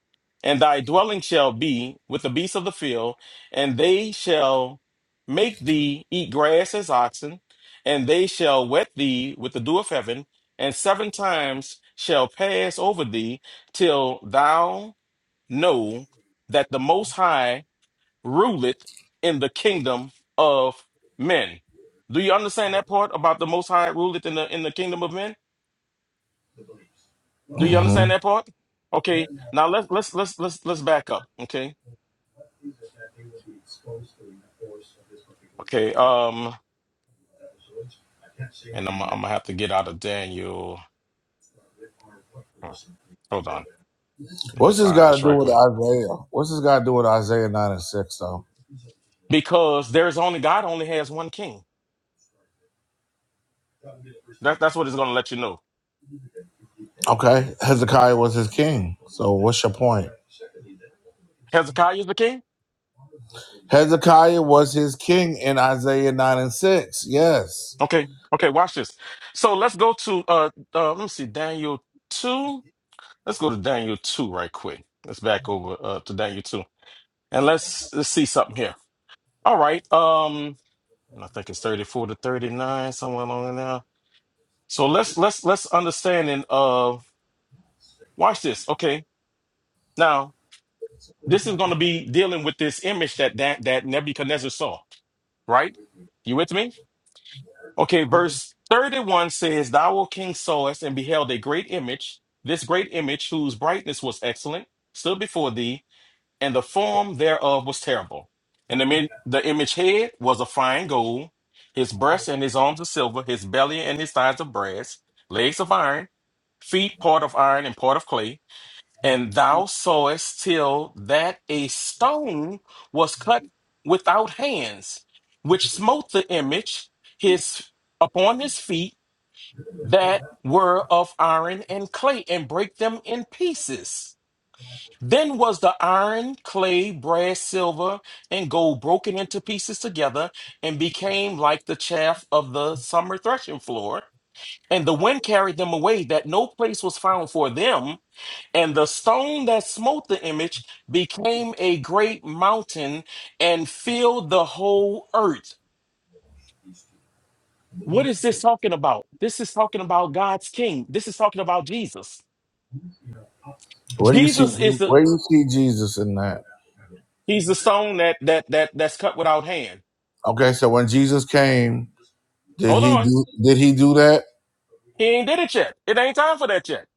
J: and thy dwelling shall be with the beasts of the field, and they shall make thee eat grass as oxen, and they shall wet thee with the dew of heaven, and seven times shall pass over thee till thou know that the most high ruleth in the kingdom of men. Do you understand that part about the Most High ruleth in the in the kingdom of men? Do you
B: hmm
J: understand that part? Okay, now let's let's let's let's let's back up. Okay, okay. Um, and I'm I'm gonna have to get out of Daniel. Hmm, Hold on, let me
B: What's this
J: find
B: got to
J: this
B: do
J: right
B: with
J: quick
B: Isaiah? What's this got to do with Isaiah nine and six though?
J: because there's only God only has one king. That that's what it's gonna let you know.
B: Okay, Hezekiah was his king. So what's your point?
J: Hezekiah is the king.
B: Hezekiah was his king in Isaiah 9 and 6. Yes.
J: Okay, okay. Watch this. So let's go to uh, uh let me see Daniel two. Let's go to Daniel 2 right quick. Let's back over uh, to Daniel 2. And let's let's see something here. All right. Um I think it's 34 to 39, somewhere along in there. So let's let's let's understanding of watch this. Okay. Now, this is gonna be dealing with this image that that, that Nebuchadnezzar saw, right? You with me? Okay, verse 31 says, Thou, O King, sawest and beheld a great image, this great image whose brightness was excellent, stood before thee and the form thereof was terrible. And the, mi- the image head was of fine gold, his breasts and his arms of silver, his belly and his thighs of brass, legs of iron, feet part of iron and part of clay. And thou sawest till that a stone was cut without hands, which smote the image his upon his feet that were of iron and clay, and brake them in pieces. Then was the iron, clay, brass, silver, and gold broken into pieces together and became like the chaff of the summer threshing floor. And the wind carried them away, that no place was found for them. And the stone that smote the image became a great mountain and filled the whole earth. What is this talking about? This is talking about God's king. This is talking about Jesus.
B: Where you see
J: Jesus is the
B: where you see Jesus in that?
J: he's the stone that that that that's cut without hand.
B: Okay, so when Jesus came, did
J: Hold
B: he
J: on.
B: do did he do that?
J: He ain't did it yet. It ain't time for that yet.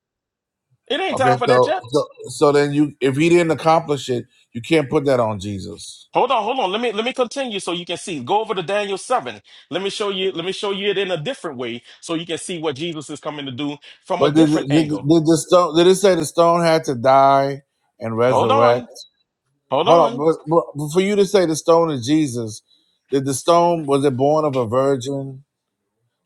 J: It ain't
B: Okay,
J: time for that
B: so
J: yet.
B: so, so then you if he didn't accomplish it, you can't put that on Jesus.
J: Hold on, hold on. Let me let me continue so you can see. Go over to Daniel 7. Let me show you, let me show you it in a different way so you can see what Jesus is coming to do from a
B: But did,
J: different
B: did,
J: angle.
B: did the stone did it say the stone had to die and
J: Hold on.
B: resurrect?
J: Hold
B: Hold on,
J: on.
B: but, but for you to say the stone is Jesus, did the stone was it born of a virgin?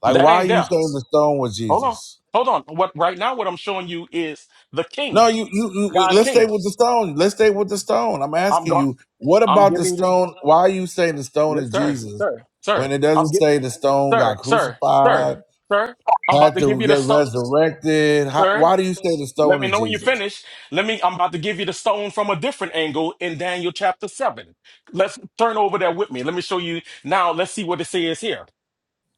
B: Like
J: That
B: why are
J: ain't
B: you
J: there.
B: saying the stone was
J: Hold on.
B: Jesus?
J: Hold on. What right now what I'm showing you is the
B: No,
J: king,
B: you, you, you
J: God's
B: let's stay
J: king.
B: with the stone. Let's stay with the stone. I'm
J: I'm
B: asking
J: going
B: you, what
J: I'm
B: about the
J: giving you
B: stone? Why are you saying the stone
J: let-
B: is
J: sir,
B: Jesus
J: sir, sir.
B: when it
J: I'm
B: doesn't
J: get
B: say the stone
J: sir,
B: got
J: sir, sir,
B: crucified,
J: sir. I'm about
B: had
J: to give
B: to
J: you the
B: get
J: stuff,
B: resurrected? How, why do you say the
J: Let
B: stone
J: me
B: is
J: know when you
B: Jesus?
J: finish. Let me. I'm about to give you the stone from a different angle in Daniel chapter seven. Let's turn over there with me. Let me show you now. Let's see what it says here.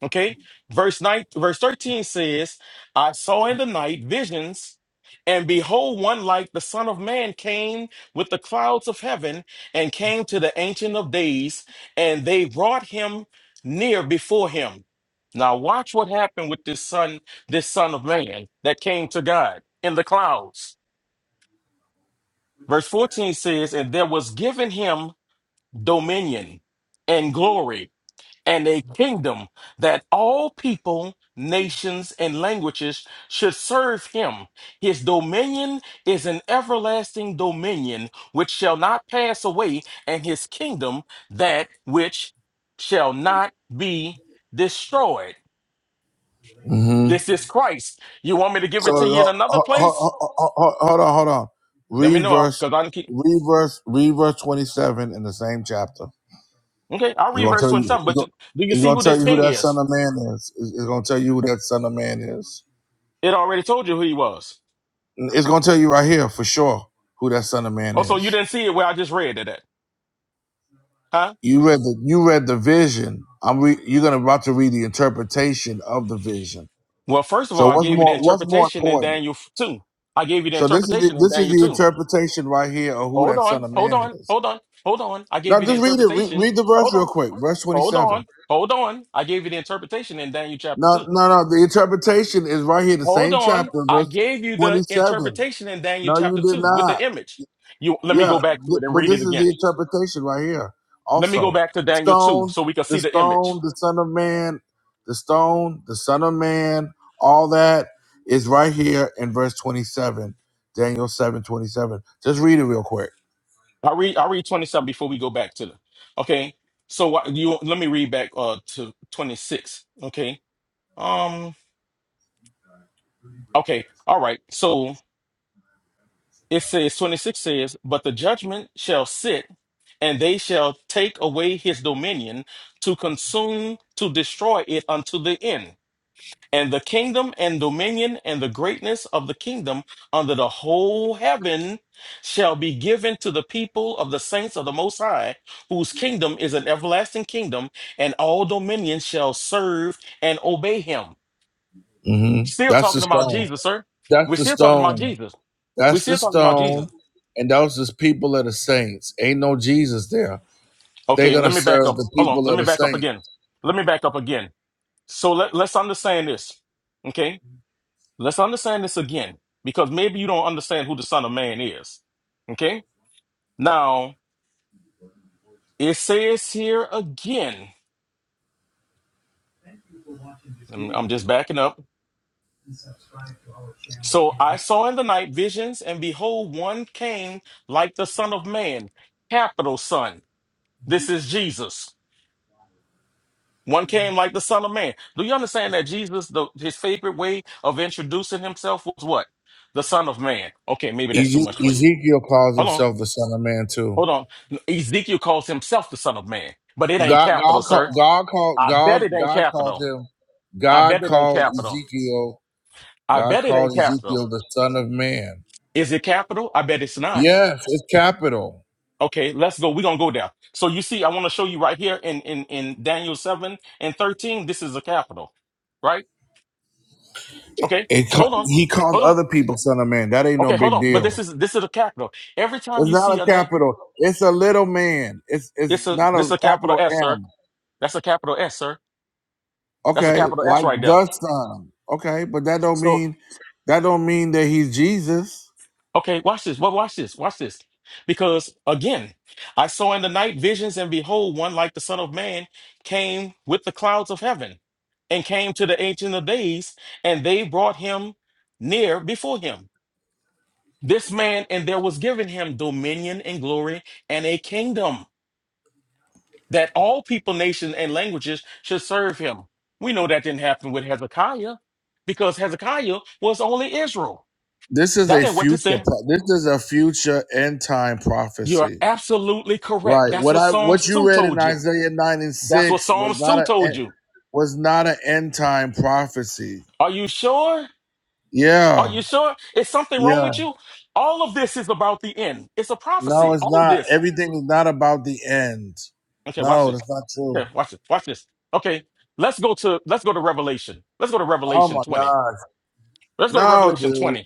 J: Okay, verse nine, verse thirteen says, "I saw in the night visions, and behold, one like the Son of Man came with the clouds of heaven, and came to the Ancient of Days, and they brought him near before him." Now, watch what happened with this son, this Son of Man that came to God in the clouds. Verse fourteen says, "And there was given him dominion and glory." and a kingdom that all people, nations, and languages should serve him. His dominion is an everlasting dominion which shall not pass away, and his kingdom that which shall not be destroyed.
B: hmm
J: This is Christ. You want me to give
B: So
J: it to you in
B: ho-
J: another
B: ho- ho-
J: place?
B: ho- ho- ho- hold on, hold on.
J: Let me
B: Read
J: know
B: verse,
J: because I can keep.
B: read verse, read verse 27 in the same chapter.
J: Okay, I'll
B: It's
J: read
B: gonna
J: verse
B: tell you.
J: 27.
B: It's
J: But do
B: gonna,
J: do you
B: it's
J: see
B: gonna
J: who
B: tell
J: this
B: you who
J: king
B: that son
J: is?
B: of man is. It's, it's gonna tell you who that son of man is.
J: It already told you who he was.
B: It's gonna tell you right here for sure who that son of man
J: Oh, so you
B: is.
J: didn't see it where I just read it at. Huh?
B: You read the you read the vision. I'm re, you're gonna about to read the interpretation of the vision.
J: Well, first of all,
B: So
J: I
B: what's
J: gave you the
B: more what's more
J: interpretation in
B: important?
J: Daniel 2. I gave you the
B: So this is the,
J: interpretation in
B: this is
J: Daniel
B: the
J: 2.
B: interpretation right here of who
J: Hold
B: that
J: on,
B: son of
J: hold
B: man
J: on,
B: is.
J: hold on, hold on. I
B: Now
J: gave you the
B: just read it. Read,
J: interpretation.
B: read the
J: Hold
B: verse real
J: on,
B: quick. Verse
J: hold
B: 27.
J: on, hold on. I gave you the interpretation in Daniel chapter
B: No,
J: 2.
B: no, no. The interpretation is right here, the
J: Hold
B: same
J: on.
B: chapter,
J: I
B: verse
J: gave you the
B: 27.
J: interpretation in Daniel
B: No, you
J: chapter
B: did
J: 2 with
B: not.
J: the image. You let me
B: Yeah,
J: go back to
B: th-
J: it and
B: but
J: read
B: this
J: it
B: is the
J: again.
B: interpretation right here.
J: Let me go
B: Also,
J: back to
B: the
J: Daniel 2
B: stone,
J: so we can see
B: the
J: the
B: stone,
J: image.
B: the Son of Man, the stone, the Son of Man, all that is right here in verse 27, Daniel 7 27. Just read it real quick.
J: I read I read 27 before we go back to the okay. So what you let me read back uh to 26. Okay. Um Okay, all right. So it says 26 says, But the judgment shall sit, and they shall take away his dominion to consume, to destroy it unto the end. And the kingdom and dominion and the greatness of the kingdom under the whole heaven shall be given to the people of the saints of the Most High, whose kingdom is an everlasting kingdom, and all dominions shall serve and obey him.
B: hmm
J: Still
B: That's the
J: talking about
B: stone.
J: Jesus, sir. We're
B: That's the
J: still talking about
B: stone.
J: Jesus. We're
B: That's the
J: still talking about Jesus.
B: stone. And those is people of the saints. Ain't no Jesus there. They're
J: Okay,
B: going to
J: let me back
B: serve
J: up.
B: the
J: Hold on.
B: people
J: Let
B: of
J: me
B: the
J: back up
B: saints.
J: again. Let me back up again. So let, let's understand this. Okay? Let's understand this again because maybe you don't understand who the Son of Man is. Okay? Now, it says here again, I'm I'm just backing up. So I saw in the night visions, and behold, one came like the Son of Man, capital Son. This is Jesus. One came like the Son of Man. Do you understand that Jesus, the, his favorite way of introducing himself was what? The Son of Man. Okay, maybe that's too
B: Eze-
J: much for you.
B: Ezekiel calls
J: Hold on,
B: himself the Son of Man too.
J: hold on. Ezekiel calls himself the Son of Man, but it ain't
B: God,
J: capital,
B: God
J: sir.
B: called, God called,
J: I
B: God,
J: bet it ain't
B: God called
J: capital.
B: him.
J: I
B: God
J: bet it ain't
B: called
J: capital.
B: Ezekiel.
J: I
B: God
J: bet it
B: called
J: ain't capital.
B: Ezekiel the son of man.
J: Is it capital? I bet it's not.
B: Yes, it's capital.
J: Okay, let's go. We're gonna go there. So you see, I want to show you right here in, in, in Daniel 7 and 13. This is a capital, right? Okay,
B: It, ca-
J: hold on.
B: he called
J: Hold on.
B: other people son of man. That ain't no
J: Okay, hold
B: big
J: on. But
B: deal.
J: this is this is a capital. Every time
B: It's
J: you
B: not
J: see
B: a
J: a name,
B: capital. It's a little man. It's it's
J: it's a
B: not
J: this
B: a
J: is a capital
B: capital
J: S, sir.
B: M.
J: That's a capital S, sir. That's a
B: Okay,
J: capital S
B: like
J: right there.
B: the son. Okay, but that don't
J: So
B: mean that don't mean that he's Jesus.
J: okay, watch this. Well, watch this. Watch this. Because again, I saw in the night visions, and behold, one like the Son of Man came with the clouds of heaven, and came to the Ancient of Days, and they brought him near before him. This man, and there was given him dominion and glory and a kingdom that all people, nations, and languages should serve him. We know that didn't happen with Hezekiah because Hezekiah was only Israel.
B: This is
J: That
B: a
J: ain't what this
B: future.
J: said.
B: pro- This is a future end time
J: You're
B: prophecy.
J: absolutely correct.
B: Right.
J: That's
B: What
J: what
B: I what
J: Psalms
B: you
J: 2
B: read in
J: told you.
B: Isaiah nine and
J: That's what
B: six was
J: Psalms
B: not
J: 2
B: a
J: told
B: eh,
J: you.
B: was not an end time prophecy.
J: Are you sure? Are
B: Yeah.
J: you sure? Is something wrong
B: Yeah.
J: with you? All of this is about the end. It's a
B: No,
J: prophecy.
B: it's
J: All of
B: not.
J: this.
B: Everything is not about the end.
J: Okay, watch
B: No,
J: this.
B: that's not true.
J: Okay, watch this. Watch this. Okay, let's go to let's go to Revelation. Let's go to Revelation
B: Oh my
J: 20.
B: gosh.
J: Let's go to
B: No,
J: Revelation
B: dude.
J: 20.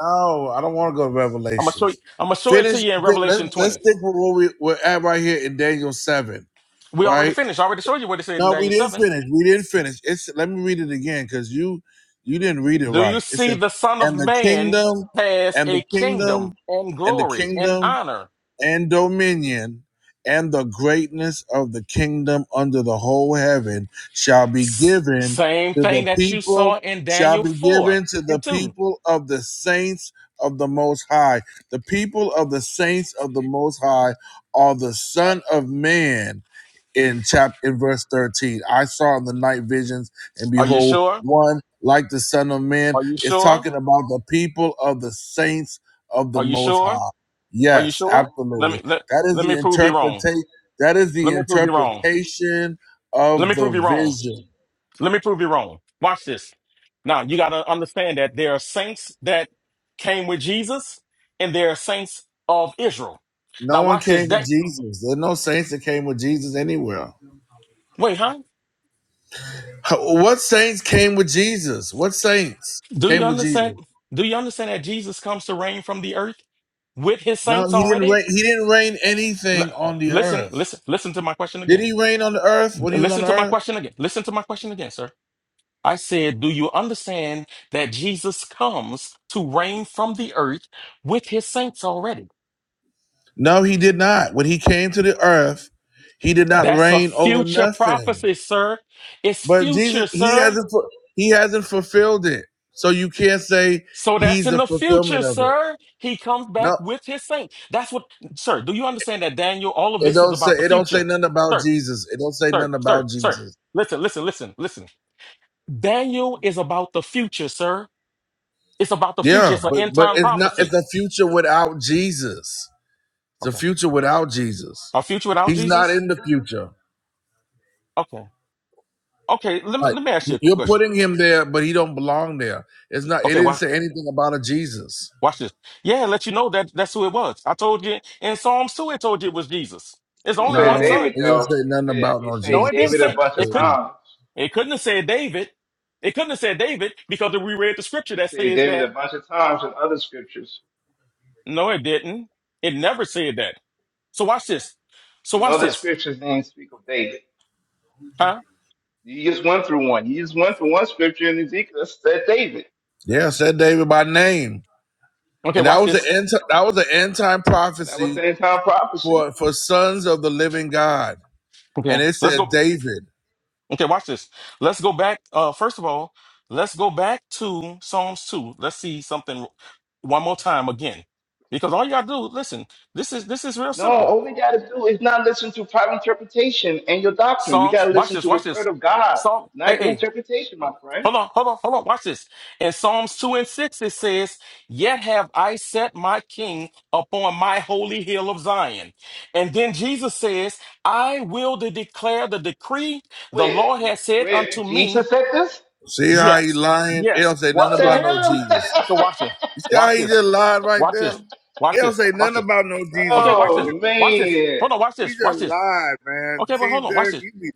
B: No, I don't want to go to
J: I'm gonna show you.
B: Revelations.
J: I'm gonna show it to
B: Finish.
J: you in
B: fi- Let's
J: Revelation
B: let's
J: 20.
B: stick with what we we're at right here in Daniel seven.
J: We
B: Right.
J: already finished. I already showed you what it said in
B: No, we
J: Daniel
B: didn't
J: 7.
B: finish. We didn't finish. It's let me read it again because you you didn't read it
J: Do you
B: right. It
J: see
B: says,
J: the Son of
B: "And the
J: Man
B: kingdom,
J: has
B: and
J: a
B: the
J: kingdom
B: kingdom,
J: and
B: and the
J: glory and
B: kingdom."
J: honor?
B: and dominion and the greatness of the kingdom under the whole heaven shall be
J: S-
B: given
J: Same
B: to
J: thing
B: the
J: that you
B: people
J: saw in
B: shall
J: Daniel
B: be
J: 4
B: given to the
J: and 2.
B: people of the saints of the most high the people of the saints of the most high are the son of man in chapter in verse 13 i saw in the night visions and
J: Are you
B: behold
J: sure?
B: one like the son of man
J: Are you
B: is
J: sure?
B: talking about the people of the saints of the
J: Are you
B: most
J: sure?
B: high
J: Are you
B: Yes,
J: sure? Let
B: absolutely.
J: me let,
B: That is
J: let
B: the
J: me prove you wrong.
B: interpretation. That is the
J: Let me prove you wrong.
B: interpretation
J: Let
B: of
J: me
B: the
J: prove you wrong.
B: vision.
J: Let me prove you wrong. Watch this. Now, you got to understand that there are saints that came with Jesus and there are saints of Israel.
B: No
J: Now,
B: one
J: watch this.
B: came with
J: That
B: Jesus. There are no saints that came with Jesus anywhere.
J: Wait, huh?
B: H- What saints came with Jesus? What saints
J: Do you
B: came with Jesus?
J: understand? Do you understand that Jesus comes to reign from the earth with his
B: No,
J: saints
B: he didn't
J: already?
B: reign. He didn't reign anything
J: L-
B: on the
J: listen,
B: earth.
J: listen, listen to my question
B: Did
J: again.
B: he reign on the earth when he was on
J: Listen
B: the
J: to my
B: earth?
J: question again. Listen to my question again, sir. I said, do you understand that Jesus comes to reign from the earth with his saints already?
B: No, he did not. When he came to the earth, he did not
J: That's a
B: reign over
J: future
B: nothing.
J: prophecy, sir. It's
B: But Jesus,
J: future,
B: he
J: sir.
B: hasn't fu- he hasn't fulfilled it, so you can't say
J: So that's
B: he's
J: in
B: the
J: the future,
B: fulfillment of it.
J: sir. He comes back
B: No,
J: with his saint. That's what, sir. Do you understand that, Daniel? All of
B: it
J: this is
B: don't say
J: about the
B: it don't say
J: future,
B: nothing about
J: sir,
B: Jesus. It don't say
J: sir,
B: nothing
J: sir,
B: about
J: sir.
B: Jesus.
J: Listen, listen, listen, listen. Daniel is about the future, sir. It's about the future.
B: Yeah,
J: It's an
B: but
J: end
B: but
J: time
B: it's not.
J: prophecy.
B: It's a future without Jesus. It's a
J: Okay.
B: future without Jesus.
J: A future without
B: He's not
J: Jesus?
B: in the future.
J: Okay. Okay. Let me
B: Like
J: let me ask you a
B: you're
J: question.
B: putting him there, but he don't belong there. It's not. It
J: Okay.
B: didn't
J: Why?
B: say anything about a Jesus.
J: Watch this. Yeah, let you know that that's who it was. I told you in Psalms 2, it told you it was Jesus. It's
A: It
J: only
B: No,
A: said
J: one son.
A: David
B: it didn't
A: though.
B: say
A: It
B: nothing
A: said
B: about
A: it
B: no
J: No,
A: said
B: Jesus.
J: it didn't
A: David a
J: say
A: bunch of
J: it couldn't
A: times.
J: it couldn't have said David. It couldn't have said David because we read the scripture
A: It
J: that
A: said
J: says
A: David a
J: that
A: bunch of times in other scriptures.
J: no, it didn't. It never said that. So watch this. So
A: In
J: watch
A: other
J: this.
A: scriptures, they didn't speak of David.
J: Huh?
A: You just went through one. You just went through one scripture in Ezekiel that said David,
B: Yeah, said David by name.
J: Okay,
B: And that
J: watch
B: was an
J: this.
B: end. ti- that was an end time
A: and that was the
B: prophecy
A: end time prophecy.
B: for for sons of the living God. And
J: Okay.
B: it
J: Let's
B: said
J: go.
B: David.
J: Okay, watch this. Let's go back. Uh, first of all, let's go back to Psalms 2. Let's see something one more time again. Because all you gotta do, listen, this is this is real
A: No,
J: simple.
A: all we got to do is not listen to private interpretation and your doctrine. We
J: Psalms,
A: got to
J: watch
A: listen
J: this,
A: to the
J: watch
A: word
J: this.
A: of God,
J: Psalm, hey,
A: not your
J: hey,
A: interpretation, my friend.
J: hold on, hold on, hold on, watch this. In Psalms 2 and 6, it says, Yet have I set my king upon my holy hill of Zion. And then Jesus says, I will to declare the decree the
A: Wait,
J: Lord has said unto
A: wait,
J: me,
A: Jesus said this?
B: See how he
J: Yes,
B: lying? It
J: yes,
B: don't say nothing
J: watch
A: What
J: this.
A: the
B: about no
A: hell? *laughs*
B: Jesus.
J: So watch this.
B: You see
J: Watch
B: how he
J: this.
B: just lied right
J: Watch
B: there?
J: this.
B: It
J: Watch
B: don't
J: this.
B: say
J: Watch
B: nothing
J: this.
B: about no Jesus.
J: Okay,
B: Right
J: watch this.
A: oh,
J: Watch this.
A: man.
J: Hold on, watch
B: there. He
J: this. Watch
B: just
J: this.
B: lied, man.
J: Okay, but
B: See,
J: hold on, watch
B: Derek,
J: this.
B: you be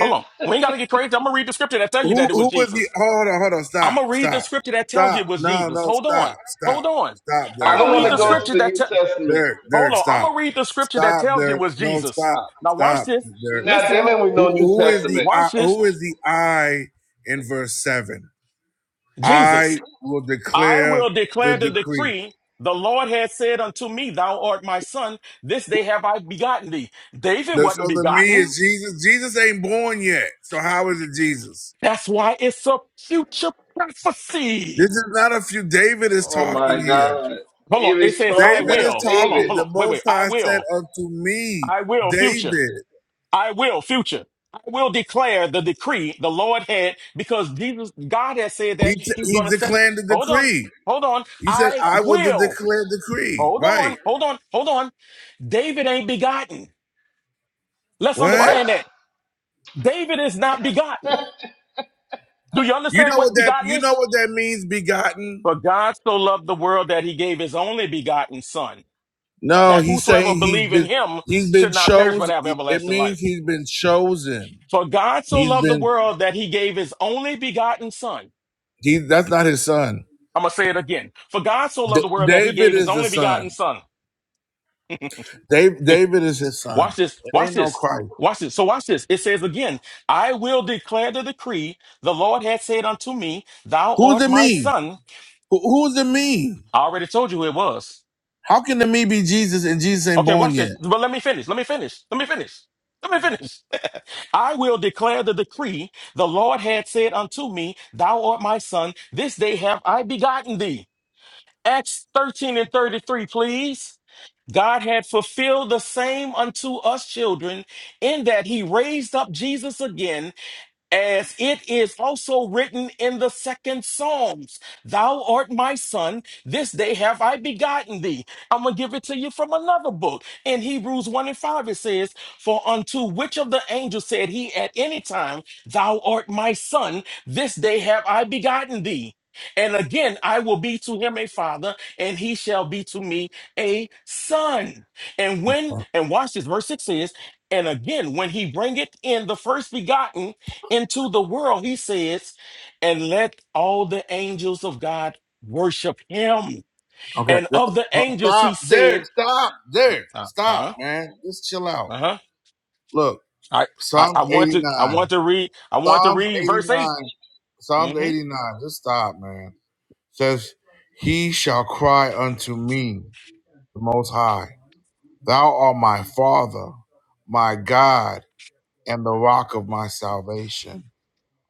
J: Hold on. We ain't gotta get crazy. I'm gonna read the scripture that tell you
B: Who
J: that it was
B: who was he?
J: Jesus.
B: Hold on, hold on.
J: I'm
B: Stop,
J: gonna read the
B: stop,
J: scripture that tells you
B: stop.
J: it was
B: No,
J: Jesus.
B: no,
J: Hold on.
B: stop,
J: Hold
B: stop,
J: on.
B: stop,
J: I'm
A: I
B: Derek,
J: gonna
A: don't want
J: read
A: to
B: stop,
J: the
A: go
B: Derek,
A: to
J: scripture
A: the
J: that
A: New
J: tell
A: Testament.
B: Derek,
J: hold
B: Derek,
J: on. I'm
B: stop,
J: gonna read the scripture that
B: stop,
J: tells you it
B: Derek.
J: was
B: No,
J: Jesus.
B: stop,
J: Now watch
B: stop,
J: this.
B: Derek.
A: We're not
J: Listen,
A: dealing with
B: Who
A: no New
B: who is the
A: Testament.
B: I,
J: watch this.
B: who is the I in verse seven?
J: Jesus.
B: I will
J: I
B: declare
J: will
B: the
J: declare the
B: decree.
J: decree. The Lord has said unto me, Thou art my son. This day have I begotten thee. David
B: The- so
J: wasn't
B: the me
J: begotten.
B: is Jesus. Jesus ain't born yet. So how is it Jesus?
J: That's why it's a future
B: This
J: prophecy.
B: is not a few. David is
A: Oh,
B: talking
A: my
B: here.
A: God.
J: Hold on. It
A: David's
J: says, I
A: talking.
B: David
A: That's
B: is
J: will. Hold on.
B: talking.
A: David.
J: Hold on.
B: The
J: Wait, wait.
B: Most
J: I
B: High said
J: will.
B: unto me,
J: I will. Future.
B: David.
J: I will. Future. I will declare the decree the Lord had because Jesus, God has said
B: He
J: that
B: t-
J: he's
B: he
J: going to set it.
B: declared the
J: Hold on.
B: decree.
J: Hold on.
B: He said,
J: I
B: I will de-
J: will.
B: declare decree.
J: Hold
B: Right.
J: on. Hold on. Hold on. David ain't begotten. Let's
B: What?
A: What?
J: understand that David is not begotten. Do you
B: You
J: understand
B: know what
J: what
B: that
J: begotten
B: you
J: is?
B: know what that means, begotten?
J: For God so loved the world that he gave his only begotten son,
B: No,
J: that
B: he's saying
J: whosoever
B: he's
J: believe in
B: been
J: him
B: he's been
J: should not perish but
B: chosen.
J: have
B: It
J: everlasting
B: means
J: life.
B: he's been chosen.
J: For God so
B: He's
J: loved the
B: been
J: world that he gave his only begotten son.
B: he. That's not his son.
J: I'm going to say it again. For God so loved
B: D-
J: the world that he
B: David
J: gave his
B: is the
J: only
B: son.
J: begotten son.
B: Dave,
J: *laughs*
B: David is his
J: Watch
B: son.
J: this.
B: It
J: Watch
B: ain't no
J: this.
B: Christ.
J: Watch this. So watch this. It says again, I will declare the decree. The Lord hath said unto me, Thou
B: Who's
J: art
B: the
J: my
B: me?
J: son.
B: Who, who's the me?
J: I already told you who it was.
B: How can the me be Jesus and Jesus ain't
J: Okay,
B: born
J: watch
B: yet?
J: this. But let me finish. Let me finish. Let me finish. Let me finish. *laughs* I will declare the decree. The Lord had said unto me, Thou art my son. This day have I begotten thee. Acts 13 and 33, please. God had fulfilled the same unto us children in that he raised up Jesus again as it is also written in the second Psalms, Thou art my son, this day have I begotten thee. I'm gonna give it to you from another book. In Hebrews 1 and 5, it says, For unto which of the angels said he at any time, Thou art my son, this day have I begotten thee. And again, I will be to him a father, and he shall be to me a son. And when,
B: Uh,
J: and watch this, verse 6 says, and again, when he bringeth in the first begotten into the world, he says, and let all the angels of God worship him. And
B: Okay,
J: of the angels, he
B: stop
J: said,
B: there. Stop there.
J: uh
B: Stop,
J: huh,
B: man. Just chill out.
J: uh huh.
B: Look,
J: I, I,
B: Psalm
J: I want to, I
B: 89.
J: want to read, I want to
B: Psalms
J: read verse
B: 89.
J: 8
B: Psalms
J: Mm-hmm.
B: 89. Just stop, man. Says, He shall cry unto me, the Most High. Thou art my Father, my God, and the rock of my salvation.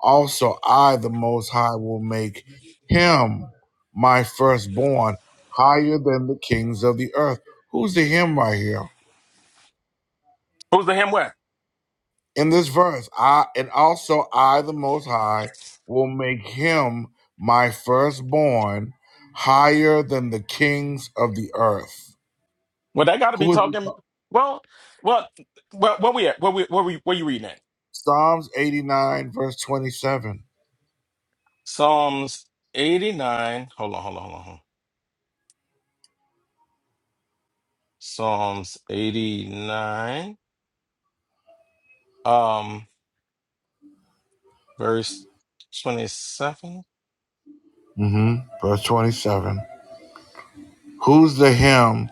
B: Also, I, the Most High, will make him my firstborn higher than the kings of the earth. Who's the him right here?
J: Who's the him? Where?
B: in this verse, I and also I, the Most High, will make him my firstborn higher than the kings of the earth.
J: Well, they got to be
B: Who is
J: talking. Well, well, well, where we at? Where we, where we, where you reading at?
B: Psalms 89, verse 27?
J: Psalms eighty nine. Hold on, hold on, hold on. hold on. Psalms eighty nine. Um, verse twenty seven.
B: hmm Verse 27. Who's the him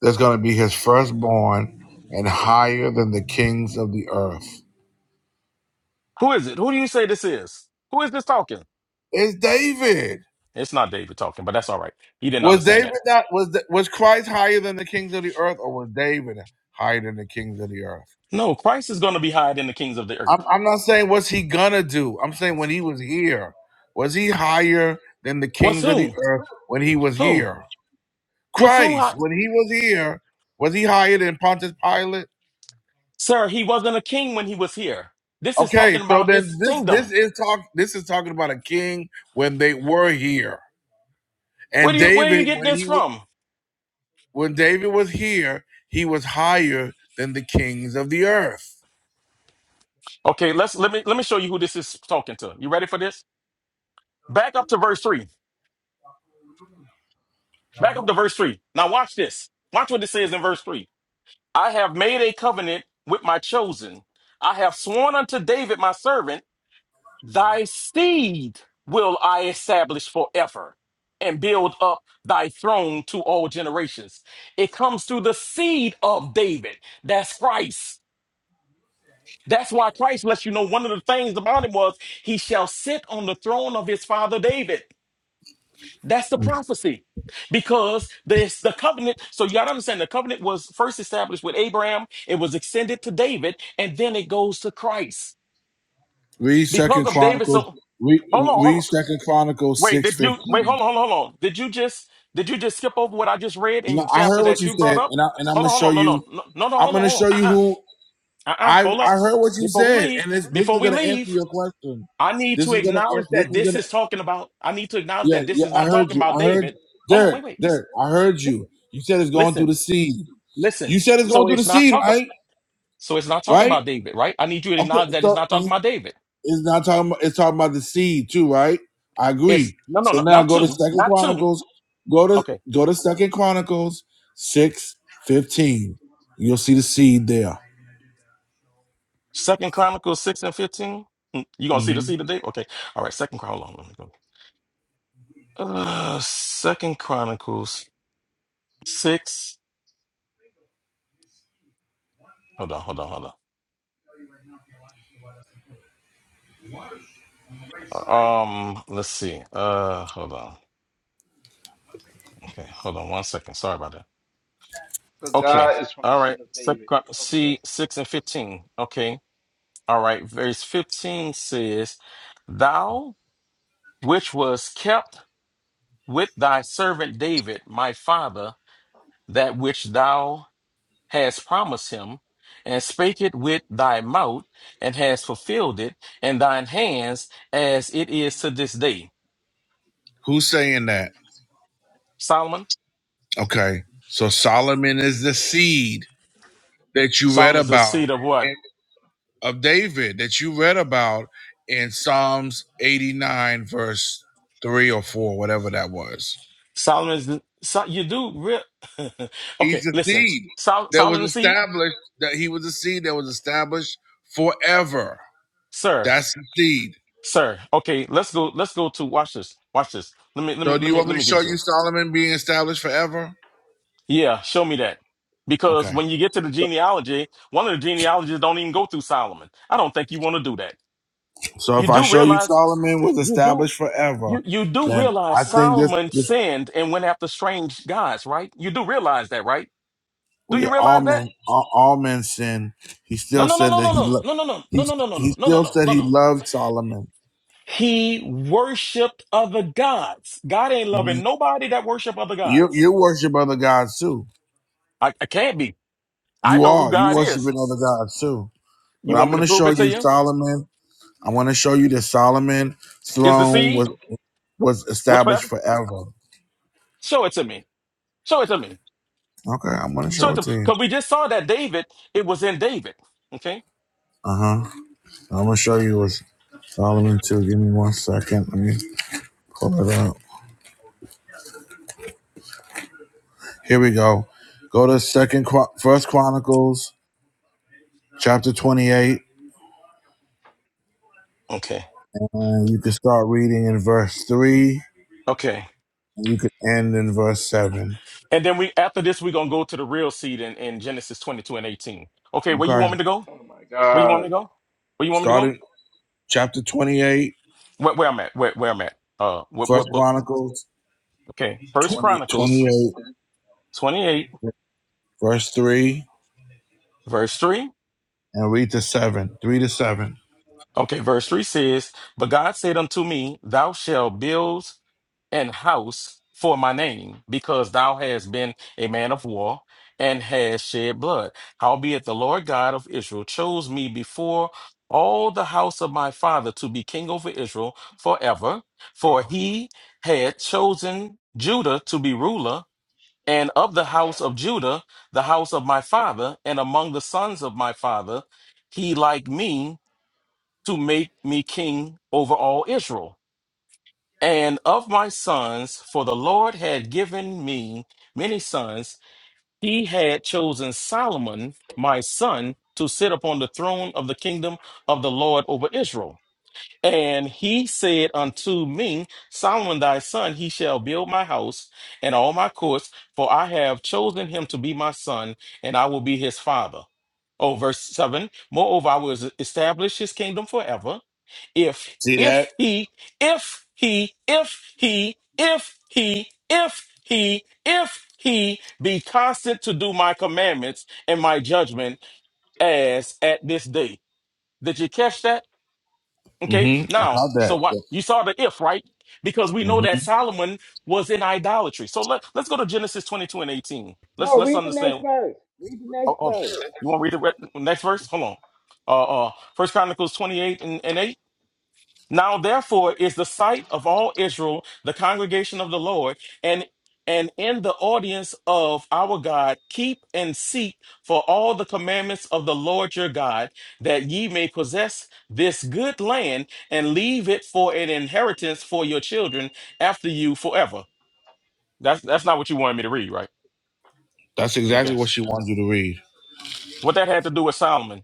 B: that's going to be his firstborn and higher than the kings of the earth?
J: Who is it? Who do you say this is? Who is this talking?
B: It's David.
J: It's not David talking, but that's all right. He didn't
B: Was
J: understand
B: David
J: that.
B: that was was Christ higher than the kings of the earth, or was David higher than the kings of the earth?
J: No, Christ is going to be higher than the kings of the
B: I'm,
J: earth.
B: I'm not saying what's he gonna do. I'm saying when he was here, was he higher than the
J: What's
B: kings of the
J: whom?
B: earth when he was
J: Whom?
B: here?
J: What's who?
B: Christ,
J: Hi-
B: when he was here, was he higher than Pontius Pilate?
J: Sir, he wasn't a king when he was here. This is
B: Okay,
J: talking
B: so
J: about
B: then
J: his
B: this
J: kingdom.
B: this is talk this is talking about a king when they were here,
J: Where
B: and
J: do you where you
B: David
J: get
B: when
J: this
B: he wa-
J: from?
B: when David was here, he was higher than the kings of the earth.
J: Okay, let's let me let me show you who this is talking to. You ready for this? Back up to verse three. Back up to verse three. Now watch this. Watch what this says in verse three. I have made a covenant with my chosen. I have sworn unto David my servant Thy seed will I establish forever and build up thy throne to all generations. It comes through the seed of David. That's Christ. That's why Christ lets you know one of the things about him was he shall sit on the throne of his father David. That's the prophecy. Because this the covenant, so you gotta understand the covenant was first established with Abraham, it was extended to David, and then it goes to Christ.
B: Read
J: Because
B: Second
J: of David, so
B: Chronicles. Read,
J: hold on, hold on.
B: read Second Chronicles
J: Wait,
B: six
J: did you wait?
B: fifteen.
J: Hold on, hold on, hold on. Did you just did you just skip over what I just read in the
B: No, I
J: chapter
B: heard what
J: that
B: you
J: you brought
B: said,
J: up?
B: and I and I'm
J: Hold
B: gonna
J: on, hold
B: show
J: on, no, no,
B: you.
J: no, no, no, hold
B: I'm
J: on,
B: gonna
J: hold on.
B: show you
J: Uh,
B: who
J: uh-uh, uh,
B: I
J: Hold
B: I
J: up.
B: heard what you
J: Before we
B: said,
J: leave,
B: and this this
J: before
B: is
J: we
B: gonna answer
J: leave,
B: your question.
J: I need
B: This
J: to
B: is gonna an-
J: acknowledge
B: this
J: that
B: is
J: this
B: gonna
J: is talking about. I need to acknowledge
B: yeah
J: that this
B: yeah.
J: is
B: I
J: not
B: heard
J: talking
B: you.
J: about
B: I heard
J: David. Hold on,
B: Derek.
J: wait, wait, listen,
B: Derek. I heard you.
J: listen,
B: You said it's going through
J: listen,
B: the seed. You
J: listen.
B: said it's
J: So
B: going through the
J: it's not
B: seed,
J: talking.
B: right?
J: So it's not talking
B: Right.
J: about David, right? I need you to
B: Okay.
J: acknowledge that it's
B: So
J: not talking
B: you-
J: about David.
B: it's not talking. About, it's talking about the seed too, right? I
J: It's
B: agree.
J: no, no,
B: So
J: no,
B: now
J: not
B: go to
J: two,
B: Second
J: not two.
B: Chronicles. Go to
J: Okay,
B: go to Second Chronicles six fifteen. You'll see the seed there.
J: Second Chronicles 6 and 15. Mm, You gonna see the
B: Mhm.
J: see the date? Okay. All right, second Chron- hold on, let me go. Uh Second Chronicles 6. Hold on, hold on, hold on. Um, let's see. Uh hold on. Okay, hold on one second. Sorry about that.
A: So
J: Okay.
A: God is from the
J: All right.
A: seed of
J: Second
A: David.
J: Chron-
A: Okay.
J: see six and fifteen. Okay. All right. Verse 15 says, Thou which was kept with thy servant David, my father, that which thou has promised him, and spake it with thy mouth, and has fulfilled it in thine hands, as it is to this day.
B: Who's saying that?
J: Solomon,
B: Okay. So Solomon is the seed that you read
J: Solomon is the
B: about
J: seed of what?
B: in- of David that you read about in Psalms 89, verse 3 or 4, whatever that was.
J: Solomon is the, so you do real. *laughs* okay,
B: He's the
J: listen.
B: seed
J: Sol,
B: that was
J: Solomon the seed,
B: established, that he was a seed that was established forever.
J: sir,
B: That's the seed.
J: sir. Okay, let's go. Let's go to watch this. Watch this. Let me, let me,
B: So do
J: let
B: you
J: me,
B: want
J: let
B: me
J: me
B: to
J: give you
B: show you
J: some.
B: Solomon being established forever?
J: Yeah, show me that. Because
B: Okay.
J: when you get to the genealogy, one of the genealogies don't even go through Solomon. I don't think you want to do that.
B: So
J: You
B: if I
J: do
B: show you
J: realize
B: Solomon was
J: you do.
B: established forever,
J: You you do
B: then
J: realize
B: I think this
J: Solomon
B: this.
J: sinned and went after strange gods, right? You do realize that, right? Do
B: We
J: you
B: are all
J: realize that?
B: men. All, all men sin. He
J: No,
B: still
J: no, no,
B: said
J: no,
B: that
J: no,
B: he
J: no,
B: loved.
J: no, no,
B: He
J: no, no, no, no, no,
B: he
J: no, no, no,
B: still
J: no,
B: said
J: no,
B: he
J: no.
B: loved Solomon.
J: He worshipped other gods. God ain't
B: Mhm.
J: loving nobody that worship other
B: You
J: gods.
B: you worship other gods too.
J: I, I can't be. I
B: You
J: know who
B: are you
J: God is.
B: worshiping other gods too.
J: You
B: But
J: want
B: I'm
J: me to
B: gonna
J: prove
B: show
J: it to
B: you
J: you?
B: Solomon. I want to show you that Solomon's
J: Is the
B: throne
J: seed?
B: was was
J: What's
B: established
J: forever?
B: forever.
J: Show it to me. Show it to me.
B: Okay, I'm gonna
J: Show
B: show
J: it to
B: it
J: me.
B: to you.
J: Because we just saw that David, it was in David. Okay?
B: Uh huh. I'm gonna show you was Solomon too. Give me one second. Let me pull it up. Here we go. Go to Second Chron- First Chronicles chapter 28.
J: Okay.
B: And you can start reading in verse 3,
J: Okay.
B: and you can end in verse 7.
J: And then we after this, we're gonna go to the real seed in, in Genesis 22 and 18. Okay, where you
B: Okay.
J: want me to go?
A: Oh, my
J: Where you want
A: God.
J: me to go? Where you want me to go?
B: Starting chapter 28,
J: Where, where I'm at? Where, where I'm at? Uh, what
B: First
J: what book?
B: Chronicles
J: Okay, First
B: 20
J: Chronicles
B: 28.
J: 28
B: verse 3,
J: verse 3.
B: and read to 7. 3 to 7.
J: Okay, verse 3 says, But God said unto me, Thou shalt build an house for my name, because thou hast been a man of war and hast shed blood. Howbeit the Lord God of Israel chose me before all the house of my father to be king over Israel forever, for he had chosen Judah to be ruler. And of the house of Judah, the house of my father, and among the sons of my father, he like me to make me king over all Israel. And of my sons, for the Lord had given me many sons, he had chosen Solomon, my son, to sit upon the throne of the kingdom of the Lord over Israel. And he said unto me, Solomon thy son, he shall build my house and all my courts, for I have chosen him to be my son, and I will be his father. Oh, verse 7 Moreover, I will establish his kingdom forever. If,
B: See that?
J: if he, if he, if he, if he, if he, if he be constant to do my commandments and my judgment as at this day. Did you catch that? Okay,
B: Mm-hmm. I
J: now,
B: caught that.
J: so what you saw the if, right? Because we know that Solomon was in idolatry. So let, let's go to Genesis 22 and 18. Let's
E: No,
J: let's
E: read the next
J: understand.
E: verse. Read the next
J: Oh, oh,
E: verse.
J: you want to read the re- next verse? Hold on. Uh, uh, First Chronicles 28 and, and 8. Now therefore is the sight of all Israel, the congregation of the Lord, and and in the audience of our God, keep and seek for all the commandments of the Lord your God, that ye may possess this good land and leave it for an inheritance for your children after you forever. That's that's not what you wanted me to read, right?
B: That's exactly
J: Okay.
B: what she wanted you to read.
J: What that had to do with Solomon.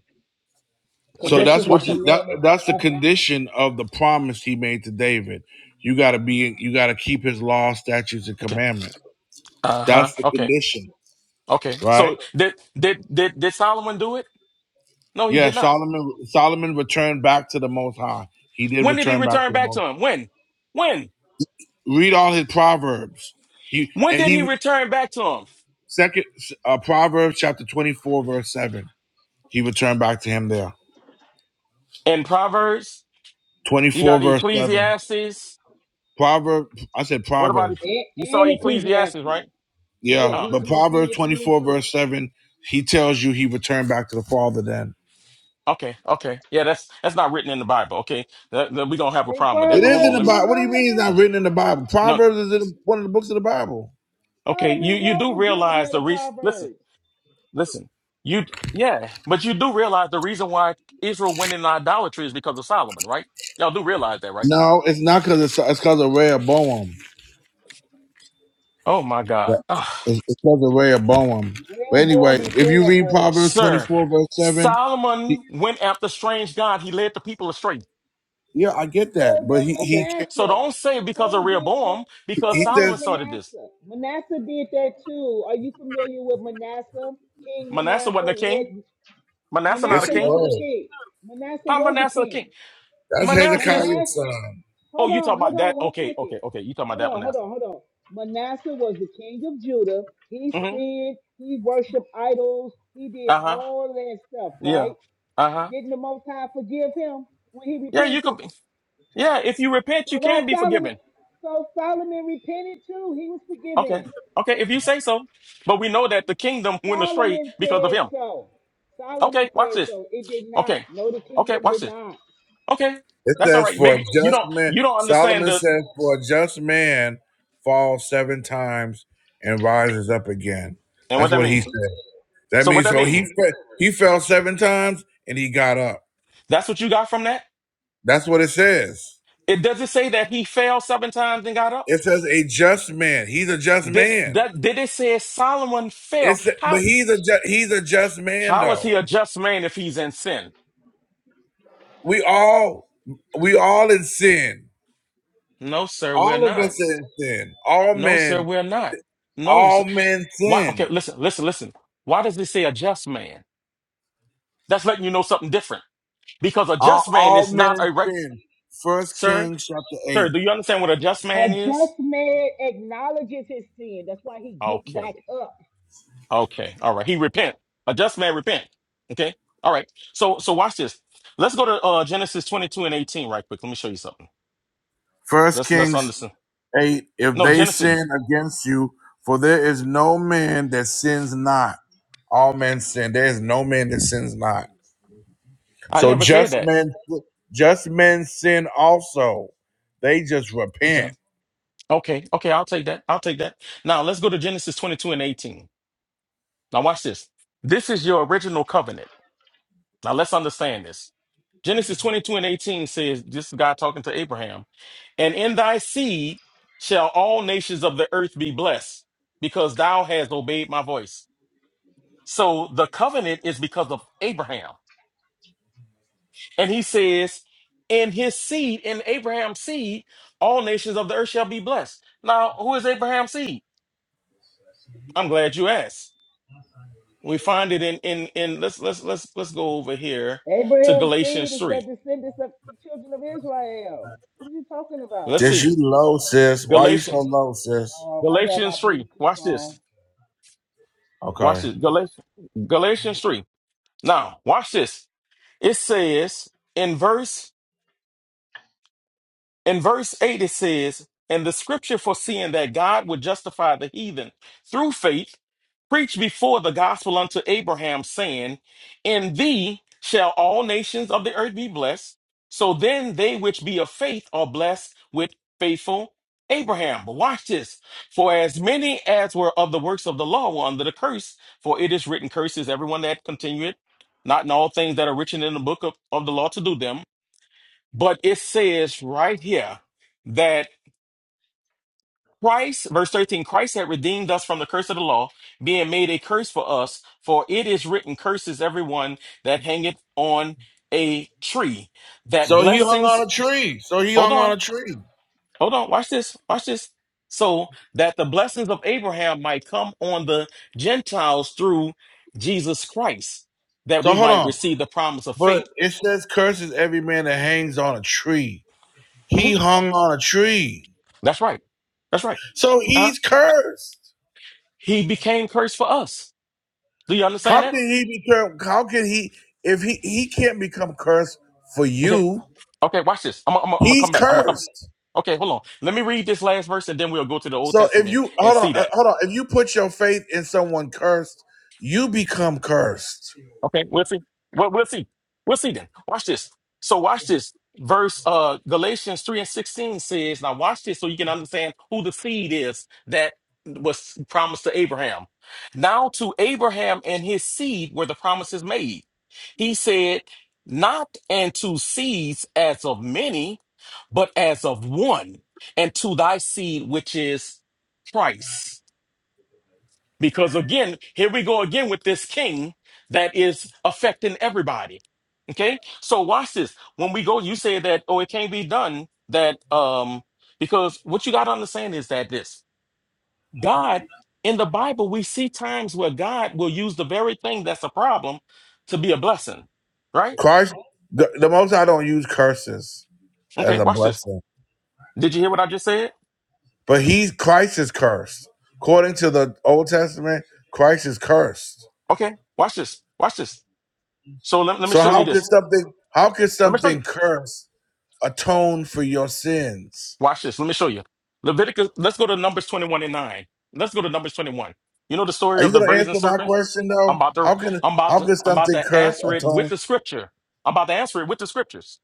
E: Because
B: So
J: Okay,
E: this
B: that's
E: is a
B: what
J: watch this.
B: you that
E: commandment
B: that's the
E: forever.
B: condition of the promise he made to David. You gotta be you gotta keep his law, statutes, and
J: Okay.
B: commandments.
J: Uh-huh.
B: That's the
J: Okay.
B: condition,
J: Okay.
B: right?
J: So did did did did Solomon do it? No, he
B: Yeah,
J: did not.
B: Solomon Solomon returned back to the Most High. He did
J: When did he
B: return back
J: return
B: to the
J: back
B: Most.
J: to him? When? When?
B: Read all his proverbs. He
J: When
B: and
J: did he
B: he
J: return back to him?
B: second uh, Proverbs chapter twenty four verse seven. He returned back to him there.
J: In Proverbs,
B: Twenty
J: you
B: four
J: got
B: verse seven.
J: Ecclesiastes.
B: Proverb. I said
J: What about
B: Proverbs.
J: Eccle-
E: And,
J: you saw
E: and
J: Ecclesiastes,
E: Ecclesiastes.
J: right?
E: Yeah,
B: Yeah,
J: Oh,
E: he,
B: but
E: he
B: Proverbs
E: repented
B: twenty
E: then
B: four
E: too.
B: verse seven. He tells you he returned back to the Father. Then
J: okay, okay. Yeah, that's that's not written in the Bible. Okay, that, that- we don't have a
E: Ain't
J: problem with that.
B: it
J: But
B: is
J: hold
B: in
J: on,
E: Proverbs
B: the
J: let
E: in
J: me.
E: the
B: Bible. What do you mean it's
E: Bible?
B: not
J: Okay.
B: written in the Bible?
J: No,
B: Proverbs is in one of the books of the Bible.
J: okay. You
E: Solomon
J: you
E: wrote
J: do
E: majority
J: realize
E: of
J: the
E: the
J: reason? Listen,
E: Proverbs.
J: listen. You yeah, but you do realize the reason why Israel went in idolatry is because of Solomon, right? Y'all do realize that, right?
B: No, it's not because it's it's because of rare Boam.
J: Oh my
B: Yeah.
J: God.
B: It's it's because of Rehoboam. But anyway,
E: Rehoboam and
B: if you read
E: Jeroboam.
B: Proverbs
J: Sir,
B: 24, verse 7, he,
J: Solomon went after strange God. He led the people astray.
B: yeah, I get
E: So
B: that. But
E: did
B: he,
J: Okay.
B: he
J: So
E: Manasseh.
J: don't say because of
E: So did
J: Rehoboam,
E: Ma-
J: because
B: he
E: so did
J: Solomon
B: says,
J: started this.
E: Manasseh. Manasseh did that too. Are you familiar with Manasseh? King
J: Manasseh
E: Manasseh
J: wasn't a king.
E: led.
J: Manasseh not a
B: yes,
E: Manasseh
B: he
J: king.
E: was a
B: was.
E: king. Manasseh
J: How
E: was a
J: Manasseh a
E: king.
J: king?
B: That's
J: Manasseh is,
B: Hezekiah's
E: Manasseh.
B: son.
J: oh,
E: Hold
J: you talk
E: on, hold
J: about
E: on,
J: that?
E: one
J: Okay,
E: second.
J: okay, okay. You talking about
E: Hold
J: that
E: on, hold
J: Manasseh.
E: on, hold on. Manasseh was the king of Judah. He
J: hmm
E: sinned. He worshipped idols. He did
J: Uh-huh.
E: all that stuff,
J: Yeah.
E: right?
J: Uh-huh.
E: Didn't the Most High forgive him when he
J: Yeah, you could
E: repented?
J: be. Yeah, if you repent,
E: So
J: you
E: why
J: can be
E: Solomon?
J: forgiven.
E: So Solomon repented too. He was
J: Okay.
E: forgiven.
J: Okay, if you say so. But we know that the kingdom went astray
E: Solomon
J: because of
E: said
J: him.
E: so.
J: Okay,
E: Solomon
J: watch
E: said
J: this.
E: so. It did not.
J: Okay.
E: No, the
J: Okay,
E: kingdom
J: watch
E: did
J: this.
E: not.
J: Okay,
B: It
J: that's all
B: says,
J: right.
B: for a
J: Maybe you
B: just
J: don't
B: man,
J: you don't understand
B: Solomon
J: the
B: says, for a just man falls seven times and rises up again.
J: and what
B: That's
J: that
B: what he
J: mean.
B: said. That
J: So what
B: means
J: that
B: so he
J: mean?
B: fe- he fell seven times and he got up.
J: That's what you got from that.
B: That's what it says.
J: It does it say that he fell seven times and got up.
B: It says a just man. He's a just
J: Did
B: man.
J: that? Did it say Solomon fell?
B: It's but
J: How
B: he's a ju- he's a just man
J: how is he
B: though.
J: a just man if he's in sin?
B: We all we all in sin.
J: No, sir, we're
B: All of
J: not.
B: us are in sin. All
J: No, sir,
B: men
J: we're not. No,
B: all
J: sir.
B: men
J: why? Okay,
B: sin.
J: listen, listen, listen. Why does it say a just man? That's letting you know something different. Because a
B: All,
J: just man
B: all
J: is not
B: men
J: a rec-
B: sin. First
J: sir.
B: Kings chapter
J: Sir,
B: eight.
J: do you understand what a just
E: A
J: man is?
E: just man acknowledges his sin. That's why he get
J: Okay.
E: back up.
J: Okay. All right. He repent. A just man repent. Okay. All right. So so watch this. Let's go to uh Genesis 22 and 18 right quick. Let me show you something.
B: First
J: Let's let's
B: Kings
J: understand.
B: eight. If
J: No,
B: they
J: Genesis.
B: sin against you, for there is no man that sins not. All men sin. There is no man that sins not.
J: I
B: So
J: never said
B: just
J: that.
B: men just men sin also. They just repent
J: Okay. Okay. Okay, I'll take that. I'll take that. Now let's go to Genesis 22 and 18. Now watch this. This is your original covenant. Now let's understand this. Genesis 22 and 18 says, this is God talking to Abraham, and in thy seed shall all nations of the earth be blessed, because thou hast obeyed my voice. So the covenant is because of Abraham. And he says, in his seed, in Abraham's seed, all nations of the earth shall be blessed. Now, who is Abraham's seed? I'm glad you asked. We find it in in in let's let's let's let's go over here to
E: Abraham's seed
J: Galatians
E: is the
J: 3.
E: descendants of the children of Israel. What are you talking about?
J: Let's
B: Just
J: see.
B: you low, sis. Why you so
J: Galatians
B: low, sis?
E: Oh, I got my
J: Galatians 3.
E: Bluetooth
J: Watch
E: on.
J: this. Watch
B: Okay.
J: this. Galatians Galatians 3. Now, watch this. It says in verse In verse 8, it says, And the scripture foreseeing that God would justify the heathen through faith, preached before the gospel unto Abraham, saying, In thee shall all nations of the earth be blessed. So then they which be of faith are blessed with faithful Abraham. But watch this. For as many as were of the works of the law were under the curse, for it is written, Curses everyone that continueth, not in all things that are written in the book of, of the law to do them. But it says right here that Christ, verse 13, Christ had redeemed us from the curse of the law, being made a curse for us, for it is written, Curses everyone that hangeth on a tree. That
B: So he hung
J: blessings,
B: on a tree. So he
J: hold
B: hung on a
J: on,
B: tree.
J: hold on, watch this, watch this. So that the blessings of Abraham might come on the Gentiles through Jesus Christ, that
B: So
J: we
B: hold
J: might
B: on.
J: receive the promise of
B: But
J: faith.
B: it says curses every man that hangs on a tree. He
J: Mhm,
B: hung on a tree.
J: That's right. That's right.
B: So
J: Uh-huh.
B: he's cursed.
J: He became cursed for us Do you understand
B: How
J: that?
B: can he be cursed? How can he if he he can't become cursed for
J: Okay.
B: you?
J: Okay, watch this. I'm I'm I'm gonna
B: He's
J: come back. I'm gonna come.
B: cursed.
J: Okay, hold on. Let me read this last verse and then we'll go to the Old
B: So if
J: Testament
B: you
J: and
B: hold on,
J: see
B: uh,
J: that.
B: hold on. If you put your faith in someone cursed, you become cursed.
J: Okay, we'll see. Well, we'll see. We'll see then. Watch this. So watch this. Verse uh Galatians 3 and 16 says, now watch this so you can understand who the seed is that was promised to Abraham. Now to Abraham and his seed were the promises made. He said, not unto seeds as of many but as of one, and to thy seed, which is Christ. Because again, here we go again with this king that is affecting everybody. Okay. So watch this. When we go, you say that, oh, it can't be done that, um, because what you got to understand is that this God in the Bible, we see times where God will use the very thing that's a problem to be a blessing, right?
B: Christ, the, the Most High don't use curses as
J: Okay.
B: a
J: Watch this.
B: blessing,
J: Did you hear what I just said?
B: but He's Christ is cursed. According to the Old Testament, Christ is cursed.
J: Okay. Watch this. Watch this. So let, let me
B: So
J: show you
B: how
J: this.
B: could something how could
J: Let me show
B: something
J: you.
B: cursed atone for your sins?
J: Watch this. Let me show you. Leviticus, let's go to Numbers 21 and 9. Let's go to Numbers 21. You know the story
B: Are you
J: of the
B: going to answer
J: brazen
B: my
J: serpent?
B: question
J: I'm
B: though?
J: about to
B: How can
J: I'm about
B: how
J: to
B: can
J: I'm about
B: something
J: to
B: cursed
J: answer it with
B: atone?
J: the scripture. I'm about to answer it with the scriptures.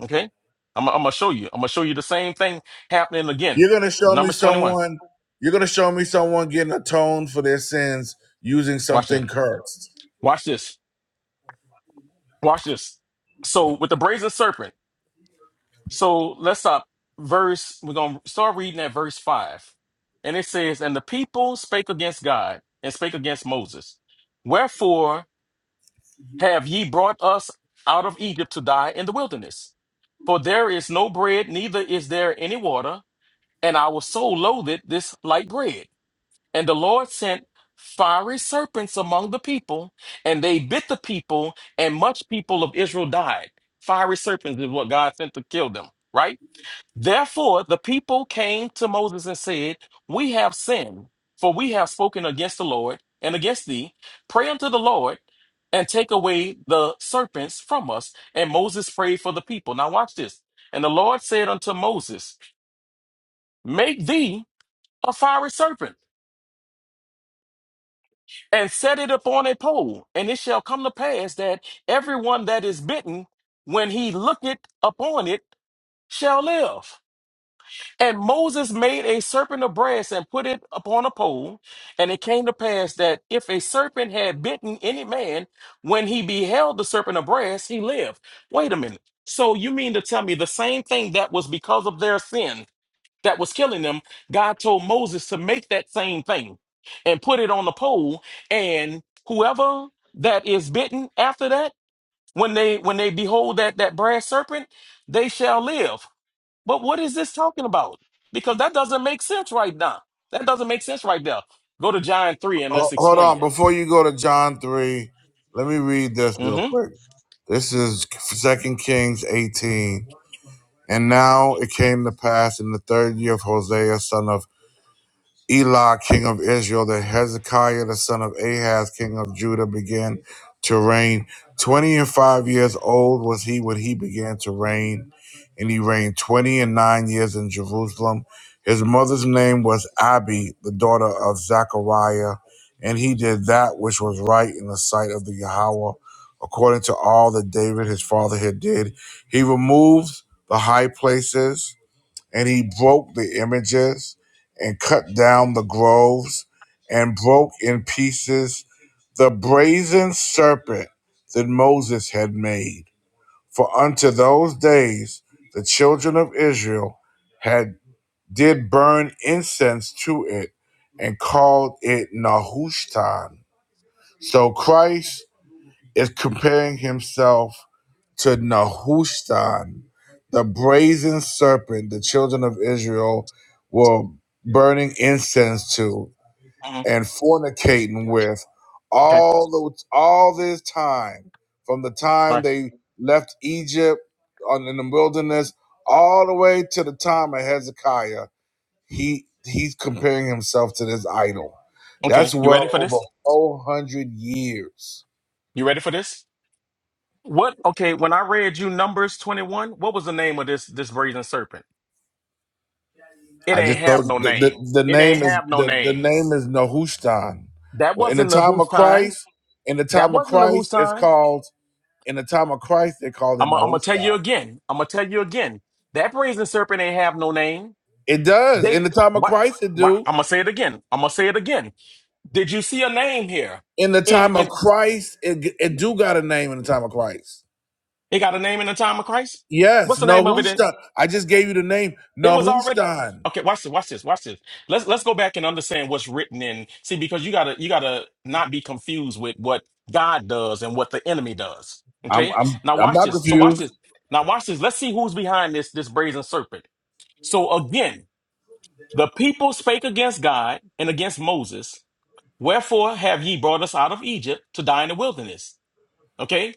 J: Okay? I'm, I'm gonna show you. I'm gonna show you the same thing happening again.
B: You're going to show me
J: Numbers 21.
B: someone. You're going to show me someone getting atoned for their sins using
J: Watch this.
B: something cursed.
J: Watch this. Watch this. So with the brazen serpent. So let's stop. Verse, we're going to start reading at verse 5. And it says, And the people spake against God and spake against Moses. Wherefore have ye brought us out of Egypt to die in the wilderness? For there is no bread, neither is there any water, and our soul loatheth this light bread. And the Lord sent fiery serpents among the people, and they bit the people, and much people of Israel died. Fiery serpents is what God sent to kill them, right? Therefore, the people came to Moses and said, We have sinned, for we have spoken against the Lord and against thee. Pray unto the Lord and take away the serpents from us. And Moses prayed for the people. Now, watch this. And the Lord said unto Moses, Make thee a fiery serpent and set it upon a pole. And it shall come to pass that everyone that is bitten, when he looketh upon it, shall live. And Moses made a serpent of brass and put it upon a pole. And it came to pass that if a serpent had bitten any man, when he beheld the serpent of brass, he lived. Wait a minute. So you mean to tell me the same thing that was because of their sin that was killing them? God told Moses to make that same thing and put it on the pole. And whoever that is bitten after that, when they when they behold that that brass serpent, they shall live. But what is this talking about? Because that doesn't make sense right now. That doesn't make sense right now. Go to John 3 and
B: Ho-
J: let's
B: Hold
J: explain
B: on,
J: it.
B: before you go to John three, let me read this real
J: Mm-hmm.
B: quick. This is Second Kings eighteen. And now it came to pass in the third year of Hosea, son of Elah, king of Israel, that Hezekiah, the son of Ahaz, king of Judah, began to reign. Twenty and five years old was he when he began to reign, and he reigned twenty and nine years in Jerusalem. His mother's name was Abi, the daughter of Zechariah, and he did that which was right in the sight of the Yahweh, according to all that David his father had did. He removed the high places and he broke the images and cut down the groves and broke in pieces the brazen serpent that Moses had made. For unto those days the children of Israel had did burn incense to it and called it Nehushtan. So Christ is comparing himself to Nehushtan, the brazen serpent the children of Israel were burning incense to
J: hmm
B: and fornicating with
J: Okay.
B: all the, all this time, from the
J: All
B: time
J: right.
B: they left Egypt on, in the wilderness, all the way to the time of Hezekiah. He he's comparing himself to this idol. That's
J: Okay. You ready
B: well
J: for
B: over
J: this?
B: 400 years.
J: You ready for this? What okay, when I read you Numbers 21, what was the name of this this brazen serpent? It
B: I
J: ain't
B: just
J: have
B: told
J: no
B: the,
J: name.
B: the, the
J: It ain't
B: name is
J: have no
B: the, the
J: name.
B: name is Nehushtan.
J: That
B: Well, in the
J: wasn't the
B: time
J: who's
B: of
J: time.
B: Christ, in the
J: That
B: time of
J: wasn't the who's
B: Christ, it's
J: time.
B: called in the time of Christ they called it
J: I'm gonna I'm gonna tell you
B: Nehushtan.
J: again. I'm gonna tell you again. That brazen serpent ain't have no name.
B: It does in
J: They
B: the time of
J: what?
B: Christ it
J: Why,
B: do.
J: I'm gonna say it again. I'm gonna say it again. Did you see a name here?
B: In the
J: And
B: time of
J: and
B: Christ, it g- it do got a name in the time of Christ.
J: it got a name in the time of Christ.
B: Yes,
J: What's the name of it? In
B: Nehushtan. I just gave you the name
J: it was already
B: Nehushtan.
J: okay. Watch this. Watch this. Watch this. Let's let's go back and understand what's written in. See, because you gotta you gotta not be confused with what God does and what the enemy does.
B: I'm
J: Okay.
B: I'm
J: Now
B: I'm
J: watch
B: not
J: this. So watch
B: confused.
J: this. Now watch this. Let's see who's behind this this brazen serpent. So again, the people spake against God and against Moses. Wherefore have ye brought us out of Egypt to die in the wilderness? Okay.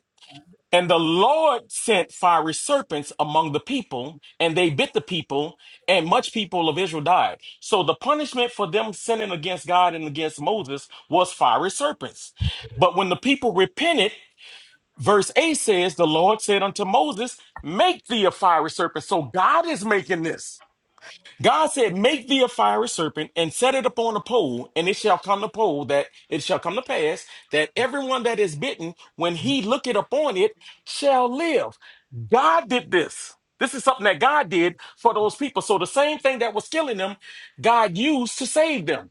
J: And the Lord sent fiery serpents among the people, and they bit the people, and much people of Israel died. So the punishment for them sinning against God and against Moses was fiery serpents. But when the people repented, verse 8 says, The Lord said unto Moses, Make thee a fiery serpent. So God is making this. God said, Make thee a fiery serpent and set it upon a pole, and it shall come to pole that it shall come to pass that everyone that is bitten, when he looketh upon it, shall live. God did this. This is something that God did for those people. So the same thing that was killing them, God used to save them.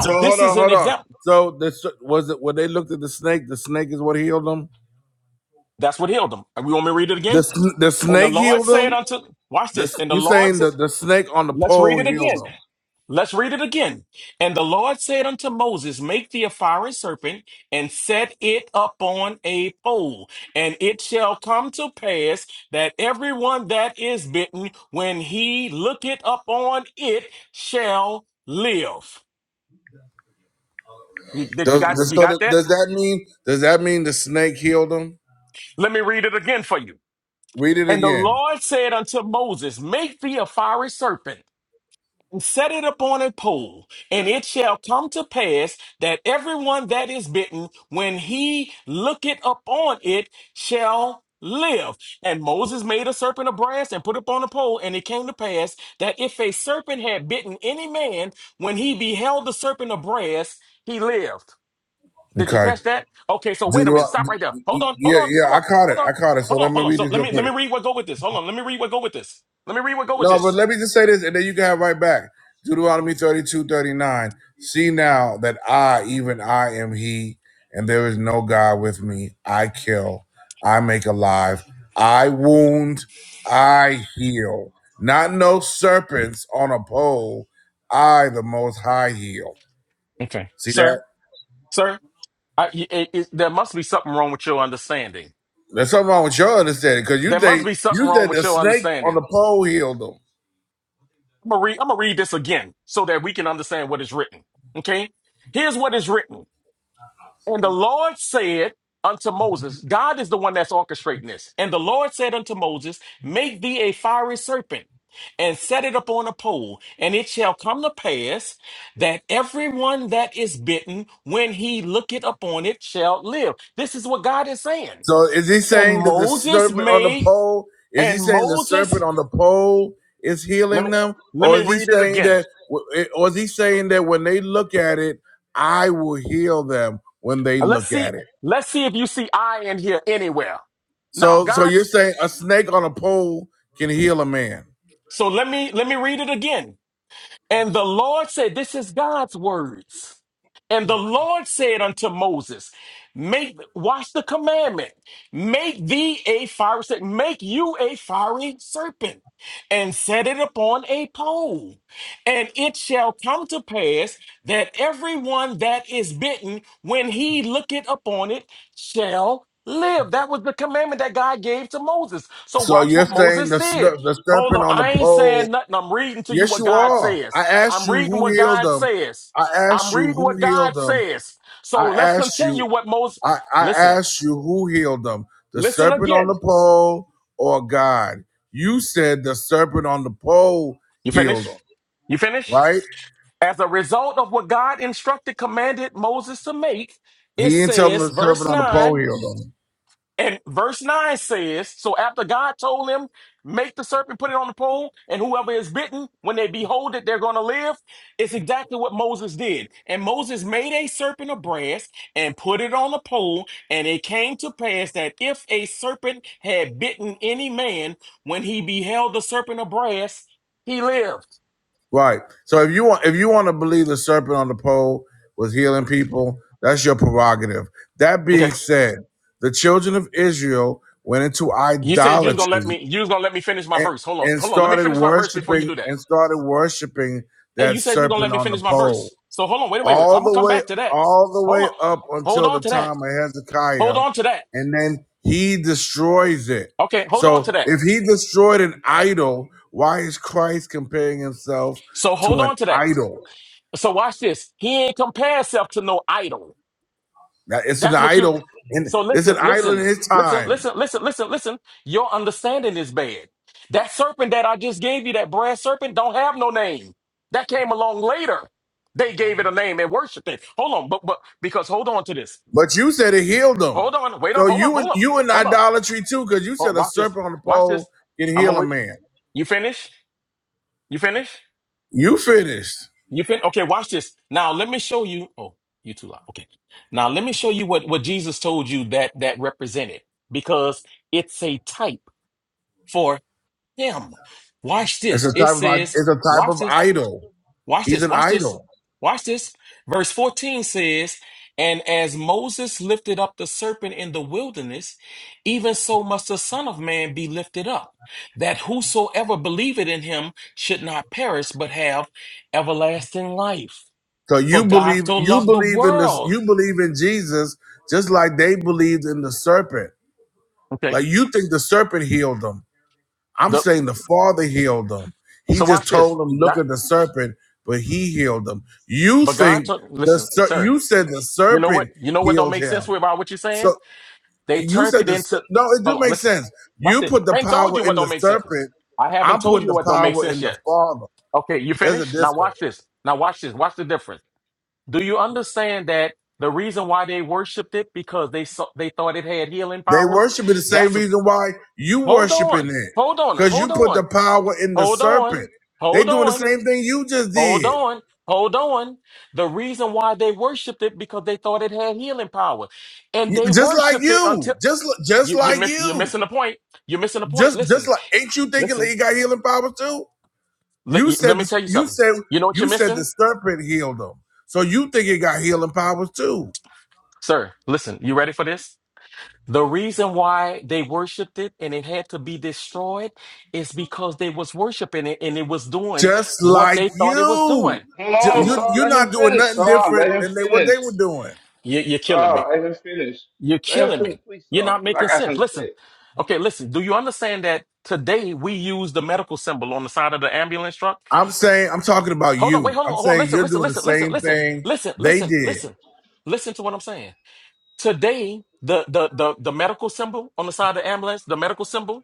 B: So hold
J: this
B: on,
J: is an
B: hold on.
J: example.
B: So this was it when they looked at the snake. The snake is what healed them.
J: That's what healed them. And We want me to read it
B: The
J: again?
B: sn- the
J: And the
B: snake
J: Lord
B: healed
J: said
B: him.
J: unto, watch
B: This
J: this. And the
B: you
J: Lord
B: saying
J: said,
B: that the snake on the
J: let's
B: pole
J: read it
B: healed
J: again.
B: him?
J: Let's read it again. And the Lord said unto Moses, Make thee a fiery serpent and set it up on a pole. And it shall come to pass that everyone that is bitten, when he looketh upon it, shall live. You, did you
B: Does
J: got
B: does,
J: you
B: so
J: got
B: that-
J: that?
B: does that mean does that mean the snake healed him?
J: Let me read it again for you.
B: Read it
J: And the
B: again.
J: Lord said unto Moses, Make thee a fiery serpent set it upon a pole, and it shall come to pass that everyone that is bitten, when he looketh upon it, shall live. And Moses made a serpent of brass and put it upon a pole, and it came to pass that if a serpent had bitten any man, when he beheld the serpent of brass, he lived. Did you
B: Okay.
J: catch that? Okay, so wait a minute. Stop
B: Deuteronomy.
J: right there. Hold on, hold
B: Yeah,
J: on,
B: yeah,
J: hold
B: I
J: on,
B: caught
J: hold
B: it. I
J: on,
B: caught it. So
J: hold
B: let
J: on,
B: me
J: hold on.
B: read
J: So
B: this
J: let
B: real
J: me let
B: quick.
J: me read what go with this. Hold on, let me read what go with this. Let me read what go with
B: No, but
J: this.
B: let me just say this, and then you can have right back. Deuteronomy 32 39. See now that I, even I, am he, and there is no God with me. I kill, I make alive, I wound, I heal. Not no serpents on a pole. I, the most high, heal.
J: Okay.
B: See
J: Sir,
B: that?
J: sir, I, it, it, there must be something wrong with your understanding.
B: There's something wrong with your understanding because you
J: There must
B: think
J: be something
B: you
J: wrong
B: said
J: with
B: the
J: your
B: snake on
J: understanding.
B: the pole healed them.
J: I'm gonna read. I'm gonna read this again so that we can understand what is written. Okay, here's what is written. And the Lord said unto Moses, God is the one that's orchestrating this. And the Lord said unto Moses, Make thee a fiery serpent and set it upon a pole, and it shall come to pass that everyone that is bitten, when he looketh upon it, shall live. This is what God is saying.
B: So is he
J: And
B: saying that the
J: Moses
B: serpent on the
J: made,
B: pole? Is he
J: and
B: saying the
J: Moses,
B: serpent on the pole is
J: let
B: healing
J: me
B: them,
J: let
B: or
J: me
B: is he
J: read it
B: saying
J: again.
B: that? Or is he saying that when they look at it, I will heal them when they
J: Let's
B: look
J: see,
B: at it?
J: let's see if you see I in here anywhere. Now
B: So, so you're
J: God's
B: saying a snake on a pole can heal a man?
J: so let me let me read it again. And the Lord said, This is God's words. And the Lord said unto Moses, Make watch the commandment, make thee a fiery serpent, make you a fiery serpent, and set it upon a pole. And it shall come to pass that everyone that is bitten, when he looketh upon it, shall live. That was the commandment that God gave to Moses. So
B: So
J: watch
B: you're
J: what
B: saying
J: Moses
B: the
J: did.
B: ser- the
J: Hold
B: serpent
J: on.
B: on the
J: I ain't
B: pole?
J: saying nothing. I'm reading to you
B: Yes,
J: what
B: you
J: God
B: are. I
J: says.
B: asked
J: I'm
B: you
J: reading
B: who
J: what
B: healed
J: God
B: them.
J: says.
B: I asked
J: I'm
B: you
J: reading
B: who
J: what
B: healed
J: God
B: them.
J: says. So
B: I
J: let's
B: asked you.
J: continue what Moses.
B: I, I
J: Listen,
B: asked you who healed them, the
J: listen
B: serpent on
J: again.
B: the pole or God. You said the serpent on the pole
J: You
B: healed them,
J: finish? You finish?
B: right?
J: As a result of what God instructed, commanded Moses to make,
B: He
J: it
B: didn't tell them
J: says,
B: the
J: verse
B: serpent on the pole
J: 9.
B: healed them,
J: And verse 9 says, So after God told him, Make the serpent, put it on the pole, and whoever is bitten, when they behold it, they're going to live. It's exactly what Moses did. And Moses made a serpent of brass and put it on the pole. And it came to pass that if a serpent had bitten any man, when he beheld the serpent of brass, he lived.
B: right? So if you want, if you want to believe the serpent on the pole was healing people, that's your prerogative. That being
J: Okay.
B: said, the children of Israel went into
J: You said you was gonna let
B: idolatry
J: me you was gonna let me finish my
B: and,
J: verse. Hold on,
B: and
J: hold on. Let me
B: started
J: finish my verse before you
B: worshiping
J: do that.
B: and started worshiping
J: Hey,
B: that
J: you said you're gonna let
B: serpent
J: me
B: on the
J: finish my
B: pole
J: verse. So hold on, wait, wait, wait. I'm
B: all
J: gonna
B: the
J: come
B: way
J: back to that.
B: all the
J: Hold on,
B: way up
J: hold
B: until
J: on
B: the
J: to that.
B: time of
J: Hold
B: Hezekiah,
J: on to that.
B: and then he destroys it.
J: Okay, hold on
B: So
J: to that.
B: if he destroyed an idol, why is Christ comparing himself
J: So hold
B: to an
J: on to that.
B: idol?
J: So watch this. He ain't compare himself to no idol.
B: Now it's an
J: That's what you.
B: idol, and
J: So
B: it's
J: listen,
B: an idol in
J: listen,
B: his
J: listen,
B: time.
J: listen, listen, listen, listen. Your understanding is bad. That serpent that I just gave you, that brass serpent, don't have no name. That came along later. They gave it a name and worshiped it. Hold on, but but because hold on to this.
B: But you said it healed them,
J: Hold on, wait on,
B: So
J: hold up,
B: you and
J: hold up,
B: you in
J: hold on.
B: idolatry too, because you
J: Oh,
B: said a
J: watch this.
B: serpent on the
J: Watch
B: pole
J: this.
B: can
J: I'm gonna
B: heal a
J: wait.
B: man.
J: You finish? You finish?
B: You finished.
J: You fin? Okay, watch this. Now let me show you. Oh, you too loud. Okay. Now let me show you what what Jesus told you that that represented because it's a type for him. Watch
B: It's
J: this.
B: a
J: It
B: type of
J: says,
B: it's a type
J: watch
B: of
J: this.
B: idol.
J: Watch
B: He's
J: this,
B: an
J: watch this,
B: idol.
J: watch this. Verse 14 says, And as Moses lifted up the serpent in the wilderness, even so must the Son of Man be lifted up, that whosoever believeth in him should not perish, but have everlasting life.
B: So
J: For
B: you
J: God
B: believe
J: so
B: you
J: loved the
B: believe in this
J: world.
B: you believe in Jesus just like they believed in the serpent.
J: Okay.
B: Like you think the serpent healed them. I'm
J: The,
B: saying the Father healed them. He
J: so
B: just
J: watch this.
B: told them look at
J: God-
B: the serpent, but he healed them. You
J: but God
B: think
J: took,
B: the
J: listen,
B: ser-
J: sir,
B: you said the
J: you know what?
B: serpent
J: You know what don't
B: healed
J: make sense
B: him.
J: about what you're saying?
B: So
J: They
B: you
J: turned
B: said
J: it
B: the ser-
J: into.
B: no, it do
J: Hold on,
B: make
J: listen.
B: sense.
J: Watch
B: You
J: it.
B: put the
J: I ain't told
B: power
J: you what
B: in
J: don't
B: the
J: make sense.
B: serpent.
J: I haven't
B: I'm
J: told
B: putting
J: you
B: the
J: what don't make
B: power
J: sense
B: in the
J: yet.
B: Father.
J: Okay, you
B: There's a
J: finished? Now
B: difference.
J: watch this. Now watch this. Watch the difference. Do you understand that the reason why they worshipped it because they saw, they thought it had healing
B: They
J: powers?
B: worship it the same
J: That's
B: reason why you
J: hold
B: worshiping
J: on,
B: it.
J: hold on,
B: Because you
J: hold
B: put the
J: on,
B: power in the
J: hold on,
B: serpent. They
J: hold
B: doing the
J: on,
B: same thing you just
J: hold
B: did.
J: on, hold on. The reason why they worshipped it because they thought it had healing power, and
B: You-
J: they
B: Just like
J: worshipped it until
B: you. Just li- just
J: You, you're
B: like
J: miss, You're
B: you.
J: missing the point. You're missing the point.
B: Just just
J: Listen,
B: like ain't you thinking that
J: listen.
B: you got healing powers too?
J: Let,
B: You
J: y- let
B: said
J: me
B: this,
J: tell you
B: you
J: something.
B: said
J: You know what
B: you
J: you're
B: said the
J: missing,
B: serpent healed them. So you think it got healing powers too.
J: sir. Listen. You ready for this? The reason why they worshipped it and it had to be destroyed is because they was worshiping it and it was doing
B: Just
J: what
B: like
J: they thought it was doing.
B: you.
A: Hold
B: Ju-
J: You,
A: on,
B: You
A: Saul.
B: you're
A: Let him
B: not doing
A: finish,
B: nothing
A: Saul. Let
B: different
A: him
B: than they what they
A: finish.
B: were doing.
J: you you're killing me.
A: Saul, let him finish.
J: You're
A: Let him
J: killing
A: finish,
J: me.
A: please,
J: You're not
A: Saul, because
J: making
A: I got
J: sense.
A: something to
J: Listen.
A: say.
J: Okay, listen. Do you understand that today we use the medical symbol on the side of the ambulance truck?
B: I'm saying I'm talking about
J: Hold on, wait,
B: you.
J: hold on,
B: I'm
J: hold on.
B: saying
J: Listen,
B: you're
J: listen,
B: doing the
J: listen, listen,
B: same
J: listen,
B: thing
J: listen,
B: they
J: listen,
B: did.
J: listen. Listen to what I'm saying. Today, the the the the medical symbol on the side of the ambulance, the medical symbol,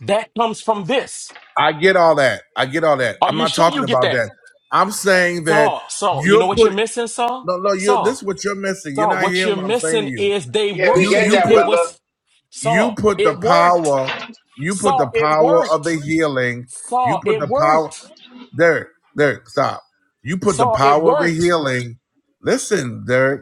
J: that comes from this.
B: I get all that. I get all that.
J: Are
B: I'm
J: you
B: not
J: sure
B: talking
J: you get
B: about
J: that?
B: that. I'm saying that
J: Saul, Saul, you know
B: you're
J: what
B: put
J: you're missing, Saul?
B: no no you this
J: Saul,
B: is what you're missing. You're
J: Saul,
B: not
J: what you're
B: hearing what I'm saying to
J: missing
B: you.
J: is they
A: Yeah, we
B: You
J: worshiped
A: get
B: you
J: it.
A: that,
J: It
B: put
A: brother.
J: was
B: you
J: Saul,
B: put
J: it
B: the
J: worked.
B: power you put
J: Saul,
B: the
J: it
B: power of
J: worked.
B: the healing. You
J: Saul,
B: put
J: it
B: the power
J: worked.
B: Derek, Derek, stop. You put the
J: Saul, it
B: power of the
J: worked.
B: healing. Listen, Derek.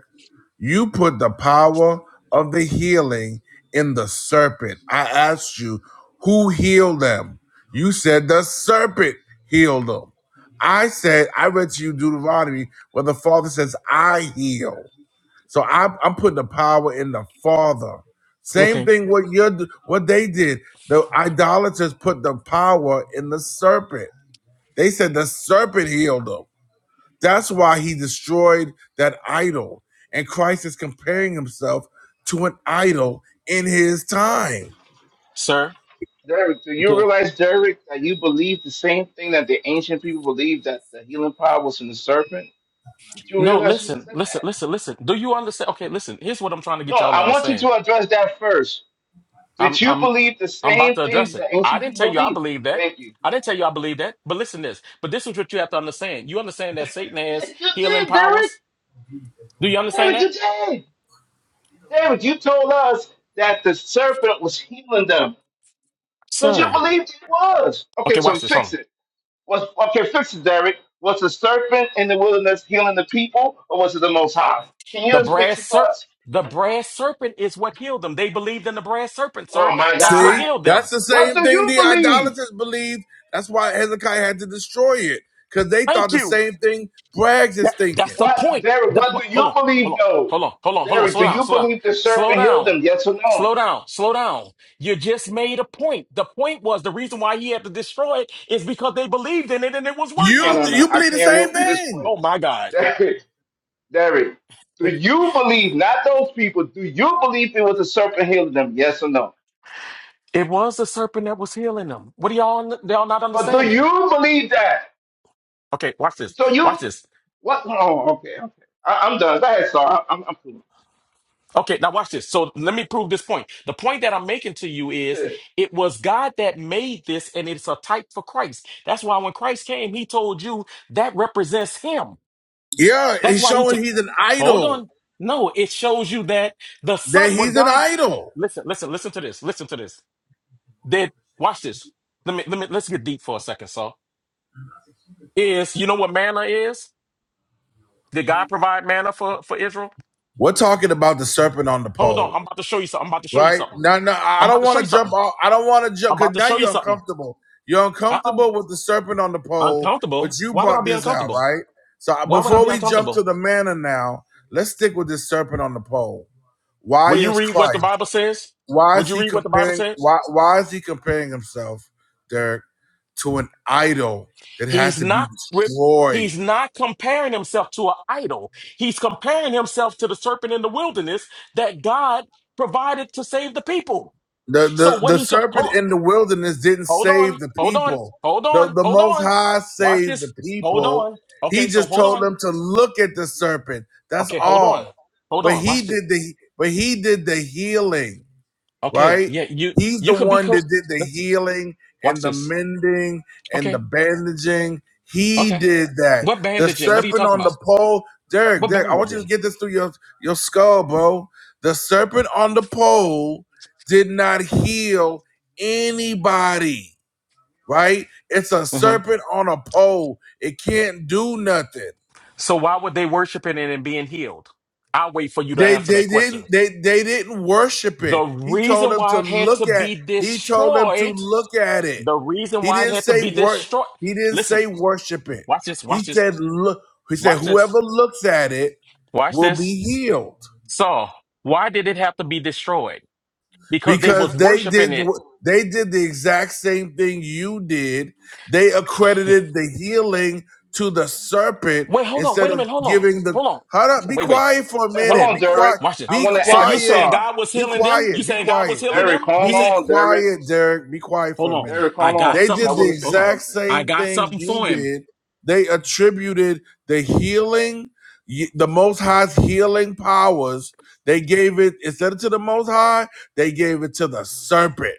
B: You put the power of the healing in the serpent. I asked you, who healed them? You said the serpent healed them. I said, I read to you Deuteronomy where the Father says, I heal. So I'm, I'm putting the power in the Father. Same
J: Okay,
B: thing what you are what they did. The idolaters put the power in the serpent. They said the serpent healed them. That's why he destroyed that idol. And Christ is comparing himself to an idol in his time.
J: sir.
A: Derek, do you
J: Okay.
A: realize, Derek, that you believe the same thing that the ancient people believed that the healing power was from the serpent? Did you
J: No,
A: realize you
J: listen,
A: said
J: listen,
A: that?
J: listen, listen. Do you understand? Okay, listen. Here's what I'm trying to
A: No,
J: get y'all to
A: I want you
J: understand.
A: to address that first.
J: I'm
A: Did you
J: I'm
A: believe the
J: I'm about
A: same
J: to
A: thing
J: address it.
A: the
J: I
A: ancient
J: didn't tell
A: people
J: you I
A: believed?
J: believe that.
A: Thank you.
J: I didn't tell you I believe that. But listen this. But this is what you have to understand. You understand that Satan
A: Yeah,
J: has
A: You
J: healing
A: did, Derek.
J: powers? Do you understand
A: Derek, you
J: that?
A: did. Derek, you told us that the serpent was healing them because you
J: Sir.
A: believed it was. Okay,
J: Okay,
A: so
J: watch this. Hold
A: fix
J: on.
A: it. Was okay, fix it, Derek. Was the serpent in the wilderness healing the people, or was it the Most High? Can you
J: The
A: just fix
J: brass
A: it for
J: serpent
A: us?
J: the brass serpent is what healed them. They believed in the brass serpent, sir.
A: Oh my
J: That's what
B: See,
A: God!
J: healed them.
B: that's the
A: What
B: same
A: do
B: thing
A: you
B: the
A: believe?
B: idolaters believed. That's why Hezekiah had to destroy it because they
J: Thank
B: thought the
J: you.
B: same thing Braggs
J: That
B: is
J: that's
B: thinking.
J: the
A: What,
J: point.
A: Derek?
J: The
A: What
J: point.
A: do you
J: Hold on. Hold
A: believe,
J: on.
A: though?
J: Hold on. Hold on. Hold
A: Derek, do
J: on.
A: you
J: Slow down.
A: believe the
J: Slow down. Slow
A: serpent healed
J: down.
A: them? Yes or no?
J: Slow down. Slow down. You just made a point. The point was the reason why he had to destroy it is because they believed in it and it was
A: No,
B: You
J: working.
A: no, no.
B: you
A: I
B: believe the
A: can't
B: same
A: move from this
B: thing?
A: point.
J: Oh my
A: *laughs*
J: God.
A: Derek, Derek, do you believe? Not those people. Do you believe it was the serpent healing them? Yes or no?
J: It was the serpent that was healing them. What are y'all y'all not
A: But do
J: understanding?
A: you believe that?
J: Okay, watch this.
A: So you
J: Watch this.
A: what? Oh, okay, okay. I, I'm done. Go ahead, sir. I, I'm, I'm cool.
J: Okay, now watch this. So let me prove this point. The point that I'm making to you is
A: this.
J: it was God that made this, and it's a type for Christ. That's why when Christ came, he told you that represents him.
B: Yeah,
J: That's
B: it's
J: why he
B: showing
J: took.
B: he's an
J: Hold
B: idol.
J: on. No, it shows you that the
B: That
J: Son, what
B: he's an
J: God
B: idol.
J: listen, listen, listen to this. Listen to this. That watch this. Let me let me let's get deep for a second, so is you know what manna is? Did God provide manna for, for Israel?
B: We're talking about the serpent on the
J: Hold on.
B: pole.
J: I'm about to show you something. I'm about to show you
B: right?
J: something.
B: No, no, I I
J: I'm about
B: don't
J: to show
B: want
J: you
B: to jump
J: something.
B: off. I don't want to
J: I'm
B: jump
J: about
B: because
J: to
B: now
J: show you
B: you're
J: something.
B: uncomfortable. You're
J: Uh
B: uncomfortable with the serpent on the pole, but
J: Uncomfortable?
B: you
J: Why would I
B: brought
J: be
B: this out,
J: uncomfortable?
B: right? So I-
J: Why would I
B: before
J: be
B: we jump to
J: uncomfortable?
B: the manna now, let's stick with this serpent on the pole. Why
J: Will you
B: is
J: read what the
B: Christ?
J: Bible says?
B: Why
J: Would
B: is
J: you
B: he
J: read what the Bible
B: comparing?
J: said?
B: Why why is he comparing himself, Derek, to an idol that had
J: He's
B: to be
J: not with
B: destroyed?
J: he's not comparing himself to an idol. He's comparing himself to the serpent in the wilderness that God provided to save the people.
B: The,
J: So
B: the
J: what
B: the
J: he should
B: serpent
J: hold
B: in the wilderness didn't
J: on, hold
B: save
J: on,
B: the
J: hold on,
B: people.
J: hold
B: The
J: on,
B: the
J: hold
B: most
J: on.
B: high
J: Watch
B: saved
J: this.
B: the
J: Hold
B: people.
J: on.
B: He
J: Okay, so
B: just
J: hold
B: told
J: on.
B: them to look at the serpent. That's
J: Okay, hold on.
B: all.
J: Hold
B: But
J: on.
B: he
J: Watch this.
B: did the but he did the healing
J: Okay,
B: right?
J: yeah, you
B: He's
J: you
B: the
J: could be
B: one that
J: co
B: did the
J: listen,
B: healing
J: watch
B: and the
J: this.
B: mending and the
J: Okay,
B: bandaging. He
J: okay.
B: did that.
J: What
B: The
J: bandaging? What are you
B: serpent
J: talking
B: on
J: about?
B: the pole, Derek,
J: What
B: Derek, I want you to
J: bandaging?
B: get this through your, your skull, bro. The serpent on the pole did not heal anybody, right? It's a
J: hmm
B: serpent on a pole. It can't do nothing.
J: So why would they worshiping it and being healed? I'll wait for you to
B: They
J: answer
B: they
J: that question.
B: didn't they they didn't worship
J: The
B: it. He told
J: reason
B: them to
J: why it had to
B: look at
J: be
B: he told them to
J: destroyed,
B: look at it.
J: the reason
B: He
J: why it
B: didn't
J: had to
B: say
J: be
B: wor
J: destroyed.
B: he didn't
J: Listen,
B: say worship it.
J: watch this, watch
B: He
J: this,
B: said look he said
J: watch this,
B: whoever looks at it
J: watch
B: will
J: this.
B: be healed.
J: So why did it have to be destroyed? Because they was
B: because they did
J: worshiping it.
B: wh- they did the exact same thing you did. They accredited the healing to the serpent
J: Wait, hold on,
B: instead
J: wait a
B: of
J: minute, hold on,
B: giving the
J: hold on.
B: hold up. Be
J: Wait, wait,
B: quiet for a
A: Hey,
J: hold
A: hold
B: minute.
J: on.
A: on,
B: Be
A: Derek.
B: quiet.
J: Watch this.
A: I
B: Be
A: want to
J: So
A: add
J: you
A: to
J: saying
B: quiet. Be,
A: Sar.
J: God was
B: be
J: healing them? You
B: quiet. Be
J: saying God was
B: quiet. Be,
J: healing
A: Derek,
J: them? You
A: hold
B: be
J: saying?
A: on, Derek.
B: quiet, Derek. Be quiet for
J: Hold
B: a
J: on.
B: minute.
A: Derek,
J: I
A: hold
J: got
B: They
A: on, because
J: something
B: did
A: I
J: for
B: the
A: want to say
J: hold on.
B: exact
A: something.
J: I
B: same
J: got
B: thing
J: something
B: you
J: for him.
B: did. They attributed the healing, y- the Most High's healing powers. They gave it instead of to the Most High they gave it to the serpent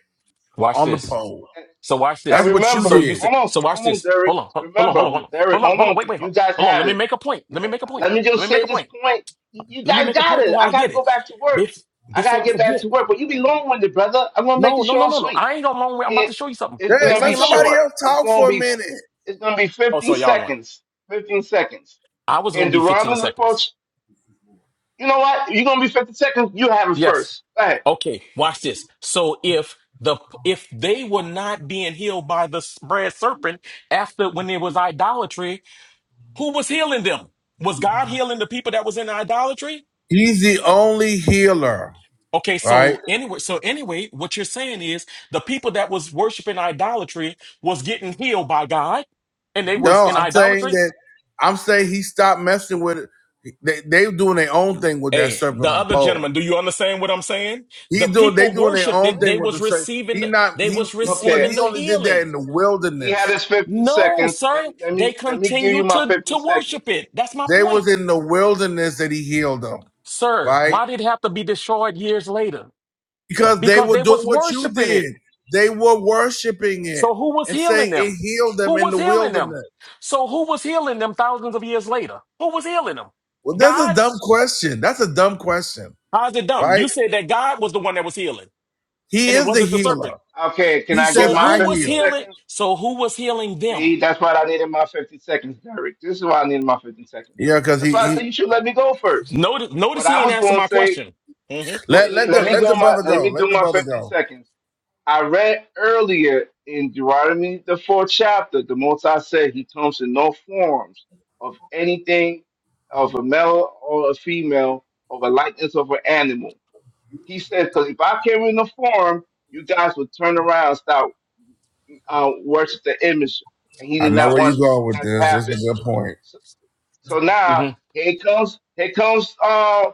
J: Watch
B: on the
J: this.
B: pole.
A: And,
J: So watch
A: and
B: That's
J: this.
B: what you
J: So
A: remember,
J: you
B: did.
J: said
A: hold on,
J: so watch
A: hold on,
J: this.
A: Derek.
J: Hold on. Hold hold on. Hold on.
A: Remember,
J: Hold on.
A: Derek,
J: Hold up.
A: hold
J: Hold on.
A: on.
J: Wait, wait. Hold,
A: You guys
J: hold on. Let
A: have
J: me
A: it.
J: make a point.
A: Let
J: Let me make a point.
A: me
J: Let
A: just
J: me make
A: say
J: a
A: this
J: point.
A: point. You you
J: Let me
A: guys
J: make a
A: got
J: point
A: it.
J: before
A: I
J: I
A: got
J: get
A: to
J: it.
A: go back to work.
J: Bef-
A: I got to
J: before I
A: get back to
J: forget.
A: work. But you be long winded, brother. I'm gonna make
J: No,
A: it
J: no,
A: short
J: no,
A: and
J: no, no.
A: sweet.
J: I ain't got long way. I'm about to
A: It,
J: show you something.
A: it's
B: Dang,
J: This
A: gonna
B: let
A: be
J: ain't
B: somebody
J: long.
A: short.
B: else
A: It's
B: talk
A: gonna
B: for a
A: be.
B: minute.
A: It's gonna be
J: Oh,
A: 15
J: sorry, y'all one.
A: seconds. 15 seconds.
J: I was
A: In
J: gonna be 15
A: Deuteronomy the
J: seconds.
A: fourth You know what? You're gonna be 50 seconds. You have it
J: Yes.
A: first. All right.
J: Okay, watch this. So if the if they were not being healed by the spread serpent after when there was idolatry, who was healing them? Was God healing the people that was in idolatry?
B: He's the only healer,
J: Okay,
B: right?
J: so anyway, so anyway, what you're saying is the people that was worshiping idolatry was getting healed by God and they was
B: No,
J: in
B: I'm saying
J: idolatry.
B: that I'm saying he stopped messing with it. They they doing their own thing with that
J: Hey, the
B: serpent on the
J: other
B: pole.
J: gentleman, do you understand what I'm saying? The
B: He's doing they
J: people
B: doing their
J: worshiped
B: own
J: it, they
B: thing with
J: was
B: the serpent.
J: receiving
B: He
J: the,
B: not
J: they
B: he
J: was
B: he was
A: Okay.
J: receiving
B: he
J: the
B: only did that
J: healing.
B: in the
A: He had
B: wilderness.
A: his 50
J: No,
A: seconds. Let
J: sir.
A: me let
J: They
A: me let me give you
J: continue
A: my
J: to,
A: 50
J: to worship
A: seconds.
J: it. That's my
B: They
J: point.
B: was in the wilderness that he healed them,
J: Sir,
B: right?
J: why did it have to be destroyed years later?
B: because they
J: Because
B: were
J: they
B: doing
J: was
B: what you
J: worshiping it.
B: did. They were worshiping it
J: So who was
B: and
J: healing
B: saying it
J: them?
B: healed them
J: Who
B: in
J: was
B: the
J: healing them?
B: wilderness.
J: So who was healing them thousands of years later? Who was healing them?
B: Well, that's a
J: God?
B: dumb question. That's a dumb question,
J: How's it dumb?
B: right?
J: You said that God was the one that was healing,
B: He
J: and it
B: is the
J: wasn't the
B: healer.
J: serpent.
A: Okay. Can
B: He
A: I get
B: says,
J: So
A: my
B: "I
J: who was
A: 50
B: heal."
J: healing?
A: seconds?
J: So who was healing them?
A: See, that's what I needed my 50 seconds, Derek. This is why I needed my 50 seconds.
B: Yeah, because
A: That's
B: he
A: why I
B: he
A: said you should let me go first.
J: Notice, notice
A: What
J: he
A: I
J: didn't
A: was
J: answer
A: gonna
J: my
A: say,
J: question. hmm Go
B: let
J: ahead.
A: yeah,
B: let the
A: let me
B: let
A: go
B: the
A: my
B: brother
A: let
B: go.
A: me
B: Let
A: do
B: the
A: my
B: brother
A: 50
B: go.
A: seconds. I read earlier in Deuteronomy, the fourth chapter, the Most High said he comes in no forms of anything of a male or a female or a likeness of an animal. He said, because if I came in the form, you guys would turn around and start uh, worship the image. And he
B: I
A: did
B: know
A: not
B: where you
A: want
B: going with
A: that to
B: this. That's
A: happen.
B: a good point.
A: So, so now
J: hmm
A: here comes here comes uh,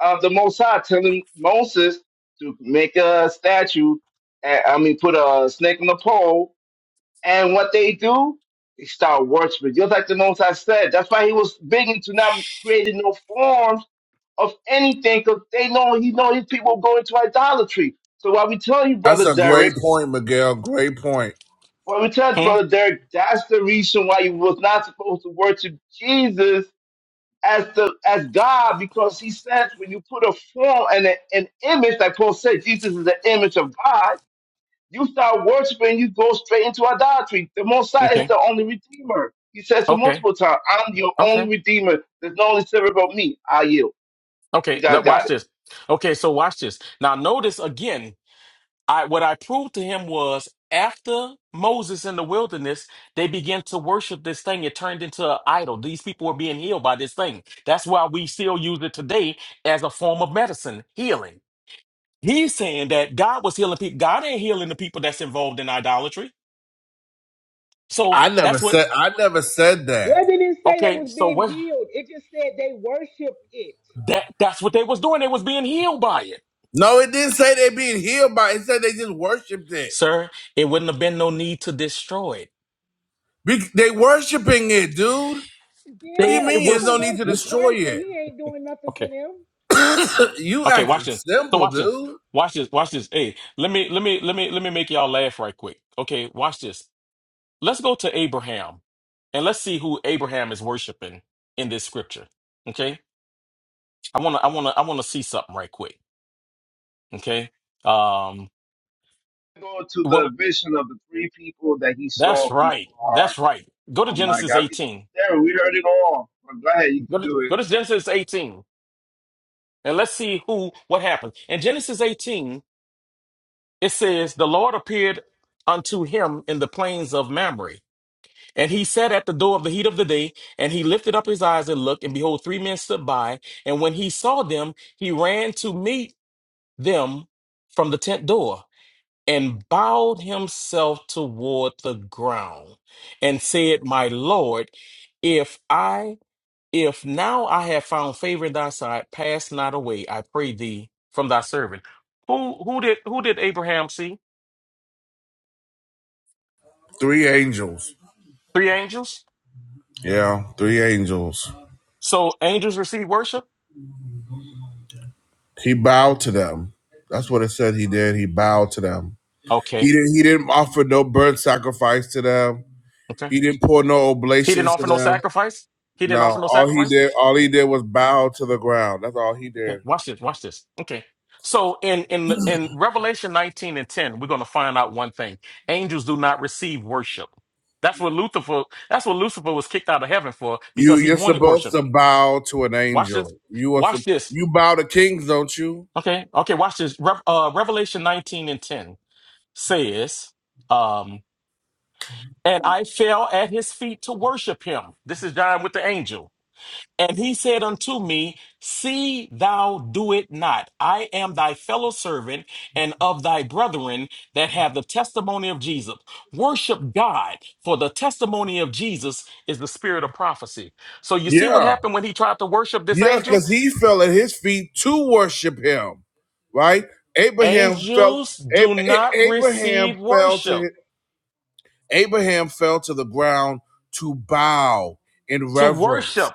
A: uh the Mosai telling Moses to make a statue. And, I mean, put a snake on the pole. And what they do, they start worshiping. Just like the Mosai said, that's why he was big into not creating no forms of anything because they know he know these people go into idolatry. So why we tell you,
B: That's
A: brother
B: a great
A: Derek,
B: point, Miguel. Great point.
A: why we tell
J: Hmm.
A: brother Derek, that's the reason why you was not supposed to worship Jesus as the as God because he says when you put a form and a- an image like Paul said Jesus is the image of God you start worshiping you go straight into idolatry the Messiah is
J: Okay.
A: the only redeemer he says it
J: Okay.
A: multiple times I'm your
J: Okay.
A: only redeemer there's no only servant but me I yield you
J: Okay,
A: guys
J: let watch
A: got it
J: this. Okay, so watch this. Now notice again, I what I proved to him was after Moses in the wilderness, they began to worship this thing. It turned into an idol. These people were being healed by this thing. That's why we still use it today as a form of medicine, healing. He's saying that God was healing people. God ain't healing the people that's involved in idolatry. So
B: I never
J: that's what
B: said I never said that.
E: Where did it didn't say they
J: okay,
E: was
J: so
E: being
J: what
E: healed? It just said they worshiped it.
J: that that's what they was doing. They was being healed by it.
B: No, it didn't say they being healed by. It It said they just worshipped it.
J: Sir, it wouldn't have been no need to destroy it
B: Be- they worshiping it, dude. What do you
J: They
E: Yeah,
J: it
B: mean? There's no
E: people
J: was
B: need to
E: worship
J: listen.
B: destroy
E: Christ and
B: it.
E: he ain't doing nothing for
J: Okay.
E: them.
B: *laughs* you
J: Okay, watch
B: acting
J: this. So
B: simple,
J: watch this.
B: dude.
J: Watch this. Watch this. Hey, let me let me let me let me make y'all laugh right quick. Okay, watch this. Let's go to Abraham and let's see who Abraham is worshiping in this scripture. Okay? I wanna I wanna I wanna see something right quick. Okay. Um
A: go to
J: well,
A: the vision of the three people that he
J: that's
A: saw from
J: right. That's
A: far
J: right. Go to
A: oh my
J: Genesis
A: God we,
J: 18.
A: there we heard it all but go ahead you
J: Go
A: can
J: to
A: do it
J: go to Genesis 18 and let's see who what happens. In Genesis 18, It says, The Lord appeared unto him in the plains of Mamre. And he sat at the door of the heat of the day, and he lifted up his eyes and looked, and behold, three men stood by. And when he saw them, he ran to meet them from the tent door and bowed himself toward the ground and said, My Lord, if I if now I have found favor in thy sight, pass not away, I pray thee, from thy servant. Who who did who did Abraham see?
B: Three angels.
J: Three angels?
B: Yeah, three angels.
J: So angels receive worship?
B: He bowed to them. That's what it said he did. He bowed to them. He
J: Okay.
B: didn't he didn't offer no burnt sacrifice to them.
J: Okay.
B: He didn't pour no
J: He didn't
B: oblations to
J: offer no
B: them.
J: sacrifice. He didn't offer
B: No.
J: no
B: All he
J: sacrifice.
B: did all he did was bow to the ground. That's all he
J: Okay.
B: did.
J: Watch this. Watch this. Okay. So in in in Revelation 19 and 10, we're going to find out one thing. Angels do not receive worship. That's what Lucifer that's what Lucifer was kicked out of heaven for
B: You
J: because he
B: you're
J: wanted
B: supposed
J: worship.
B: to bow to an
J: Watch this.
B: angel. You are
J: Watch
B: sup-
J: this.
B: you bow to kings, don't you?
J: Okay. Okay, watch this. Rev- uh, Revelation 19 and 10 says um and I fell at his feet to worship him. This is John with the angel. And he said unto me, See thou do it not. I am thy fellow servant and of thy brethren that have the testimony of Jesus. Worship God, for the testimony of Jesus is the spirit of prophecy. So you see what
B: Yeah.
J: happened when he tried to worship this
B: Yeah,
J: angel?
B: because he fell at his feet to worship him, right? Abraham fell.
J: Angels
B: A-
J: do
B: A-
J: not
B: Abraham
J: receive
B: fell
J: worship.
B: to Abraham fell to the ground to bow in
J: To worship,
B: reverence.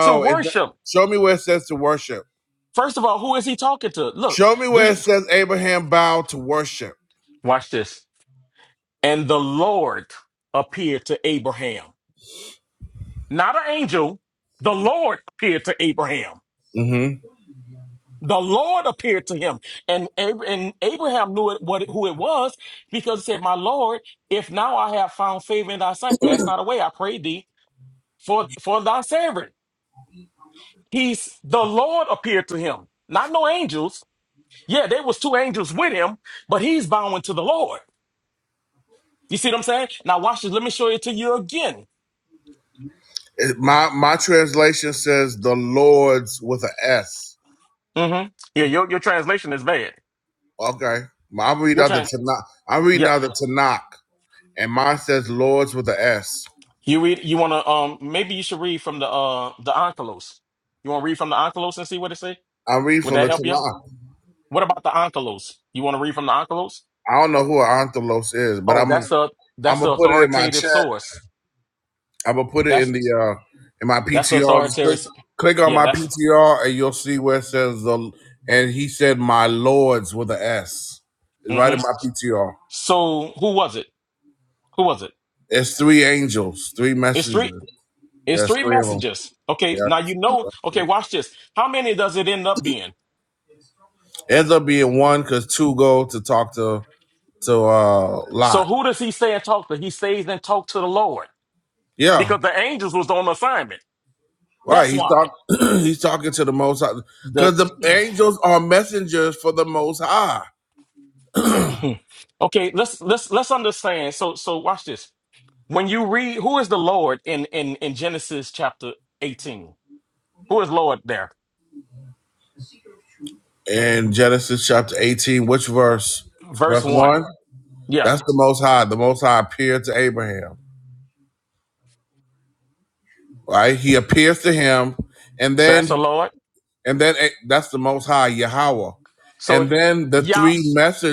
J: to
B: it's not-
J: worship.
B: show me where it says to worship.
J: First of all, who is he talking to? Look,
B: Show me
J: do
B: where it
J: you
B: says Abraham bowed to worship.
J: watch this? And the Lord appeared to Abraham. not an angel. The Lord appeared to Abraham.
B: hmm
J: The Lord appeared to him, and Ab- and Abraham knew it, what who it was because he said, "My Lord, if now I have found favor in thy sight, pass not away. I pray thee for for thy servant." He's the Lord appeared to him, not no angels. Yeah, there was two angels with him, but he's bowing to the Lord. You see what I'm saying? Now watch this. Let me show it to you again.
B: my my translation says the Lord's with a S.
J: hmm Yeah, your your translation is bad.
B: Okay, I'm reading
J: Your
B: out the
J: trans.
B: Tanakh. I'm reading
J: yeah.
B: out the Tanakh, and mine says Lord's with a S.
J: You read. You want to? Um, maybe you should read from the uh the Onkelos. You want to read from the Onkelos and see what it say?
B: I read
J: Would
B: from the
J: that help you? out?
B: Tanakh.
J: What about the Onkelos? You want to read from the Onkelos?
B: I don't know who Anthelos is, but
J: Oh,
B: I'm gonna
J: that's a that's
B: I'm
J: the
B: gonna put it in my
J: authoritative
B: chat.
J: source.
B: I'm gonna put it in
J: That's
B: the uh in my
J: that's the
B: PTR. Just click
J: authoritative.
B: click on
J: Yeah,
B: my
J: that's.
B: PTR and you'll see where it says the and he said my lords with a S. It's right in
J: Mm-hmm.
B: my PTR.
J: So who was it? Who was it?
B: It's three angels, three
J: It's three.
B: messengers.
J: It's
B: There's
J: three
B: three of them.
J: messages. Okay, now you know. Okay,
B: Yeah,
J: watch this. How many does it end up being?
B: ends up being one because two go to talk to to uh
J: So
B: Lot.
J: who does he say and talk to? He says and talk to the Lord
B: Yeah,
J: because the angels was on assignment.
B: Right,
J: That's
B: he's
J: why.
B: talking. *clears throat* he's talking to the Most High,
J: the.
B: because the angels are messengers for the Most High.
J: Hmm. Okay, let's let's let's understand. So so watch this. When you read who is the Lord in in in Genesis chapter 18? Who is Lord there?
B: In Genesis chapter eighteen, which verse?
J: Verse
B: Verse
J: 1.
B: one.
J: Yeah.
B: That's the Most High. The Most High appeared to Abraham. Right, he appears to him, and
J: So that's
B: then
J: the Lord.
B: and then eh, that's the Most High Yahweh,
J: So
B: and then the
J: Yah
B: three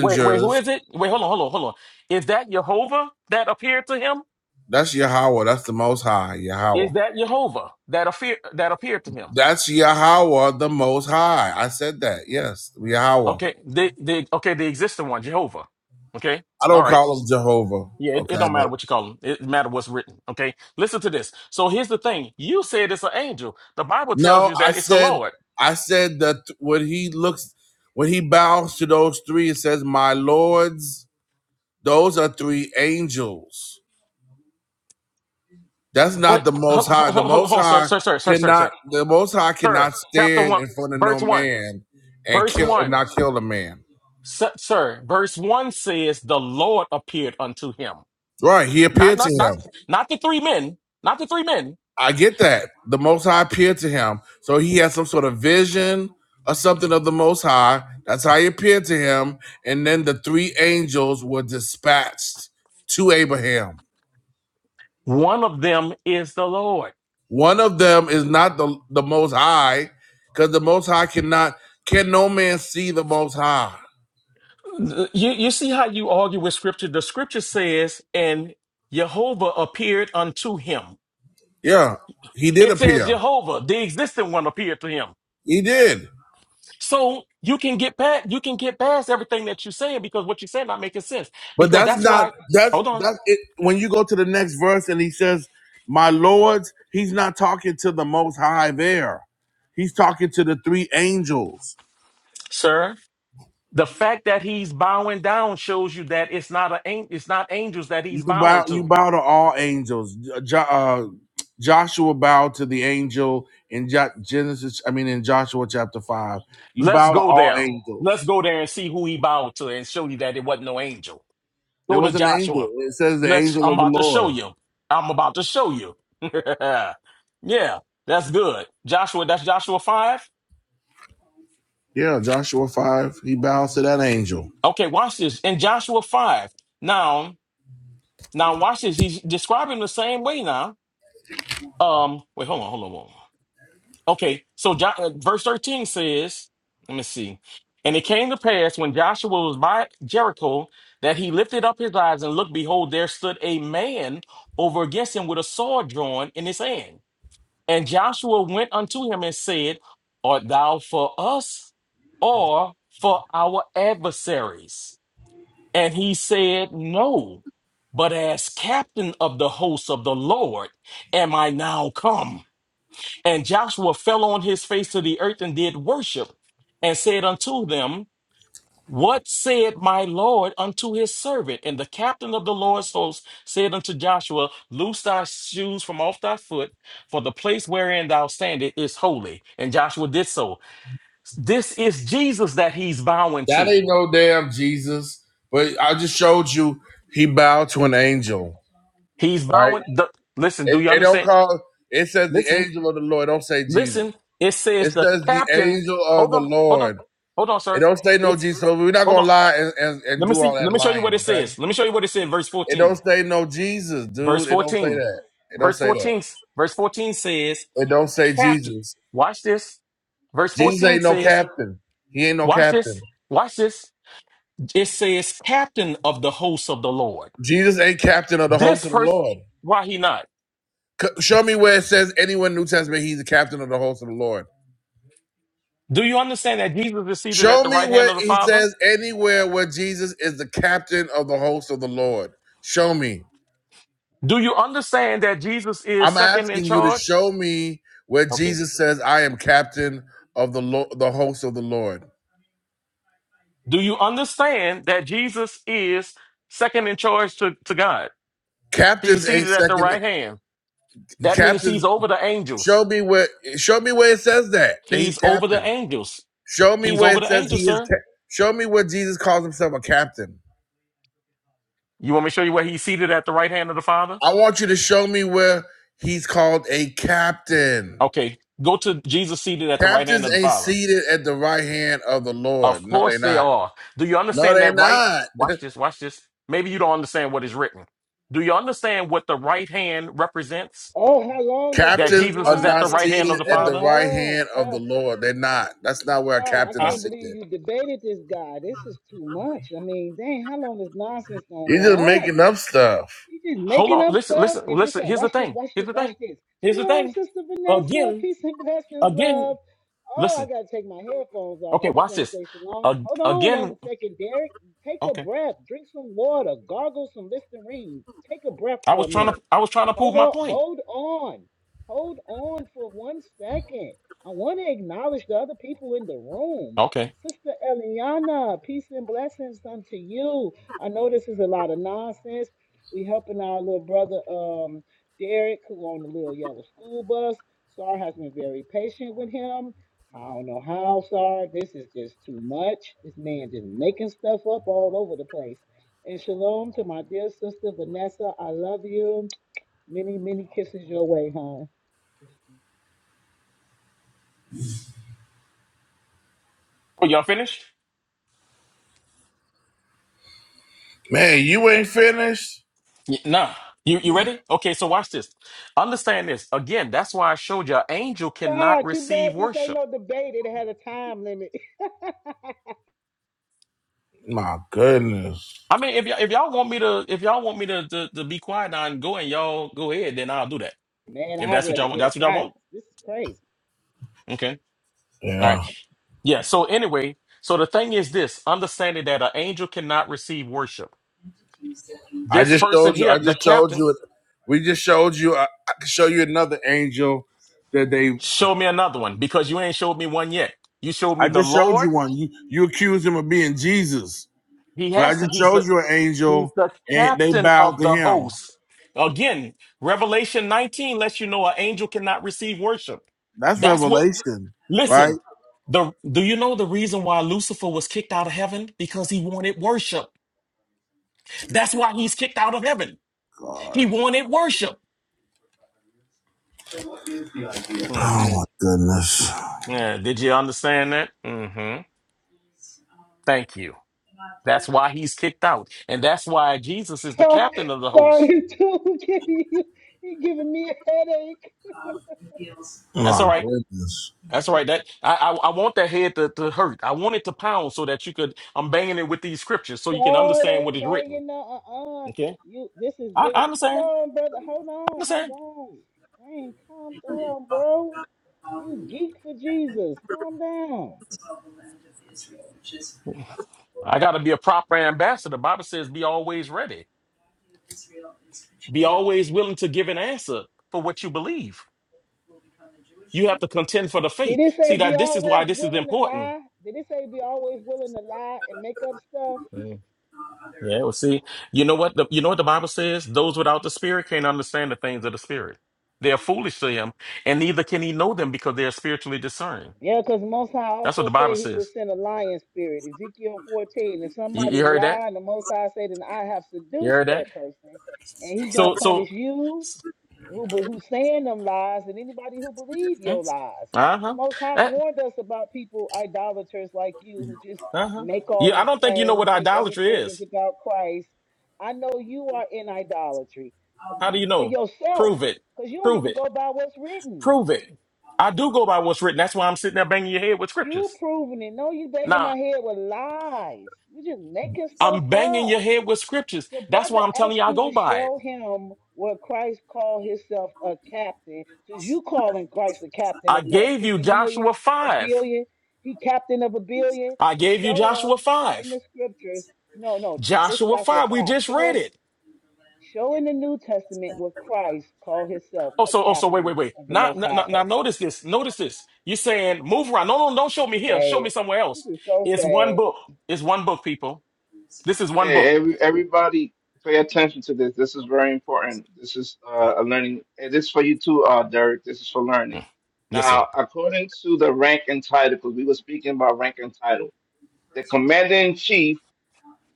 J: wait, wait, who is it? Wait, hold on, hold on, hold on. Is that Jehovah that appeared to him?
B: That's Yahweh. That's the Most High Yahweh.
J: Is that Jehovah that appeared that appeared to him?
B: That's Yahweh, the Most High. I said that. Yes, Yahweh.
J: Okay, the the okay, the existing one, Jehovah. Okay.
B: I
J: All
B: don't
J: right.
B: call him Jehovah.
J: Yeah, it, it
B: Okay,
J: don't
B: but
J: matter what you call them. It matter what's written. Okay, listen to this. So here's the thing. You said it's an angel. The Bible tells
B: no,
J: you
B: I
J: that it's the
B: said
J: Lord.
B: I said that when he looks when he bows to those three, it says, My lords, those are three angels. That's not
J: Wait,
B: the most
J: hold,
B: high.
J: hold,
B: The
J: hold, hold
B: most
J: on, sir,
B: high
J: sir, sir, sir, sir,
B: cannot
J: sir,
B: the most high
J: sir.
B: cannot
J: Chapter
B: stand
J: one,
B: in front of no
J: verse one,
B: man and
J: verse
B: kill and
J: one,
B: not kill a man.
J: sir, sir. Verse one says the Lord appeared unto him.
B: Right. He
J: Not,
B: appeared to
J: not,
B: him.
J: not, not the three men. Not the three men.
B: I get that. The Most High appeared to him. So he had some sort of vision or something of the Most High. That's how he appeared to him. And then the three angels were dispatched to Abraham.
J: One of them is the Lord.
B: One of them is not the, the Most High, because the Most High cannot, can no man see the Most High.
J: You, you see how you argue with Scripture. The Scripture says, and Jehovah appeared unto him.
B: Yeah, he did
J: It says
B: appear.
J: Jehovah, the existing one, appeared to him.
B: He did.
J: So you can get past you can get past everything that you're saying because what you're saying not making sense.
B: But
J: Because
B: that's
J: that's
B: not
J: why,
B: that's
J: hold on,
B: that's it. When you go to the next verse and he says, "My lords," he's not talking to the Most High there. He's talking to the three angels.
J: sir. The fact that he's bowing down shows you that it's not a an- it's not angels that
B: You
J: he's bowing
B: bow, you
J: to.
B: bow to all angels. Jo- uh, Joshua bowed to the angel in Jo- Genesis. I mean, in Joshua chapter five, you
J: Let's
B: bow to
J: go
B: all
J: there. Let's
B: angels.
J: go there and see who he bowed to and show you that it wasn't no angel. Go
B: There
J: to
B: was an
J: Joshua.
B: angel. It says the
J: Let's
B: angel
J: I'm
B: of
J: about
B: the
J: to show
B: Lord.
J: you. I'm about to show you. *laughs* yeah, that's good. Joshua, that's Joshua 5.
B: Yeah, Joshua five. He bows to that angel.
J: Okay, watch this. In Joshua 5. Now, now watch this. He's describing the same way now. Um, wait, hold on, hold on, hold on. Okay, so jo- uh, verse 13 says, let me see. And it came to pass when Joshua was by Jericho that he lifted up his eyes and looked, behold, there stood a man over against him with a sword drawn in his hand. And Joshua went unto him and said, Art thou for us or for our adversaries? And he said, No, but as captain of the hosts of the Lord am I now come. And Joshua fell on his face to the earth and did worship and said unto them, What said my Lord unto his servant? And the captain of the Lord's host said unto Joshua, Loose thy shoes from off thy foot, for the place wherein thou standest is holy. And Joshua did so. This is Jesus that he's bowing
B: That
J: to.
B: ain't no damn Jesus. But I just showed you he bowed to an angel,
J: He's
B: right?
J: bowing. The, listen, do
B: It,
J: you
B: it don't
J: understand?
B: call. It says the
J: Listen.
B: angel of the Lord. Don't say Jesus.
J: Listen, it says
B: It
J: the
B: says the
J: captain.
B: angel of
J: Hold
B: the
J: on, hold on,
B: Lord.
J: hold on,
B: It
J: sir.
B: don't say no
J: It's
B: Jesus. So we're not
J: hold
B: gonna
J: on.
B: lie and, and, and
J: Let me
B: do all
J: see.
B: that
J: Let me show you
B: lying,
J: what it
B: okay?
J: says. Let me show you what it said. Verse
B: It don't
J: fourteen.
B: say no Jesus,
J: Verse
B: dude. It don't say
J: fourteen.
B: that. It don't
J: Verse
B: say that.
J: fourteen. Verse fourteen says,
B: It don't say
J: "Captain."
B: Jesus.
J: Watch this. Verse
B: Jesus
J: fourteen
B: ain't no
J: says,
B: captain. He ain't no
J: "Watch
B: captain.
J: this. Watch this." It says, "Captain of the hosts of the Lord."
B: Jesus ain't captain of the
J: This
B: host of the
J: person.
B: Lord.
J: Why he not?
B: Show me where it says anywhere in the New Testament he's the captain of the host of the Lord.
J: Do you understand that Jesus is seated at
B: Show
J: the
B: me
J: right hand
B: where
J: of the
B: he
J: Father?
B: says anywhere where Jesus is the captain of the host of the Lord. Show me.
J: Do you understand that Jesus is
B: I'm
J: second in
B: asking you to
J: charge?
B: show me where
J: Okay.
B: Jesus says I am captain of the Lo- the host of the Lord.
J: Do you understand that Jesus is second in charge to, to God? He's
B: Captains ain't
J: seated at the
B: second.
J: right hand. That means he's
B: Captains,
J: over the
B: show
J: angels.
B: me where show me where it says that that he's
J: He's over the
B: captain.
J: angels.
B: Show me
J: He's
B: where
J: over
B: it
J: the
B: says he
J: angels,
B: is.
J: sir.
B: Ca- show me where Jesus calls himself a captain.
J: You want me to show you where he's seated at the right hand of the Father?
B: I want you to show me where he's called a captain.
J: Okay, go to Jesus seated at the right hand
B: Captains
J: of the
B: ain't
J: Father.
B: seated at the right hand of the
J: Of
B: Lord. No, they
J: course they
B: not.
J: are. Do you
B: No,
J: understand
B: they
J: that right?
B: not.
J: Watch this, watch this. Maybe you don't understand what is written. Do you understand what the right hand represents?
E: Oh, how long is
J: That
E: this
B: Captains
J: Jesus
B: are
J: is at
B: not
J: the
E: nonsense
J: right hand of
B: seated
E: gonna
J: the
B: at
E: go
B: the
J: Father?
B: right
E: on?
B: hand of the
E: Oh,
B: Lord. They're not. That's not where a
E: sorry, I
B: captain
J: Huh?
E: can't
B: is
E: believe
B: seated.
E: you debated this guy. This is too much. I mean, dang, how long is nonsense gonna go
B: He's just
E: on?
B: making up stuff.
E: You just
J: Hold
E: making
J: on.
E: up
J: Listen,
E: stuff
J: listen,
E: and just
J: listen.
E: saying,
J: Here's the
E: watch this,
J: thing.
E: watch
J: Here's
E: this,
J: the
E: watch
J: thing.
E: this.
J: Here's the
E: Shalom,
J: thing.
E: Sister Vanessa.
J: Again,
E: Peace and blessings,
J: again,
E: love. Oh, I
J: listen.
E: got to take my headphones off.
J: Okay,
E: I just
J: watch
E: want to
J: this.
E: say shalom.
J: Ag-
E: Hold on
J: again,
E: one second, Derek. Take a
J: okay.
E: breath. Drink some water. Gargle some Listerine. Take a breath
J: I
E: for
J: was
E: a minute.
J: trying to I was trying to prove
E: Hold
J: my
E: on,
J: point.
E: hold on, hold on for one second. I want to acknowledge the other people in the room.
J: Okay.
E: Sister Eliana, peace and blessings unto you. I know this is a lot of nonsense. We helping our little brother um Derek, who on the little yellow school bus. Sar has been very patient with him. I don't know how, Sar. This is just too much. This man just making stuff up all over the place. And shalom to my dear sister Vanessa. I love you. Many, many kisses your way, hon.
J: Oh, y'all finished?
B: Man, you ain't finished?
J: Y- Nah. You you ready? Okay, so watch this. Understand this. Again, that's why I showed y'all angel cannot
E: Sorry, too bad
J: receive
E: this ain't
J: worship.
E: no debate. It had a time limit.
B: My goodness.
J: I mean, if y'all if y'all want me to if y'all want me to to, to be quiet now and go and y'all go ahead, then I'll do that.
E: *laughs* Man,
J: If
E: I'd
J: that's what
E: rather
J: y'all want,
E: hear
J: that's what y'all want?
E: silence. This is crazy.
J: Okay. All right.
B: Yeah.
J: Yeah. So anyway, so the thing is this: understanding that an angel cannot receive worship.
B: I
J: This
B: just
J: person
B: showed you.
J: here,
B: I
J: the
B: just showed
J: captain,
B: you. We just showed you. I, I can show you another angel that they
J: show me another one because you ain't showed me one yet. You showed me
B: I
J: the
B: just showed
J: Lord.
B: you one. You you accused him of being Jesus,
J: He
B: but I
J: has to.
B: just
J: He's
B: showed
J: the
B: you an
J: he's
B: angel,
J: the
B: and they
J: captain
B: bowed
J: of
B: to
J: the
B: him.
J: host. Again, Revelation 19 lets you know an angel cannot receive worship.
B: That's
J: That's what.
B: revelation, right?
J: Listen. The, do you know the reason why Lucifer was kicked out of heaven? Because he wanted worship. That's why he's kicked out of heaven. He wanted worship.
B: Oh my goodness!
J: Yeah, did you understand that? hmm Thank you. That's why he's kicked out. And that's why Jesus is
E: *laughs*
J: the
E: Sorry,
J: captain of the
E: sorry,
J: host.
E: this dude *laughs* giving you, he giving me a headache.
J: That's
B: My
J: all right.
B: goodness!
J: That's all right. That I I, I want that head to, to hurt. I want it to pound so that you could I'm banging it with these scriptures so you can
E: Oh, it
J: understand what
E: ain't
J: is written.
E: banging. No, uh, uh.
J: Okay?
E: You, this is
J: I,
E: very.
J: I
E: Sit
J: understand.
E: on, brother. Hold
J: I
E: on, hold
J: understand.
E: on. Dang, calm down, bro. You geek for Jesus. Calm down.
J: I gotta be a proper ambassador. Bible says be always ready. Be always willing to give an answer for what you believe. You have to contend for the faith.
E: Did it
J: See
E: say be
J: that this is why
E: always
J: this is
E: willing to
J: important.
E: lie? Did it say be always willing to lie and make up stuff?
J: Yeah, well, see, you know what the you know what the Bible says? Those without the Spirit can't understand the things of the Spirit. They are foolish to him, and neither can he know them because they are spiritually discerning.
E: Yeah, because Most High
J: That's what
E: also
J: the
E: said
J: Bible
E: he would
J: says.
E: send a lion spirit, Ezekiel 14. If
J: You,
E: somebody
J: you heard that?
E: lied, the Most High said, then I have
J: You
E: seduced
J: heard that?
E: that person, and he gonna
J: So, so,
E: punish you who be- who saying them lies and anybody who believe
J: uh
E: your lies. The
J: huh,
E: Most High
J: uh
E: warned us about people idolaters like you who just
J: huh.
E: make all
J: Yeah, I
E: these
J: don't think you know
E: claims,
J: what
E: say
J: idolatry
E: everything is
J: is.
E: about Christ. I know you are in idolatry
J: How do you
E: uh,
J: know?
E: yourself,
J: Prove it.
E: because you don't
J: Prove
E: even
J: it.
E: go by what's written.
J: Prove it. I do go by what's written. That's why I'm sitting there banging your head with
E: You
J: scriptures.
E: proving it. No, you begging
J: Now
E: my head with lies. You just making stuff
J: I'm banging
E: up.
J: your head with scriptures.
E: The
J: That's
E: brother
J: why I'm telling
E: asked
J: you I
E: you
J: go
E: to
J: by it.
E: show him where Christ called himself a captain. Since you calling Christ the captain
J: I
E: of what,
J: gave you
E: 50 million,
J: Joshua
E: a
J: 5.
E: billion? He captain of a billion?
J: I gave you
E: Show us
J: Joshua
E: in
J: 5.
E: the scriptures. No, no, this
J: Joshua
E: Joshua
J: 5. We
E: 5.
J: just
E: Show
J: read
E: us,
J: it.
E: show in the New Testament where Christ called himself
J: Oh,
E: a
J: so, oh, so wait,
E: captain
J: wait, wait.
E: of the
J: Now,
E: most
J: now,
E: high
J: now now
E: host.
J: notice this. Notice this. You're saying move around. No, no, don't show me here. Show me
E: Sad.
J: somewhere
E: This
J: else.
E: is so
J: It's
E: sad.
J: one book. It's one book, people. This is one book.
A: Hey, every, everybody, pay attention to this. This is very important. This is uh, a learning. and This is for you too, uh, Derek. This is for learning.
J: Mm. Yes, sir.
A: Now, according to the rank and title, because we were speaking about rank and title, the commander in chief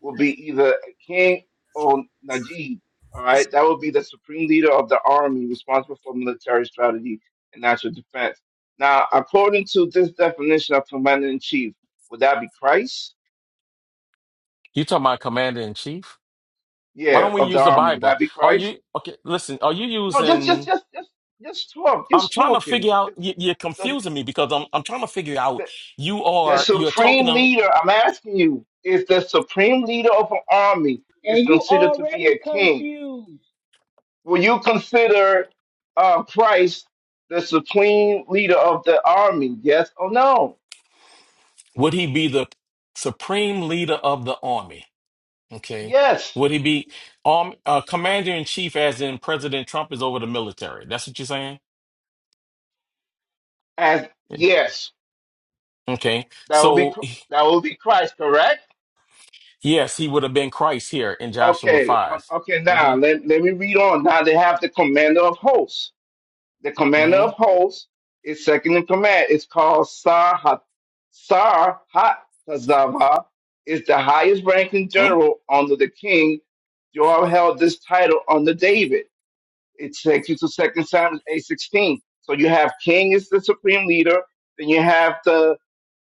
A: will be either a king or Najib. All right, that will be the supreme leader of the army, responsible for military strategy and national defense. Now, according to this definition of commander in chief, would that be Christ?
J: You talking about commander in chief? Why
A: Yeah,
J: don't we
A: of the
J: use the
A: army, would
J: Bible?
A: that be
J: Are
A: Christ?
J: you okay? Listen, are you
A: No, just just
J: using?
A: just just just talk,
J: I'm
A: just
J: trying to
A: talking.
J: figure out.
A: Just,
J: You, you're
A: the,
J: confusing me because I'm I'm trying to figure
A: the,
J: out. You
A: the
J: are you're
A: supreme
J: talking.
A: leader, I'm asking you, if the supreme leader of an army is
E: And you
A: considered to be
E: already
A: a king,
E: confused.
A: will you consider uh, Christ the supreme leader of the army? Yes or no?
J: Would he be the supreme leader of the army? Okay.
A: Yes,
J: Would he be arm uh, commander in chief, as in President Trump is over the military? That's what you're saying?
A: as yes,
J: Okay.
A: that will be
J: So,
A: cr- that will be Christ, correct?
J: yes, he would have been Christ here in Joshua
A: Okay, um,
J: 5.
A: okay. Now
J: Mm-hmm.
A: let, let me read on. Now they have the commander of hosts. the commander
J: Mm-hmm.
A: of hosts is second in command. It's called Sar Ha Sarhat. Sarhatazava is the highest ranking
J: Hmm?
A: general under the king. Joab held this title under David. It takes you to Second Samuel eight sixteen. So you have king is the supreme leader, then you have the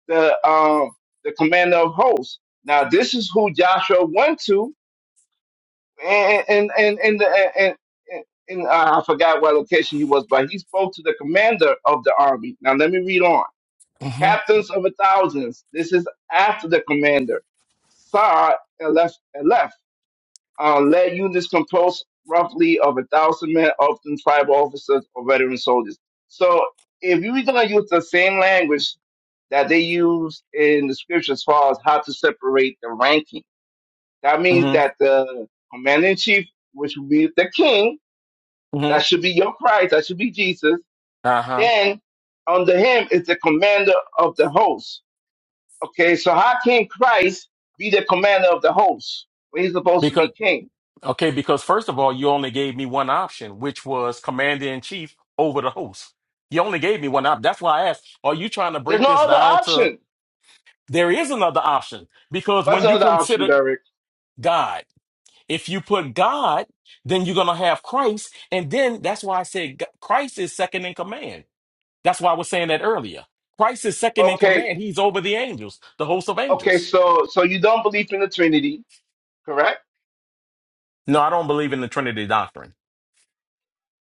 A: the um the commander of hosts. Now this is who Joshua went to and and and and, and, and and, uh, I forgot what location he was, but he spoke to the commander of the army. Now let me read on.
J: Mm-hmm.
A: Captains of the thousands. This is after the commander. Sar Elef Elef uh, led units composed roughly of a thousand men, often tribal officers or veteran soldiers. So if you're gonna use the same language that they use in the scriptures as far as how to separate the ranking that means
J: Mm-hmm.
A: that the commander in chief, which would be the king,
J: Mm-hmm.
A: that should be your Christ, that should be Jesus.
J: Uh-huh.
A: Then under him is the commander of the host. Okay, so how can Christ be the commander of the host when he's supposed to
J: Because,
A: be king?
J: okay, because first of all, you only gave me one option, which was commander in chief over the host. You only gave me one option. That's why I asked, are you trying to
A: There's
J: break
A: no
J: this
A: other
J: down to
A: option.
J: There is another option because
A: What's
J: when
A: the
J: you
A: other option,
J: consider
A: Derek?
J: God, if you put God, then you're going to have Christ. And then that's why I said G- Christ is second in command. That's why I was saying that earlier. Christ is second in
A: Okay,
J: command. He's over the angels, the host of
A: okay,
J: angels.
A: so so you don't believe in the Trinity, correct?
J: No, I don't believe in the Trinity doctrine.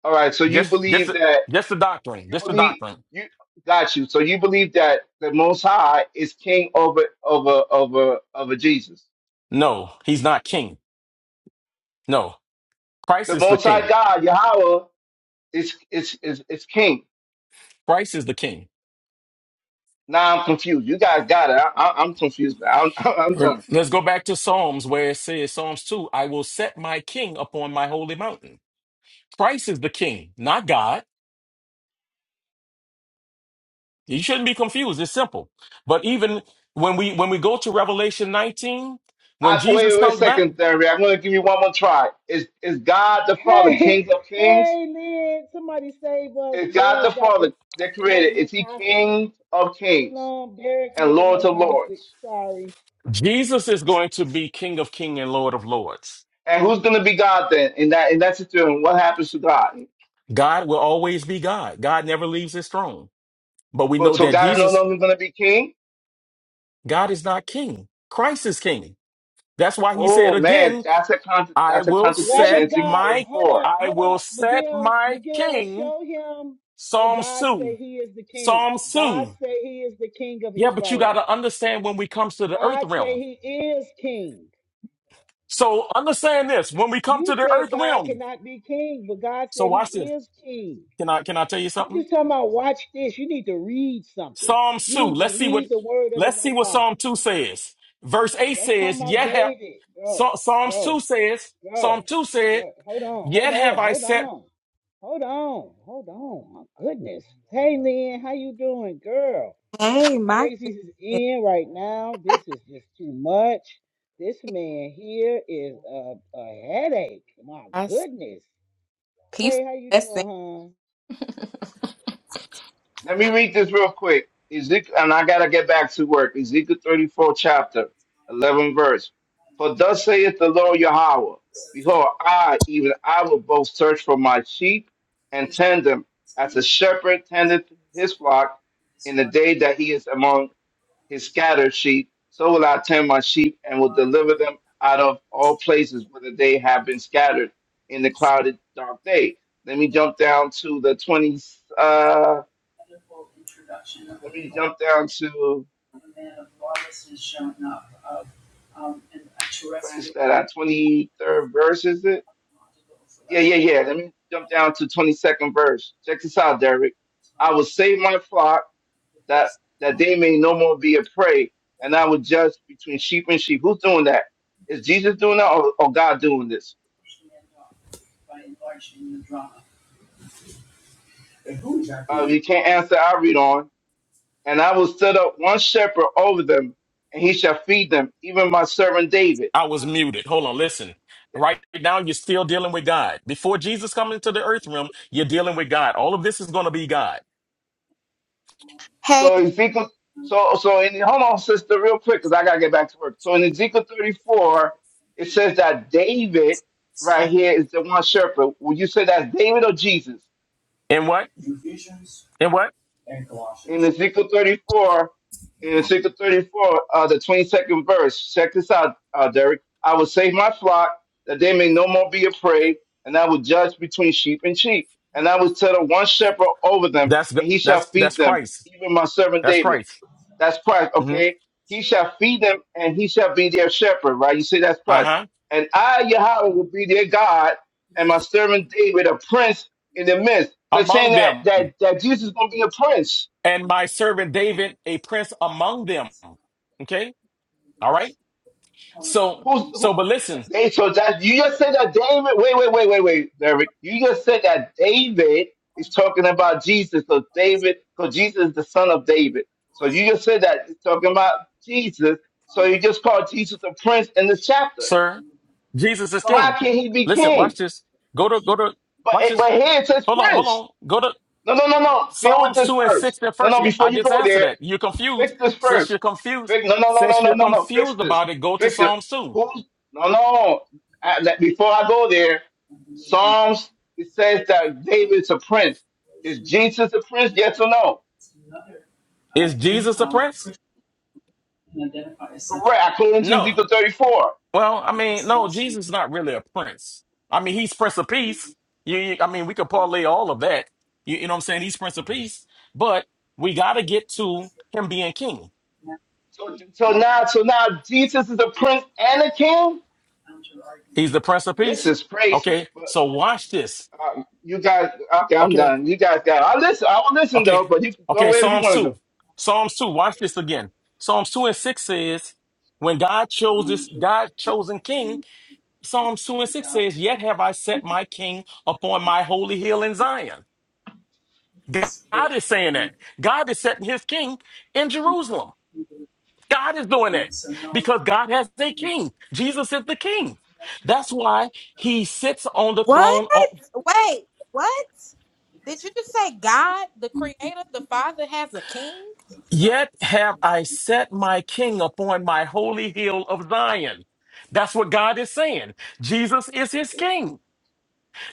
A: All right, so you
J: Yes, yes,
A: believe that.
J: yes, the doctrine.
A: you
J: Just the
A: believe
J: doctrine.
A: you got you. So you believe that the Most High is king over over over over Jesus.
J: No, he's not king. No, Christ
A: The
J: is the
A: Most High
J: king.
A: God Yahweh is is is, is king.
J: Christ is the king.
A: Now I'm confused. You guys got it. I, I, I'm confused. Now. I'm, *laughs* I'm
J: Rem-
A: done.
J: Let's go back to Psalms where it says, Psalms 2, I will set my king upon my holy mountain. Christ is the king, not God. You shouldn't be confused. It's simple. But even when we when we go to Revelation 19, when
A: I,
J: Jesus
A: wait, wait a
J: comes back,
A: second, Theory. I'm going to give you one more try. Is is God the Father
E: Hey,
A: King of Kings?
E: hey, Lynn, somebody save us.
A: Is God the
E: Derek got is
A: Father that created?
E: holding us
A: Is He
E: hostage.
A: King of Kings
E: Shalom, Derek
A: and
E: holding
A: Lord
E: us
A: of
E: hostage.
A: Lords?
E: Sorry.
J: Jesus is going to be King of King and Lord of Lords.
A: And who's going to be God then in that in that situation? What happens to God?
J: God will always be God. God never leaves his throne. But we
A: But
J: know
A: so
J: that
A: God's no
J: Jesus,
A: longer going to be king.
J: God is not king. Christ is king. That's why he said
A: Oh man,
J: again,
A: that's a con-
J: I
A: that's a
J: will
E: Why
A: contradiction.
E: does
J: set
A: in Ezekiel
E: God
J: my
E: hold
A: 34.
E: on,
J: I
E: hold
J: will
E: on,
J: set
E: Miguel,
J: my
E: Miguel,
J: king,
E: show him what
J: Psalm
E: God
J: 2,
E: say he is the king.
J: Psalm 2.
E: God say he is the king of
J: Yeah, but you got
E: Israel.
J: to understand when we comes to the earth
E: God say
J: realm.
E: he is king.
J: So understand this: when we come
E: You
J: to the
E: said
J: earth
E: God
J: realm.
E: cannot be king, but God
J: So
E: said
J: watch
E: he
J: this.
E: is king.
J: Can I can I tell you
E: You're
J: something?
E: just talking about watch this. You need to read something.
J: Psalm
E: You
J: two.
E: need
J: Let's
E: to
J: see what
E: read the word of the
J: let's see
E: Most
J: what
E: High.
J: Psalm two says. Verse eight
E: That's talking
J: says,
E: about
J: "Yet have
E: David, bro,
J: Psa- Psalms
E: bro,
J: two says Psalm
E: bro,
J: two said,
E: bro. Hold on, hold
J: "Yet have
E: on,
J: I
E: hold
J: set."
E: on, hold on, hold on. My goodness. Hey, Lynn, how you doing, girl?
L: Hey,
E: The
L: my
E: crazies is
L: goodness.
E: in right now. This is just too much. This man here is a, a headache. My
L: I see
E: goodness.
L: peace
E: Hey, how you
L: and
E: doing,
L: blessing.
E: hon?
A: Let me read this real quick. Ezekiel, and I gotta get back to work. Ezekiel 34, chapter 11, verse. For thus saith the Lord Yahweh, Behold, I even I will both search for my sheep and tend them, as a shepherd tendeth his flock in the day that he is among his scattered sheep, so will I turn my sheep and will deliver them out of all places whether they have been scattered in the clouded dark day. Let me jump down to the 20, uh, let me jump down to, what is that, uh, 23rd verse, is it? Yeah, yeah, yeah. Let me jump down to 22nd verse. Check this out, Derek. I will save my flock that, that they may no more be a prey, and I will judge between sheep and sheep. Who's doing that? Is Jesus doing that or, or God doing this? uh, you can't answer, I read on. And I will set up one shepherd over them, and he shall feed them, even my servant David.
J: I was muted. Hold on, listen. Right now, you're still dealing with God. Before Jesus coming into the earth realm, you're dealing with God. All of this is going to be God.
A: So Ezekiel, so so in hold on, sister, real quick, because I gotta get back to work. So in Ezekiel 34, it says that David right here is the one shepherd. Would you say that's David or Jesus?
J: And what? And what?
A: in Ezekiel 34, in Ezekiel 34, uh, the 22nd verse. Check this out, uh, Derek. I will save my flock that they may no more be a prey, and I will judge between sheep and sheep. And I will set settle one shepherd over them,
J: That's
A: and he shall
J: that's that's
A: feed them,
J: Christ.
A: even my servant
J: That's
A: David.
J: Christ.
A: That's Christ,
J: hmm
A: okay? He shall feed them, and he shall be their shepherd, right? You see, that's
J: Uh
A: Christ.
J: huh.
A: And I, Yahweh, will be their God, and my servant David, a prince in the midst. So it's saying
J: Among
A: that,
J: them,
A: that, that Jesus is going to be a prince
J: and my servant David, a prince among them. Okay. All right. So,
A: Who's
J: so,
A: who?
J: but listen,
A: Dave, so that you just said that David. Wait, wait, wait, wait, wait, Derek. You just said that David is talking about Jesus. So David, so Jesus is the son of David. So you just said that it's talking about Jesus. So you just called Jesus a prince in this chapter.
J: sir, Jesus is
A: So
J: king.
A: how can he be
J: Listen, watch
A: king?
J: this. Go to, go to,
A: But
J: watch
A: it,
J: this.
A: but here it says
J: Hold on, hold
A: prince.
J: on. Go to
A: No, no, no, no. Deal with
J: Psalms
A: this
J: 2 and
A: first.
J: 6 and
A: No,
J: first
A: no.
J: again.
A: Before
J: I
A: you
J: just
A: go
J: answered
A: there,
J: that. You're confused.
A: Fix this
J: Since you're
A: first.
J: confused,
A: Fix no no no no
J: since
A: no
J: you're
A: no no. Fix
J: confused
A: this.
J: about it, go to
A: Fix it.
J: Psalms 2.
A: Who's no no? I, that, before I go there, Psalms it says that David's a prince. Is Jesus a prince? Yes or no?
J: Is Jesus a prince?
A: Correct. According to
J: No.
A: Ezekiel thirty four.
J: Well, I mean, no, Jesus is not really a prince. I mean, he's Prince of Peace. You, you- I mean, we could parlay all of that. You, you know what I'm saying? He's Prince of Peace, but we got to get to him being king.
A: So so now so now Jesus is a prince and a king.
J: He's the Prince of
A: This
J: Peace.
A: is crazy.
J: Okay,
A: But
J: so watch this.
A: uh, you guys, okay, I'm
J: Okay,
A: done. You guys got. I listen. I will listen though.
J: okay,
A: But you can go
J: okay.
A: wherever you
J: Psalms
A: want to
J: two,
A: go.
J: Psalms two. Watch this again. Psalms two and six says, "When God chose this, God chosen king." Psalms two and six says, "Yet have I set my king upon my holy hill in Zion." God is saying that. God is setting his king in Jerusalem. God is doing that because God has a king. Jesus is the king. That's why he sits on the
L: What?
J: throne. o-
L: Wait, what? Did you just say God, the creator, the father has a king?
J: Yet have I set my king upon my holy hill of Zion. That's what God is saying. Jesus is his king.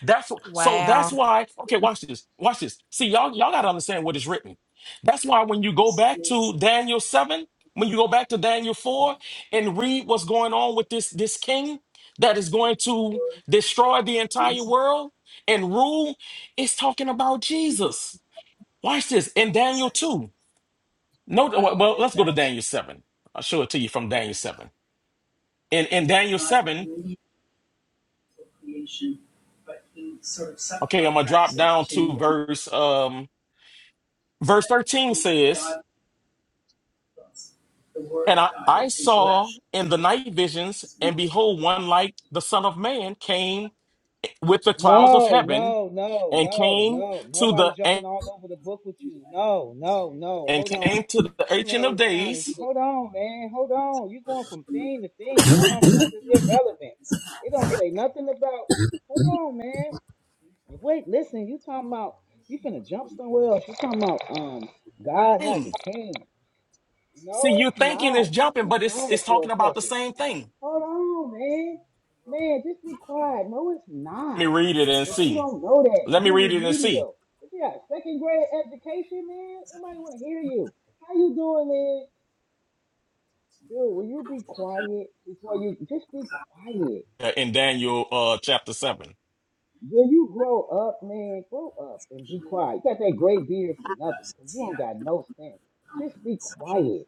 J: That's so that's
L: Wow.
J: why, okay, watch this. Watch this. See, y'all, y'all gotta understand what is written. That's why when you go back to Daniel 7, when you go back to Daniel 4 and read what's going on with this this king that is going to destroy the entire world and rule, it's talking about Jesus. Watch this in Daniel 2. No, well, well, let's go to Daniel 7. I'll show it to you from Daniel 7. In in Daniel 7, okay, I'm gonna drop down to verse um verse 13 says And I, I saw in the night visions, and behold, one like the Son of Man came with the clouds of
E: No,
J: heaven
E: no, no,
J: and
E: no,
J: came
E: no.
J: to
E: Nobody
J: the
E: jumping all over the book with you. No, no, no.
J: and
E: Hold on.
J: came to the
E: This
J: ancient
E: man
J: of
E: is sounding.
J: days.
E: Hold on, man. Hold on. You going from thing to thing, talking about stuff that's irrelevant. It don't say nothing about. Hold on, man. Wait, listen. You talking about? You finna jump somewhere else? You talking about? Um, God has
J: Hmm.
E: a king. No,
J: See, you
E: it's
J: thinking
E: not.
J: it's
E: Just
J: jumping,
E: be
J: but it's
E: quiet
J: it's
E: for a
J: talking about the
E: second.
J: same thing.
E: Hold on, man. Man, just be quiet. No, it's
J: Let me
E: not.
J: read it and
E: But you
J: see.
E: don't know that.
J: Let me
E: You
J: read it and see
E: remedial. But you got a second grade education, man. Nobody want to hear you. How you doing, man? Dude, will you be quiet before you just be quiet?
J: Uh, in Daniel uh, chapter seven.
E: When you grow up, man, grow up and be quiet. You got that great beard for nothing because you don't got no sense. Just be quiet.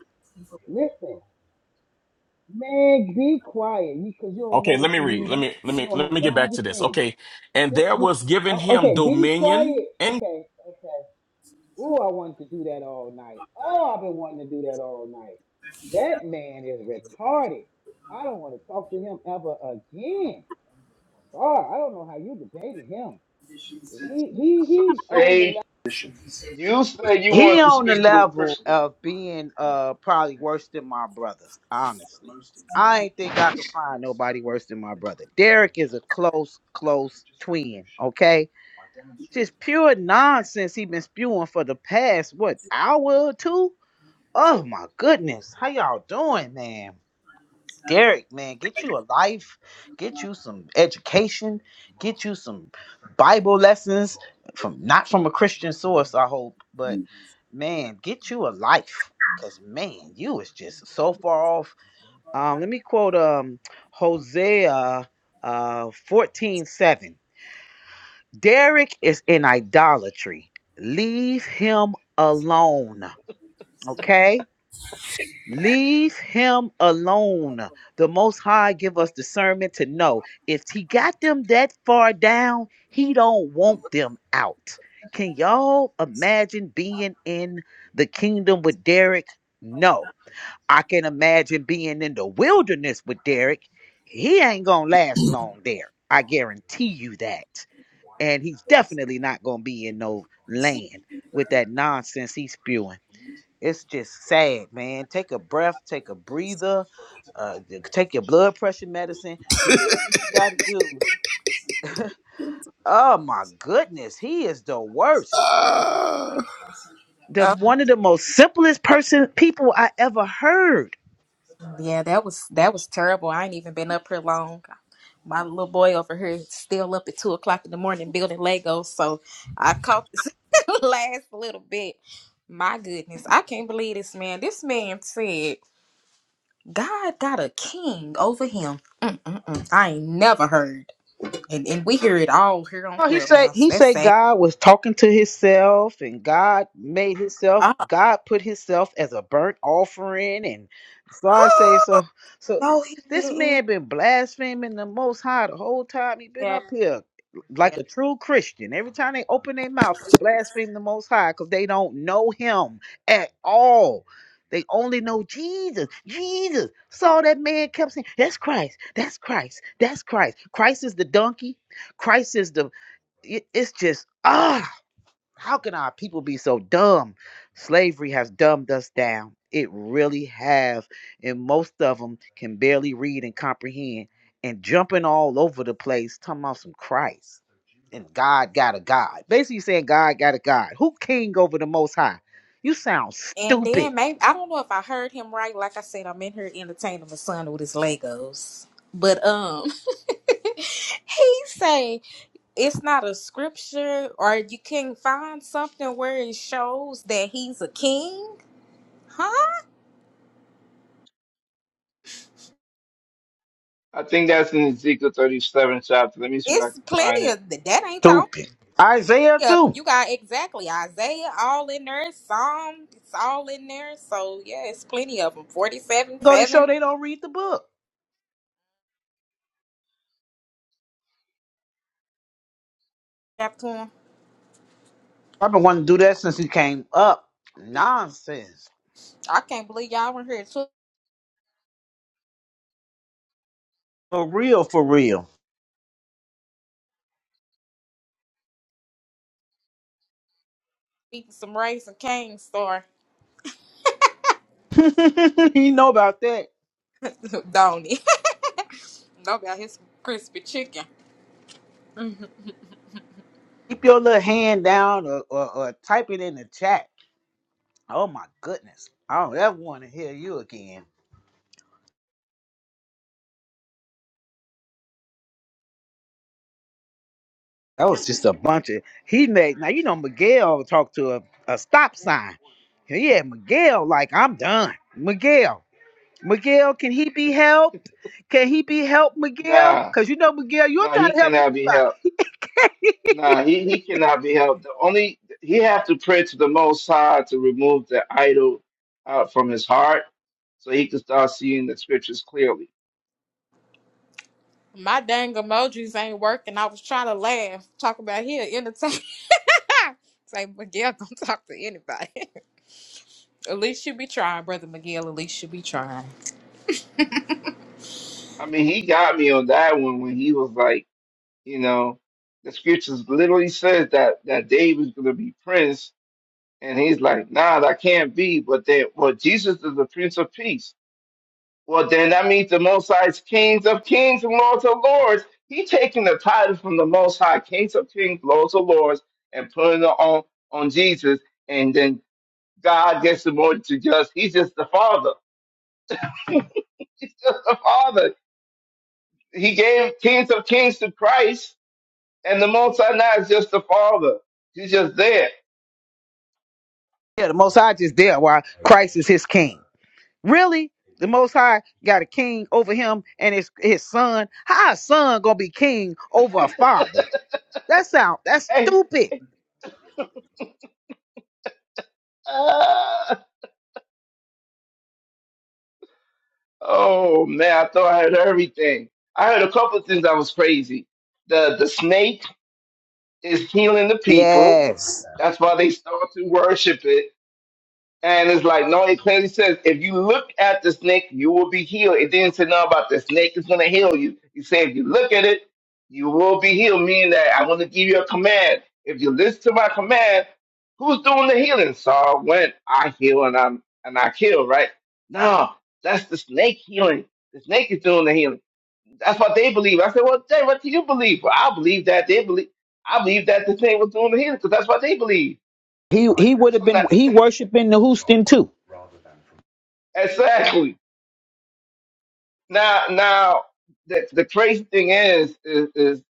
E: Listen, man, be quiet because you 'cause you don't know
J: Okay, let
E: what
J: me
E: you're
J: read. Let
E: reading.
J: me let
E: You
J: me
E: don't
J: let
E: have
J: me get
E: no
J: back to this.
E: understanding.
J: Okay, and there
E: Just be
J: was given
E: oh,
J: him
E: okay. Be
J: dominion
E: quiet.
J: and.
E: Okay. Okay. Ooh, I wanted to do that all night. Oh, I've been wanting to do that all night. That man is retarded. I don't want to talk to him ever again. Sorry, I don't know how you debated him. He he
A: S-
E: he's on the level.
A: say you say you
E: He
A: want to
E: on the
A: speak to a
E: level
A: Christian.
E: of being uh probably worse than my brother. Honestly, I ain't think
A: You,
E: I could
A: s-
E: find nobody worse than my brother. Derek is a close close twin. Okay Just pure nonsense he been spewing for the past what hour or two? Oh my goodness. How y'all doing, man? Derek, man, get you a life, get you some education, get you some Bible lessons from not from a Christian source, I hope, but man, get you a life. Cause man, you is just so far off. Um, let me quote um Hosea uh fourteen seven. Derek is in idolatry. Leave him alone. Okay? Leave him alone. The Most High give us discernment to know if he got them that far down, he don't want them out. Can y'all imagine being in the kingdom with Derek? No. I can imagine being in the wilderness with Derek. He ain't gonna last long there. I guarantee you that and he's definitely not gonna be in no land with that nonsense he's spewing. It's just sad, man. Take a breath, take a breather, uh, take your blood pressure medicine, do whatever you gotta do. Oh my goodness, he is the worst.
B: Ah.
E: The
L: Oh,
E: one of the most simplest person people I ever heard
L: yeah, that was that was terrible. I ain't even been up here long. My little boy over here is still up at two o'clock in the morning building Legos, so I caught this *laughs* last little bit. My goodness, I can't believe this man. This man said God got a king over him. Mm-mm-mm. I ain't never heard. And and we hear it all here on
E: Well, he said
L: Clubhouse.
E: he
L: That's
E: said
L: sad.
E: God was talking to himself and God made himself
L: Ah.
E: God put himself as a burnt offering and so I say
L: *gasps*
E: so so
L: no, he
E: this
L: didn't.
E: man been blaspheming the most high the whole time he been
L: Yeah,
E: up here like
L: yeah.
E: a true Christian. Every time they open their mouth, they blaspheme the most high because they don't know him at all. They only know Jesus. Jesus. So that man kept saying, That's Christ. That's Christ. That's Christ. Christ is the donkey. Christ is the it- it's just ah how can our people be so dumb slavery has dumbed us down it really have and most of them can barely read and comprehend and jumping all over the place talking about some christ and god got a god basically saying god got a god who king over the most high you sound
L: And
E: stupid
L: then maybe I don't know if I heard him right. Like I said, I'm in here entertaining my son with his Legos. But um *laughs* he say it's not a scripture or you can find something where it shows that he's a king. Huh?
A: I think that's in Ezekiel 37 chapter. Let me see if I
L: It's
A: can find
L: plenty
A: it.
L: of that ain't the
E: Stupid. Isaiah
L: Yep,
E: too.
L: you got exactly Isaiah all in there, Psalm, it's all in there. So yeah, it's plenty of them. Forty-seven,
E: go to show
L: seven,
E: they don't read the book
L: chapter one.
E: I've been wanting to do that since he came up. Nonsense.
L: I can't believe y'all were here to
E: For real, for real.
L: eating some rice and cane store,
E: *laughs* you know about that.
L: *laughs* don't it? *laughs* no about his *laughs* crispy chicken.
E: Keep your little hand down or, or, or type it in the chat. Oh my goodness. I don't ever want to hear you again. That was just a bunch of he made now you know Miguel talked to a, a stop sign. Yeah, Miguel, like I'm done. Miguel. Miguel, can he be helped? Can he be helped, Miguel?
A: Nah,
E: Cause you know, Miguel, you're
A: nah,
E: trying
A: he
E: to help
A: cannot be
E: anybody.
A: helped. Nah, he, he cannot be helped. The only he have to pray to the Most High to remove the idol out from his heart, so he can start seeing the scriptures clearly.
L: My dang emojis ain't working. I was trying to laugh, talk about here entertain. *laughs* Say Miguel don't talk to anybody. *laughs* at least you be trying, brother Miguel. At least you be trying.
A: I mean, he got me on that one when he was like, you know, the scriptures literally says that that David's gonna be prince, and he's like, nah, that can't be. But then, well, Jesus is the Prince of Peace. Well, then that means the Most High's kings of kings and lords of lords. He taking the title from the Most High, kings of kings, lords of lords, and putting it on on Jesus, and then God gets demoted to just. He's just the Father. *laughs* He's just the Father. He gave kings of kings to Christ, and the Most High now is just the Father. He's just there.
E: Yeah, the most high just there while Christ is. Really? The Most High got a king over him and his his son. How a son gonna be king over? That sound that's
A: Hey,
E: stupid.
A: ah. oh man, I thought I heard everything. I heard a couple of things that was crazy. The the snake is healing the people
E: Yes.
A: That's why they start to worship it. And it's like, no, it clearly says, if you look at the snake, you will be healed. It didn't say nothing about the snake is going to heal you. It said, if you look at it, you will be healed, meaning that I'm going to give you a command. If you listen to my command, who's doing the healing? So when I heal and I'm and I kill, right? No, that's the snake healing. The snake is doing the healing. That's what they believe. I said, well, Jay, what do you believe? Well, I believe that they believe. I believe that the snake was doing the healing because that's what they believe.
E: He he would have
A: So now.
E: been he worshiping the Houston too.
A: Exactly. Now, now the the crazy thing is, is, is,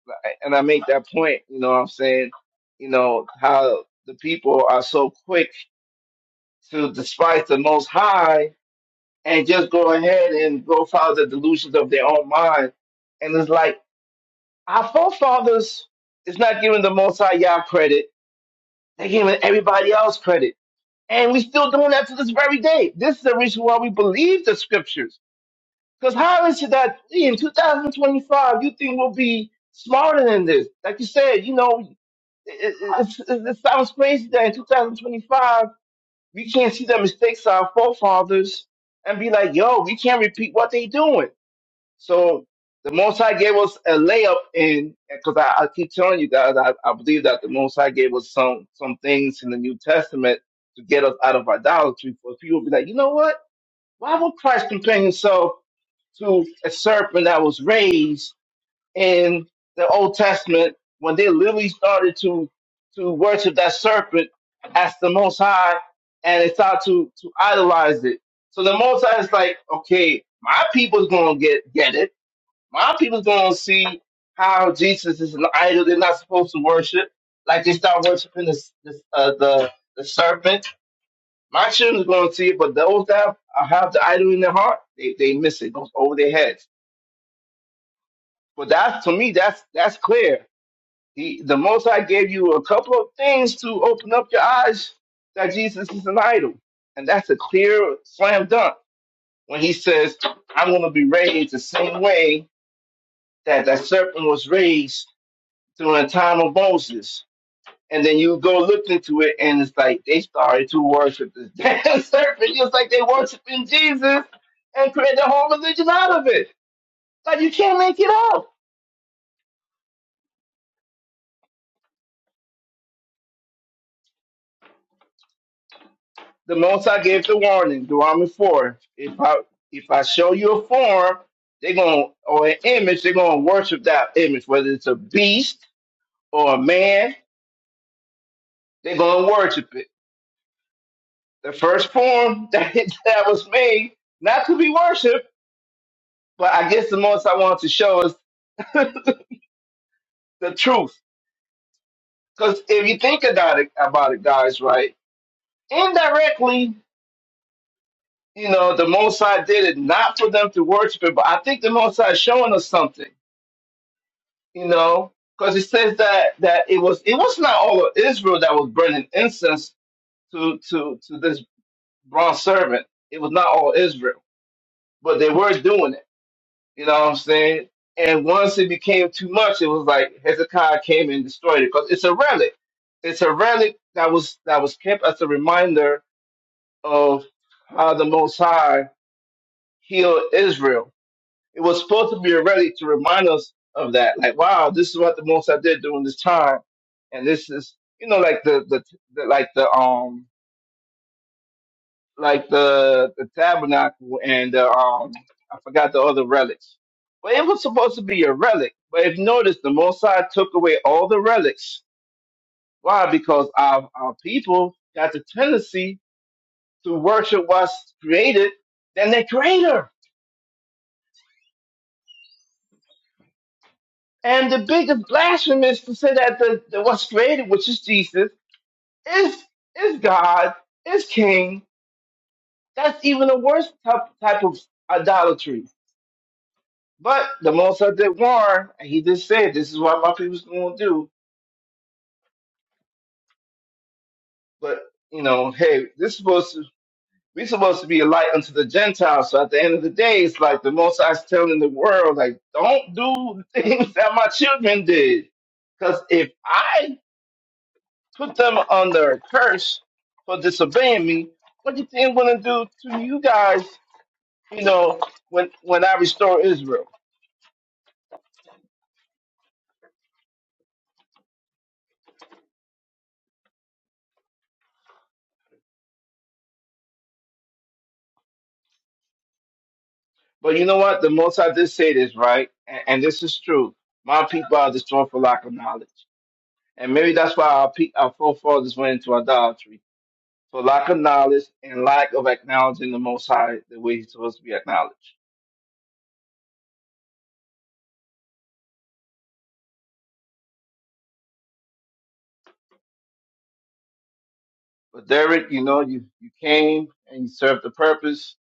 A: and I make that point. You know, what I'm saying, you know, how the people are so quick to despise the Most High and just go ahead and go follow the delusions of their own mind. And it's like our forefathers is not giving the Most High Yah credit; they're giving everybody else credit, and we still doing that to this very day. This is the reason why we believe the scriptures Because how is it that in 2025 you think we'll be smarter than this? Like you said, you know, it, it, it, it sounds crazy that in 2025 we can't see the mistakes of our forefathers and be like, yo, we can't repeat what they doing. So the Most High gave us a layup in, because I, I keep telling you guys, I, I believe that the Most High gave us some some things in the New Testament to get us out of idolatry. For people to be like, you know what? Why would Christ compare himself? to a serpent that was raised in the Old Testament when they literally started to to worship that serpent as the Most High, and they started to to idolize it. So the Most High is like, okay, my people's gonna get get it. My people's gonna see how Jesus is an idol they're not supposed to worship. Like they start worshiping this, this uh, the the serpent. My children's gonna see it, but those that have the idol in their heart, they, they miss it. It goes over their heads. But that's to me, that's that's clear. He, the Most High gave you a couple of things to open up your eyes that Jesus is an idol, and that's a clear slam dunk when he says, "I'm going to be raised the same way that that serpent was raised during the time of Moses." And then you go look into it, and it's like they started to worship this *laughs* damn serpent, just like they worshiping Jesus, and create their whole religion out of it. Like you can't make it up. The Most I gave the warning, Deuteronomy 4. If I if I show you a form, they're gonna or an image, they're gonna worship that image, whether it's a beast or a man, they're gonna worship it. The first form *laughs* that that was made, not to be worshipped, but I guess the most I wanted to show us the truth. Because if you think about it, about it, guys, right? Indirectly, you know, the Most High did it not for them to worship it, but I think the Most High is showing us something you know, because it says that that it was it was not all of Israel that was burning incense to to to this bronze servant. It was not all Israel, but they were doing it. You know what I'm saying? And once it became too much, it was like Hezekiah came and destroyed it because it's a relic. It's a relic that was that was kept as a reminder of how the Most High healed Israel it was supposed to be a relic to remind us of that. Like, wow, this is what the most I did during this time, and this is, you know, like the the, the like the um like the the tabernacle and the um I forgot the other relics. But it was supposed to be a relic. But if you notice, the Mosai took away all the relics. Why? Because our our people got the tendency to worship what's created than their creator. And the biggest blasphemy is to say that the, the what's created, which is Jesus, It's it's God, it's King. That's even a worse type, type of idolatry. But the Most High did warn, and he did say, "This is what my people's going to do." But you know, hey, this supposed to we supposed to be a light unto the Gentiles. So at the end of the day, it's like the Most High's telling the world, like, don't do the things *laughs* that my children did, because if I put them under a curse for disobeying me, what do you think I'm going to do to you guys you know, when when I restore Israel. But you know what? The most I did say this, right? And, and this is true. My people are destroyed for lack of knowledge. And maybe that's why our, pe- our forefathers went into idolatry. For lack of knowledge and lack of acknowledging the Most High the way He's supposed to be acknowledged. But Derek, you know, you, you came and you served the purpose.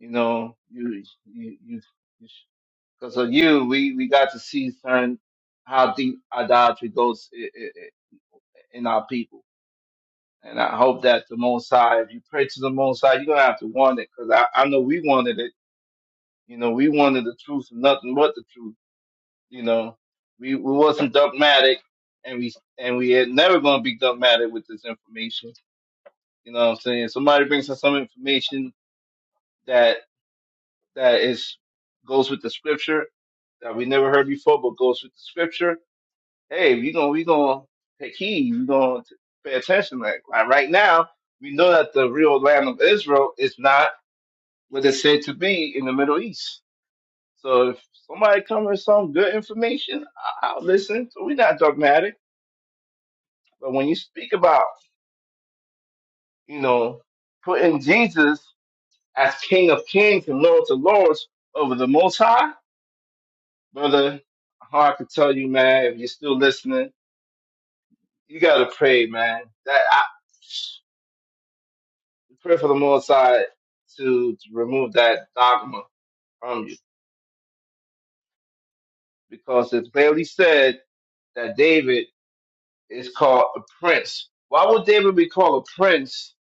A: You know, you, you, you, because of you, we, we got to see certain, how deep idolatry goes i i i- in our people. And I hope that the Most High, if you pray to the Most High, you're gonna have to want it, cause I, I know we wanted it. You know, we wanted the truth, and nothing but the truth. You know, we we wasn't dogmatic, and we and we had never gonna be dogmatic with this information. You know what I'm saying? Somebody brings us some information that that is goes with the scripture that we never heard before, but goes with the scripture. hey, we gonna we gonna take heed, we gonna t- pay attention. Like, like right now, we know that the real land of Israel is not what it's said to be in the Middle East. So if somebody comes with some good information, I- I'll listen. So we're not dogmatic. But when you speak about, you know, putting Jesus as King of Kings and Lord of Lords over the Most High, brother, hard to tell you, man. If you're still listening, you gotta pray, man. That pray for the Most High to, to remove that dogma from you, because it's clearly said that David is called a prince. Why would David be called a prince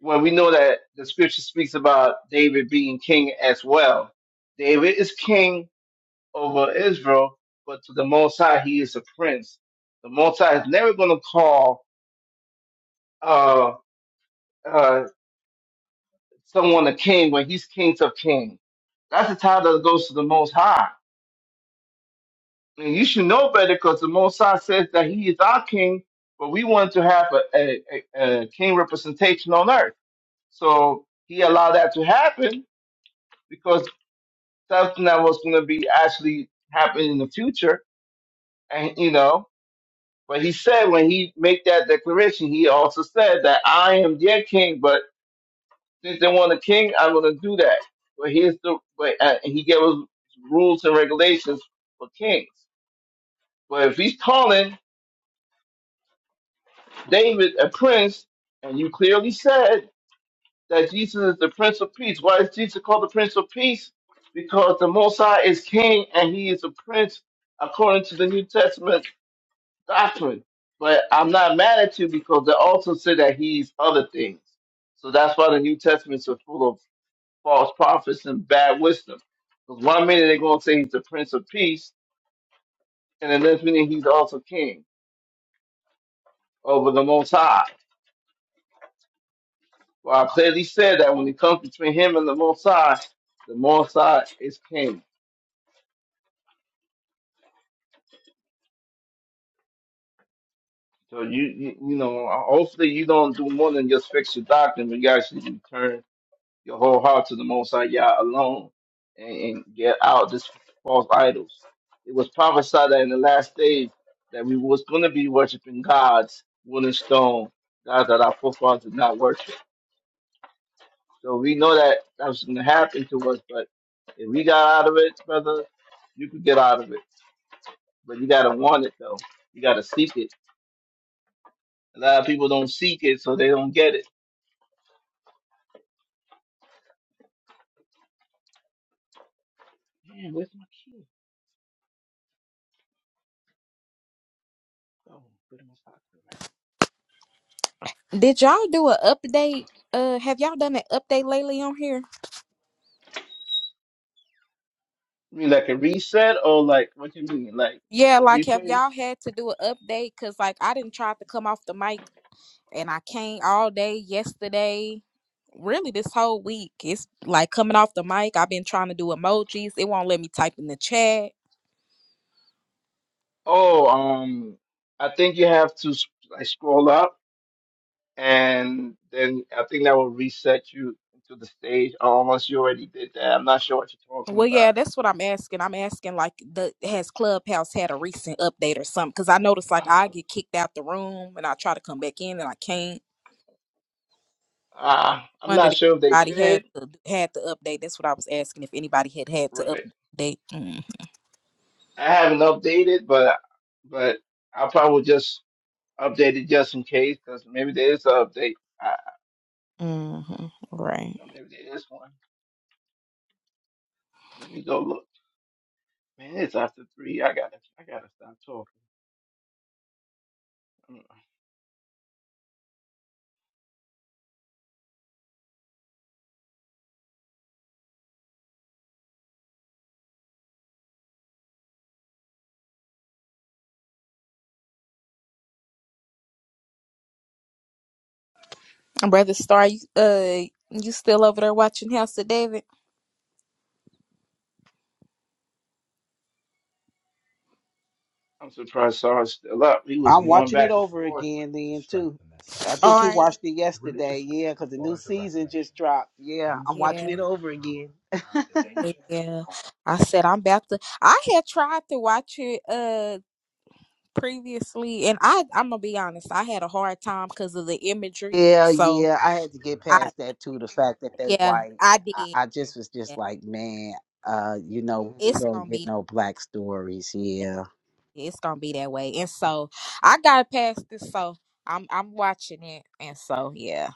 A: when we know that the Scripture speaks about David being king as well? David is king over Israel, but to the Most High, he is a prince. The Most High is never going to call uh, uh, someone a king when he's king of kings. That's the title that goes to the Most High. And you should know better because the Most High says that He is our King, but we want to have a, a, a, a King representation on earth. So He allowed that to happen because something that was going to be actually happening in the future. And, you know, but He said when He made that declaration, He also said that I am their King, but since they want a King, I'm going to do that. But here's the, but, uh, and He gave us rules and regulations for kings. But if He's calling, David a prince, and you clearly said that Jesus is the Prince of Peace. Why is Jesus called the Prince of Peace? Because the Most High is King and He is a Prince according to the New Testament doctrine. But I'm not mad at you because they also say that He's other things. So that's why the New Testament is so full of false prophets and bad wisdom. Because one minute they're going to say He's the Prince of Peace, and the next minute He's also King over the Most High. Well, I clearly said that when it comes between him and the Most High, the Most High is king. So you, you, you know, hopefully you don't do more than just fix your doctrine, but you actually return your whole heart to the Most High Yah alone, and, and get out this false idols. It was prophesied that in the last days that we was going to be worshiping gods, wood and stone, gods that our forefathers did not worship. So we know that that was going to happen to us, but if we got out of it, brother, you could get out of it but you gotta want it though. You gotta seek it. A lot of people don't seek it, so they don't get it. Oh, put it in my pocket.
L: Did y'all do an update? Uh, have y'all done an update lately on here?
A: You mean like a reset or like what you mean? Like
L: Yeah,
A: the
L: like have
A: replays?
L: y'all had to do an update? Cause like I didn't try to come off the mic and I can't all day yesterday. Really, this whole week it's like coming off the mic. I've been trying to do emojis. It won't let me type in the chat.
A: Oh, um, I think you have to s- like scroll up, and then I think that will reset you to the stage. Oh, unless you already did that, I'm not sure what you're talking
L: Well,
A: about.
L: yeah, that's what I'm asking. I'm asking like the has Clubhouse had a recent update or something? Cause I noticed like
A: *sighs*
L: I get kicked out the room and I try to come back in and I can't.
A: Uh, I'm
L: wondered
A: not
L: if
A: sure if they
L: anybody had
A: did.
L: to, had to update. That's what I was asking if anybody had had to
A: Right.
L: update. Mm.
A: I haven't updated, but but I probably just update it just in case, because maybe there is an update. I,
L: Mm-hmm.
A: you
L: Right.
A: know, maybe there is one. Let me go look. Man, it's after three. I gotta, I gotta stop talking. I'm,
L: Brother Star, you, uh, you still over there watching House of David?
A: I'm surprised Sar's still up. He was
E: I'm
A: going
E: watching it
A: back and
E: over
A: forth.
E: again then too. I
A: *laughs*
E: think he
L: Are you?
E: watched it yesterday. Yeah, because the new season just dropped. Yeah, I'm watching
L: Yeah,
E: it over again.
L: yeah. I said I'm about to. I had tried to watch it uh previously, and I I'm gonna be honest, I had a hard time because of the imagery.
E: Yeah,
L: So
E: yeah. I had to get
L: I
E: past that too. The fact that they
L: yeah,
E: white.
L: I did.
E: I, I just was just
L: Yeah.
E: like, man, uh, you know, we ain't
L: It's
E: gonna
L: gonna
E: get
L: be.
E: no black stories. here.
L: it's gonna be that way. And so I got past this, so I'm I'm watching it, and so yeah,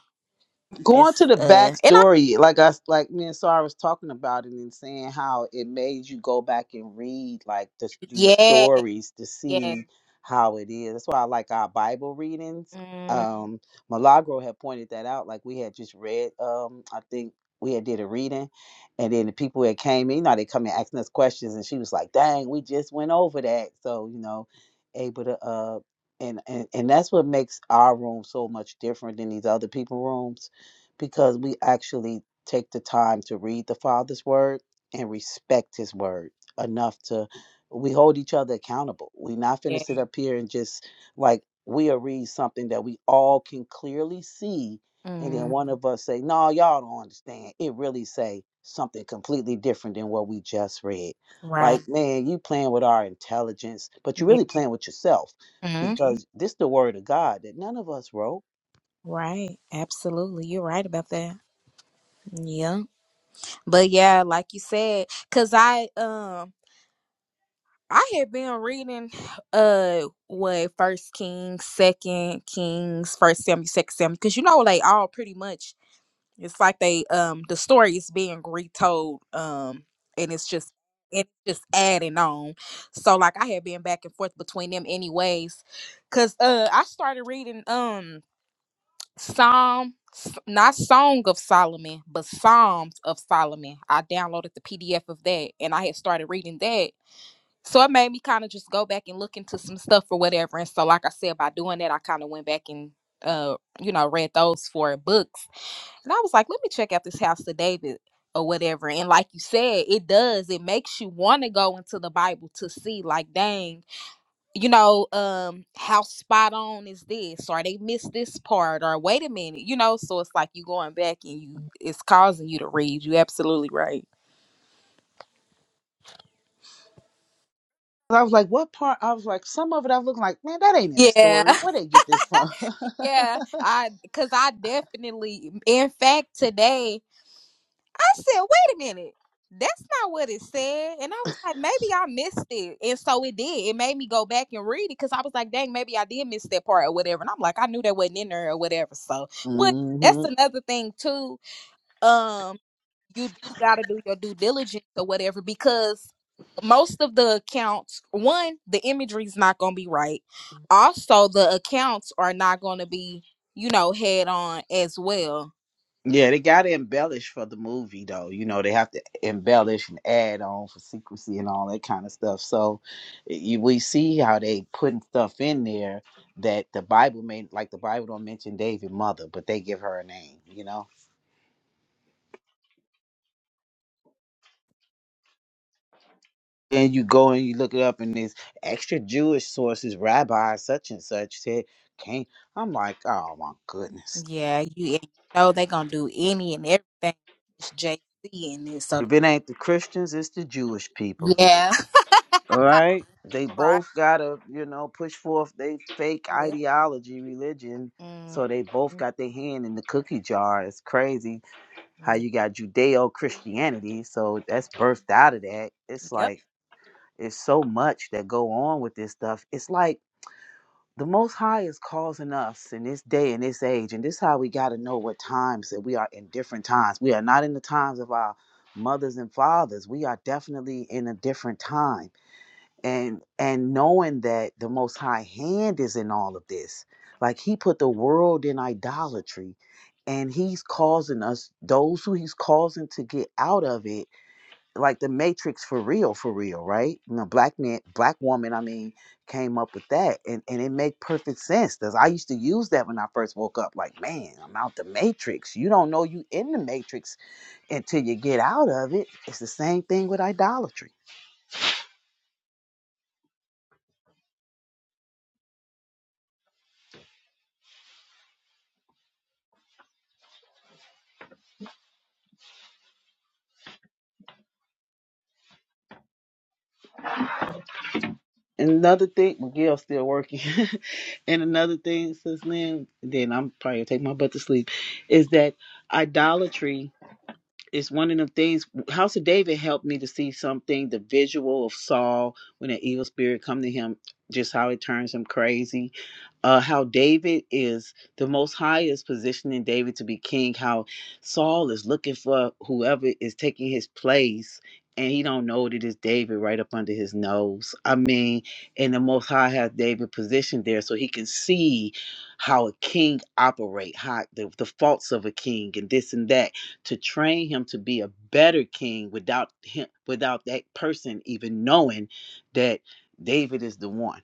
E: going
L: it's
E: to the
L: uh, and I
E: backstory, like I like me and Sarah was talking about it and saying how it made you go back and read like the, these
L: yeah
E: stories to
L: yeah
E: see how it is. That's why I like our Bible readings.
L: mm,
E: Um, Milagro had pointed that out. Like we had just read, um, I think we had did a reading, and then the people that came in, you know, they come in asking us questions, and she was like, "Dang, we just went over that." So you know, able to uh and, and and that's what makes our room so much different than these other people rooms because we actually take the time to read the father's word and respect his word enough to we hold each other accountable we not finna
L: yeah
E: sit up here and just like we'll read something that we all can clearly see and then
L: mm,
E: one of us say no y'all don't understand it really say something completely different than what we just read like
L: right
E: man you playing with our intelligence
L: yeah mm,
E: because this the word of God that none of us wrote.
L: right absolutely you're right about that yeah but yeah like you said because I um I had been reading uh what First Kings Second Kings First Samuel Second Samuel because you know they all pretty much It's like they um the story is being retold um and it's just it's just adding on. So like I had been back and forth between them anyways cuz uh I started reading um Psalm S- not Song of Solomon, but Psalms of Solomon. I downloaded the PDF of that and I had started reading that. So it made me kind of just go back and look into some stuff or whatever. And so like I said by doing that I kind of went back and uh you know read those four books and I was like, let me check out this house of David or whatever. And like you said, it does. It makes you want to go into the Bible to see, like, dang, you know, um, how spot on is this? Or they missed this part, or wait a minute, you know. So it's like you going back and you it's causing you to read. You absolutely right.
E: I was like, what part? I was like, some of it I was looking like, man, that ain't in the story.
L: Yeah,
E: Where they get this from?
L: *laughs* yeah. I because I definitely in fact today I said, wait a minute. That's not what it said. And I was like, maybe I missed it. And so it did. It made me go back and read it because I was like, dang, maybe I did miss that part or whatever. And I'm like, I knew that wasn't in there or whatever. So
E: *laughs*
L: what that's
E: hmm
L: another thing too. Um, you do gotta do your due diligence or whatever because most of the accounts, one, the imagery's not gonna be right. Also, the accounts are not gonna be, you know, head on as well
E: Yeah, they got to embellish for the movie, though. You know, they have to embellish and add on for secrecy and all that kind of stuff. So you, we see how they putting stuff in there that the Bible made, like the Bible don't mention David's mother, but they give her a name, you know? and you go and you look it up and there's extra Jewish sources, rabbi such and such said, can't. I'm like, oh goodness.
L: Yeah, you, and you know they gonna do any and everything. It's JC in this, so
E: If it ain't the Christians, it's the Jewish people.
L: yeah,
E: All right? They
L: *laughs* right.
E: got a they fake
L: Yep.
E: ideology, religion.
L: Mm,
E: So they both
L: mm,
E: got their hand in the cookie jar. It's crazy how
L: mm.
E: you got Judeo Christianity. So that's birthed out of that. It's
L: yep.
E: like it's so much that go on with this stuff. It's like the most high is causing us in this day and this age and this is how we got to know what times that we are in different times we are not in the times of our mothers and fathers we are definitely in a different time and and knowing that the most high hand is in all of this like he put the world in idolatry and he's causing us those who he's causing to get out of it like the Matrix for real, for real, right? You know, black man, black woman, I mean, came up with that, and and it made perfect sense. Cause I used to use that when I first woke up. Like, man, I'm out the Matrix. You don't know you in the Matrix until you get out of it. It's the same thing with idolatry. Another thing, Miguel's still working. *laughs* and another thing, since then, then I'm probably gonna take my butt to sleep, is that idolatry it's one of them things house of david helped me to see something the visual of saul when an evil spirit come to him just how it turns him crazy uh, how David is the Most High is positioning David to be king. How Saul is looking for whoever is taking his place, and he don't know that it's David right up under his nose. I mean, and the Most High has David positioned there so he can see how a king operate, how the, the faults of a king, and this and that, to train him to be a better king without him, without that person even knowing that David is the one.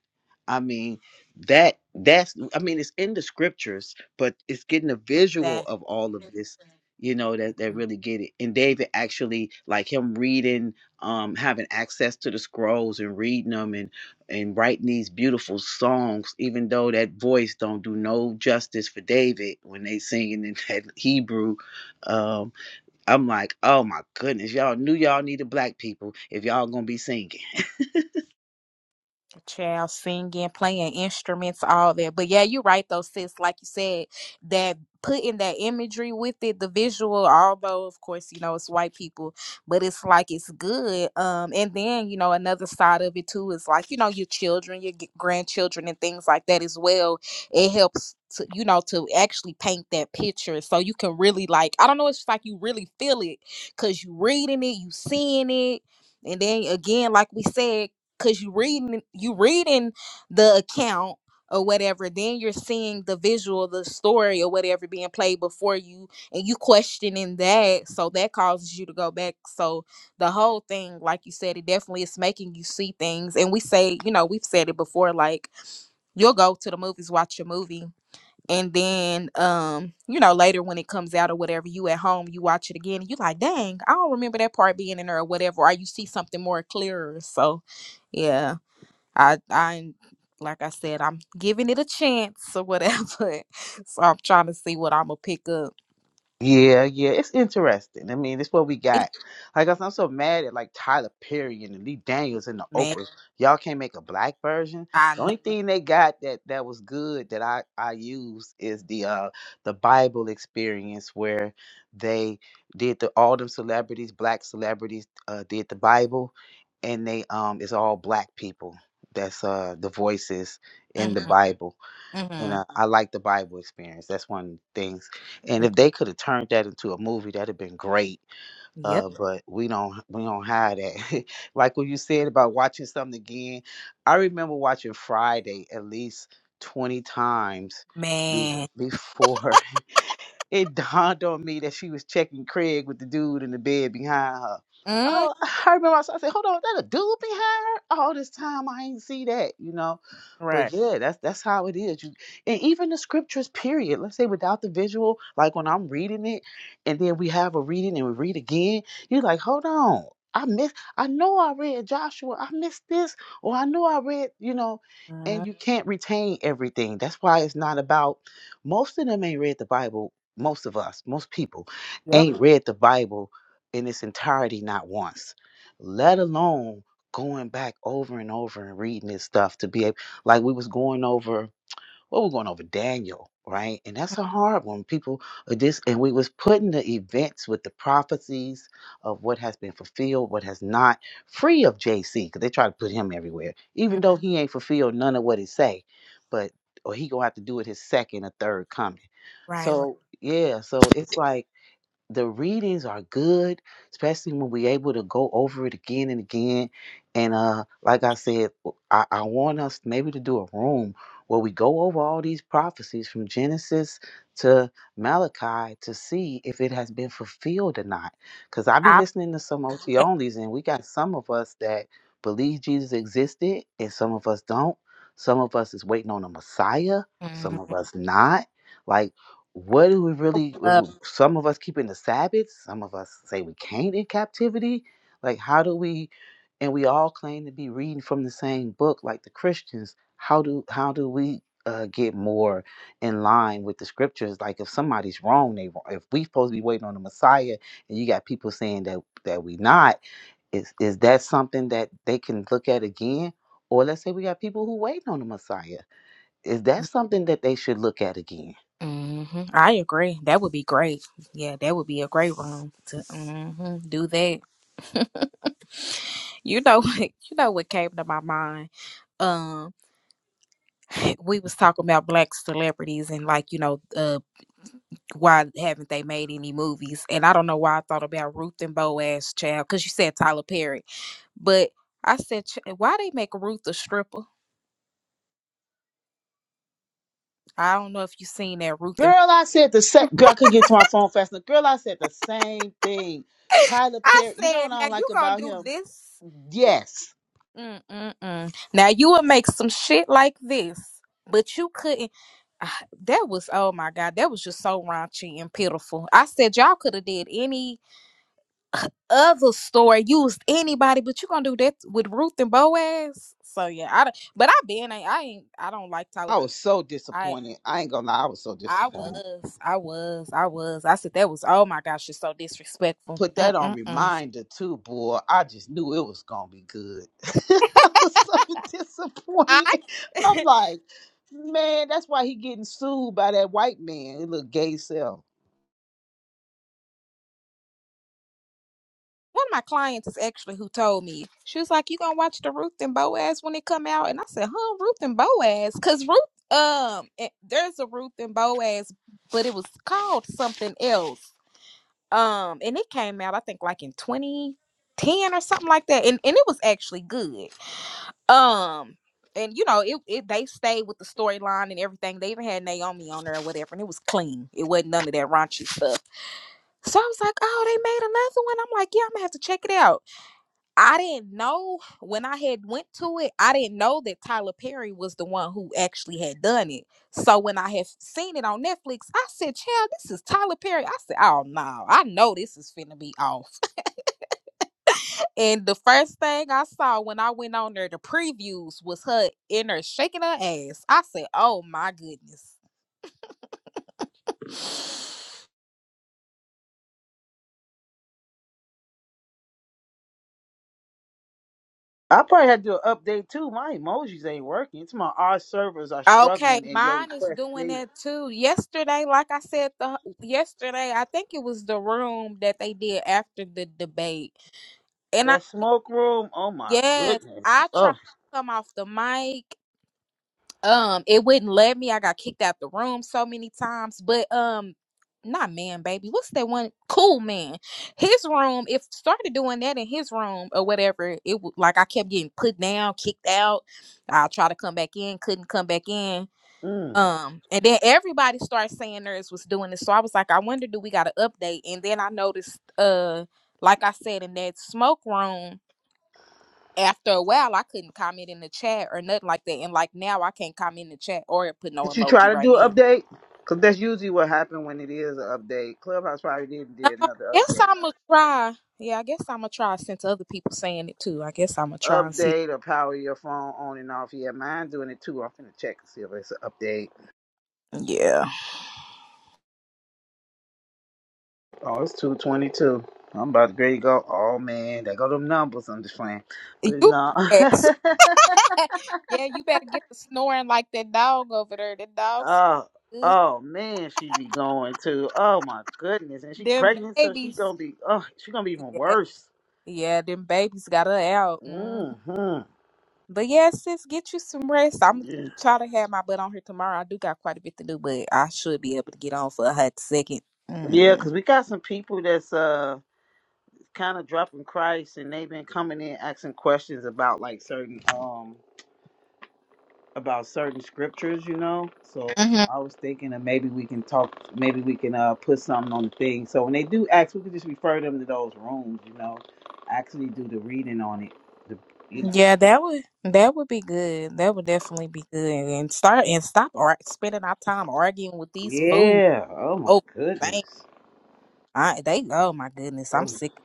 E: I mean that that's i mean it's in the scriptures but it's getting a visual
L: That.
E: of all of this you know that that really get it and david actually like him reading um having access to the scrolls and reading them and and writing these beautiful songs even though that voice don't do no justice for david when they singing in *laughs* that hebrew um i'm like oh my goodness y'all knew y'all needed black people if y'all gonna be singing
L: Child singing, playing instruments, all that. But yeah, you're right though, sis. Like you said, that putting that imagery with it, the visual, although of course, you know, it's white people, but it's like it's good. Um, and then, you know, another side of it too is like, you know, your children, your g- grandchildren and things like that as well. It helps to, you know, to actually paint that picture. So you can really like, I don't know, it's just like you really feel it because you reading it, you seeing it. And then again, like we said, because you reading you reading the account or whatever then you're seeing the visual the story or whatever being played before you and you questioning that so that causes you to go back so the whole thing like you said it definitely is making you see things and we say you know we've said it before like you'll go to the movies watch a movie and then um you know later when it comes out or whatever you at home you watch it again and you like dang i don't remember that part being in there or whatever or you see something more clearer so yeah I I like I said, I'm giving it a chance or whatever. *laughs* so I'm trying to see what I'm gonna pick up.
E: Yeah, yeah, it's interesting. I mean, it's what we
L: It-
E: got. Like I said, I'm so mad at like Tyler Perry and Lee Daniels and the
L: Man,
E: Oprahs. Y'all can't make a black version.
L: I
E: The
L: know.
E: only thing they got that that was good that I I used is the uh the Bible experience where they did the all them celebrities, black celebrities, uh did the Bible and they um it's all black people. That's uh the voices in the
L: hmm
E: Bible and
L: hmm
E: I, I like the Bible experience. That's one of the things. And if they could have turned that into a movie, that'd have been great.
L: Yep,
E: Uh, but we don't we don't have that. *laughs* like what you said about watching something again. I remember watching Friday at least twenty times be-
L: man.
E: *sighs* before *laughs* it dawned on me that she was checking Craig with the dude in the bed behind her.
L: mm
E: Oh, I remember I said, "Hold on, that a dude behind her? All this time I ain't see that, you know." But
L: Right.
E: yeah, that's that's how it is. You and even the scriptures, period. Let's say without the visual, like when I'm reading it, and then we have a reading and we read again, you're like, hold on. I miss I know I read Joshua, I missed this, or I know I read, you know, and
L: mm
E: you can't retain everything. That's why it's not about most of them ain't read the Bible. Most of us, most people
L: Yep.
E: ain't read the Bible in its entirety not once, let alone going back over and over and reading this stuff to be able like we was going over, well, we're going over Daniel, right? And that's a hard one. People are just, and we was putting the events with the prophecies of what has been fulfilled, what has not, free of JC, because they try to put him everywhere,
L: mm
E: even though he ain't fulfilled none of what he say, but or he gonna have to do it his second or third coming.
L: Right. Right.
E: So yeah, so it's like the readings are good, especially when we're able to go over it again and again. And uh, like I said, I, I want us maybe to do a room where we go over all these prophecies from Genesis to Malachi to see if it has been fulfilled or not. Because I be
L: I
E: listening to some OT
L: like
E: onlys, and we got some of us that believe Jesus existed, and some of us don't. Some of us is waiting on a Messiah, some
L: mm
E: of us not. Like, what do we really w-
L: up.
E: w- some of us keeping the sabbath some of us say we can't in captivity like how do we and we all claim to be reading from the same book like the christians how do how do we uh, get more in line with the scriptures like if somebody's wrong they wrong. if we supposed to be waiting on the messiah and you got people saying that that we not is is that something that they can look at again or let's say we got people who waiting on the messiah is that something that they should look at again?
L: hmm I agree. That would be great. Yeah, that would be a great room to mhm, do that. You know, *laughs* what- you know what came to my mind um *laughs* we was talking about black celebrities and like you know uh, why haven't they made any movies? And I don't know why I thought about Ruth and Boaz child because you said Tyler Perry, but I said "Ch- why they make Ruth a stripper? I don't know if you seen that Ruth
E: Girl,
L: and
E: I said the same. Girl, I couldn't get to my phone fast enough. Girl, I said the same thing. Tyler
L: *laughs* I
E: Perry. You know
L: said
E: what I
L: now
E: don't
L: you
E: like
L: gonna
E: about
L: do
E: him?
L: this?
E: Yes,
L: Mm-mm-mm. Now you would make some shit like this, but you couldn't. Ah, That was oh my god, that was just so raunchy and pitiful. I said y'all could have did any other story used anybody, but you gonna do that with Ruth and Boaz. So yeah, I don't, but I been I, I ain't I don't like Tyler.
E: I
L: Perry.
E: was so
L: I
E: disappointed. I ain't gonna lie, I was so
L: I
E: disappointed.
L: was I was I was I said that was oh my gosh, it's so disrespectful.
E: put that on
L: Mm-mm-mm.
E: reminder too, boy. I just knew it was gonna be good. *laughs* I was so disappointed.
L: I
E: I'm
L: *laughs*
E: like, man, that's why he getting sued by that white man, his little gay self.
L: one of my clients is actually who told me she was like you gonna watch the Ruth and Boaz when it come out, and I said huh Ruth and Boaz because Ruth um eh, there's a Ruth and Boaz, but it was called something else Um, and it came out I think like in 2010 or something like that, and and it was actually good. Um, and you know it, it they stayed with the storyline and everything. They even had Naomi on there or whatever, and it was clean. It wasn't none of that raunchy stuff. So I was like, oh, they made another one. I'm like, yeah, I'm gonna have to check it out. I didn't know when I had went to it, I didn't know that Tyler Perry was the one who actually had done it. So when I have seen it on Netflix, I said, child, this is Tyler Perry. I said, oh no, I know this is finna be off. *laughs* and the first thing I saw when I went on there, the previews was her in her shaking her ass. I said, oh my goodness.
E: I probably had to do an update too. My emojis ain't working. It's my our servers are
L: Okay,
E: struggling and your
L: mine is
E: request
L: doing
E: failed.
L: that too. Yesterday, like I said, the yesterday I think it was the room that they did after the debate And I yes, I tried
E: Oh,
L: to come off the mic. Um, it wouldn't let me. I got kicked out the room so many times. But um, not man, baby. What's that one? Cool man. His room. If started doing that in his room or whatever, it w- like I kept getting put down, kicked out. I try to come back in, couldn't come back in. Um, and then everybody started saying theirs was doing this. So I was like, I wonder, do we got an update? And then I noticed, uh, like I said in that smoke room after a while I couldn't comment in the chat or nothing like that. And like now I can't comment in the chat or put no
E: did you try
L: emoji
E: to
L: right
E: do an
L: now.
E: update? Cause that's usually what happened when it is an update. Clubhouse probably didn't
L: No,
E: do
L: I
E: another
L: guess
E: update.
L: I'ma try. Yeah, I guess I'ma try since other people saying it too. I guess I'ma try and see.
E: Update or power your phone on and off. Yeah, mine doing it too. I'm finna check and see if it's an update.
L: Yeah.
E: Oh, it's two twenty two. I'm about to grade go. Oh man, they go them numbers. I'm just playing, but
L: You
E: no.
L: a mess. *laughs* yeah, you better get the snoring like that dog over there. The
E: *laughs*
L: dogs
E: oh,
L: good.
E: oh man, she be going to. Oh my goodness, and she
L: them
E: pregnant, so she
L: babies.
E: gonna be. Oh, she gonna be even
L: Yeah.
E: worse.
L: Yeah, them babies got her out. Mm.
E: Mm-hmm.
L: But yeah, sis, get you some rest. I'm try to have my butt on here tomorrow. I do got quite a bit to do, but I should be able to get on for a hot second. Mm.
E: Uh, questions about like certain um about certain scriptures, you know. So
L: hmm
E: I was thinking that maybe we can talk. Maybe we can uh put something on the thing. So when they do ask, we can just refer them to those rooms, you know. Actually, do the reading on it. The
L: Yeah, that would that would be good. That would definitely be good. And start and stop ar- spending our time arguing with these fools.
E: Yeah. Oh my
L: Oh, thank
E: goodness.
L: I, they. Oh my goodness, I'm
E: Oh,
L: sick. of this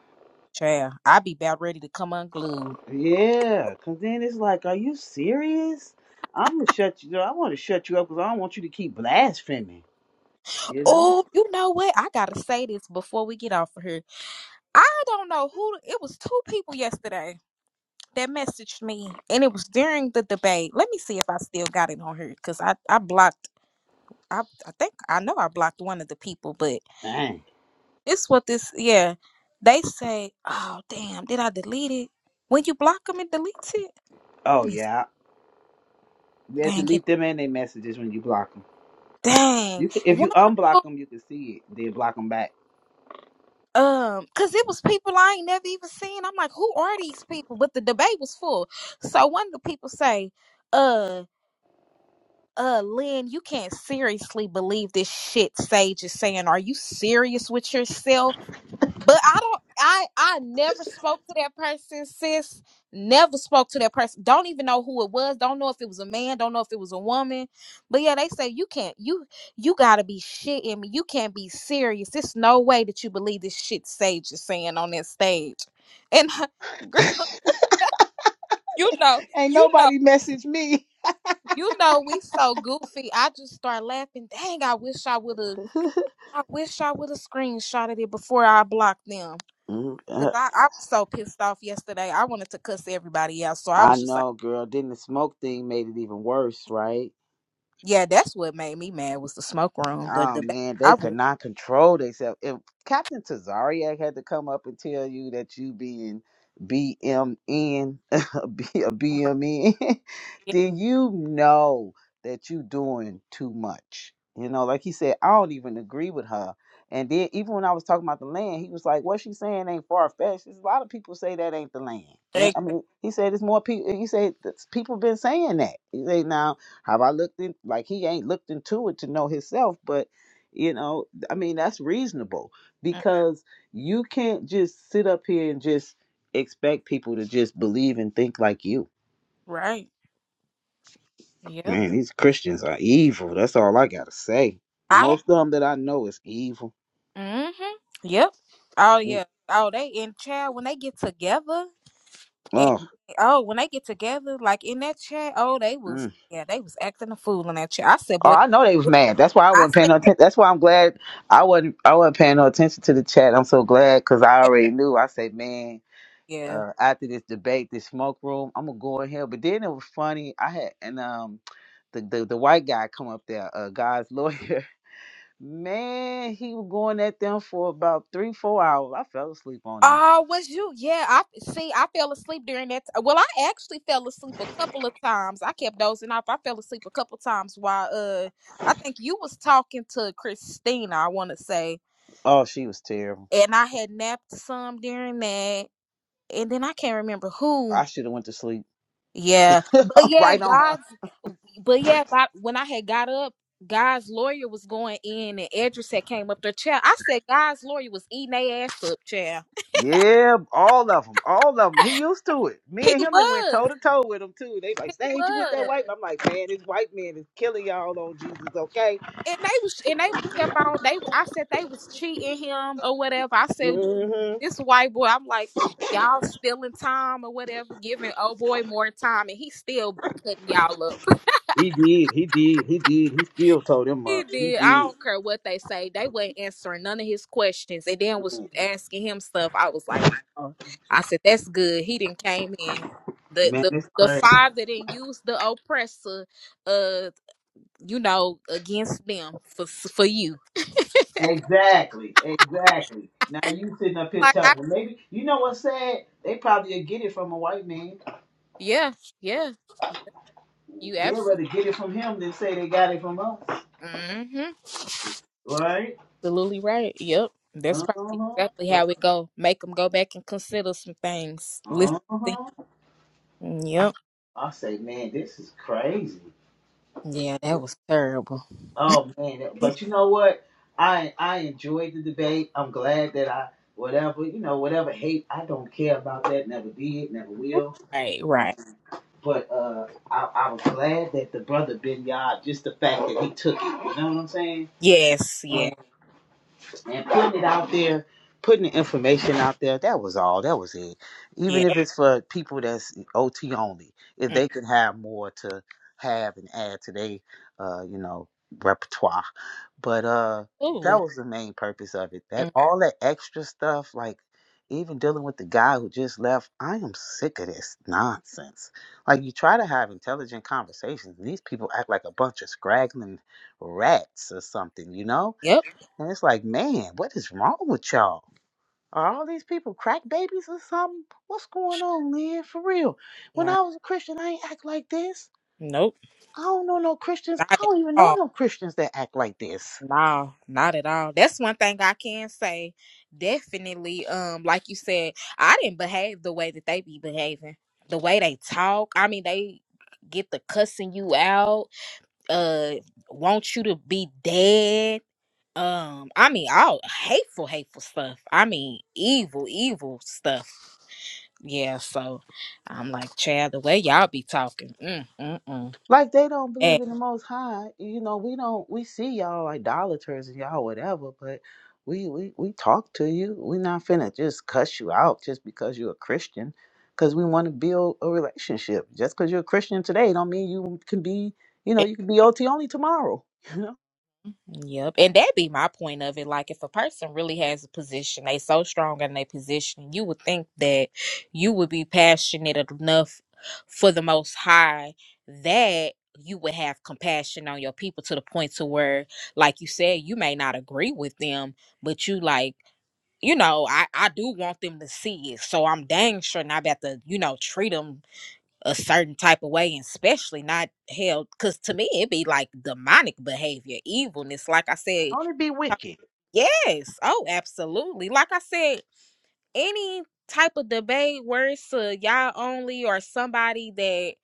L: Child, I be about ready to come unglued.
E: Yeah. Cause then it's like, are you serious? I'm gonna shut you. I want to shut you up because I don't want you to keep blaspheming. You know,
L: Oh, you know what? I gotta say this before we get off of here. I don't know who it was. Two people yesterday. that messaged me and it was during the debate. Let me see if I still got it on here because I, I blocked I, I think I know I blocked one of the people, but it's what this yeah. They say, Oh damn, did I delete it? When you block them it deletes it? Let me s- dang it. Dang.
E: you
L: One of them, um, cause it was people I ain't never even seen. I'm like, who are these people? But the debate was full. So one of the people say, uh. uh Lynn, you can't seriously believe this shit Sage is saying. Are you serious with yourself? But I don't I I never spoke to that person, sis. Never spoke to that person. Don't even know who it was. Don't know if it was a man, don't know if it was a woman. But yeah, they say you can't you you gotta be shitting me. You can't be serious. There's no way that you believe this shit Sage is saying on this stage. And *laughs* girl, you know,
E: can't.
L: you know, you know we so goofy. I just start laughing. Dang, I wish I would have I wish I would have screenshotted it before I blocked them.
E: Mm,
L: Cause
E: uh,
L: I, I was so pissed off yesterday. I wanted to cuss everybody out. So I
E: I
L: was just like,
E: know, girl. Then the smoke thing made it even worse, right?
L: yeah, that's what made me mad was the smoke room, the
E: Oh
L: debate.
E: man,
L: I
E: they could
L: would.
E: not control themselves. If Captain Tazariak had to come up and tell you that you being BMN, *laughs* a B- a BMN, *laughs*
L: Yeah,
E: then you know that you doing too much. You know, like he said, I don't even agree with her. And then even when I was talking about the land, he was like, "What she's saying ain't far fetched." a lot of people say that ain't the land. Yeah, I
L: exactly.
E: mean, he said it's more people. He said that's- people been saying that. He said now have I looked in like he ain't looked into it to know himself, but you know, I mean that's reasonable because you can't just sit up here and just expect people to just believe and think like you.
L: Right. Yep.
E: Man, these Christians are evil. That's all I gotta say.
L: I
E: Most of them that I know is evil.
L: don't. hmm Yep. Oh
E: Mm.
L: yeah. Oh, they in chat when they get together and
E: Oh,
L: oh when they get together like in that chat. Oh, they was
E: mm.
L: yeah they was acting a fool in that chat. I said,
E: oh,
L: boy.
E: I know they was mad. That's why I
L: I
E: wasn't paying
L: said
E: no attention. That's why I'm glad I wasn't. I wasn't paying no attention to the chat. I'm so glad because I
L: yeah.
E: already knew. I said, man,
L: yeah."
E: uh, after this debate, this smoke room, I'm gonna go in here. But then it was funny. I had and um the the, the white guy come up there, uh, God's lawyer. *laughs* Man, he was going at them for about three, four hours. I fell asleep on them.
L: Oh, was you? Yeah, I see. I fell asleep during that. T- well, I actually fell asleep a couple of times. I kept dozing off. I fell asleep a couple of times while uh, I think you was talking to Christina. I want to say,
E: Oh, she was terrible.
L: and I had napped some during that, and then I can't remember who.
E: I should have went to sleep
L: Yeah, but
E: *laughs*
L: yeah,
E: right on her.
L: God's. But yeah, but when I had got up, God's lawyer was going in, and Edris had came up there. Child, I said God's lawyer was eating their ass up, child. He was. He
E: Get that
L: was.
E: white.
L: and they was and they kept on they I said they was cheating him or whatever. I said this white boy, I'm like, y'all stealing time or whatever, giving old boy more time and he still cutting y'all up. *laughs*
E: He did. He did. He did. He still told him
L: He
E: up. He
L: did. I don't
E: did.
L: care what they say. They wasn't answering none of his questions and then was asking him stuff. I was like, oh. I said, that's good. He didn't came in. The
E: Man,
L: the
E: it's
L: the
E: crazy.
L: father didn't use the oppressor uh you know against them for for you.
E: Exactly, exactly. Now you sitting up here
L: Like I
E: telling them. Maybe you know what sad? They probably will get it from a white man.
L: Yeah, yeah. Yeah, You
E: They'd
L: absolutely,
E: rather get it from him than say they got it from us.
L: mm-hmm.
E: Right?
L: absolutely right. Yep,
E: Uh
L: that's probably
E: huh.
L: exactly how it go. Make them go back and consider some things. Listen.
E: Uh
L: to
E: huh.
L: them. Yep.
E: I say, man, this is crazy.
L: Yeah, that was terrible.
E: Oh man, but you know what? I I enjoyed the debate. I'm glad that I whatever you know whatever hate I don't care about that. Never did, never will.
L: Right.
E: Um,
L: Right.
E: but uh, I I was glad that the brother Ben Yard, just the fact that he took it. You know what I'm saying?
L: Yes.
E: And
L: Yeah.
E: and putting it out there, putting the information out there. That was all. That was it. Even if
L: Yep.
E: it's for people that's OT only, if they could have more to have and add to their, uh, you know, repertoire. But uh, that
L: Absolutely.
E: was the main purpose of it. That
L: Mm,
E: all that extra stuff, like even dealing with the guy who just left, I am sick of this nonsense. Like you try to have intelligent conversations, and these people act like a bunch of scraggling rats or something, you know?
L: Yep.
E: And it's like, man, what is wrong with y'all? Are all these people crack babies or something? What's going on, Lynn? For real. When
L: Nah.
E: I was a Christian, I ain't act like this.
L: Nope.
E: I don't know no Christians.
L: Not
E: I
L: at
E: don't even know
L: all.
E: no Christians that act like this.
L: No, not at all. That's one thing I can say. Definitely, um, like you said, I didn't behave the way that they be behaving. The way they talk, I mean, they get the cussing you out, uh, want you to be dead. Um, I mean, all hateful, hateful stuff. I mean, evil, evil stuff. Yeah, so I'm like, Chad, the way y'all be talking, mm, mm,
E: Like they don't believe in
L: mm.
E: the Most High. You know, we don't. We see y'all like idolaters and y'all whatever, but we we we talk to you. we not finna just cuss you out just because you're a Christian, because we want to build a relationship. Just because you're a Christian today, don't mean you can be. You know, you can be OT only tomorrow. *laughs* You know,
L: Yep. And that be my point of it. Like if a person really has a position, they so strong in their position, you would think that you would be passionate enough for the most high that you would have compassion on your people to the point to where, like you said, you may not agree with them, but you like, you know, I, I do want them to see it. So I'm dang sure not about to, you know, treat them a certain type of way, and especially not held. Because to me, it'd be like demonic behavior, evilness. Like I said,
E: only be wicked.
L: yes, oh, absolutely. Like I said, any type of debate where it's a y'all only or somebody that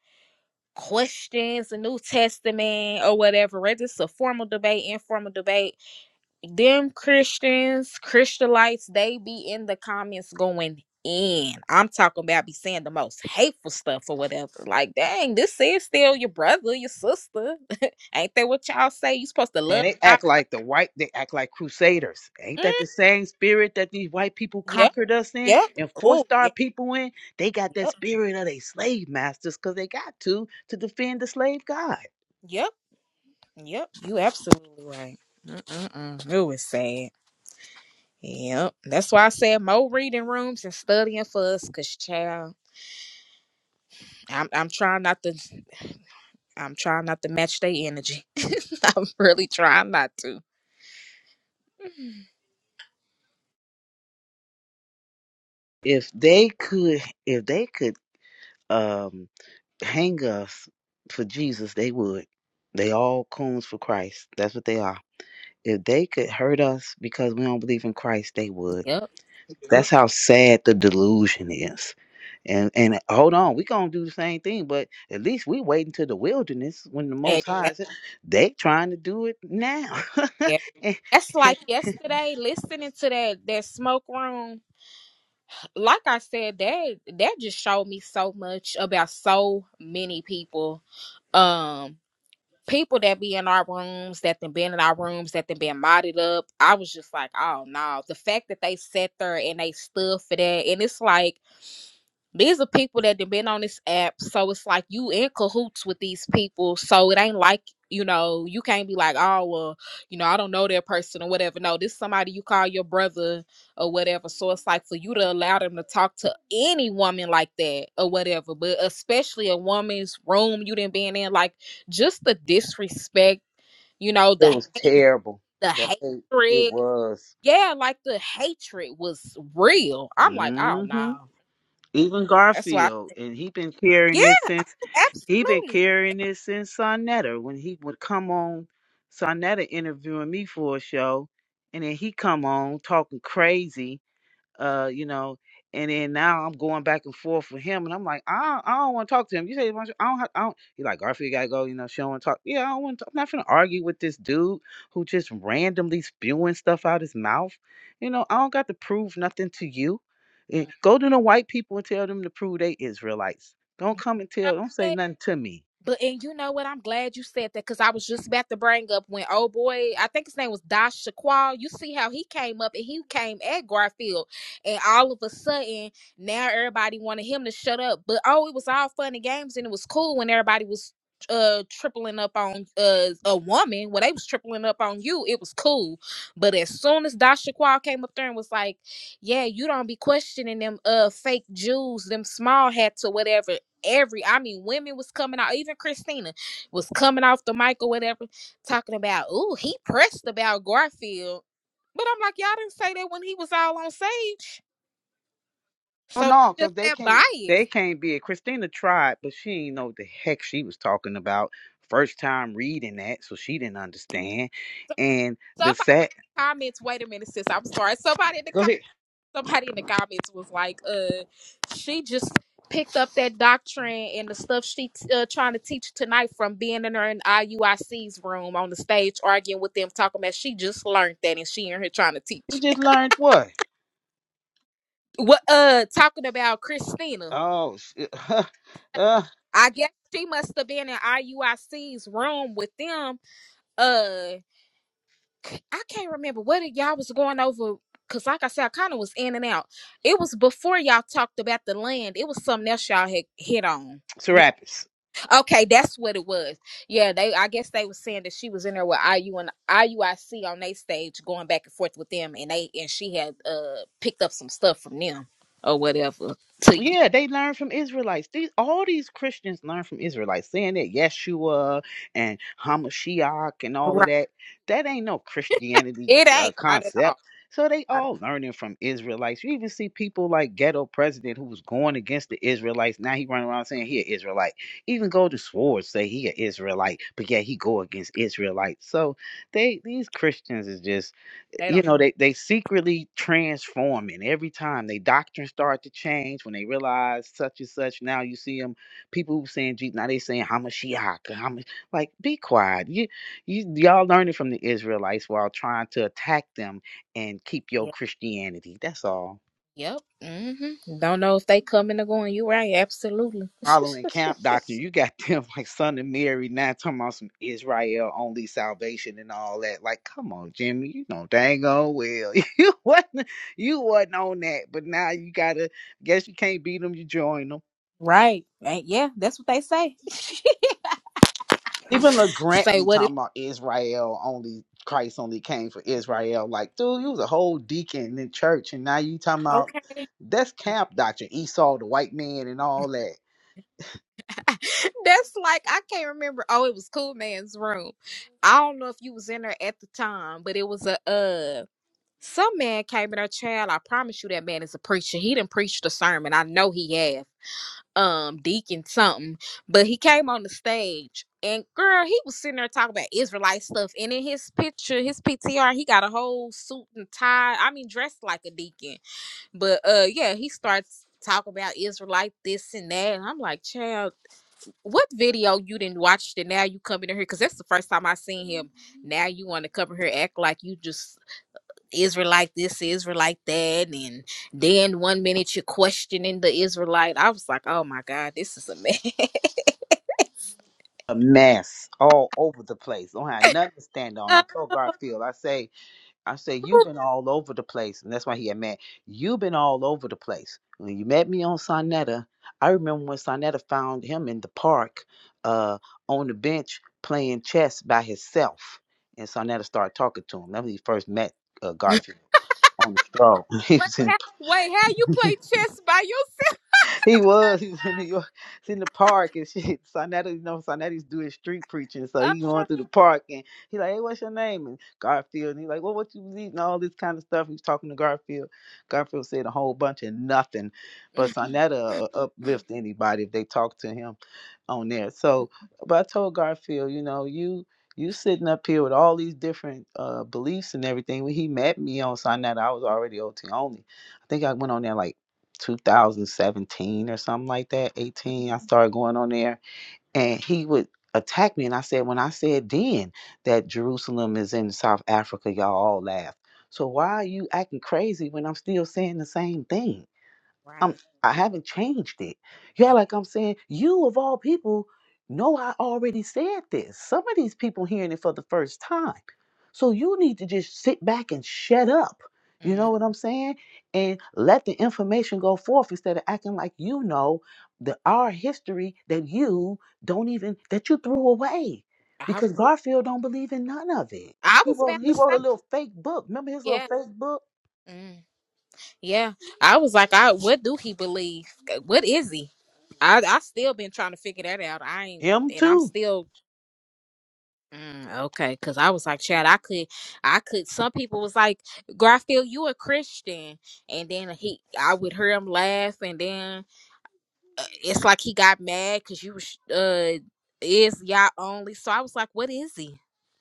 L: questions the New Testament or whatever, whether it's a formal debate, informal debate them Christians, Christianites, they be in the comments going in. I'm talking about be saying the most hateful stuff or whatever. Like, dang, this is still your brother, your sister. *laughs* Ain't that what y'all say? You supposed to
E: And
L: love
E: they
L: thy bro-
E: act like the white, they act like crusaders. Ain't
L: Mm,
E: that the same spirit that these white people
L: yep,
E: conquered us in
L: yep.
E: and
L: Oh,
E: forced our
L: yeah,
E: people in? They got that
L: yep,
E: spirit of they slave masters because they got to to defend the slave god.
L: yep, yep. You absolutely right. Mm-mm-mm. It was sad. Yep. That's why I said more reading rooms and studying for us, cause child, I'm I'm trying not to I'm trying not to match their energy. *laughs* I'm really trying not to.
E: If they could, if they could um hang us for Jesus, they would. They all coons for Christ. That's what they are. If they could hurt us because we don't believe in Christ, they would.
L: Yep.
E: That's how sad the delusion is. And and hold on, we gonna do the same thing, but at least we waiting to the wilderness when the
L: And
E: Most High
L: that-
E: is. They trying to do it now. *laughs*
L: yeah,
E: it
L: that's like yesterday listening to that that smoke room. Like I said, that that just showed me so much about so many people. Um, people that be in our rooms, that then been in our rooms, that then been modded up. I was just like, oh no, the fact that they sat there and they stood for that, and it's like These are people that have been on this app, so it's like you in cahoots with these people. So it ain't like you know you can't be like, oh well, you know I don't know that person or whatever. No, this is somebody you call your brother or whatever. So it's like for you to allow them to talk to any woman like that or whatever, but especially a woman's room you didn't been in, like just the disrespect, you know, the
E: was
L: hate,
E: terrible.
L: the
E: That it, it
L: hatred.
E: was.
L: Yeah, like the hatred was real. I'm like, oh
E: hmm
L: no.
E: Even
L: That's why. I-
E: Garfield, and he been
L: Yeah.
E: carrying this since he been
L: Absolutely.
E: carrying this since Sonetta. When he would come on Sonetta interviewing me for a show, and then he come on talking crazy uh, you know, and then now I'm going back and forth with him, and I'm like, I don't, I don't want to talk to him. You say, you want to- I don't, have, I don't. He's like Garfield you gotta go, you know. She don't want to talk. Yeah, I don't want. to I'm not gonna argue with this dude who just randomly spewing stuff out his mouth. You know, I don't got to prove nothing to you.
L: Mm.
E: Eh, Go to the white people and tell them to prove they Israelites. Don't
L: But
E: come and
L: you know
E: tell. Don't
L: what?
E: say nothing to me.
L: But and you know what? I'm glad you said that because I was just about to bring up when oh boy, I think his name was Dash Shaquall. You see how he came up and he came at Garfield, and all of a sudden now everybody wanted him to shut up. But oh, it was all fun and games and it was cool when everybody was uh tripling up on uh a woman when they was tripling up on you. It was cool. But as soon as Dash Shaquall came up there and was like, "Yeah, you don't be questioning them uh fake Jews, them small hats or whatever," every I mean women was coming out, even Christina was coming off the mic or whatever, talking about, oh, he pressed about Garfield. But I'm like, y'all didn't say that when he was all on stage.
E: Oh
L: So it's
E: no,
L: just
E: because they
L: that
E: can't. They
L: bias.
E: can't be it. Christina tried, but she ain't know what the heck she was talking about. First time reading that, so she didn't understand. And the
L: Somebody in
E: set.
L: the comments, wait a minute, sis, I'm sorry. Somebody in the
E: Go
L: com-
E: ahead.
L: somebody in the comments was like, uh, she just picked up that doctrine and the stuff she t- uh, trying to teach tonight from being in her in IUIC's room on the stage arguing with them, talking about she just learned that and she in here trying to teach.
E: You just learned what?
L: What uh talking about Christina?
E: Oh, s- *laughs* uh,
L: I guess she must have been in IUIC's room with them. Uh I I can't remember what it- y'all was going over because like I said, I kind of was in and out. It was before y'all talked about the land. It was something else y'all had hit on. You
E: Serapis.
L: okay, that's what it was. Yeah, they I guess they was saying that she was in there with IU and IUIC on their stage going back and forth with them and they and she had uh picked up some stuff from them or whatever to you.
E: Yeah, they learn from Israelites. These all these Christians learn from Israelites, saying that Yeshua and Hamashiach and all of that. That ain't no Christianity
L: It
E: uh,
L: ain't not at all.
E: concept. So they
L: Not at-
E: all learning from Israelites. You even see people like ghetto president who was going against the Israelites. Now he running around saying he an Israelite. Even Golden Swords say he an Israelite, but yeah, he go against Israelites. So they these Christians is just
L: they
E: you
L: don't. know.
E: know they they secretly transforming every time they doctrine start to change when they realize such and such now you see them people who saying Je- now they saying hamashiach Hamash-" like be quiet you, you y'all learning from the israelites while trying to attack them and keep your
L: Yep.
E: christianity that's all
L: Yep. hmm Don't know if they coming or going. You right. Absolutely.
E: following camp
L: *laughs*
E: doctor, you got *laughs* them like son of Mary, not talking about some Israel only salvation and all that. Like, come on, Jimmy, you know dang on well *laughs* you wasn't you wasn't on that, but now you gotta guess you can't beat them, you join them.
L: Right. Ain't- Yeah. That's what they say. *laughs*
E: Even LeGrant
L: say
E: be
L: what it.
E: talking about Israel only Christ only came for Israel. Like, dude, you was a whole deacon in church and now you talking about
L: Okay.
E: that's camp doctrine, Esau the white man and all that.
L: *laughs* That's like I can't remember. Oh, it was Cool Man's room. I don't know if you was in there at the time, but it was a uh. Some man came in her child. I promise you that man is a preacher. He didn't preach the sermon. I know he has. um deacon something but he came on the stage and girl he was sitting there talking about israelite stuff and in his picture his ptr he got a whole suit and tie i mean dressed like a deacon but uh yeah he starts talking about israelite this and that and i'm like child what video you didn't watch that now you coming in here because that's the first time i seen him now you want to come in here act like you just Israelite this, Israelite that, and then one minute you're questioning the Israelite. I was like, oh my god, this is a mess. *laughs*
E: a mess all over the place. Don't have nothing to stand on.
L: Uh,
E: I told Garfield, I say, I say, you've been all over the place, and that's why he had mad. You've been all over the place. When you met me on Sonetta, I remember when Sonetta found him in the park, uh, on the bench playing chess by himself, and Sonetta started talking to him. That was when he first met uh, Garfield on the stroll. *laughs* He
L: wait,
E: was in
L: how, wait, how you play chess by yourself?
E: *laughs* he was. He was in New York, it's in the park and shit. *laughs* Sonetti, you know, Sonetti's doing street preaching, so
L: Uh,
E: he going through the park and he like, hey, what's your name? And Garfield, and he like, well, what you was eating? All this kind of stuff. He's talking to Garfield. Garfield said a whole bunch of nothing, but Sonetta uplift anybody if they talk to him on there. So, but I told Garfield, you know, you you sitting up here with all these different uh, beliefs and everything. When he met me on Sign That, I was already OT only. I think I went on there like 2017 or something like that. 18, I started going on there, and he would attack me. And I said, when I said then that Jerusalem is in South Africa, y'all all laughed. So why are you acting crazy when I'm still saying the same thing? I'm
L: right.
E: I haven't changed it. Yeah, like I'm saying, you of all people know I already said this. Some of these people hearing it for the first time. So you need to just sit back and shut up. You
L: Mm,
E: know what I'm saying? And let the information go forth instead of acting like you know the our history that you don't even that you threw away.
L: I
E: Because Garfield don't believe in none of it.
L: I
E: He
L: was
E: wrote
L: about
E: he
L: to
E: wrote a
L: say,
E: little fake book. Remember his little
L: yeah,
E: fake book?
L: mm, yeah. I was like, I what do he believe? What is he? I I still been trying to figure that out. I ain't,
E: Him
L: and I'm
E: too.
L: still Mm, okay, because I was like, Chad, I could, I could. Some people was like, Garfield, you a Christian, and then he, I would hear him laugh, and then uh, it's like he got mad because you was uh is y'all only. So I was like, what is he?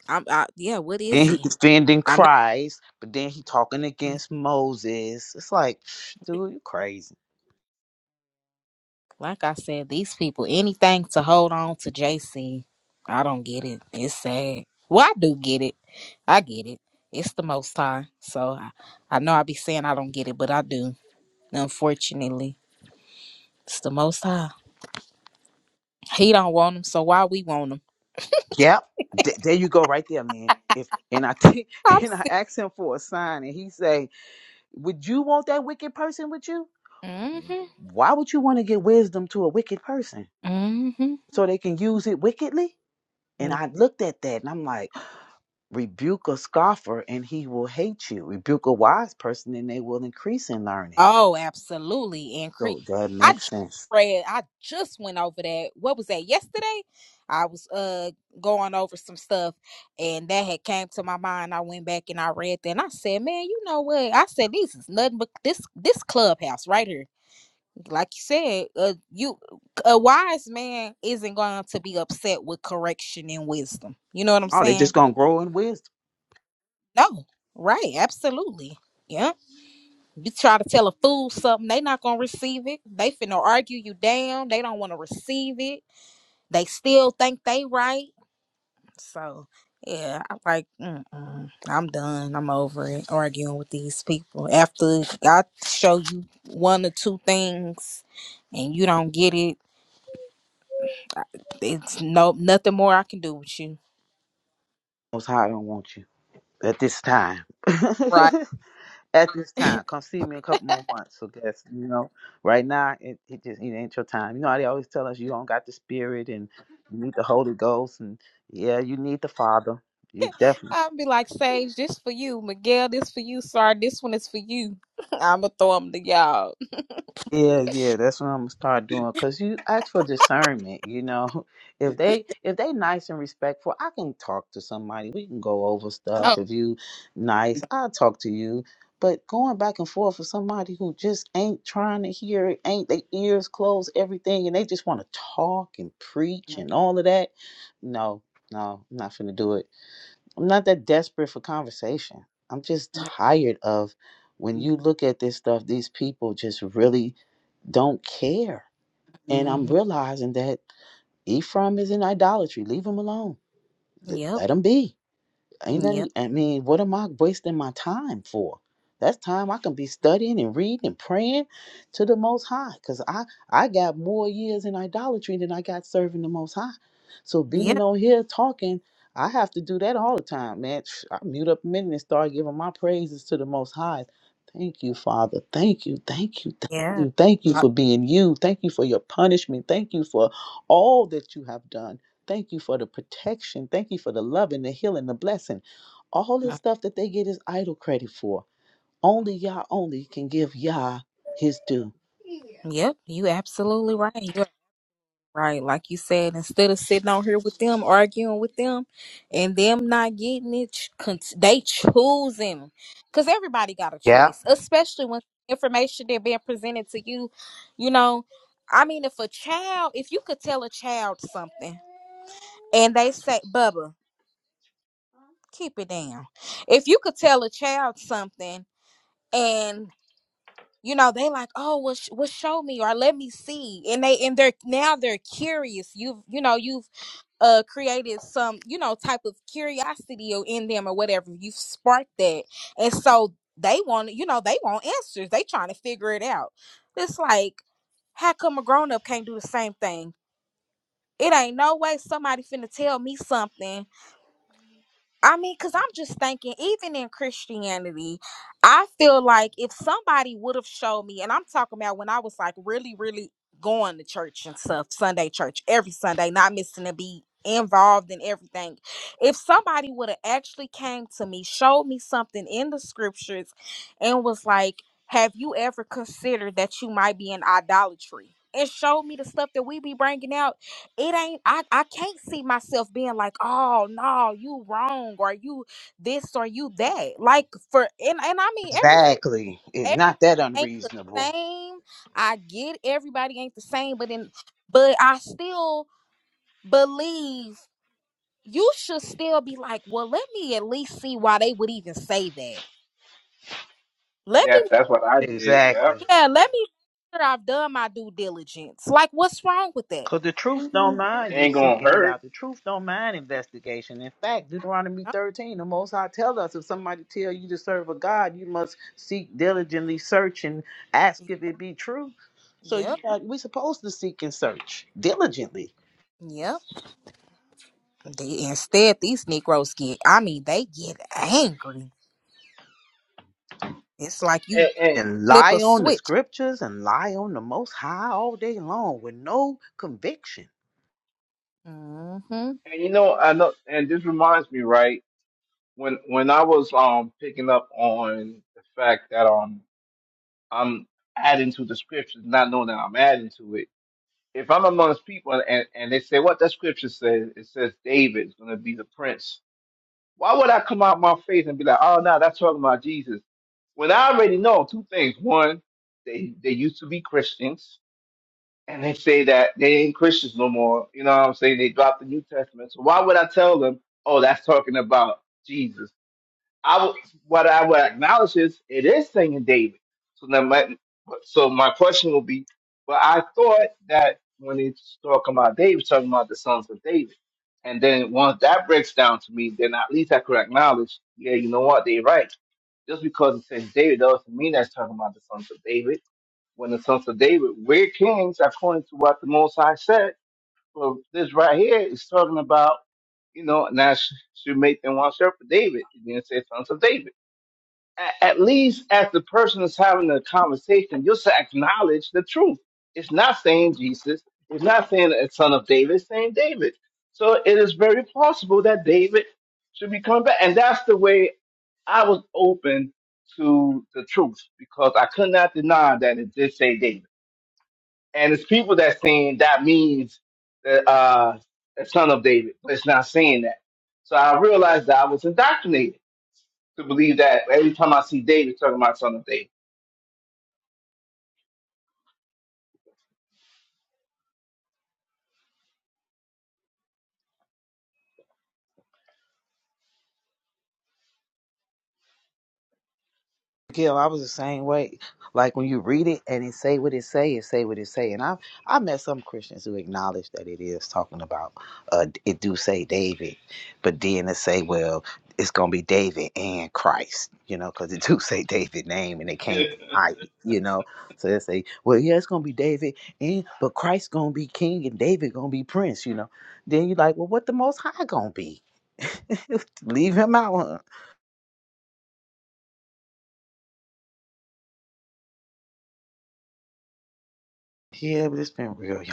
L: I'm, I, yeah, what
E: Then
L: is
E: he
L: he?
E: defending
L: I know.
E: Christ, but then he talking
L: mm,
E: against Moses. It's like, *sniffs* dude, you crazy.
L: Like I said, these people, anything to hold on to JC, I don't get it. It's sad. Well, I do get it. I get it. It's the most high. So I, I know I be saying I don't get it, but I do. Unfortunately, it's the Most High. He don't want them, so why we want them?
E: Yep. Th- there you go, right there, man. If and I t- *laughs*
L: I'm
E: and I
L: sick.
E: asked him for a sign, and he say, "Would you want that wicked person with you?
L: Mm-hmm.
E: Why would you want to give wisdom to a wicked person
L: Mm-hmm.
E: so they can use it wickedly?" And I looked at that, and I'm like, "Rebuke a scoffer, and he will hate you. Rebuke a wise person, and they will increase in learning."
L: Oh, absolutely. And cre-
E: So that
L: I
E: makes
L: just
E: sense.
L: read. I just went over that. What was that? Yesterday, I was uh going over some stuff, and that had came to my mind. I went back and I read that, and I said, "Man, you know what?" I said, "This is nothing but this this clubhouse right here." like you said, uh, you a wise man isn't going to be upset with correction and wisdom. You know what I'm
E: Oh, they just
L: saying?
E: gonna grow in wisdom.
L: No, right? Absolutely. Yeah. You try to tell a fool something, they not gonna receive it. They finna argue you down. They don't want to receive it. They still think they right. So yeah, I'm like, Mm-mm, I'm done. I'm over it arguing with these people. After I show you one or two things and you don't get it it's no nothing more I can do with you.
E: Most High don't want you at this time. *laughs*
L: Right.
E: at this time, come see me in a couple more months. So guess you know, right now it, it just it ain't your time. You know how they always tell us you don't got the Spirit and you need the Holy Ghost and yeah, you need the Father. You definitely.
L: I'll be like, Sage, this for you. Miguel, this for you. Sorry, this one is for you. *laughs* I'ma throw them to y'all.
E: Yeah, yeah, that's what I'm gonna start doing. Cause you ask for discernment, you know. *laughs* If they if they nice and respectful, I can talk to somebody. We can go over
L: Oh.
E: stuff. If you nice, I'll talk to you. But going back and forth with somebody who just ain't trying to hear it, ain't they ears closed, everything, and they just want to talk and preach
L: *laughs*
E: and all of that. No, no, I'm not finna do it. I'm not that desperate for conversation. I'm just tired of when you look at this stuff, these people just really don't care. And I'm
L: Mm-hmm.
E: realizing that Ephraim is in idolatry. Leave him alone.
L: Yep.
E: Let him be. Ain't that,
L: Yep.
E: I mean, what am I wasting my time for? That's time I can be studying and reading and praying to the Most High, cause I I got more years in idolatry than I got serving the Most High. So being
L: Yep.
E: on here talking, I have to do that all the time, man. *sniffs* I mute up a minute and start giving my praises to the Most High. Thank you, Father. Thank you, thank you, thank
L: Yeah.
E: you, thank you
L: Uh,
E: for being you. Thank you for your punishment. Thank you for all that you have done. Thank you for the protection. Thank you for the love and the healing, the blessing. All this
L: uh,
E: stuff that they get is idol credit for. Only Yah only can give Yah his due.
L: Yep. You absolutely right. You're Right, like you said, instead of sitting on here with them, arguing with them, and them not getting it, ch- con- they choosing. Because everybody got a
E: Yeah,
L: choice, especially when information they're being presented to you. You know, I mean, if a child, if you could tell a child something and they say, Bubba, keep it down. If you could tell a child something and you know they like oh well, sh- well show me or let me see and they and they're now they're curious you've you know you've uh created some you know type of curiosity or in them or whatever you've sparked that and so they want you know they want answers they trying to figure it out it's like how come a grown-up can't do the same thing it ain't no way somebody finna tell me something I mean, because I'm just thinking, even in Christianity, I feel like if somebody would have showed me, and I'm talking about when I was like really, really going to church and stuff, Sunday church, every Sunday, not missing a beat, involved in everything. If somebody would have actually came to me, showed me something in the scriptures, and was like, Have you ever considered that you might be in idolatry? And showed me the stuff that we be bringing out it ain't I, I can't see myself being like oh no you wrong or you this or you that like for and, and i mean
E: exactly. It's
L: everybody
E: not that
L: everybody ain't the
E: unreasonable.
L: same i get everybody ain't the same but then but i still believe you should still be like well let me at least see why they would even say that let me
A: That, that's what I did. Yeah,
E: Exactly.
L: yeah let me make sure i've done my due diligence like what's wrong with that
E: Because the truth don't mind you
A: ain't gonna
E: seeking it
A: hurt.
E: out. The truth don't mind investigation. In fact, Deuteronomy
L: Huh?
E: 13, the Most High tell us if somebody tell you to serve a God, you must seek diligently, search, and ask if it be true. So
L: yep
E: you got, we supposed to seek and search diligently.
L: yep They, instead, these Negroes get, I mean, they get angry. It's like
A: And,
L: you
A: and
E: and
L: flip a
E: lie on the
L: switch.
E: scriptures and lie on the most high all day long with no conviction.
L: Mm-hmm.
A: and you know, I know. And this reminds me, right? When when I was um picking up on the fact that um I'm adding to the scriptures, not knowing that I'm adding to it if I'm amongst people and, and they say what that scripture says, it says David is going to be the prince. Why would I come out my faith and be like, oh, no, that's talking about Jesus? When I already know two things. One, they, they used to be Christians and they say that they ain't Christians no more. You know what I'm saying? They dropped the New Testament. So why would I tell them, oh, that's talking about Jesus? I w- what I would acknowledge is it is singing David. So now my so my question will be, well, I thought that when it's talking about David, it's talking about the sons of David, and then once that breaks down to me, then at least I could acknowledge, yeah, you know what, they right. Just because it says David doesn't mean that's talking about the sons of David. When the sons of David were kings, according to what the Most High said, well, this right here is talking about, you know, and that sh- should make them one shepherd David. You didn't say sons of David a- at least as the person is having the conversation, you'll say, acknowledge the truth. It's not saying Jesus. It's not saying a son of David. It's saying David. So it is very possible that David should be coming back. And that's the way I was open to the truth because I could not deny that it did say David. And it's people that saying that means that uh, a son of David, but it's not saying that. So I realized that I was indoctrinated to believe that every time I see David talking about son of David.
E: Gil, I was the same way. Like when you read it and it say what it say, it say what it say. And I I met some Christians who acknowledge that it is talking about uh it do say David, but then they say, well, it's gonna be David and Christ, you know, because it do *laughs* say David name and they can't deny it, you know. So they say, well, yeah, it's gonna be David and but Christ gonna be king and David gonna be prince, you know. Then you're like, well, what the Most High gonna be? *laughs* Leave him out. Huh? Yeah, but it's been real, y'all.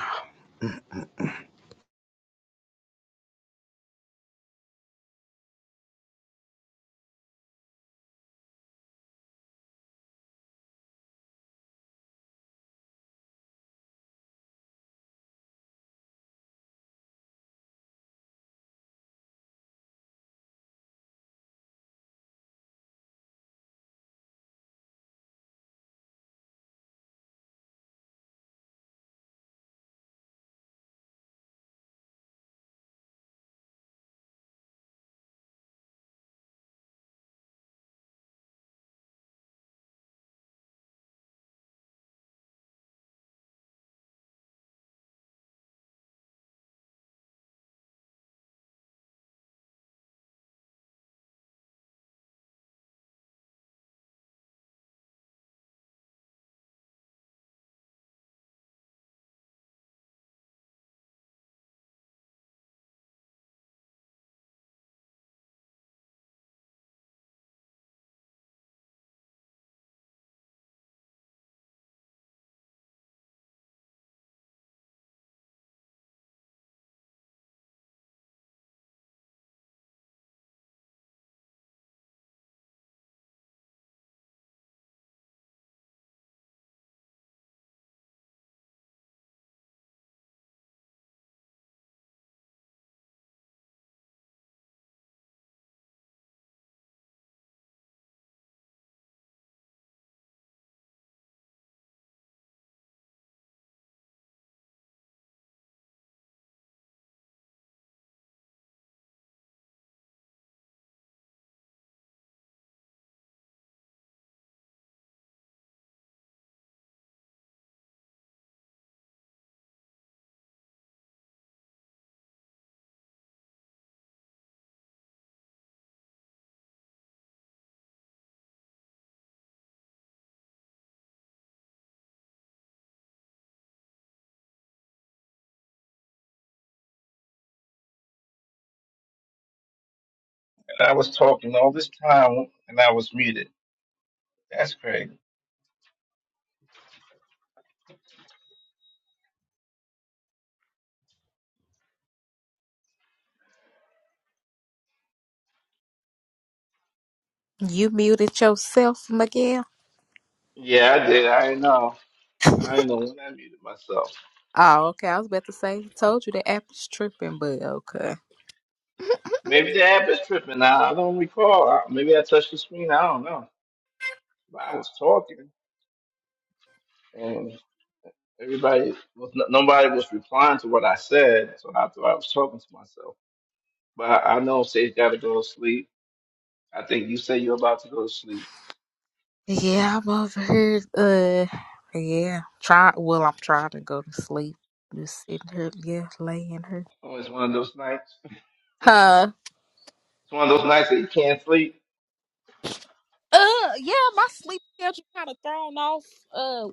A: And I was talking all this time and I was muted. That's crazy.
L: You muted yourself, Miguel.
A: Yeah, I did. I know. I know when I muted myself.
L: Oh, okay. I was about to say, told you the app is tripping, but okay.
A: Maybe the app is tripping now. I don't recall. I- Maybe I touched the screen. I don't know. But I was talking and everybody was n- nobody was replying to what I said, so I thought I was talking to myself. But I, I know Sage got to go to sleep. I think you say you're about to go to sleep.
L: Yeah, I'm over here. Uh, yeah. Try. Well, I'm trying to go to sleep. Just sitting here, yeah, laying here.
A: Oh, it's one of those nights.
L: Huh.
A: It's one of those nights that you can't sleep.
L: Uh, yeah, my sleep schedule kind of thrown off. Uh,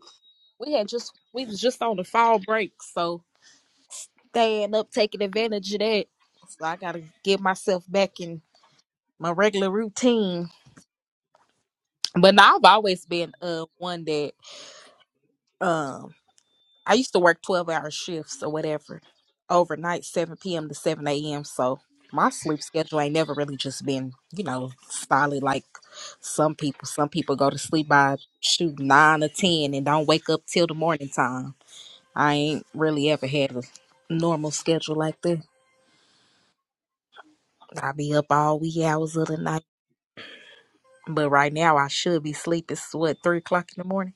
L: we had just we was just on the fall break, so they end up taking advantage of that. So I gotta get myself back in my regular routine. But now I've always been uh one that um I used to work twelve hour shifts or whatever overnight, seven p.m. to seven a.m. So my sleep schedule ain't never really just been you know solid like some people. Some people go to sleep by shoot nine or ten and don't wake up till the morning time. I ain't really ever had a normal schedule like that. I be up all wee hours of the night But right now, I should be asleep. It's what three o'clock in the morning.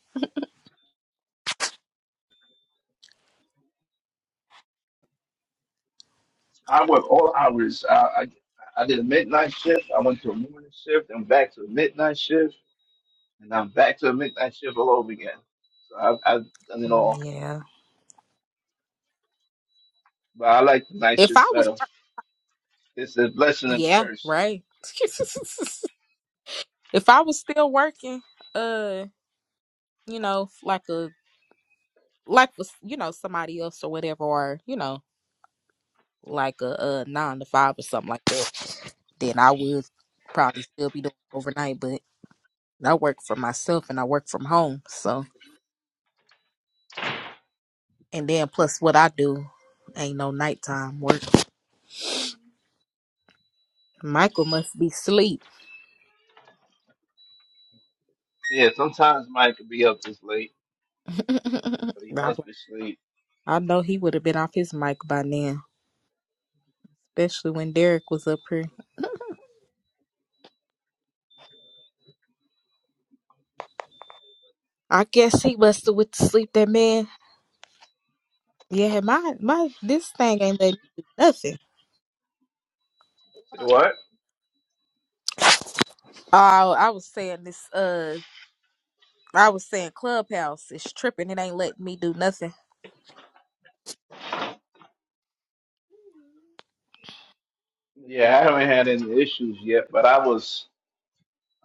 A: I work all hours. I, I I did a midnight shift. I went to a morning shift. and back to a midnight shift, and I'm back to a midnight shift all over again. So I've, I've done it
L: Mm,
A: all,
L: Yeah.
A: but I like the night
L: If I
A: shift
L: was,
A: better. It's a blessing and a
L: yeah,
A: curse.
L: right. *laughs* if I was still working, uh, you know, like a like was you know somebody else or whatever, or you know, like a, uh nine to five or something like that, then I would probably still be doing overnight. But I work for myself and I work from home, so and then plus what I do ain't no nighttime work. Michael must be asleep.
A: Yeah, sometimes Mike could be up this late, but
L: *laughs*
A: he
L: I
A: must be asleep.
L: I know he would have been off his mic by now, especially when Derek was up here. I guess he must have went to sleep. That man. Yeah, my my this thing ain't let me do nothing.
A: Say what?
L: Oh, I was saying this. Uh, I was saying Clubhouse is tripping. It ain't letting me do nothing.
A: Yeah, I haven't had any issues yet, but I was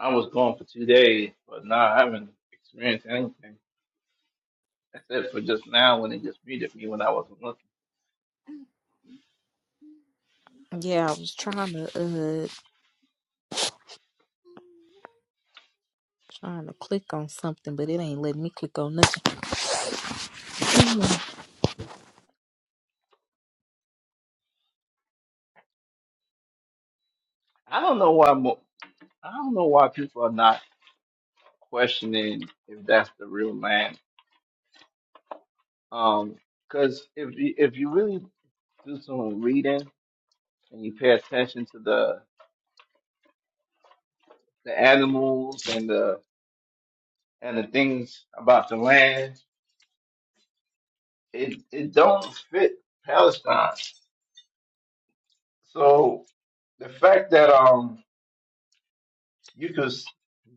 A: I was gone for two days, but nah, I haven't experienced anything. That's it for just now when they just muted me when I wasn't looking.
L: Yeah, I was trying to uh trying to click on something, but it ain't letting me click on nothing.
A: I don't know why. I don't know why people are not questioning if that's the real land. Um, because if you, if you really do some reading and you pay attention to the the animals and the and the things about the land, it it don't fit Palestine. So the fact that um you could s-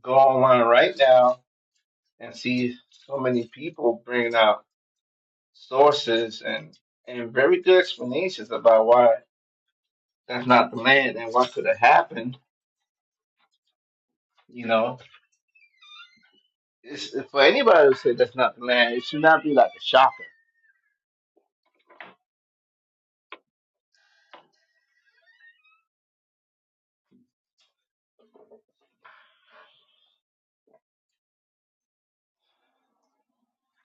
A: go online right now and see so many people bringing out sources and and very good explanations about why that's not the land and what could have happened, you know. It's, for anybody to say that's not the land, it should not be like a shocker.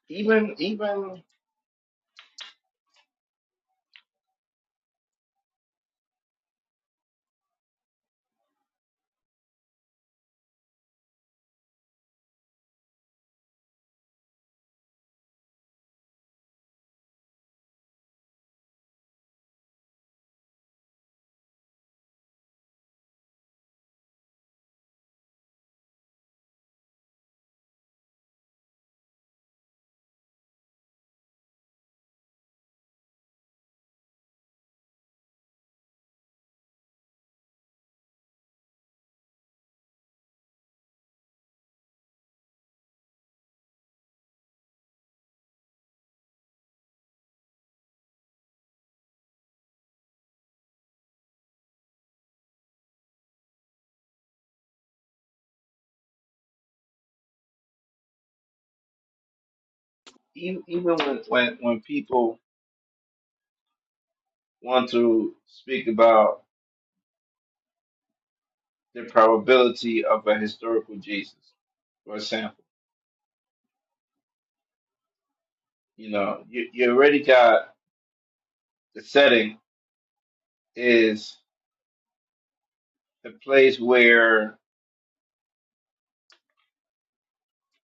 A: Even even e- even when when, when people want to speak about the probability of a historical Jesus, for example, you know, you, you already got the setting is the place where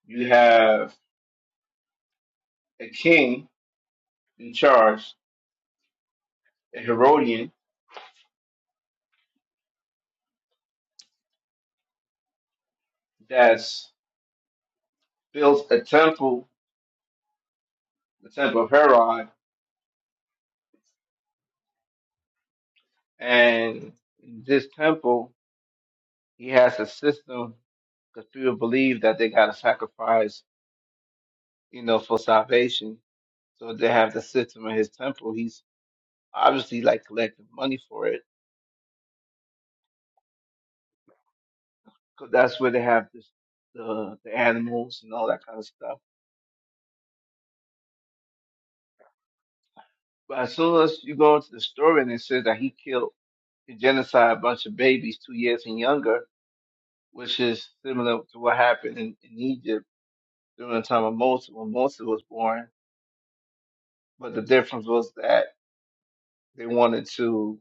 A: you have a king in charge, a Herodian, that's built a temple, the temple of Herod, And this temple, he has a system because people believe that they got to sacrifice, you know, for salvation. So they have the system in his temple. He's obviously like collecting money for it because that's where they have this, the the animals and all that kind of stuff. But as soon as you go into the story and it says that he killed, he genocide a bunch of babies two years and younger, which is similar to what happened in, in Egypt during the time of Moses when Moses was born. But the difference was that They wanted to,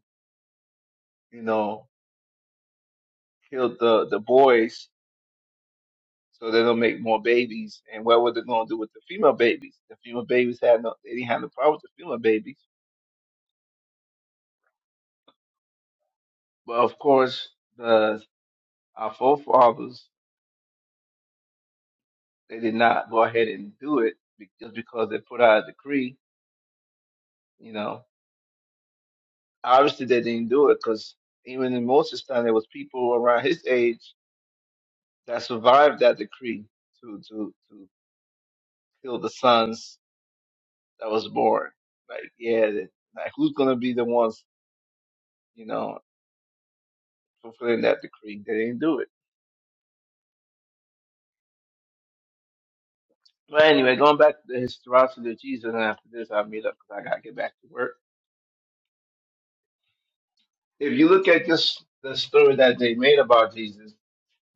A: you know, kill the the boys so they don't make more babies. And what were they going to do with the female babies? The female babies had no, they didn't have no problem with the female babies. But of course, the our forefathers they did not go ahead and do it be- just because they put out a decree. You know, obviously they didn't do it because even in Moses' time there was people around his age that survived that decree to to to kill the sons that was born. Like, yeah, like who's gonna be the ones, you know, fulfilling that decree? They didn't do it. But anyway, going back to the historicity of Jesus, and after this, I'll meet up because I gotta get back to work. If you look at just the story that they made about Jesus,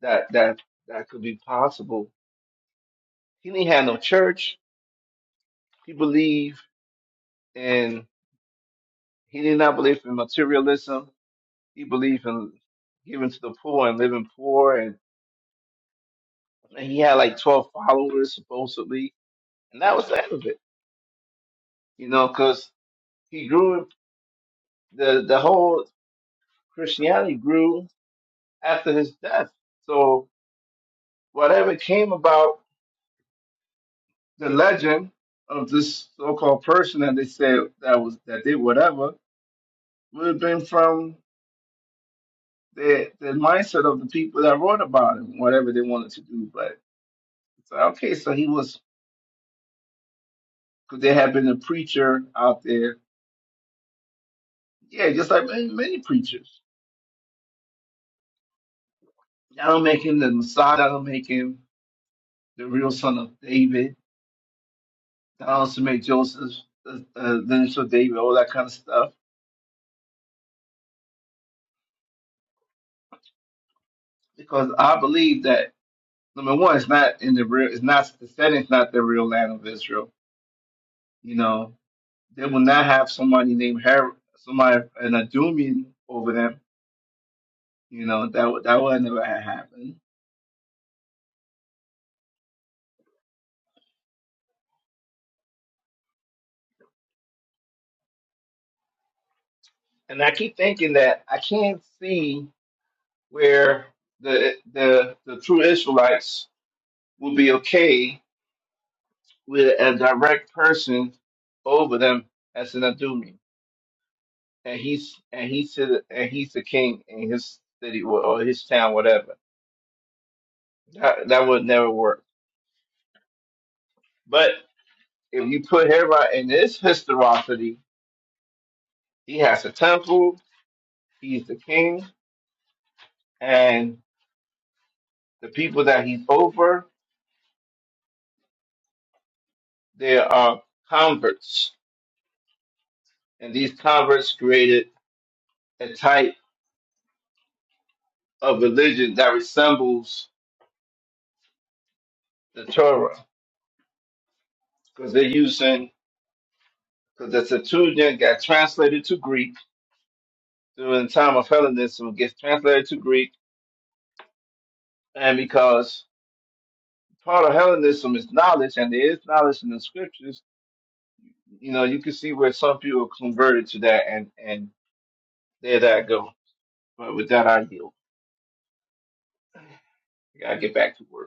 A: that that that could be possible. He didn't have no church. He believed in he did not believe in materialism. He believed in giving to the poor and living poor, and, and he had like twelve followers supposedly, and that was the end of it. you know, because he grew the the whole Christianity grew after his death. So whatever came about the legend of this so-called person that they said that was that did whatever would have been from the the mindset of the people that wrote about him, whatever they wanted to do. But it's like, okay, so he was because there had been a preacher out there, yeah, just like many, many preachers. I don't make him the Messiah. I don't make him the real son of David I also make Joseph, uh, uh, uh, then so David, all that kind of stuff. Because I believe that number one, it's not in the real, it's not the setting's not the real land of Israel. You know, they will not have somebody named Her, somebody an Adumian over them. You know, that would that would never have happened. And I keep thinking that I can't see where the the the true Israelites will be okay with a direct person over them as an Adumian and he's and he's the, and he's the king in his city or, or his town, whatever. That that would never work. But if you put Herod in this historicity, he has a temple, he's the king, and the people that he's over, they are converts, and these converts created a type of religion that resembles the Torah because they're using because the Septuagint got translated to Greek during the time of Hellenism, gets translated to Greek And because part of Hellenism is knowledge, and there is knowledge in the scriptures, you know, you can see where some people converted to that, and and there that go. But with that, I yield. I gotta get back to work.